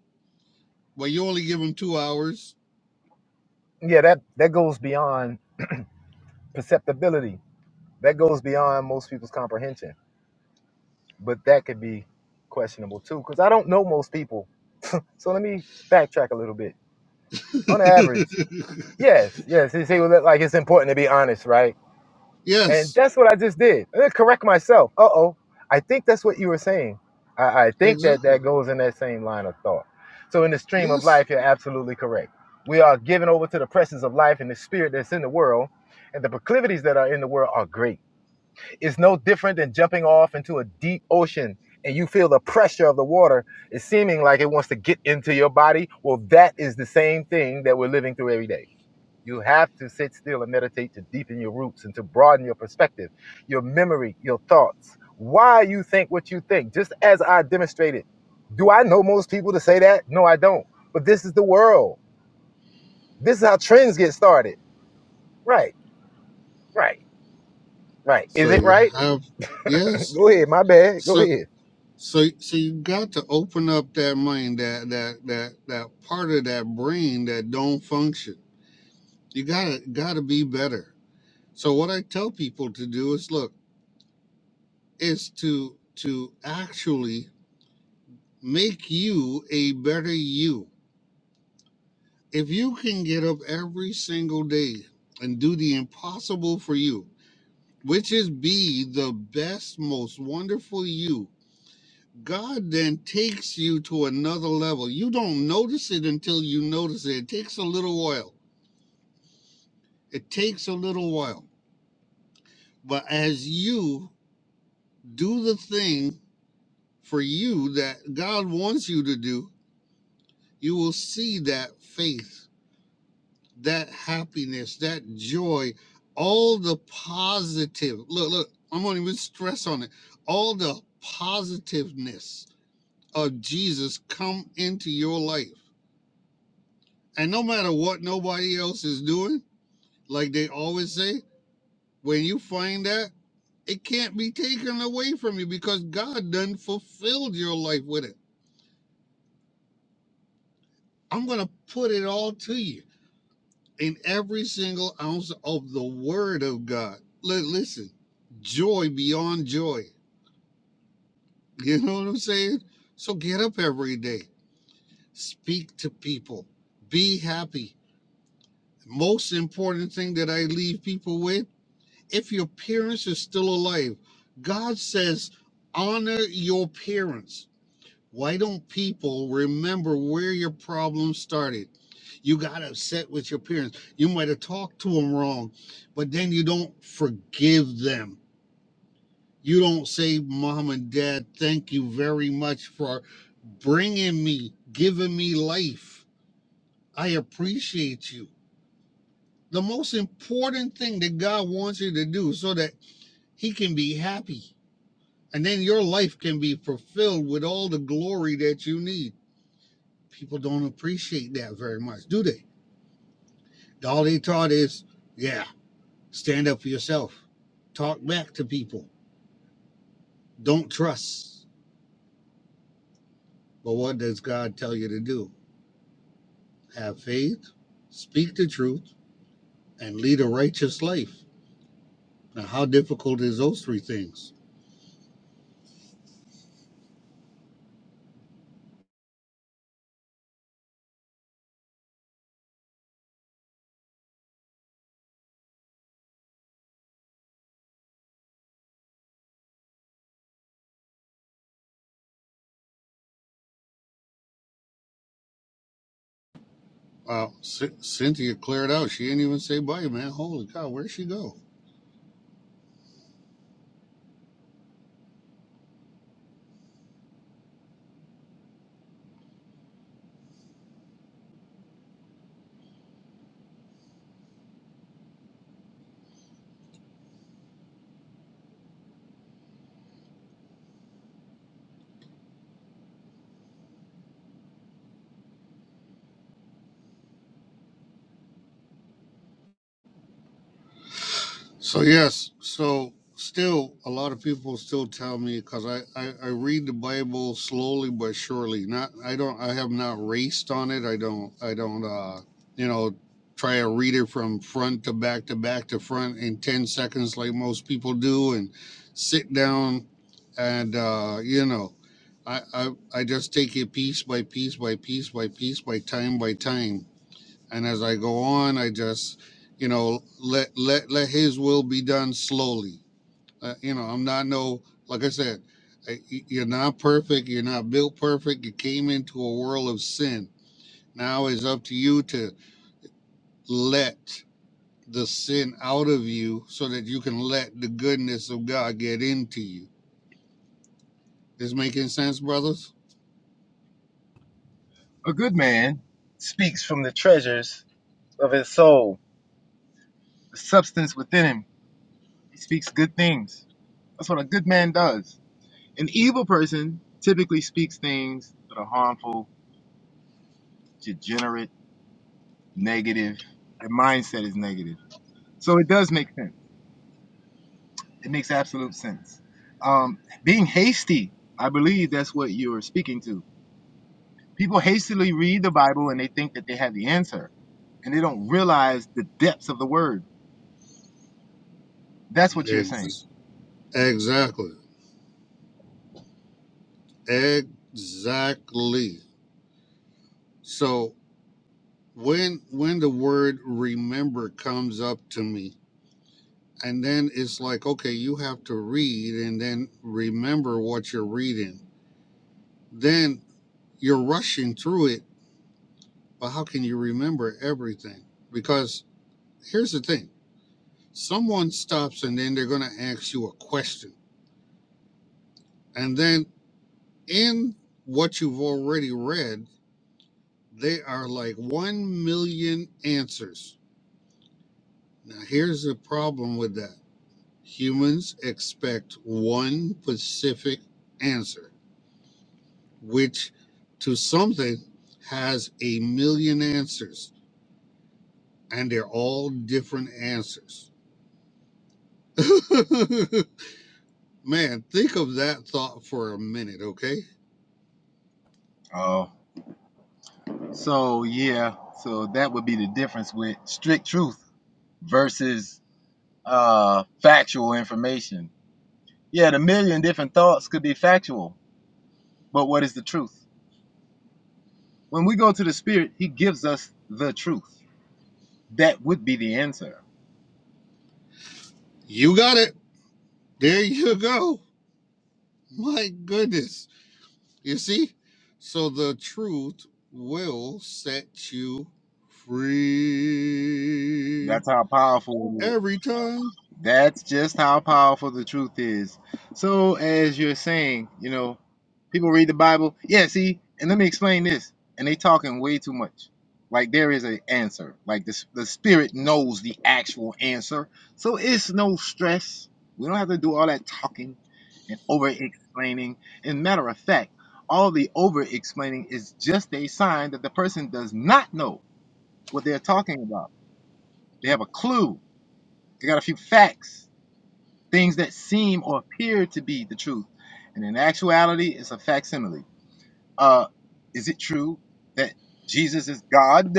Speaker 15: but you only give him 2 hours.
Speaker 18: yeah that that goes beyond perceptibility that goes beyond most people's comprehension but that could be questionable too because i don't know most people so let me backtrack a little bit on average yes yes you see well, like it's important to be honest right And
Speaker 15: yes,
Speaker 18: that's what I just did. I didn't correct myself. Uh oh. I think that's what you were saying. I, I think that
Speaker 15: exactly.
Speaker 18: that goes in that same line of thought. So, in the stream of
Speaker 15: Yes.
Speaker 18: life, you're absolutely correct. We are given over to the presence of life and the spirit that's in the world, and the proclivities that are in the world are great. It's no different than jumping off into a deep ocean and you feel the pressure of the water is seeming like it wants to get into your body. Well, that is the same thing that we're living through every day you have to sit still and meditate to deepen your roots and to broaden your perspective, your memory, your thoughts, why you think what you think. Just as I demonstrated, do I know most people to say that? No, I don't. But this is the world. This is how trends get started. Right, right, right. Is
Speaker 15: So
Speaker 18: it
Speaker 15: you
Speaker 18: right?
Speaker 15: have yes.
Speaker 18: Go ahead. My bad. Go
Speaker 15: So
Speaker 18: ahead.
Speaker 15: so so you got to open up that mind, that that that that part of that brain that don't function. You gotta gotta be better. So what I tell people to do is look, is to to actually make you a better you. If you can get up every single day and do the impossible for you, which is be the best, most wonderful you God then takes you to another level. You don't notice it until you notice it. It takes a little while. It takes a little while. But as you do the thing for you that God wants you to do, you will see that faith, that happiness, that joy, all the positive. Look, look, I'm going to even stress on it. All the positiveness of Jesus come into your life And no matter what nobody else is doing, like they always say, when you find that, it can't be taken away from you because God done fulfilled your life with it. I'm going to put it all to you in every single ounce of the word of God. Li- Listen, joy beyond joy. You know what I'm saying? So get up every day, speak to people, be happy. Most important thing that I leave people with if your parents are still alive, God says, honor your parents. Why don't people remember where your problem started? You got upset with your parents. You might have talked to them wrong, but then you don't forgive them. You don't say, Mom and Dad, thank you very much for bringing me, giving me life. I appreciate you. The most important thing that God wants you to do so that He can be happy And then your life can be fulfilled with all the glory that you need. People don't appreciate that very much, do they? All they taught is, yeah, stand up for yourself, talk back to people, don't trust. But what does God tell you to do? Have faith, speak the truth, and lead a righteous life. Now, how difficult is those three things? Wow, C- Cynthia cleared out. She didn't even say bye, man. Holy cow, where'd she go? So yes, so still a lot of people still tell me because I, I I read the Bible slowly but surely. Not I don't I have not raced on it. I don't I don't uh you know try to read it from front to back to back to front in ten seconds like most people do and sit down and uh you know I I I just take it piece by piece by piece by piece by time by time and as I go on, I just, you know, let let let His will be done slowly. Uh, you know, I'm not no like I said, I, you're not perfect. You're not built perfect. You came into a world of sin. Now it's up to you to let the sin out of you, so that you can let the goodness of God get into you. This making sense, brothers?
Speaker 18: A good man speaks from the treasures of his soul, the substance within him. He speaks good things. That's what a good man does. An evil person typically speaks things that are harmful, degenerate, negative. Their mindset is negative. So it does make sense. It makes absolute sense. Um, being hasty, I believe that's what you are speaking to. People hastily read the Bible and they think that they have the answer and they don't realize the depths of the word. That's what you're saying.
Speaker 15: Ex- Exactly. Exactly. So when when the word remember comes up to me and then it's like okay you have to read and then remember what you're reading then you're rushing through it but how can you remember everything because here's the thing someone stops and then they're going to ask you a question and then in what you've already read they are like 1 million answers now here's the problem with that Humans expect one specific answer, which to something has a million answers, and they're all different answers. Man, think of that thought for a minute, okay?
Speaker 18: Oh, so yeah, with truth versus uh, factual information. Yeah, the myths could be factual, but what is the truth? When we go to the Spirit, He gives us the truth. That would be the answer.
Speaker 15: You got it. There you go. My goodness. You see? So the truth will set you free
Speaker 18: That's how powerful
Speaker 15: every time.
Speaker 18: That's just how powerful the truth is. So, as you're saying, you know, people read the Bible. Yeah, see, and let me explain this. And they talking way too much. Like there is an answer. Like the the spirit knows the actual answer. So it's no stress. We don't have to do all that talking and over explaining. And matter of fact, all the over explaining is just a sign that the person does not know what they're talking about. They have a clue. They got a few facts things that seem or appear to be the truth. And in actuality, it's a facsimile. Uh, is it true that Jesus is God?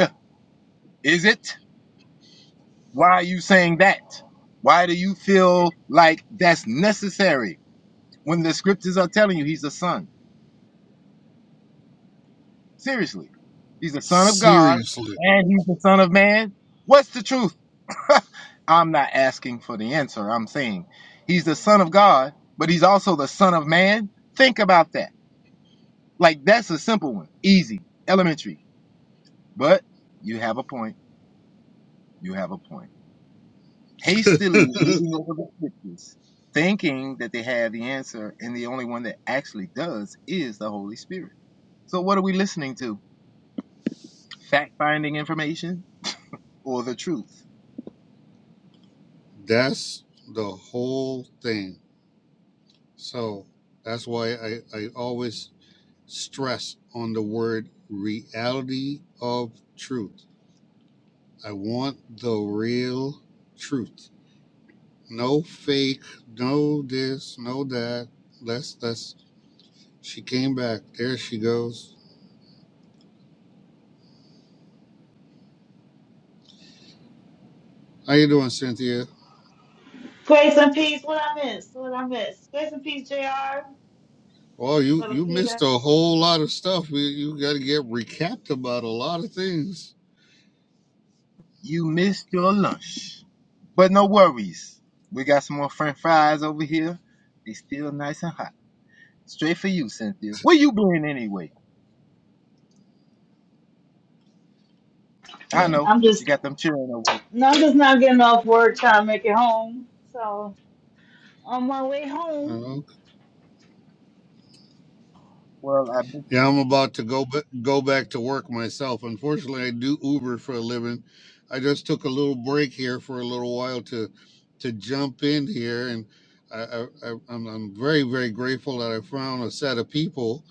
Speaker 18: Is it? Why are you saying that? Why do you feel like that's necessary when the scriptures are telling you he's the son? Seriously, he's the son of God
Speaker 15: Seriously.
Speaker 18: and he's the son of man. What's the truth? I'm not asking for the answer. I'm saying he's the son of God, but he's also the son of man. Think about that. Like that's a simple one, easy, elementary. But you have a point. You have a point. Hastily reading over the scriptures, thinking that they have the answer, and the only one that actually does is the Holy Spirit. So what are we listening to? Or the truth?
Speaker 15: that's the whole thing. So that's why I, I always stress on the word reality of truth. I want the real truth. No fake, no this, no that. Let's let's. she came back. There she goes. How you doing, Cynthia?
Speaker 10: Grace and peace. What I miss? What I miss? Grace and peace, Jr.
Speaker 15: Well, you
Speaker 10: Brother
Speaker 15: you
Speaker 10: Peter.
Speaker 15: missed a whole lot of stuff. You, you got to get recapped about a lot of things.
Speaker 18: You missed your lunch, but no worries. We got some more French fries over here. They still nice and hot. Straight for you, Cynthia. Where you been anyway? I-
Speaker 10: I'm just no, I'm just not getting off work trying to make it home. So on my way
Speaker 15: You
Speaker 10: home,
Speaker 15: know. Yeah, I'm about to go ba- go back to work myself. Unfortunately, I do Uber for a living. I just took a little break here for a little while to to jump in here, and I, I, I, I'm I'm very very grateful that I found a set of people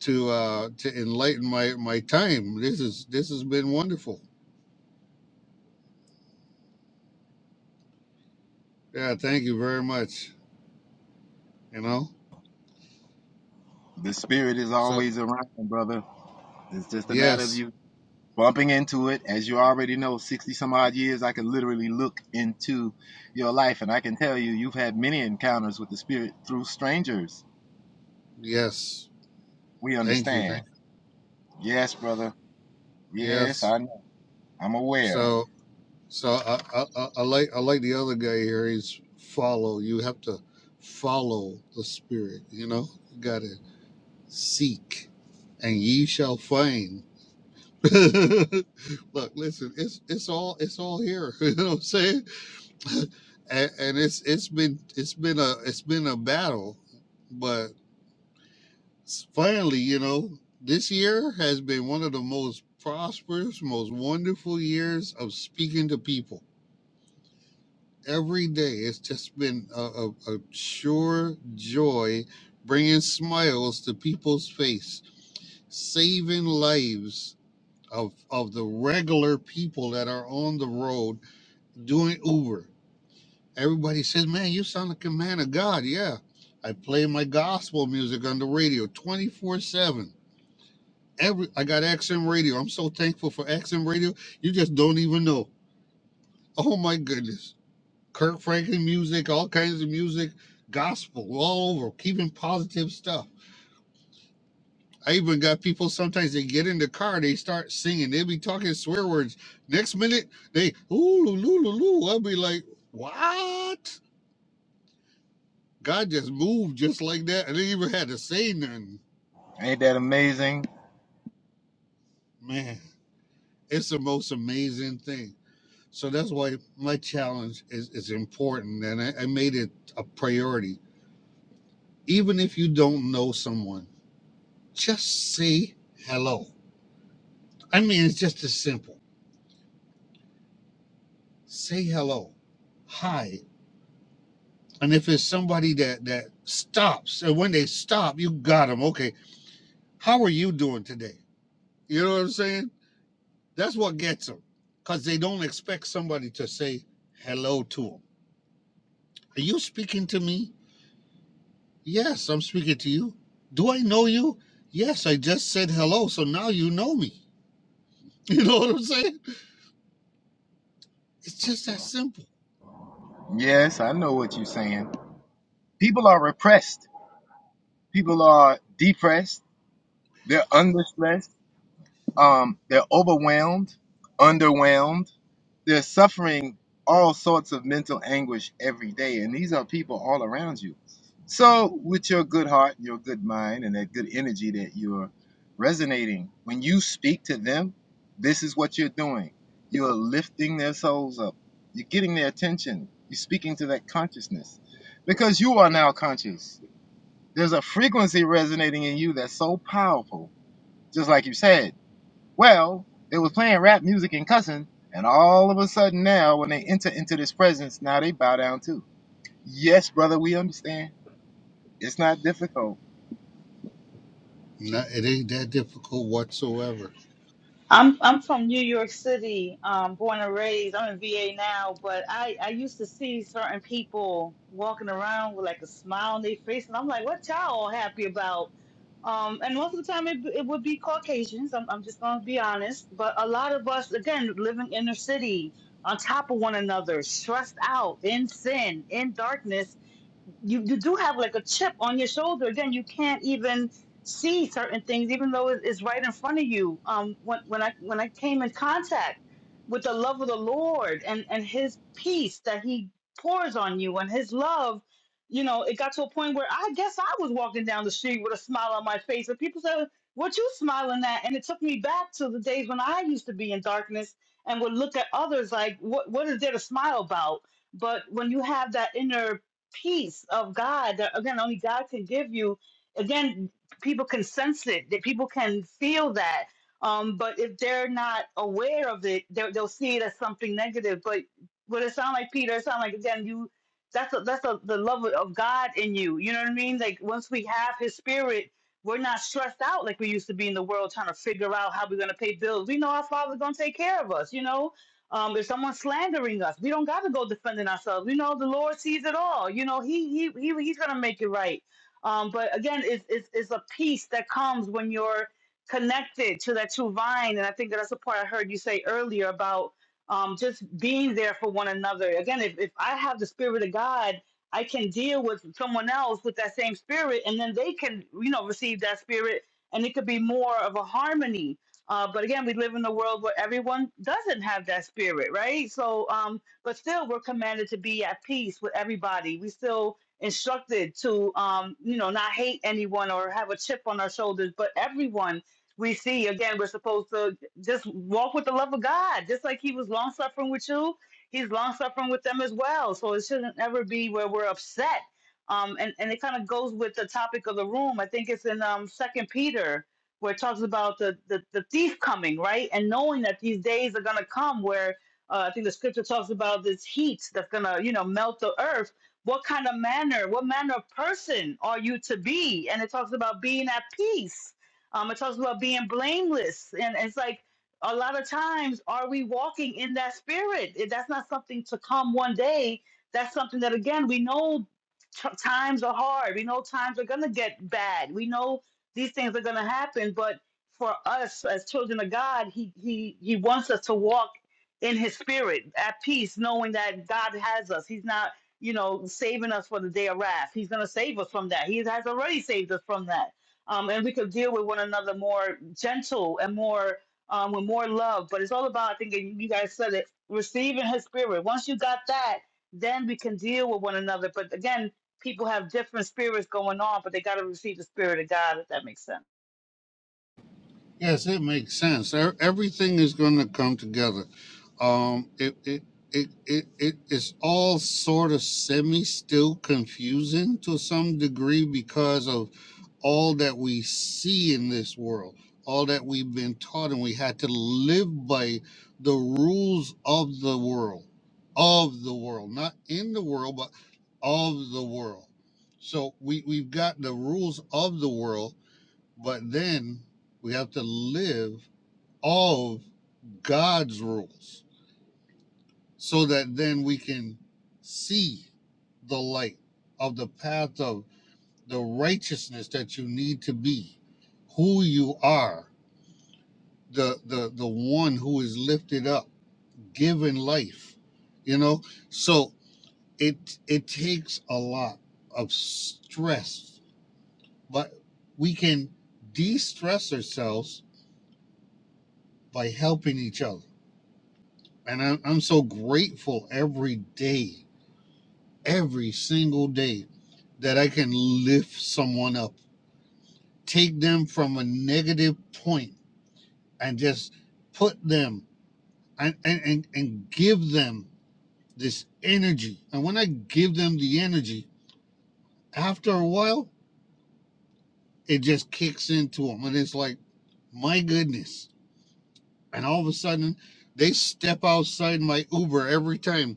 Speaker 15: to uh, to enlighten my my time. This is this has been wonderful. Yeah, thank you very much. You know,
Speaker 18: the spirit is
Speaker 15: so
Speaker 18: always around, brother. It's just a matter of
Speaker 15: yes,
Speaker 18: you bumping into it. As you already know, 60 some odd years, I can literally look into your life and I can tell you, you've had many encounters with the Spirit through strangers.
Speaker 15: yes,
Speaker 18: We
Speaker 15: thank you,
Speaker 18: understand.
Speaker 15: thank
Speaker 18: Yes, brother.
Speaker 15: you.
Speaker 18: Yes,
Speaker 15: yes.
Speaker 18: I know. I'm aware.
Speaker 15: So. So I, I, I, I like I like the other guy here. He's follow. You have to follow the spirit. You know, you gotta seek, and ye shall find. Look, listen. It's it's all it's all here. You know what I'm saying? And, and it's it's been it's been a it's been a battle, but finally, you know, this year has been one of the most prosperous, most wonderful years of speaking to people every day. It's just been a, a, a sure joy bringing smiles to people's face, saving lives of, of the regular people that are on the road doing Uber. Everybody says, Man, you sound like a man of God. Yeah. I play my gospel music on the radio 24 7. Every I got XM radio. I'm so thankful for XM radio. You just don't even know. Oh my goodness. Kurt Franklin music, all kinds of music, gospel all over, keeping positive stuff. I even got people sometimes they get in the car, they start singing, they be talking swear words. Next minute, they ooh loo loo loo loo. I'll be like, what? God just moved just like that. I didn't even have to say nothing.
Speaker 18: Ain't that amazing?
Speaker 15: Man, it's the most amazing thing. So that's why my challenge is, is important. And I, I made it a priority. Even if you don't know someone, just say hello I mean, it's just as simple. Say hello, hi, and if it's somebody that that stops, and when they stop, you got them. Okay, how are you doing today? You know what I'm saying? That's what gets them, cause they don't expect somebody to say hello to them. Are you speaking to me? Yes, I'm speaking to you. Do I know you? Yes, I just said hello, so now you know me. You know what I'm saying? It's just that simple.
Speaker 18: Yes, I know what you're saying. People are repressed. People are depressed. They're under stress. Um, they're overwhelmed, underwhelmed. They're suffering all sorts of mental anguish every day. And these are people all around you So, with your good heart, your good mind, and that good energy that you're resonating, when you speak to them, this is what you're doing. You're lifting their souls up, you're getting their attention, you're speaking to that consciousness because you are now conscious. There's a frequency resonating in you that's so powerful, just like you said. Well, they were kicking cussing, and all hell when they enter this presence, now down too. Yes, brother, we understand It's not difficult.
Speaker 15: No, it ain't that difficult whatsoever.
Speaker 10: I'm I'm from New York City, um, born and raised. I'm in VA now, but I I used to see certain people walking around with like a smile on their face, and I'm like, what y'all all happy about? Um, and most of the time, it it would be Caucasians. I'm I'm just gonna be honest, but a lot of us, again, living inner city, on top of one another, stressed out, in sin, in darkness you you do have like a chip on your shoulder. Again, you can't even see certain things, even though it- it's right in front of you. Um, when when I when I came in contact with the love of the Lord and and His peace that He pours on you and His love, you know, it got to a point where I guess I was walking down the street with a smile on my face, and people said, "What you smiling at?" And it took me back to the days when I used to be in darkness and would look at others like, "What what is there to smile about?" But when you have that inner peace of God that again only God can give you. Again, people can sense it, that people can feel that. Um, but if they're not aware of it, they'll they'll see it as something negative. But what it sound like, Peter, it sound like again you. That's a, that's a, the love of God in you. You know what I mean? Like once we have His Spirit, we're not stressed out like we used to be in the world trying to figure out how we're going to pay bills. We know our Father's going to take care of us. You know, um, if someone's slandering us, we don't got to go defending ourselves. We know the Lord sees it all. You know, He He, he He's gonna make it right. Um, but again, it's, it's it's a peace that comes when you're connected to that true vine, and I think that's the part I heard you say earlier about um, just being there for one another. Again, if if I have the Spirit of God. I can deal with someone else with that same spirit, and then they can, you know, receive that spirit, and it could be more of a harmony uh, but again, we live in a world where everyone doesn't have that spirit, right? So, um, but still, we're commanded to be at peace with everybody. We still instructed to, um, you know, not hate anyone or have a chip on our shoulders, but everyone we see, again, we're supposed to just walk with the love of God, just like He was long suffering with you. He's long suffering with them as well. So it shouldn't ever be where we're upset. Um, and, and it kind of goes with the topic of the room. I think it's in um, Second Peter where it talks about the, the, the thief coming, right? And knowing that these days are going to come where uh, I think the scripture talks about this heat that's going to, you know, melt the earth. What kind of manner, what manner of person are you to be? And it talks about being at peace. Um, it talks about being blameless. And it's like a lot of times, are we walking in that spirit? If That's not something to come one day. That's something that, again, we know t- times are hard. We know times are going to get bad. We know these things are going to happen but for us as children of god he he he wants us to walk in his spirit at peace knowing that god has us he's not you know saving us for the day of wrath he's going to save us from that he has already saved us from that um, and we could deal with one another more gentle and more um, with more love but it's all about i think and you guys said it receiving his spirit once you got that then we can deal with one another but again people have different spirits going on, but they got to receive the spirit of God, if that makes sense.
Speaker 15: Yes, it makes sense. E- Everything is going to come together. Um, it, it, it, it, it, it's all sort of semi still confusing to some degree because of all that we see in this world, all that we've been taught, and we had to live by the rules of the world, of the world, not in the world, but of the world. So we, we've got the rules of the world but then we have to live of God's rules so that then we can see the light of the path of the righteousness that you need to be, who you are, the the the one who is lifted up, given life, you know. So it it takes a lot of stress, but we can de-stress ourselves by helping each other And I, I'm so grateful every day, every single day, that I can lift someone up, take them from a negative point and just put them and, and, and, and give them this energy. And when I give them the energy, after a while, it just kicks into them. And it's like, my goodness. And all of a sudden, they step outside my Uber every time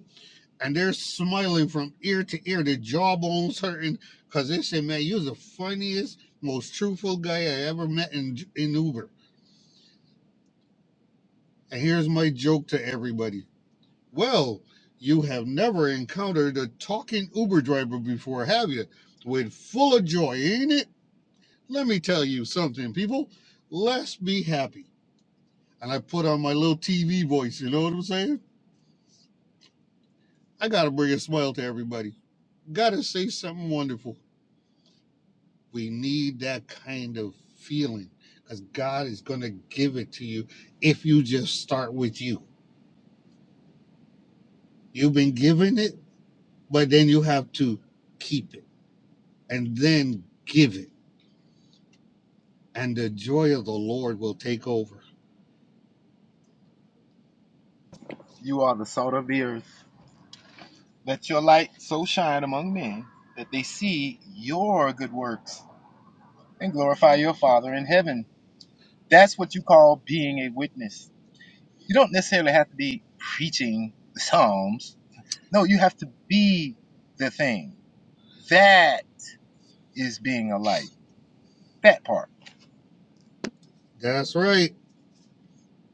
Speaker 15: and they're smiling from ear to ear, their jawbones hurting, because they say, "Man, you're the funniest, most truthful guy I ever met in in Uber." And here's my joke to everybody: Well, you have never encountered a talking Uber driver before, have you? With full of joy, ain't it? Let me tell you something, people. Let's be happy. And I put on my little TV voice. You know what I'm saying? I gotta bring a smile to everybody. Gotta say something wonderful. We need that kind of feeling because God is going to give it to you if you just start with you. You've been given it, but then you have to keep it and then give it, and the joy of the Lord will take over.
Speaker 18: You are the salt of the earth. Let your light so shine among men that they see your good works and glorify your Father in heaven. That's what you call being a witness. You don't necessarily have to be preaching the Psalms. No, you have to be the thing. That is being a light. That part.
Speaker 15: That's right.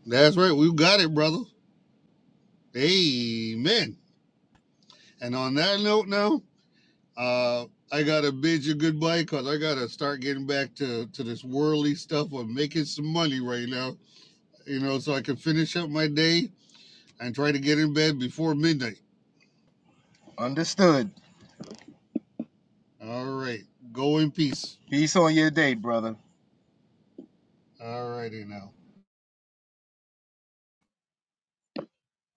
Speaker 15: That's right. We got it, brother. Amen. And on that note, now, uh, I gotta bid you goodbye because I gotta start getting back to to this worldly stuff of making some money right now. You know, so I can finish up my day and try to get in bed before midnight.
Speaker 18: Understood.
Speaker 15: All right. Go in peace.
Speaker 18: Peace on your day, brother.
Speaker 15: All righty now.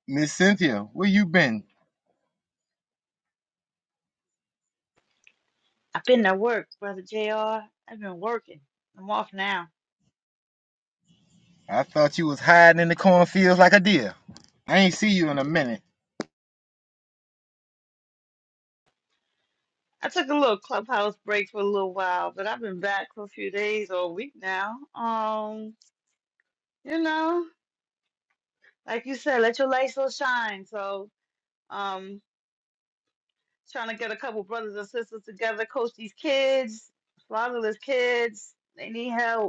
Speaker 18: Miss Cynthia, where you been?
Speaker 10: I've been at work, Brother JR. I've been working. I'm off now.
Speaker 18: I thought you was hiding in the cornfields like a deer. I ain't see you in a minute.
Speaker 10: I took a little clubhouse break for a little while, but I've been back for a few days or a week now. Um, you know, like you said, let your light so shine. So, um, trying to get a couple brothers and sisters together, coach these kids, fatherless kids. They need help.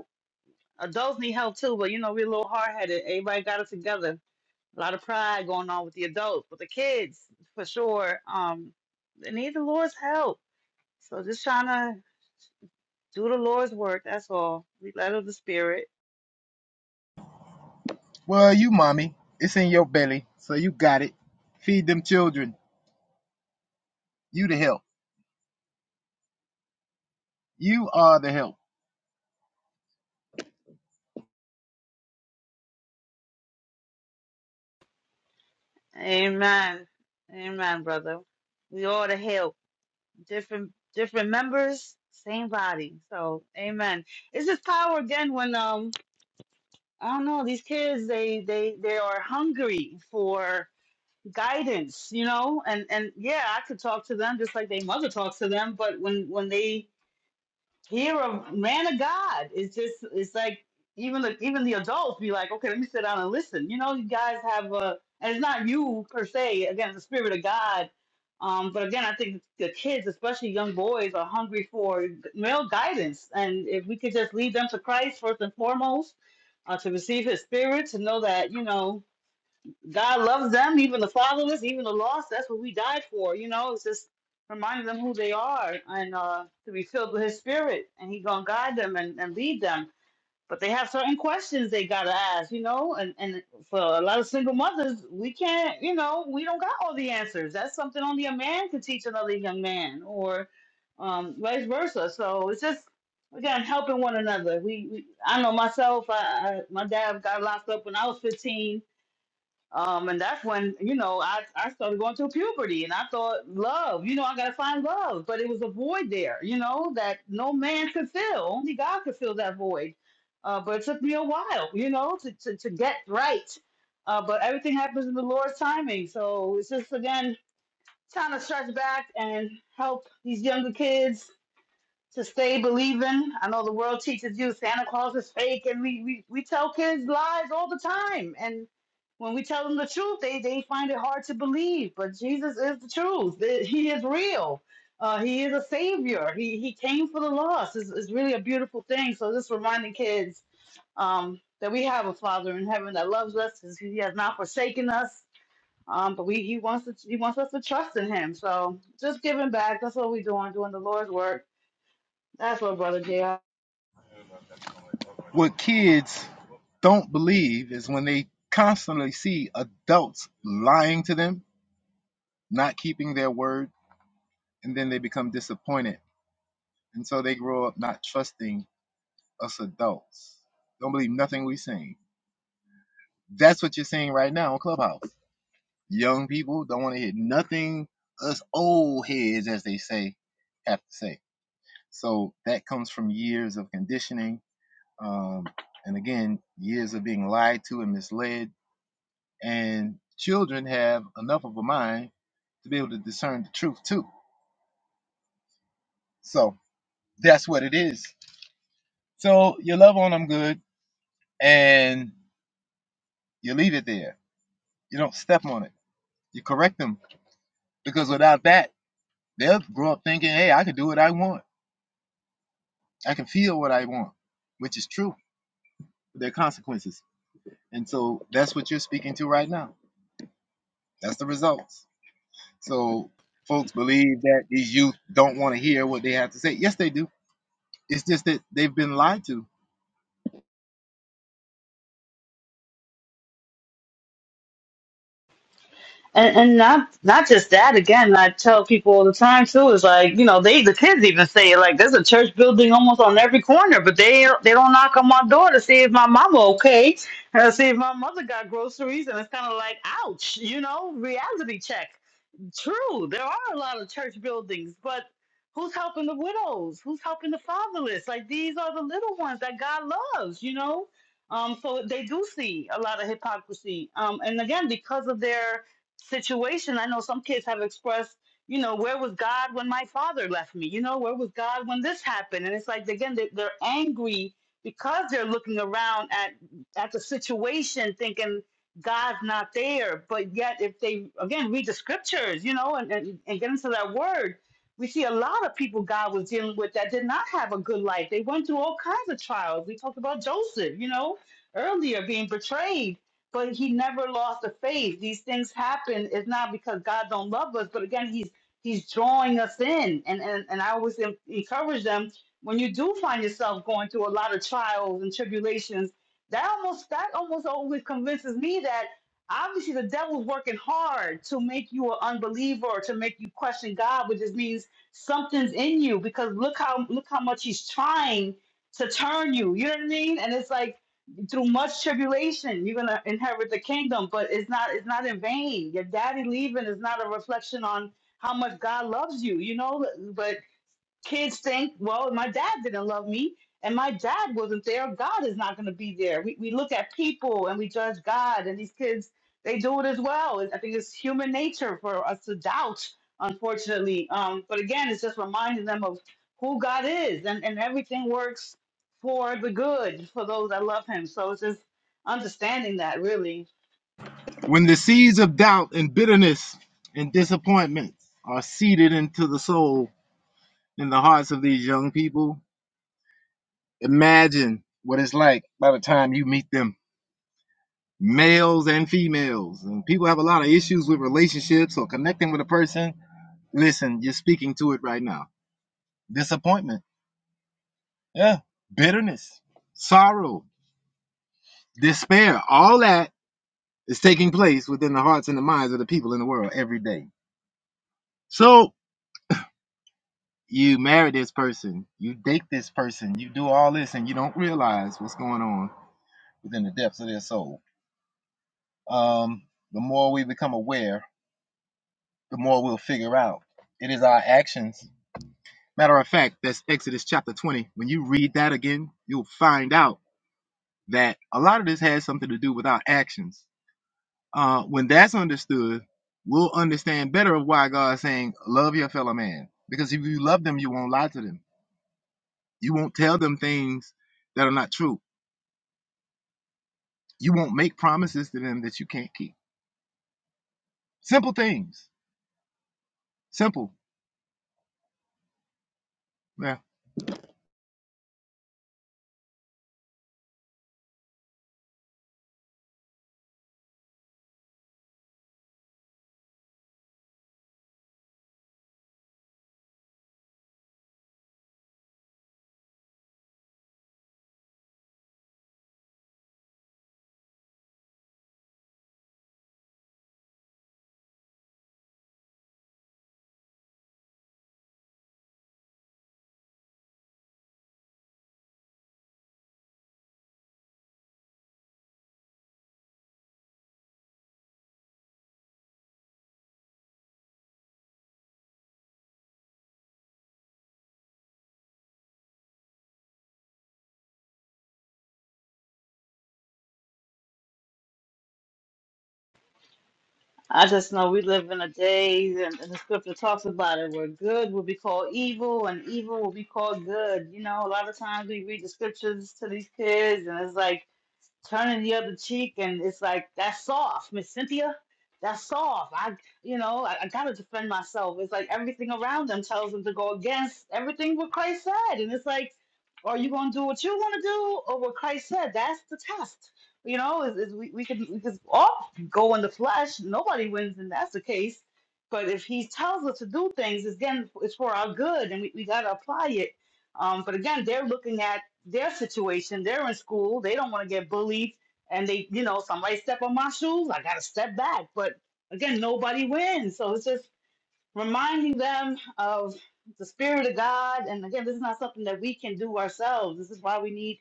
Speaker 10: Adults need help too, but you know, we're a little hard headed. Everybody got it together. A lot of pride going on with the adults, but the kids, for sure, um, they need the Lord's help. So just trying to do the Lord's work. That's all. We let of the Spirit.
Speaker 18: Well, you mommy. It's in your belly, so you got it. Feed them children. You the help. You are the help.
Speaker 10: Amen. Amen, brother. We all to help. Different different members, same body. So amen. It's just power again when um I don't know, these kids they they they are hungry for guidance, you know, and and yeah, I could talk to them just like their mother talks to them. But when when they hear a man of God, it's just it's like even the even the adults be like, okay, let me sit down and listen. You know, you guys have a and it's not you per se. Again, it's the spirit of God. Um, but again, I think the kids, especially young boys, are hungry for male guidance. And if we could just lead them to Christ first and foremost, uh, to receive His Spirit, to know that you know God loves them, even the fatherless, even the lost. That's what we died for. You know, it's just reminding them who they are and uh, to be filled with His Spirit, and He gonna guide them and, and lead them. But they have certain questions they gotta ask, you know. And and for a lot of single mothers, we can't, you know, we don't got all the answers. That's something only a man could teach another young man, or um, vice versa. So it's just again helping one another. We, we I know myself. I, I my dad got locked up when I was 15 um, and that's when, you know, I, I started going through puberty and I thought, love, you know, I got to find love. But it was a void there, you know, that no man could fill. Only God could fill that void. Uh, but it took me a while, you know, to, to, to get right. Uh, but everything happens in the Lord's timing. So it's just, again, trying to stretch back and help these younger kids to stay believing. I know the world teaches you Santa Claus is fake, and we, we, we tell kids lies all the time. And when we tell them the truth, they, they find it hard to believe. But Jesus is the truth, He is real. Uh, he is a savior. He he came for the lost. It's, it's really a beautiful thing. So just reminding kids um, that we have a Father in heaven that loves us. He has not forsaken us. Um, but we he wants to, he wants us to trust in him. So just giving back. That's what we're doing, doing the Lord's work that's my brother JR.
Speaker 18: What kids don't believe is when they constantly see adults lying to them, not keeping their word, and then they become disappointed And so they grow up not trusting us adults. Don't believe nothing we saying. That's what you're seeing right now on Clubhouse. Young people don't want to hear nothing us old heads, as they say, have to say. So that comes from years of conditioning, um, and again, years of being lied to and misled. And children have enough of a mind to be able to discern the truth too. So that's what it is. So you love on them good, and you leave it there You don't step on it. You correct them because without that, they'll grow up thinking, "Hey, I can do what I want. I can feel what I want," which is true. There are consequences, and so that's what you're speaking to right now. That's the results. So folks believe that these youth don't want to hear what they have to say. Yes, they do. It's just that they've been lied to.
Speaker 10: And and not not just that again, I tell people all the time too, is like, you know, they the kids even say it, like there's a church building almost on every corner, but they they don't knock on my door to see if my mama okay. And to see if my mother got groceries and it's kinda like ouch, you know, reality check. True, there are a lot of church buildings, but who's helping the widows? Who's helping the fatherless? Like these are the little ones that God loves, you know? Um, so they do see a lot of hypocrisy. Um, and again, because of their situation, I know some kids have expressed, you know, where was God when my father left me? You know, where was God when this happened? And it's like, again, they- they're angry because they're looking around at, at the situation thinking God's not there. But yet, if they again read the scriptures, you know, and, and, and get into that word, we see a lot of people God was dealing with that did not have a good life. They went through all kinds of trials. We talked about Joseph, you know, earlier being betrayed, but he never lost the faith. These things happen. It's not because God don't love us, but again, he's he's drawing us in. And and, and I always en- encourage them when you do find yourself going through a lot of trials and tribulations that almost that almost always convinces me that obviously the devil's working hard to make you an unbeliever or to make you question God, which just means something's in you because look how look how much he's trying to turn you. You know what I mean? And it's like through much tribulation you're gonna inherit the kingdom, but it's not it's not in vain. Your daddy leaving is not a reflection on how much God loves you, you know. But kids think, well, my dad didn't love me and my dad wasn't there. God is not going to be there. We, we look at people and we judge God, and these kids, they do it as well. I think it's human nature for us to doubt, unfortunately. Um, but again, it's just reminding them of who God is, and, and everything works for the good for those that love Him. So it's just understanding that, really.
Speaker 18: When the seeds of doubt and bitterness and disappointment are seeded into the soul in the hearts of these young people, imagine what it's like by the time you meet them males and females. And people have a lot of issues with relationships or connecting with a person. Listen, you're speaking to it right now. Disappointment, yeah, bitterness, sorrow, despair, all that is taking place within the hearts and the minds of the people in the world every day. So you marry this person, you date this person, you do all this, and you don't realize what's going on within the depths of their soul. Um, the more we become aware, the more we'll figure out. It is our actions Matter of fact, that's Exodus chapter 20. When you read that again, you'll find out that a lot of this has something to do with our actions. Uh, when that's understood, we'll understand better of why God's saying, Love your fellow man. Because if you love them, you won't lie to them. You won't tell them things that are not true. You won't make promises to them that you can't keep. Simple things. Simple. Yeah.
Speaker 10: I just know we live in a day, and, and the scripture talks about it, where good will be called evil and evil will be called good. You know, a lot of times we read the scriptures to these kids, and it's like, turning the other cheek and it's like that's soft miss cynthia that's soft i you know I, I gotta defend myself it's like everything around them tells them to go against everything what christ said and it's like are you gonna do what you want to do or what christ said that's the test you know is, is we, we can we can all go in the flesh nobody wins and that's the case but if he tells us to do things it's again it's for our good and we, we gotta apply it um, but again they're looking at their situation. They're in school. They don't want to get bullied, and they, you know, somebody step on my shoes. I gotta step back. But again, nobody wins. So it's just reminding them of the spirit of God. And again, this is not something that we can do ourselves. This is why we need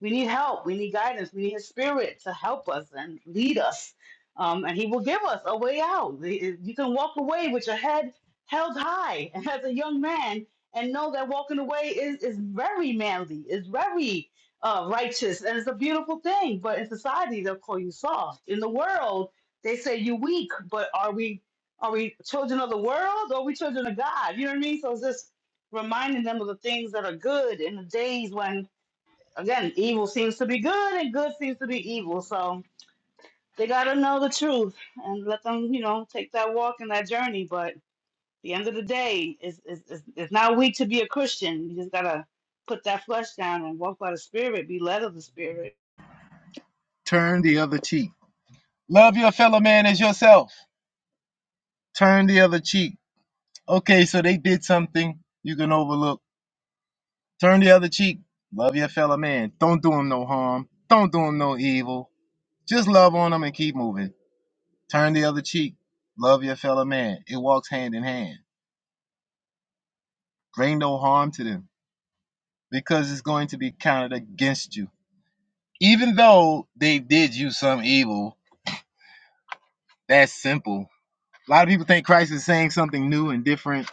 Speaker 10: we need help. We need guidance. We need His Spirit to help us and lead us. Um, and He will give us a way out. You can walk away with your head held high as a young man and know that walking away is is very manly. Is very uh, righteous and it's a beautiful thing, but in society they'll call you soft. In the world, they say you weak, but are we are we children of the world or are we children of God? You know what I mean? So it's just reminding them of the things that are good in the days when, again, evil seems to be good and good seems to be evil. So they got to know the truth and let them, you know, take that walk and that journey. But at the end of the day, it's, it's, it's it's not weak to be a Christian. You just got to put that flesh down and walk by the Spirit, be led of the Spirit.
Speaker 18: Turn the other cheek. Love your fellow man as yourself. Turn the other cheek. Okay, so they did something you can overlook Turn the other cheek. Love your fellow man. Don't do him no harm. Don't do him no evil. Just love on him and keep moving. Turn the other cheek. Love your fellow man. It walks hand in hand. Bring no harm to them because it's going to be counted against you. Even though they did you some evil, that's simple. A lot of people think Christ is saying something new and different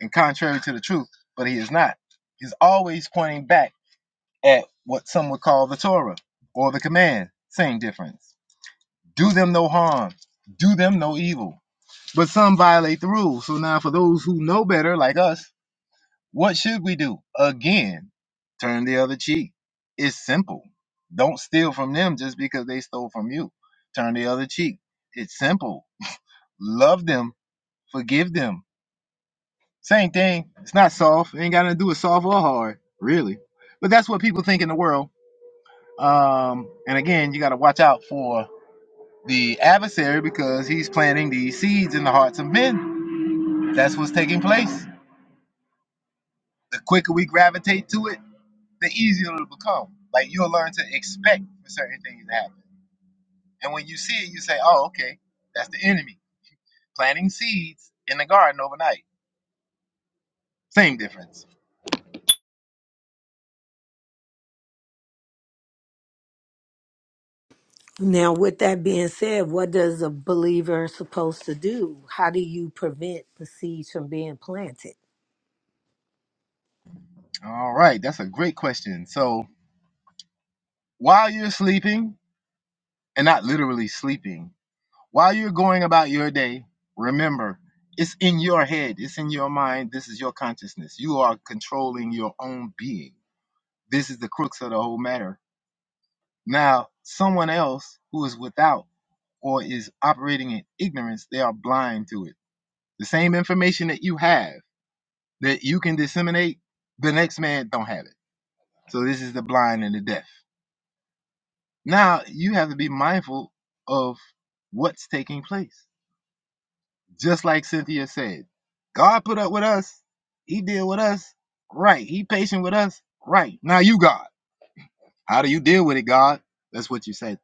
Speaker 18: and contrary to the truth, but he is not. He's always pointing back at what some would call the Torah or the command, same difference. do them no harm, do them no evil. But some violate the rules. So now, for those who know better, like us, what should we do? Again, turn the other cheek. It's simple. Don't steal from them just because they stole from you. Turn the other cheek. It's simple. Love them, forgive them. Same thing. It's not soft. It ain't got nothing to do with soft or hard, really. But that's what people think in the world. Um, and again, you got to watch out for the adversary because he's planting these seeds in the hearts of men. That's what's taking place. The quicker we gravitate to it, the easier it'll become. Like you'll learn to expect for certain things to happen. And when you see it, you say, oh, okay, that's the enemy planting seeds in the garden overnight. Same difference.
Speaker 12: Now, with that being said, what does a believer supposed to do? How do you prevent the seeds from being planted?
Speaker 18: All right, that's a great question. So while you're sleeping, and not literally sleeping, While you're going about your day, remember it's in your head, it's in your mind, this is your consciousness. You are controlling your own being. This is the crux of the whole matter. Now, someone else who is without or is operating in ignorance, they are blind to it. The same information that you have that you can disseminate, the next man don't have it. So this is the blind and the deaf. Now you have to be mindful of what's taking place. Just like Cynthia said, God put up with us. He deal with us. Right. He patient with us. Right. Now you God. How do you deal with it, God? That's what you said.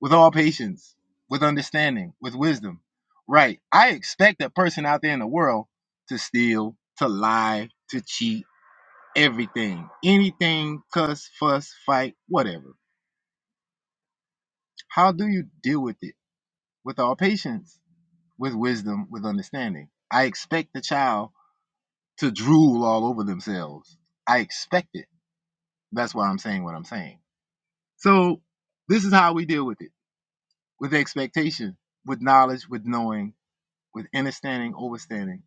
Speaker 18: With all patience, with understanding, with wisdom. Right. I expect a person out there in the world to steal, to lie, to cheat, everything. Anything, cuss, fuss, fight, whatever. How do you deal with it? With all patience, with wisdom, with understanding. I expect the child to drool all over themselves. I expect it. That's why I'm saying what I'm saying. So this is how we deal with it with expectation, with knowledge, with knowing, with understanding, overstanding,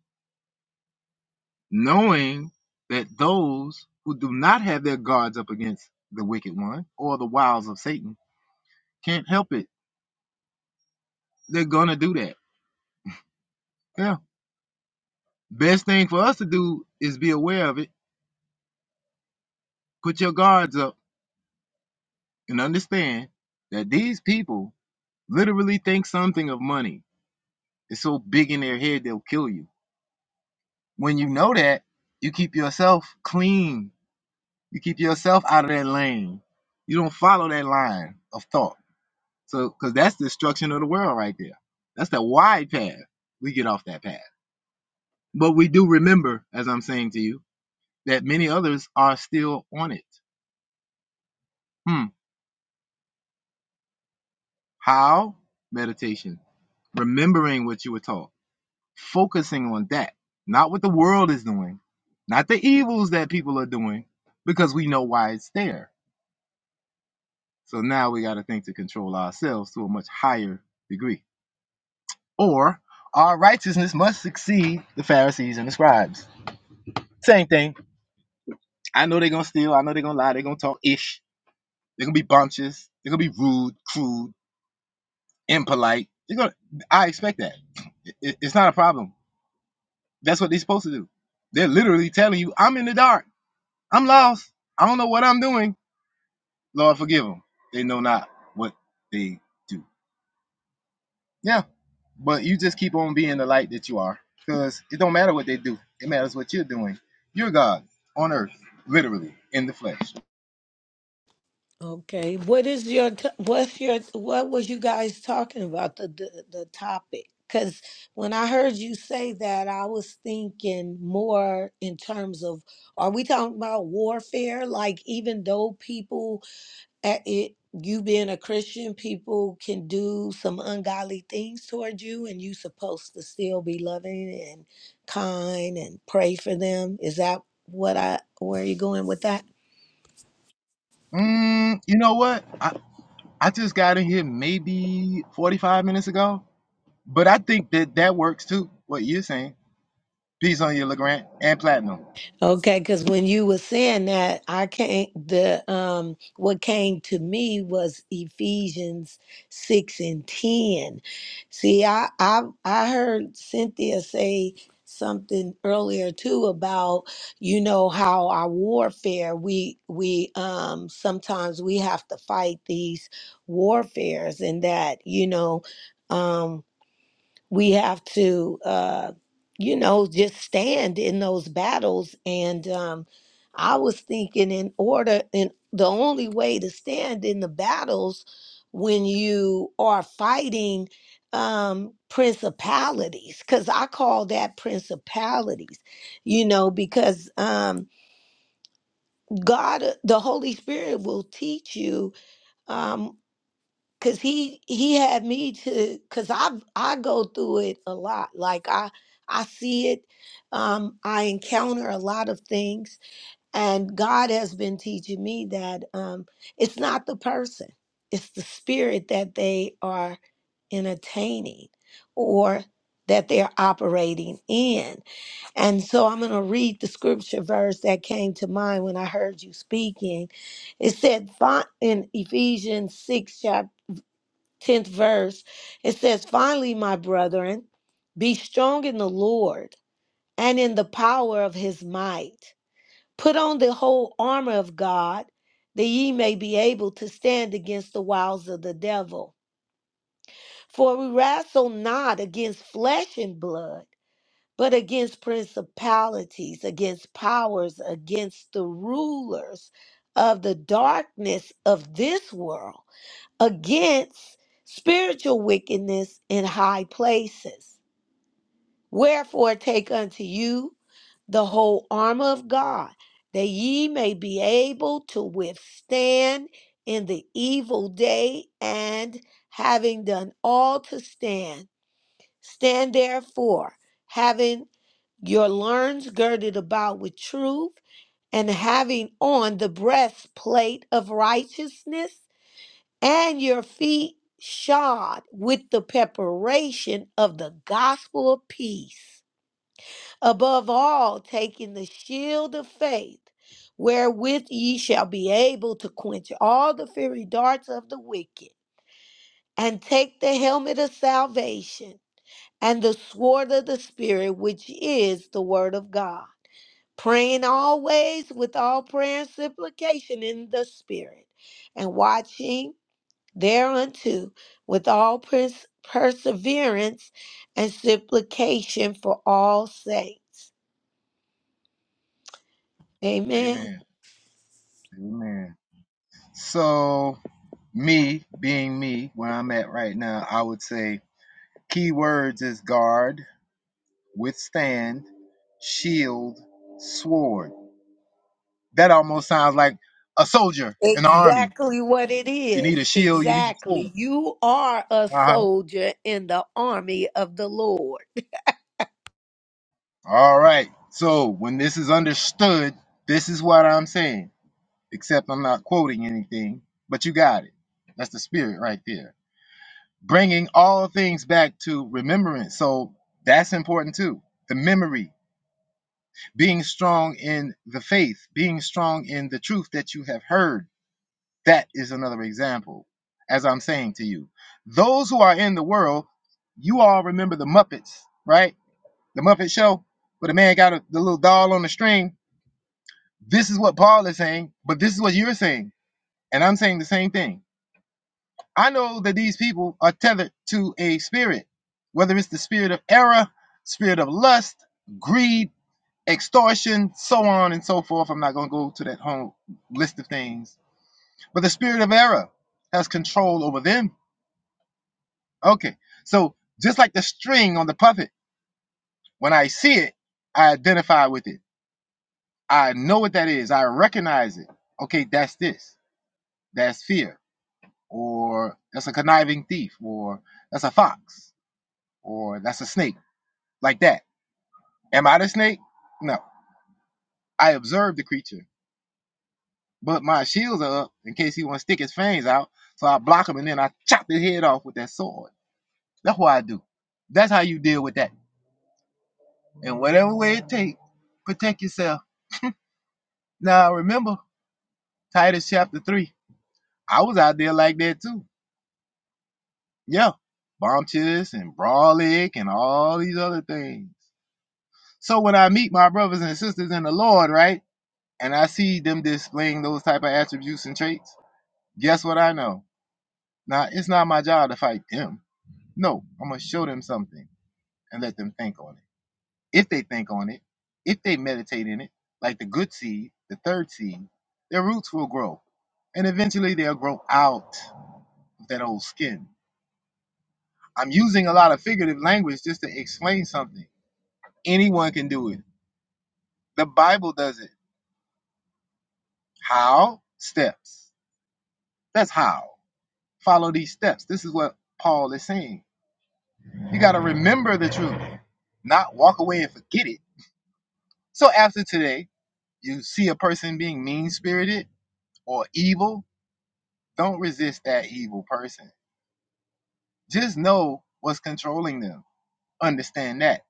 Speaker 18: knowing that those who do not have their guards up against the wicked one or the wiles of Satan can't help it. They're going to do that. Yeah. Best thing for us to do is be aware of it, put your guards up, and understand that these people literally think something of money It's so big in their head they'll kill you. When you know that, you keep yourself clean. You keep yourself out of that lane. You don't follow that line of thought. So, because that's the destruction of the world right there. That's the wide path. We get off that path. But we do remember, as I'm saying to you, that many others are still on it. Hmm. How? Meditation. Remembering what you were taught focusing on that, not what the world is doing, not the evils that people are doing, because we know why it's there. So now we got to think to control ourselves to a much higher degree. Or our righteousness must exceed the Pharisees and the scribes. Same thing. I know they're going to steal. I know they're going to lie. They're going to talk ish. They're going to be bumptious. They're going to be rude, crude, impolite. They're going to, I expect that. It- it- It's not a problem. That's what they're supposed to do. They're literally telling you, I'm in the dark. I'm lost. I don't know what I'm doing. Lord, forgive them. They know not what they do. Yeah, but you just keep on being the light that you are because it don't matter what they do. It matters what you're doing. You're God on earth, literally, in the flesh.
Speaker 12: Okay. What is your t- what's your what was you guys talking about the the, the topic? Cuz when I heard you say that, I was thinking more in terms of are we talking about warfare like even though people at it you being a christian people can do some ungodly things toward you and you supposed to still be loving and kind and pray for them is that what i where are you going with that
Speaker 18: Mm, you know what? I, I just got in here maybe 45 minutes ago, but I think that that works too, what you're saying. Peace on you, LeGrant, and Platinum.
Speaker 12: Okay, because when you were saying that, I can't the um what came to me was Ephesians six and ten. See, I I I heard Cynthia say something earlier too about you know how our warfare we we um sometimes we have to fight these warfares and that you know um, we have to uh you know just stand in those battles and um i was thinking in order and the only way to stand in the battles when you are fighting um principalities cuz i call that principalities you know because um god uh, the holy spirit will teach you Um, Cause he he had me to cause I I go through it a lot. Like I I see it, um, I encounter a lot of things, and God has been teaching me that um, it's not the person, it's the spirit that they are entertaining or that they're operating in. And so I'm going to read the scripture verse that came to mind when I heard you speaking. It said, "Find in Ephesians 6, 10th verse, it says, Finally, my brethren, be strong in the Lord and in the power of his might. Put on the whole armor of God, that ye may be able to stand against the wiles of the devil. For we wrestle not against flesh and blood, but against principalities, against powers, against the rulers of the darkness of this world against spiritual wickedness in high places. Wherefore, take unto you the whole armor of God, that ye may be able to withstand in the evil day, and having done all to stand, stand therefore, having your loins girded about with truth, and having on the breastplate of righteousness and your feet shod with the preparation of the gospel of peace. Above all, taking the shield of faith, wherewith ye shall be able to quench all the fiery darts of the wicked, and take the helmet of salvation and the sword of the Spirit, which is the word of God. Praying always with all prayer and supplication in the Spirit, and watching thereunto with all pers- perseverance and supplication for all saints. Amen.
Speaker 18: Amen. Amen. So, me being me, where I'm at right now, I would say keywords is guard, withstand, shield, sword. That almost sounds like a soldier in the army.
Speaker 12: Exactly what it
Speaker 18: You need a
Speaker 12: is.
Speaker 18: shield, you need a sword.
Speaker 12: Exactly. You are a
Speaker 18: Uh-huh.
Speaker 12: soldier in the army of the Lord.
Speaker 18: All right. So, when this is understood, this is what I'm saying, except I'm not quoting anything, but you got it. That's the spirit right there. Bringing all things back to remembrance. So, that's important too. The memory being strong in the faith, being strong in the truth that you have heard. That is another example, as I'm saying to you. Those who are in the world, you all remember the Muppets, right? The Muppet Show, where the man got a, the little doll on the string. This is what Paul is saying, but this is what you're saying. And I'm saying the same thing. I know that these people are tethered to a spirit, whether it's the spirit of error, spirit of lust, greed, extortion, so on and so forth. I'm not going to go to that whole list of things. But the spirit of error has control over them. Okay, so just like the string on the puppet, when I see it, I identify with it. I know what that is. I recognize it. Okay, that's this. That's fear, or that's a conniving thief, or that's a fox, or that's a snake, like that. Am I the snake? No. I observe the creature. But my shields are up in case he want to stick his fangs out. So I block him and then I chop his head off with that sword. That's what I do. That's how you deal with that. And whatever way it takes, protect yourself. Now remember, Titus chapter 3. I was out there like that too. Yeah. Bumptious and brolic and all these other things. So when I meet my brothers and sisters in the Lord, right? And I see them displaying those type of attributes and traits, guess what I know? Now it's not my job to fight them No, I'm gonna show them something and let them think on it. If they think on it, if they meditate in it, like the good seed, the third seed, their roots will grow. And eventually they'll grow out of that old skin. I'm using a lot of figurative language just to explain something. Anyone can do it. The Bible does it. How? Steps. That's how. Follow these steps. This is what Paul is saying. You got to remember the truth, not walk away and forget it. So after today, you see a person being mean spirited or evil, don't resist that evil person. Just know what's controlling them. Understand that.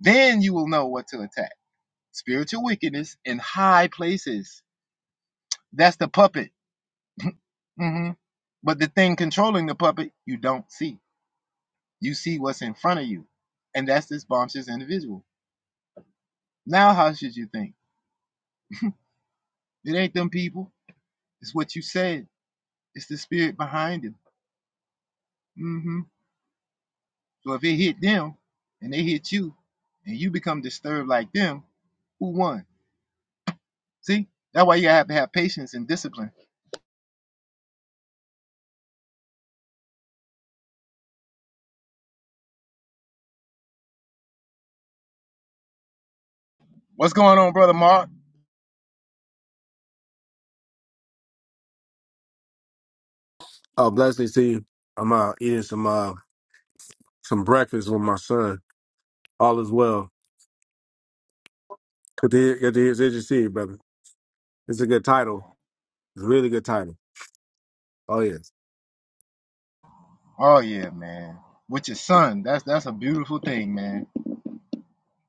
Speaker 18: Then you will know what to attack. Spiritual wickedness in high places. That's the puppet. hmm But the thing controlling the puppet, you don't see. You see what's in front of you. And that's this bombshell individual. Now, how should you think? It ain't them people. It's what you said. It's the spirit behind them. Mm-hmm. So if it hit them and they hit you and you become disturbed like them, who won? See? That's why you have to have patience and discipline. What's going on, brother Mark?
Speaker 19: Oh, blessings to you. I'm uh, eating some uh, some breakfast with my son. All is well. Good to hear, good to hear, good to see you, brother. It's a good title. It's a really good title. Oh yes.
Speaker 18: Oh yeah, man. With your son. That's that's a beautiful thing, man.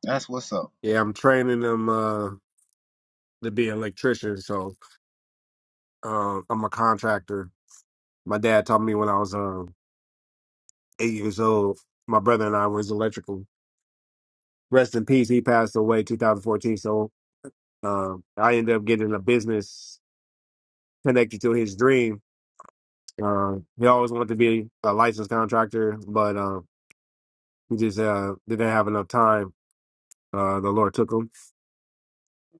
Speaker 18: That's what's up.
Speaker 19: Yeah, I'm training them uh, to be an electrician. So uh, I'm a contractor. My dad taught me when I was uh, eight years old. My brother and I was electrical. Rest in peace. He passed away 2014. So uh, I ended up getting a business connected to his dream. Uh, he always wanted to be a licensed contractor, but um. He just uh, didn't have enough time. Uh, the Lord took him,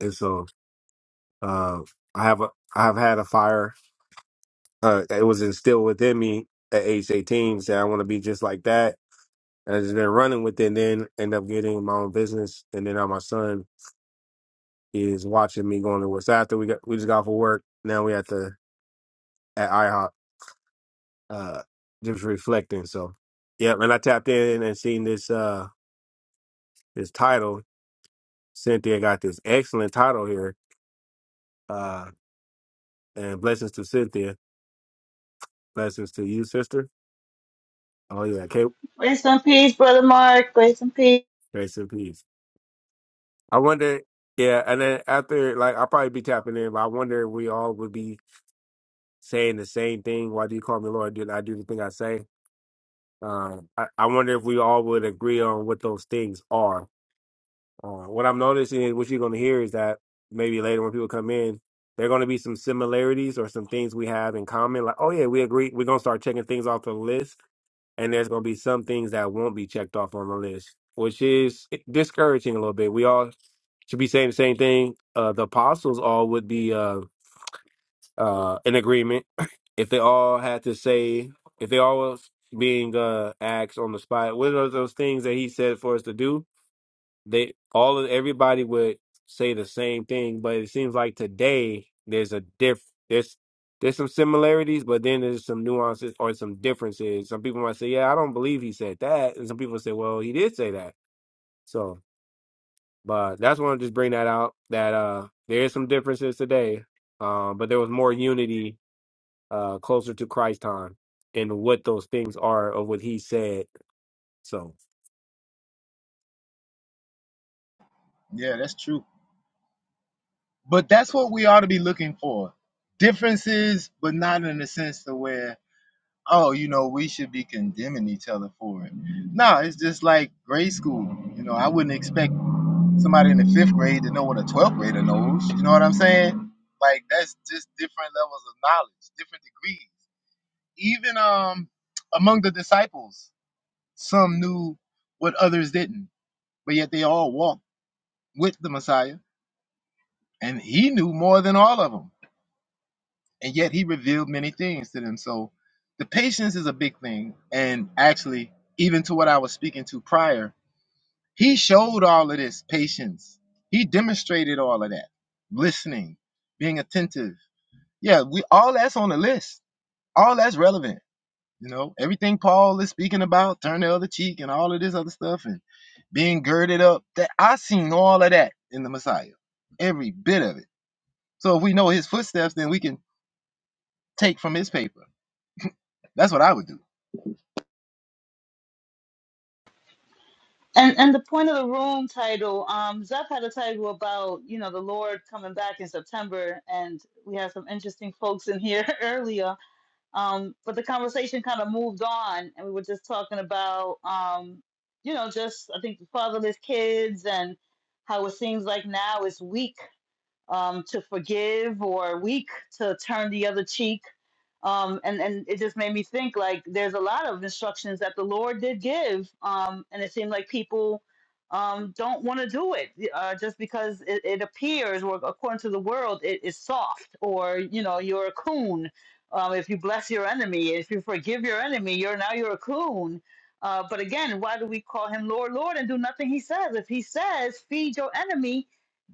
Speaker 19: and so uh, I have a I have had a fire. Uh, it was instilled within me at age eighteen. Said I want to be just like that. And I just been running with it. And then end up getting my own business. And then now my son is watching me going to work. So after we got we just got off of work. Now we at the at IHOP. Uh, just reflecting. So, yeah. And I tapped in and seen this uh this title. Cynthia got this excellent title here. Uh, and blessings to Cynthia Blessings to you, sister. Oh yeah, Kate.
Speaker 10: Grace and peace, Brother Mark. Grace and peace.
Speaker 19: Grace and peace. I wonder. Yeah, and then after, like, I'll probably be tapping in, but I wonder if we all would be saying the same thing. Why do you call me Lord? Did I do the thing I say? Um, I, I wonder if we all would agree on what those things are. Uh, what I'm noticing is what you're going to hear is that maybe later when people come in, there are going to be some similarities or some things we have in common. Like, oh yeah, we agree. We're going to start checking things off the list and there's going to be some things that won't be checked off on the list, which is discouraging a little bit. We all should be saying the same thing. Uh, the apostles all would be uh, uh, in agreement if they all had to say, if they all was being uh, asked on the spot, what are those things that he said for us to do? they all of everybody would say the same thing, but it seems like today there's a diff there's there's some similarities, but then there's some nuances or some differences. Some people might say, "Yeah, I don't believe he said that," and some people say, "Well, he did say that." So, but that's why I just bring that out that uh there is some differences today, um, but there was more unity uh closer to Christ time in what those things are of what he said. So.
Speaker 18: Yeah, that's true. But that's what we ought to be looking for. Differences, but not in the sense to where, oh, you know, we should be condemning each other for it. No, it's just like grade school. You know, I wouldn't expect somebody in the fifth grade to know what a 12th grader knows. You know what I'm saying? Like that's just different levels of knowledge, different degrees. Even um among the disciples, some knew what others didn't, but yet they all walked with the Messiah, and he knew more than all of them. And yet he revealed many things to them. So the patience is a big thing. And actually, even to what I was speaking to prior, He showed all of this patience. He demonstrated all of that. Listening, being attentive. Yeah, we all that's on the list. All that's relevant. You know, everything Paul is speaking about, turn the other cheek and all of this other stuff and being girded up. That I seen all of that in the Messiah. Every bit of it. So if we know his footsteps, then we can take from his paper. That's what I would do.
Speaker 10: And and the point of the room title, um, Zeph had a title about you know the Lord coming back in September, and we had some interesting folks in here earlier. Um, but the conversation kind of moved on, and we were just talking about um, you know just I think the fatherless kids and how it seems like now it's weak um, to forgive or weak to turn the other cheek. Um, and, and it just made me think like there's a lot of instructions that the Lord did give. Um, and it seemed like people um, don't want to do it uh, just because it, it appears, or according to the world, it is soft or, you know, you're a coon. Um, if you bless your enemy, if you forgive your enemy, you're now you're a coon. Uh, but again, why do we call him Lord, Lord, and do nothing he says? If he says, feed your enemy,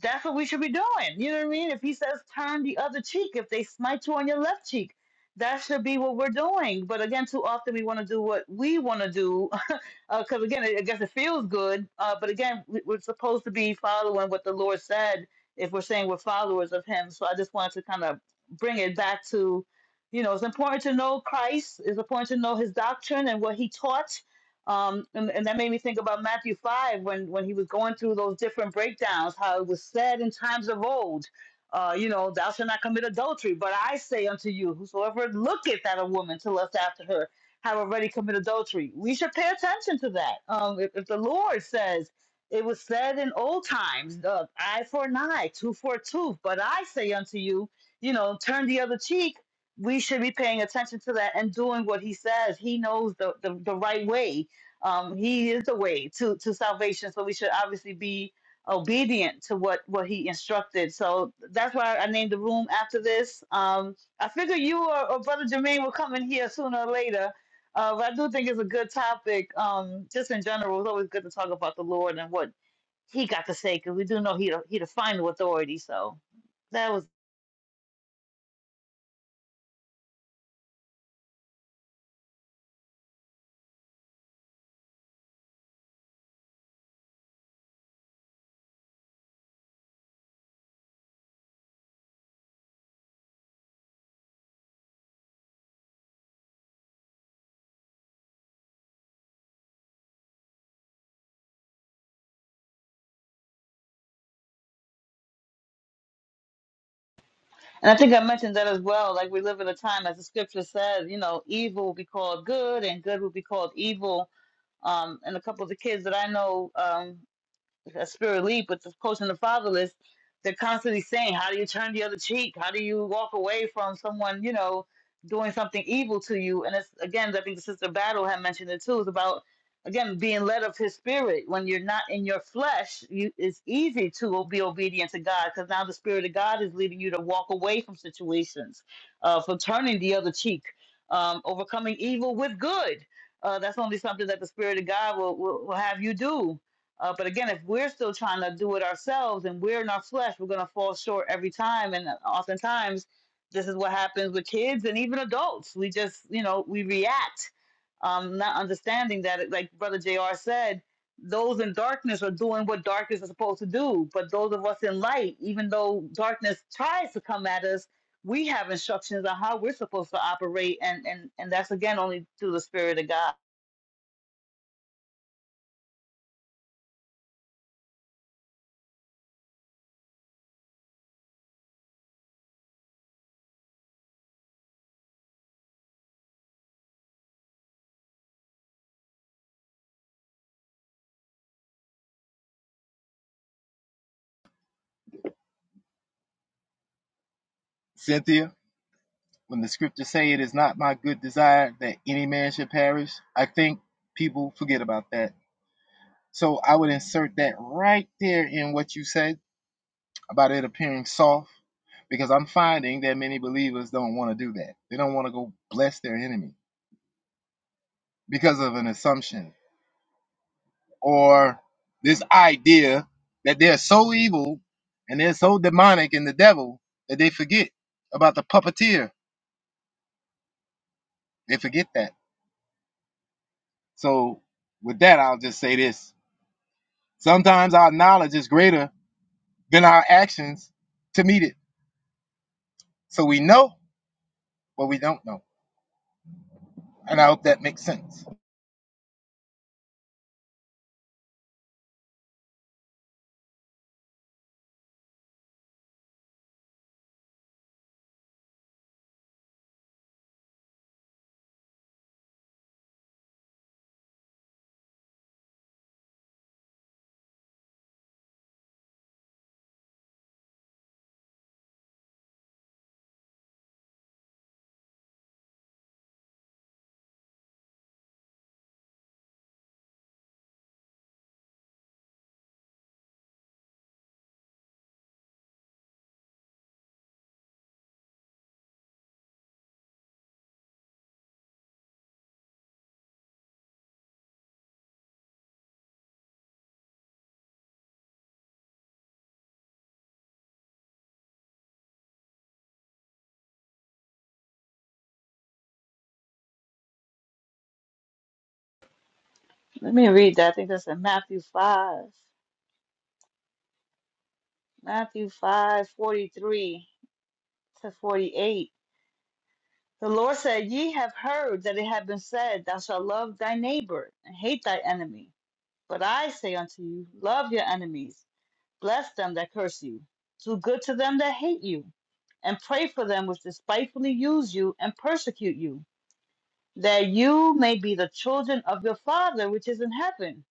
Speaker 10: that's what we should be doing. You know what I mean? If he says turn the other cheek, if they smite you on your left cheek, that should be what we're doing. But again, too often we want to do what we want to do because again, I guess it feels good. Uh, but again, we- we're supposed to be following what the Lord said if we're saying we're followers of Him. So I just wanted to kind of bring it back to, you know, it's important to know Christ. It's important to know His doctrine and what He taught um, and, and that made me think about Matthew 5 when, when he was going through those different breakdowns, how it was said in times of old, uh, you know, thou shalt not commit adultery. But I say unto you, whosoever looketh at a woman to lust after her, have already committed adultery. We should pay attention to that. Um, if, if the Lord says, it was said in old times, uh, eye for an eye, tooth for a tooth. But I say unto you, you know, turn the other cheek. We should be paying attention to that and doing what he says. He knows the, the, the right way um, he is the way to, to salvation, so we should obviously be obedient to what, what he instructed. So that's why I named the room after this. Um, I figure you or, or Brother Jermaine will come in here sooner or later. Uh, but I do think it's a good topic. Um, just in general, it's always good to talk about the Lord and what he got to say, because we do know he the, he the final authority. So that was, and I think I mentioned that as well. Like we live in a time, as the scripture says, you know, evil will be called good, and good will be called evil um, and a couple of the kids that I know um, a spirit leap with the coaching the fatherless, they're constantly saying, How do you turn the other cheek? How do you walk away from someone, you know, doing something evil to you? And it's again, I think the sister Battle had mentioned it too, it's about again being led of his spirit. When you're not in your flesh, you it's easy to be obedient to God because now the spirit of God is leading you to walk away from situations, uh, from turning the other cheek, um, overcoming evil with good. Uh, that's only something that the spirit of God will, will, will have you do uh, but again, if we're still trying to do it ourselves and we're in our flesh, we're going to fall short every time. And oftentimes, this is what happens with kids and even adults. We just, you know, we react, um, not understanding that, like Brother JR said, those in darkness are doing what darkness is supposed to do. But those of us in light, even though darkness tries to come at us, we have instructions on how we're supposed to operate. And, and, and that's again only through the Spirit of God.
Speaker 18: Cynthia, when the scriptures say it is not my good desire that any man should perish, I think people forget about that So I would insert that right there in what you said about it appearing soft, because I'm finding that many believers don't want to do that. They don't want to go bless their enemy because of an assumption or this idea that they're so evil and they're so demonic in the devil that they forget about the puppeteer. They forget that. So with that, I'll just say this. Sometimes our knowledge is greater than our actions to meet it. So we know, but we don't know. And I hope that makes sense.
Speaker 10: Let me read that. I think that's in Matthew 5. Matthew five forty three to 48. The Lord said, Ye have heard that it hath been said, Thou shalt love thy neighbor and hate thy enemy. But I say unto you, Love your enemies, bless them that curse you, do good to them that hate you, and pray for them which despitefully use you and persecute you, that you may be the children of your Father which is in heaven.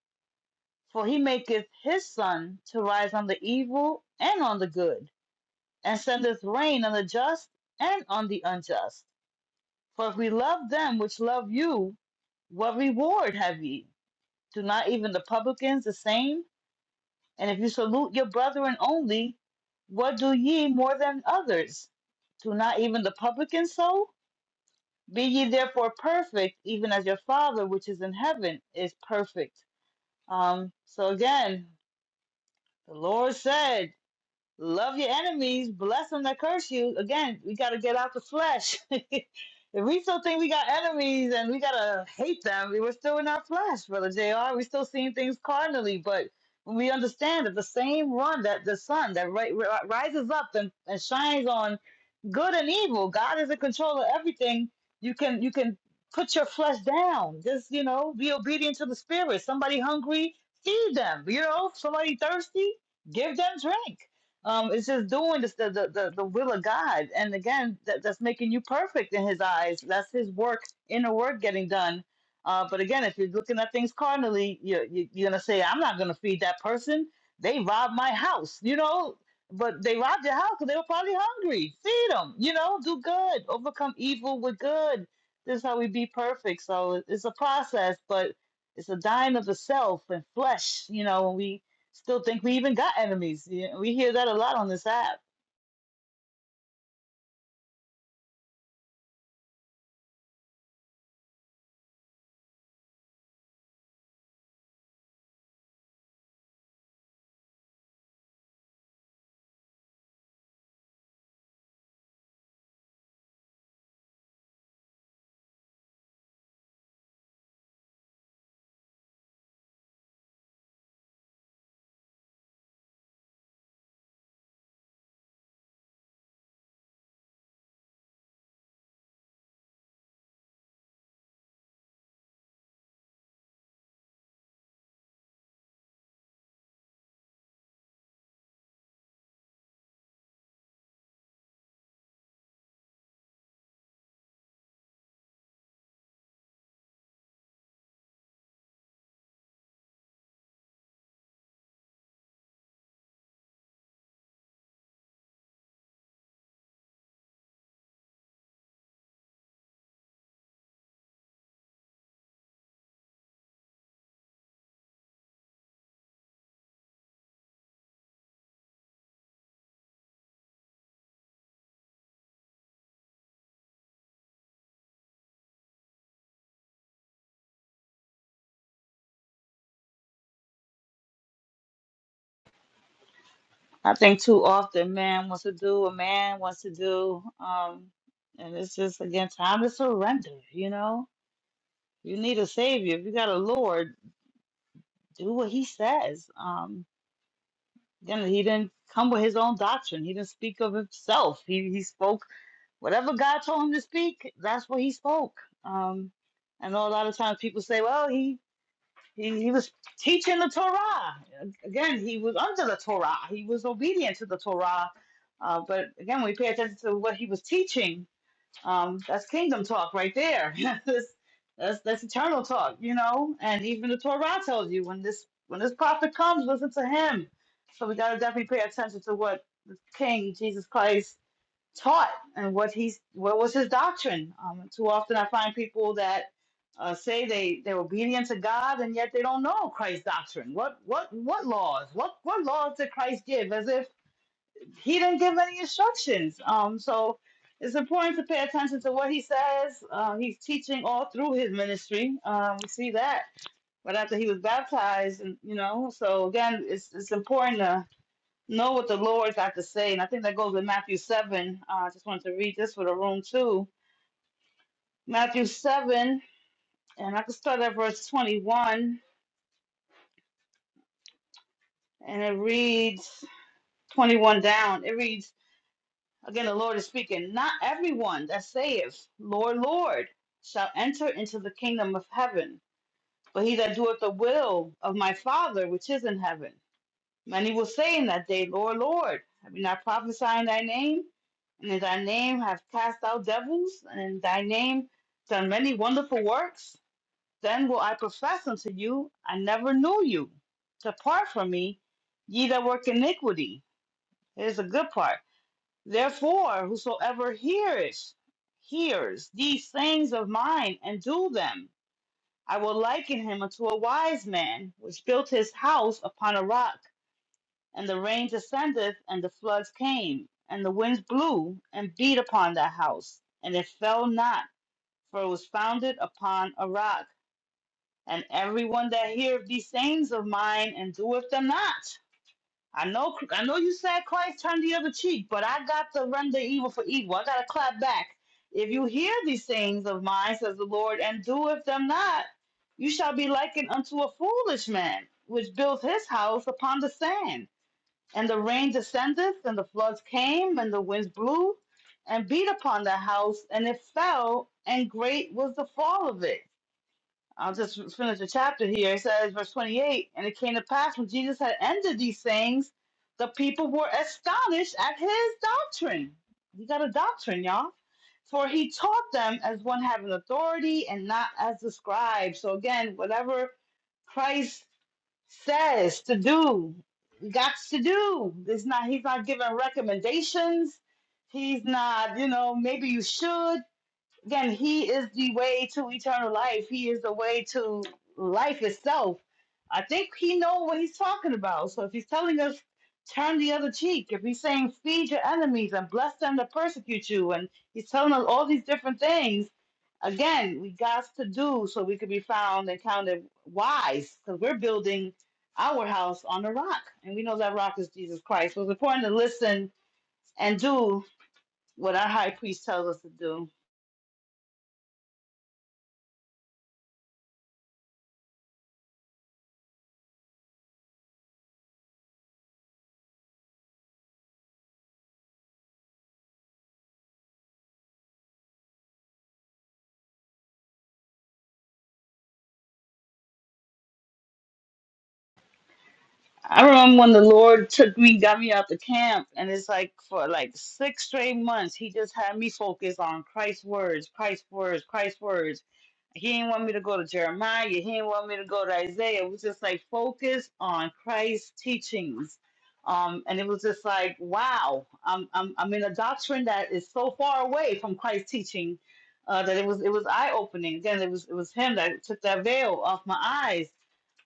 Speaker 10: For he maketh his sun to rise on the evil and on the good and sendeth rain on the just and on the unjust. For if we love them which love you, what reward have ye? Do not even the publicans the same? And if you salute your brethren only, what do ye more than others? Do not even the publicans so? Be ye therefore perfect, even as your Father which is in heaven is perfect. Um, so again, the Lord said, Love your enemies, bless them that curse you. Again, we got to get out the flesh. if we still think we got enemies and we got to hate them, we we're still in our flesh, Brother JR. we still seeing things carnally, but when we understand that the same one that the sun that ri- ri- rises up and, and shines on good and evil. God is in control of everything. You can you can put your flesh down. Just you know, be obedient to the spirit. Somebody hungry, feed them. You know, somebody thirsty, give them drink. Um, it's just doing this, the, the the the will of God, and again, that, that's making you perfect in His eyes. That's His work, inner work getting done. Uh, but again, if you're looking at things carnally, you're, you're gonna say, "I'm not gonna feed that person. They robbed my house." You know, but they robbed your house because they were probably hungry. Feed them, you know, do good, overcome evil with good. This is how we be perfect. So it- it's a process, but it's a dying of the self and flesh, you know, and we still think we even got enemies. Yeah, We hear that a lot on this app. I think too often man wants to do what man wants to do. Um, and it's just, again, time to surrender, you know? You need a savior. If you got a Lord, do what he says. Um. Then he didn't come with his own doctrine. He didn't speak of himself. He he spoke whatever God told him to speak. That's what he spoke. Um, I know a lot of times people say, "Well, he he, he was teaching the Torah." Again, he was under the Torah. He was obedient to the Torah. Uh, but again, when we pay attention to what he was teaching um, that's kingdom talk right there. that's, that's that's eternal talk, you know. And even the Torah tells you when this when this prophet comes, listen to him. So we gotta definitely pay attention to what the King Jesus Christ taught and what he's what was his doctrine. Um, too often I find people that uh, say they they're obedient to God and yet they don't know Christ's doctrine. What what what laws? What what laws did Christ give? As if he didn't give any instructions. Um, so it's important to pay attention to what he says. Uh, he's teaching all through his ministry. Um, we see that. But after he was baptized, and you know, so again, it's it's important to know what the Lord's got to say. And I think that goes with Matthew seven. Uh, I just wanted to read this for the room too. Matthew seven, and I can start at verse twenty-one, and it reads twenty-one down. It reads. Again, the Lord is speaking. Not everyone that saith, Lord, Lord, shall enter into the kingdom of heaven, but he that doeth the will of my Father which is in heaven. Many will say in that day, Lord, Lord, have we not prophesied in thy name? And in thy name have cast out devils, and in thy name done many wonderful works? Then will I profess unto you, I never knew you. Depart from me, ye that work iniquity. Here's a good part Therefore, whosoever hears, hears these sayings of mine and do them, I will liken him unto a wise man which built his house upon a rock, and the rain descended, and the floods came, and the winds blew and beat upon that house, and it fell not, for it was founded upon a rock. And everyone that heareth these sayings of mine and doeth them not I know, I know you said Christ turned the other cheek, but I got to render evil for evil. I got to clap back. If you hear these things of mine, says the Lord, and doeth them not, you shall be likened unto a foolish man, which built his house upon the sand. And the rain descended, and the floods came, and the winds blew, and beat upon the house, and it fell, and great was the fall of it. I'll just finish the chapter here. It says, verse 28 And it came to pass when Jesus had ended these things, the people were astonished at his doctrine. He got a doctrine, y'all. For he taught them as one having authority and not as the scribes. So again, whatever Christ says to do, we got to do. It's not he's not giving recommendations. He's not, you know, maybe you should. Again, He is the way to eternal life. He is the way to life itself. I think He knows what He's talking about. So if He's telling us turn the other cheek, if He's saying feed your enemies and bless them that persecute you, and He's telling us all these different things, again, we got to do so we could be found and counted wise because we're building our house on the rock. And we know that rock is Jesus Christ. So it's important to listen and do what our high priest tells us to do. I remember when the Lord took me, got me out the camp, and it's like for like six straight months, He just had me focus on Christ's words, Christ's words, Christ's words. He didn't want me to go to Jeremiah. He didn't want me to go to Isaiah. It was just like focus on Christ's teachings, um, and it was just like, wow, I'm I'm I'm in a doctrine that is so far away from Christ's teaching uh, that it was it was eye opening. Again, it was it was Him that took that veil off my eyes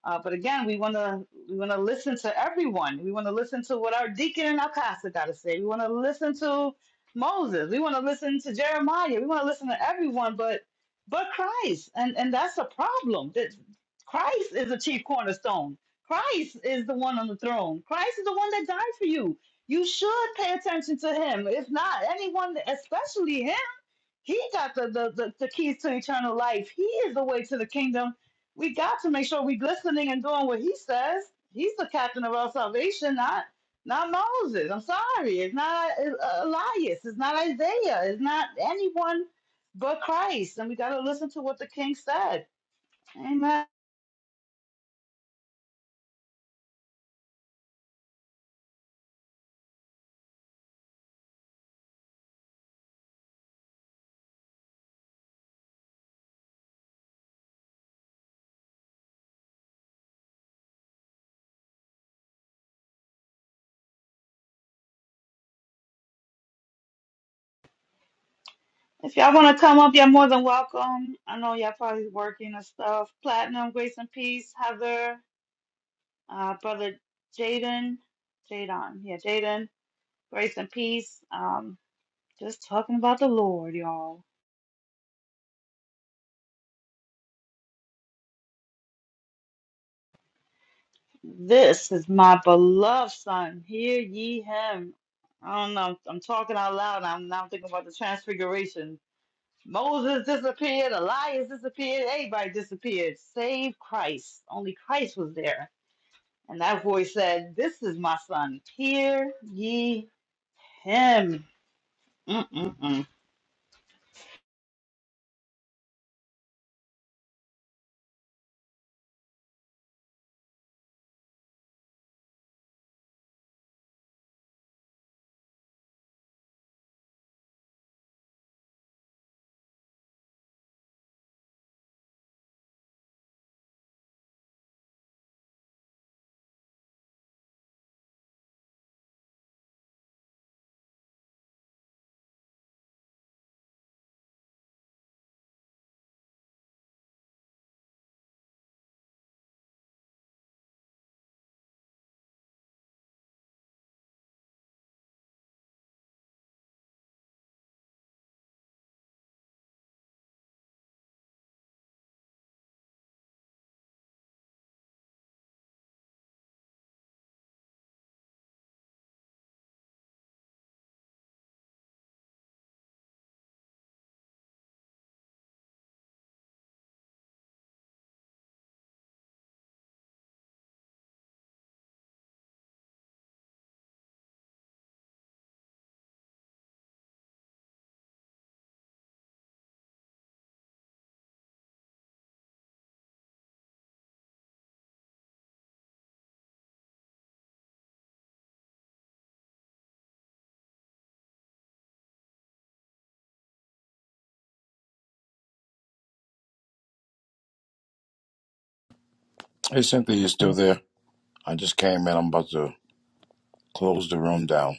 Speaker 10: uh, but again, we want to we want to listen to everyone. We want to listen to what our deacon and our pastor got to say. We want to listen to Moses. We want to listen to Jeremiah. We want to listen to everyone, but but Christ, and and that's a problem. That Christ is the chief cornerstone. Christ is the one on the throne. Christ is the one that died for you. You should pay attention to him. If not, anyone, especially him he got the, the, the, the keys to eternal life. He is the way to the kingdom. We got to make sure we're listening and doing what he says. He's the captain of our salvation, not not Moses. I'm sorry. It's not uh, Elias. It's not Isaiah. It's not anyone but Christ. And we got to listen to what the king said. Amen. If y'all want to come up, you're more than welcome. I know y'all probably working and stuff. Platinum, grace and peace. Heather, uh, brother Jaden, Jadon. Yeah, Jaden. Grace and peace. Um, just talking about the Lord, y'all. This is my beloved son. Hear ye him. I don't know. I'm talking out loud. I'm now thinking about the transfiguration. Moses disappeared. Elias disappeared. Everybody disappeared. Save Christ. Only Christ was there. And that voice said, This is my son. Hear ye him. Mm-mm-mm.
Speaker 5: Hey, Cynthia, you still there? I just came in. I'm about to close the room down.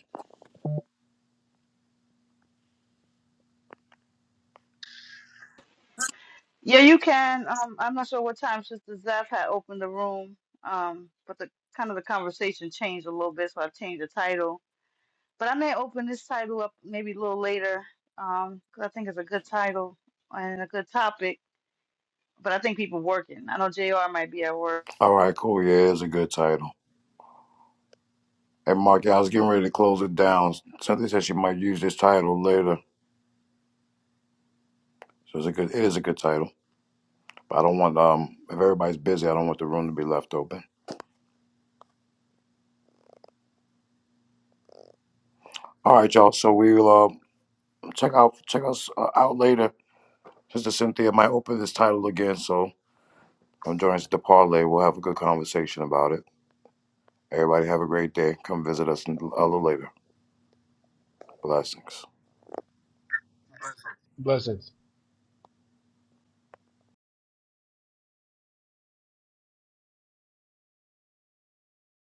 Speaker 10: Yeah, you can. Um, I'm not sure what time Sister Zeph had opened the room, um, but the kind of the conversation changed a little bit, so I've changed the title. But I may open this title up maybe a little later, um, 'cause I think it's a good title and a good topic. But I think people working. I know Jr. might be at work.
Speaker 5: All right, cool. Yeah, it's a good title. Hey, Mark, yeah, I was getting ready to close it down. Cynthia said she might use this title later, so it's a good. It is a good title, but I don't want um if everybody's busy, I don't want the room to be left open. All right, y'all. So we'll uh, check out check us uh, out later. Sister Cynthia might open this title again, so come join us at the parlay. We'll have a good conversation about it. Everybody have a great day. Come visit us a little later. Blessings.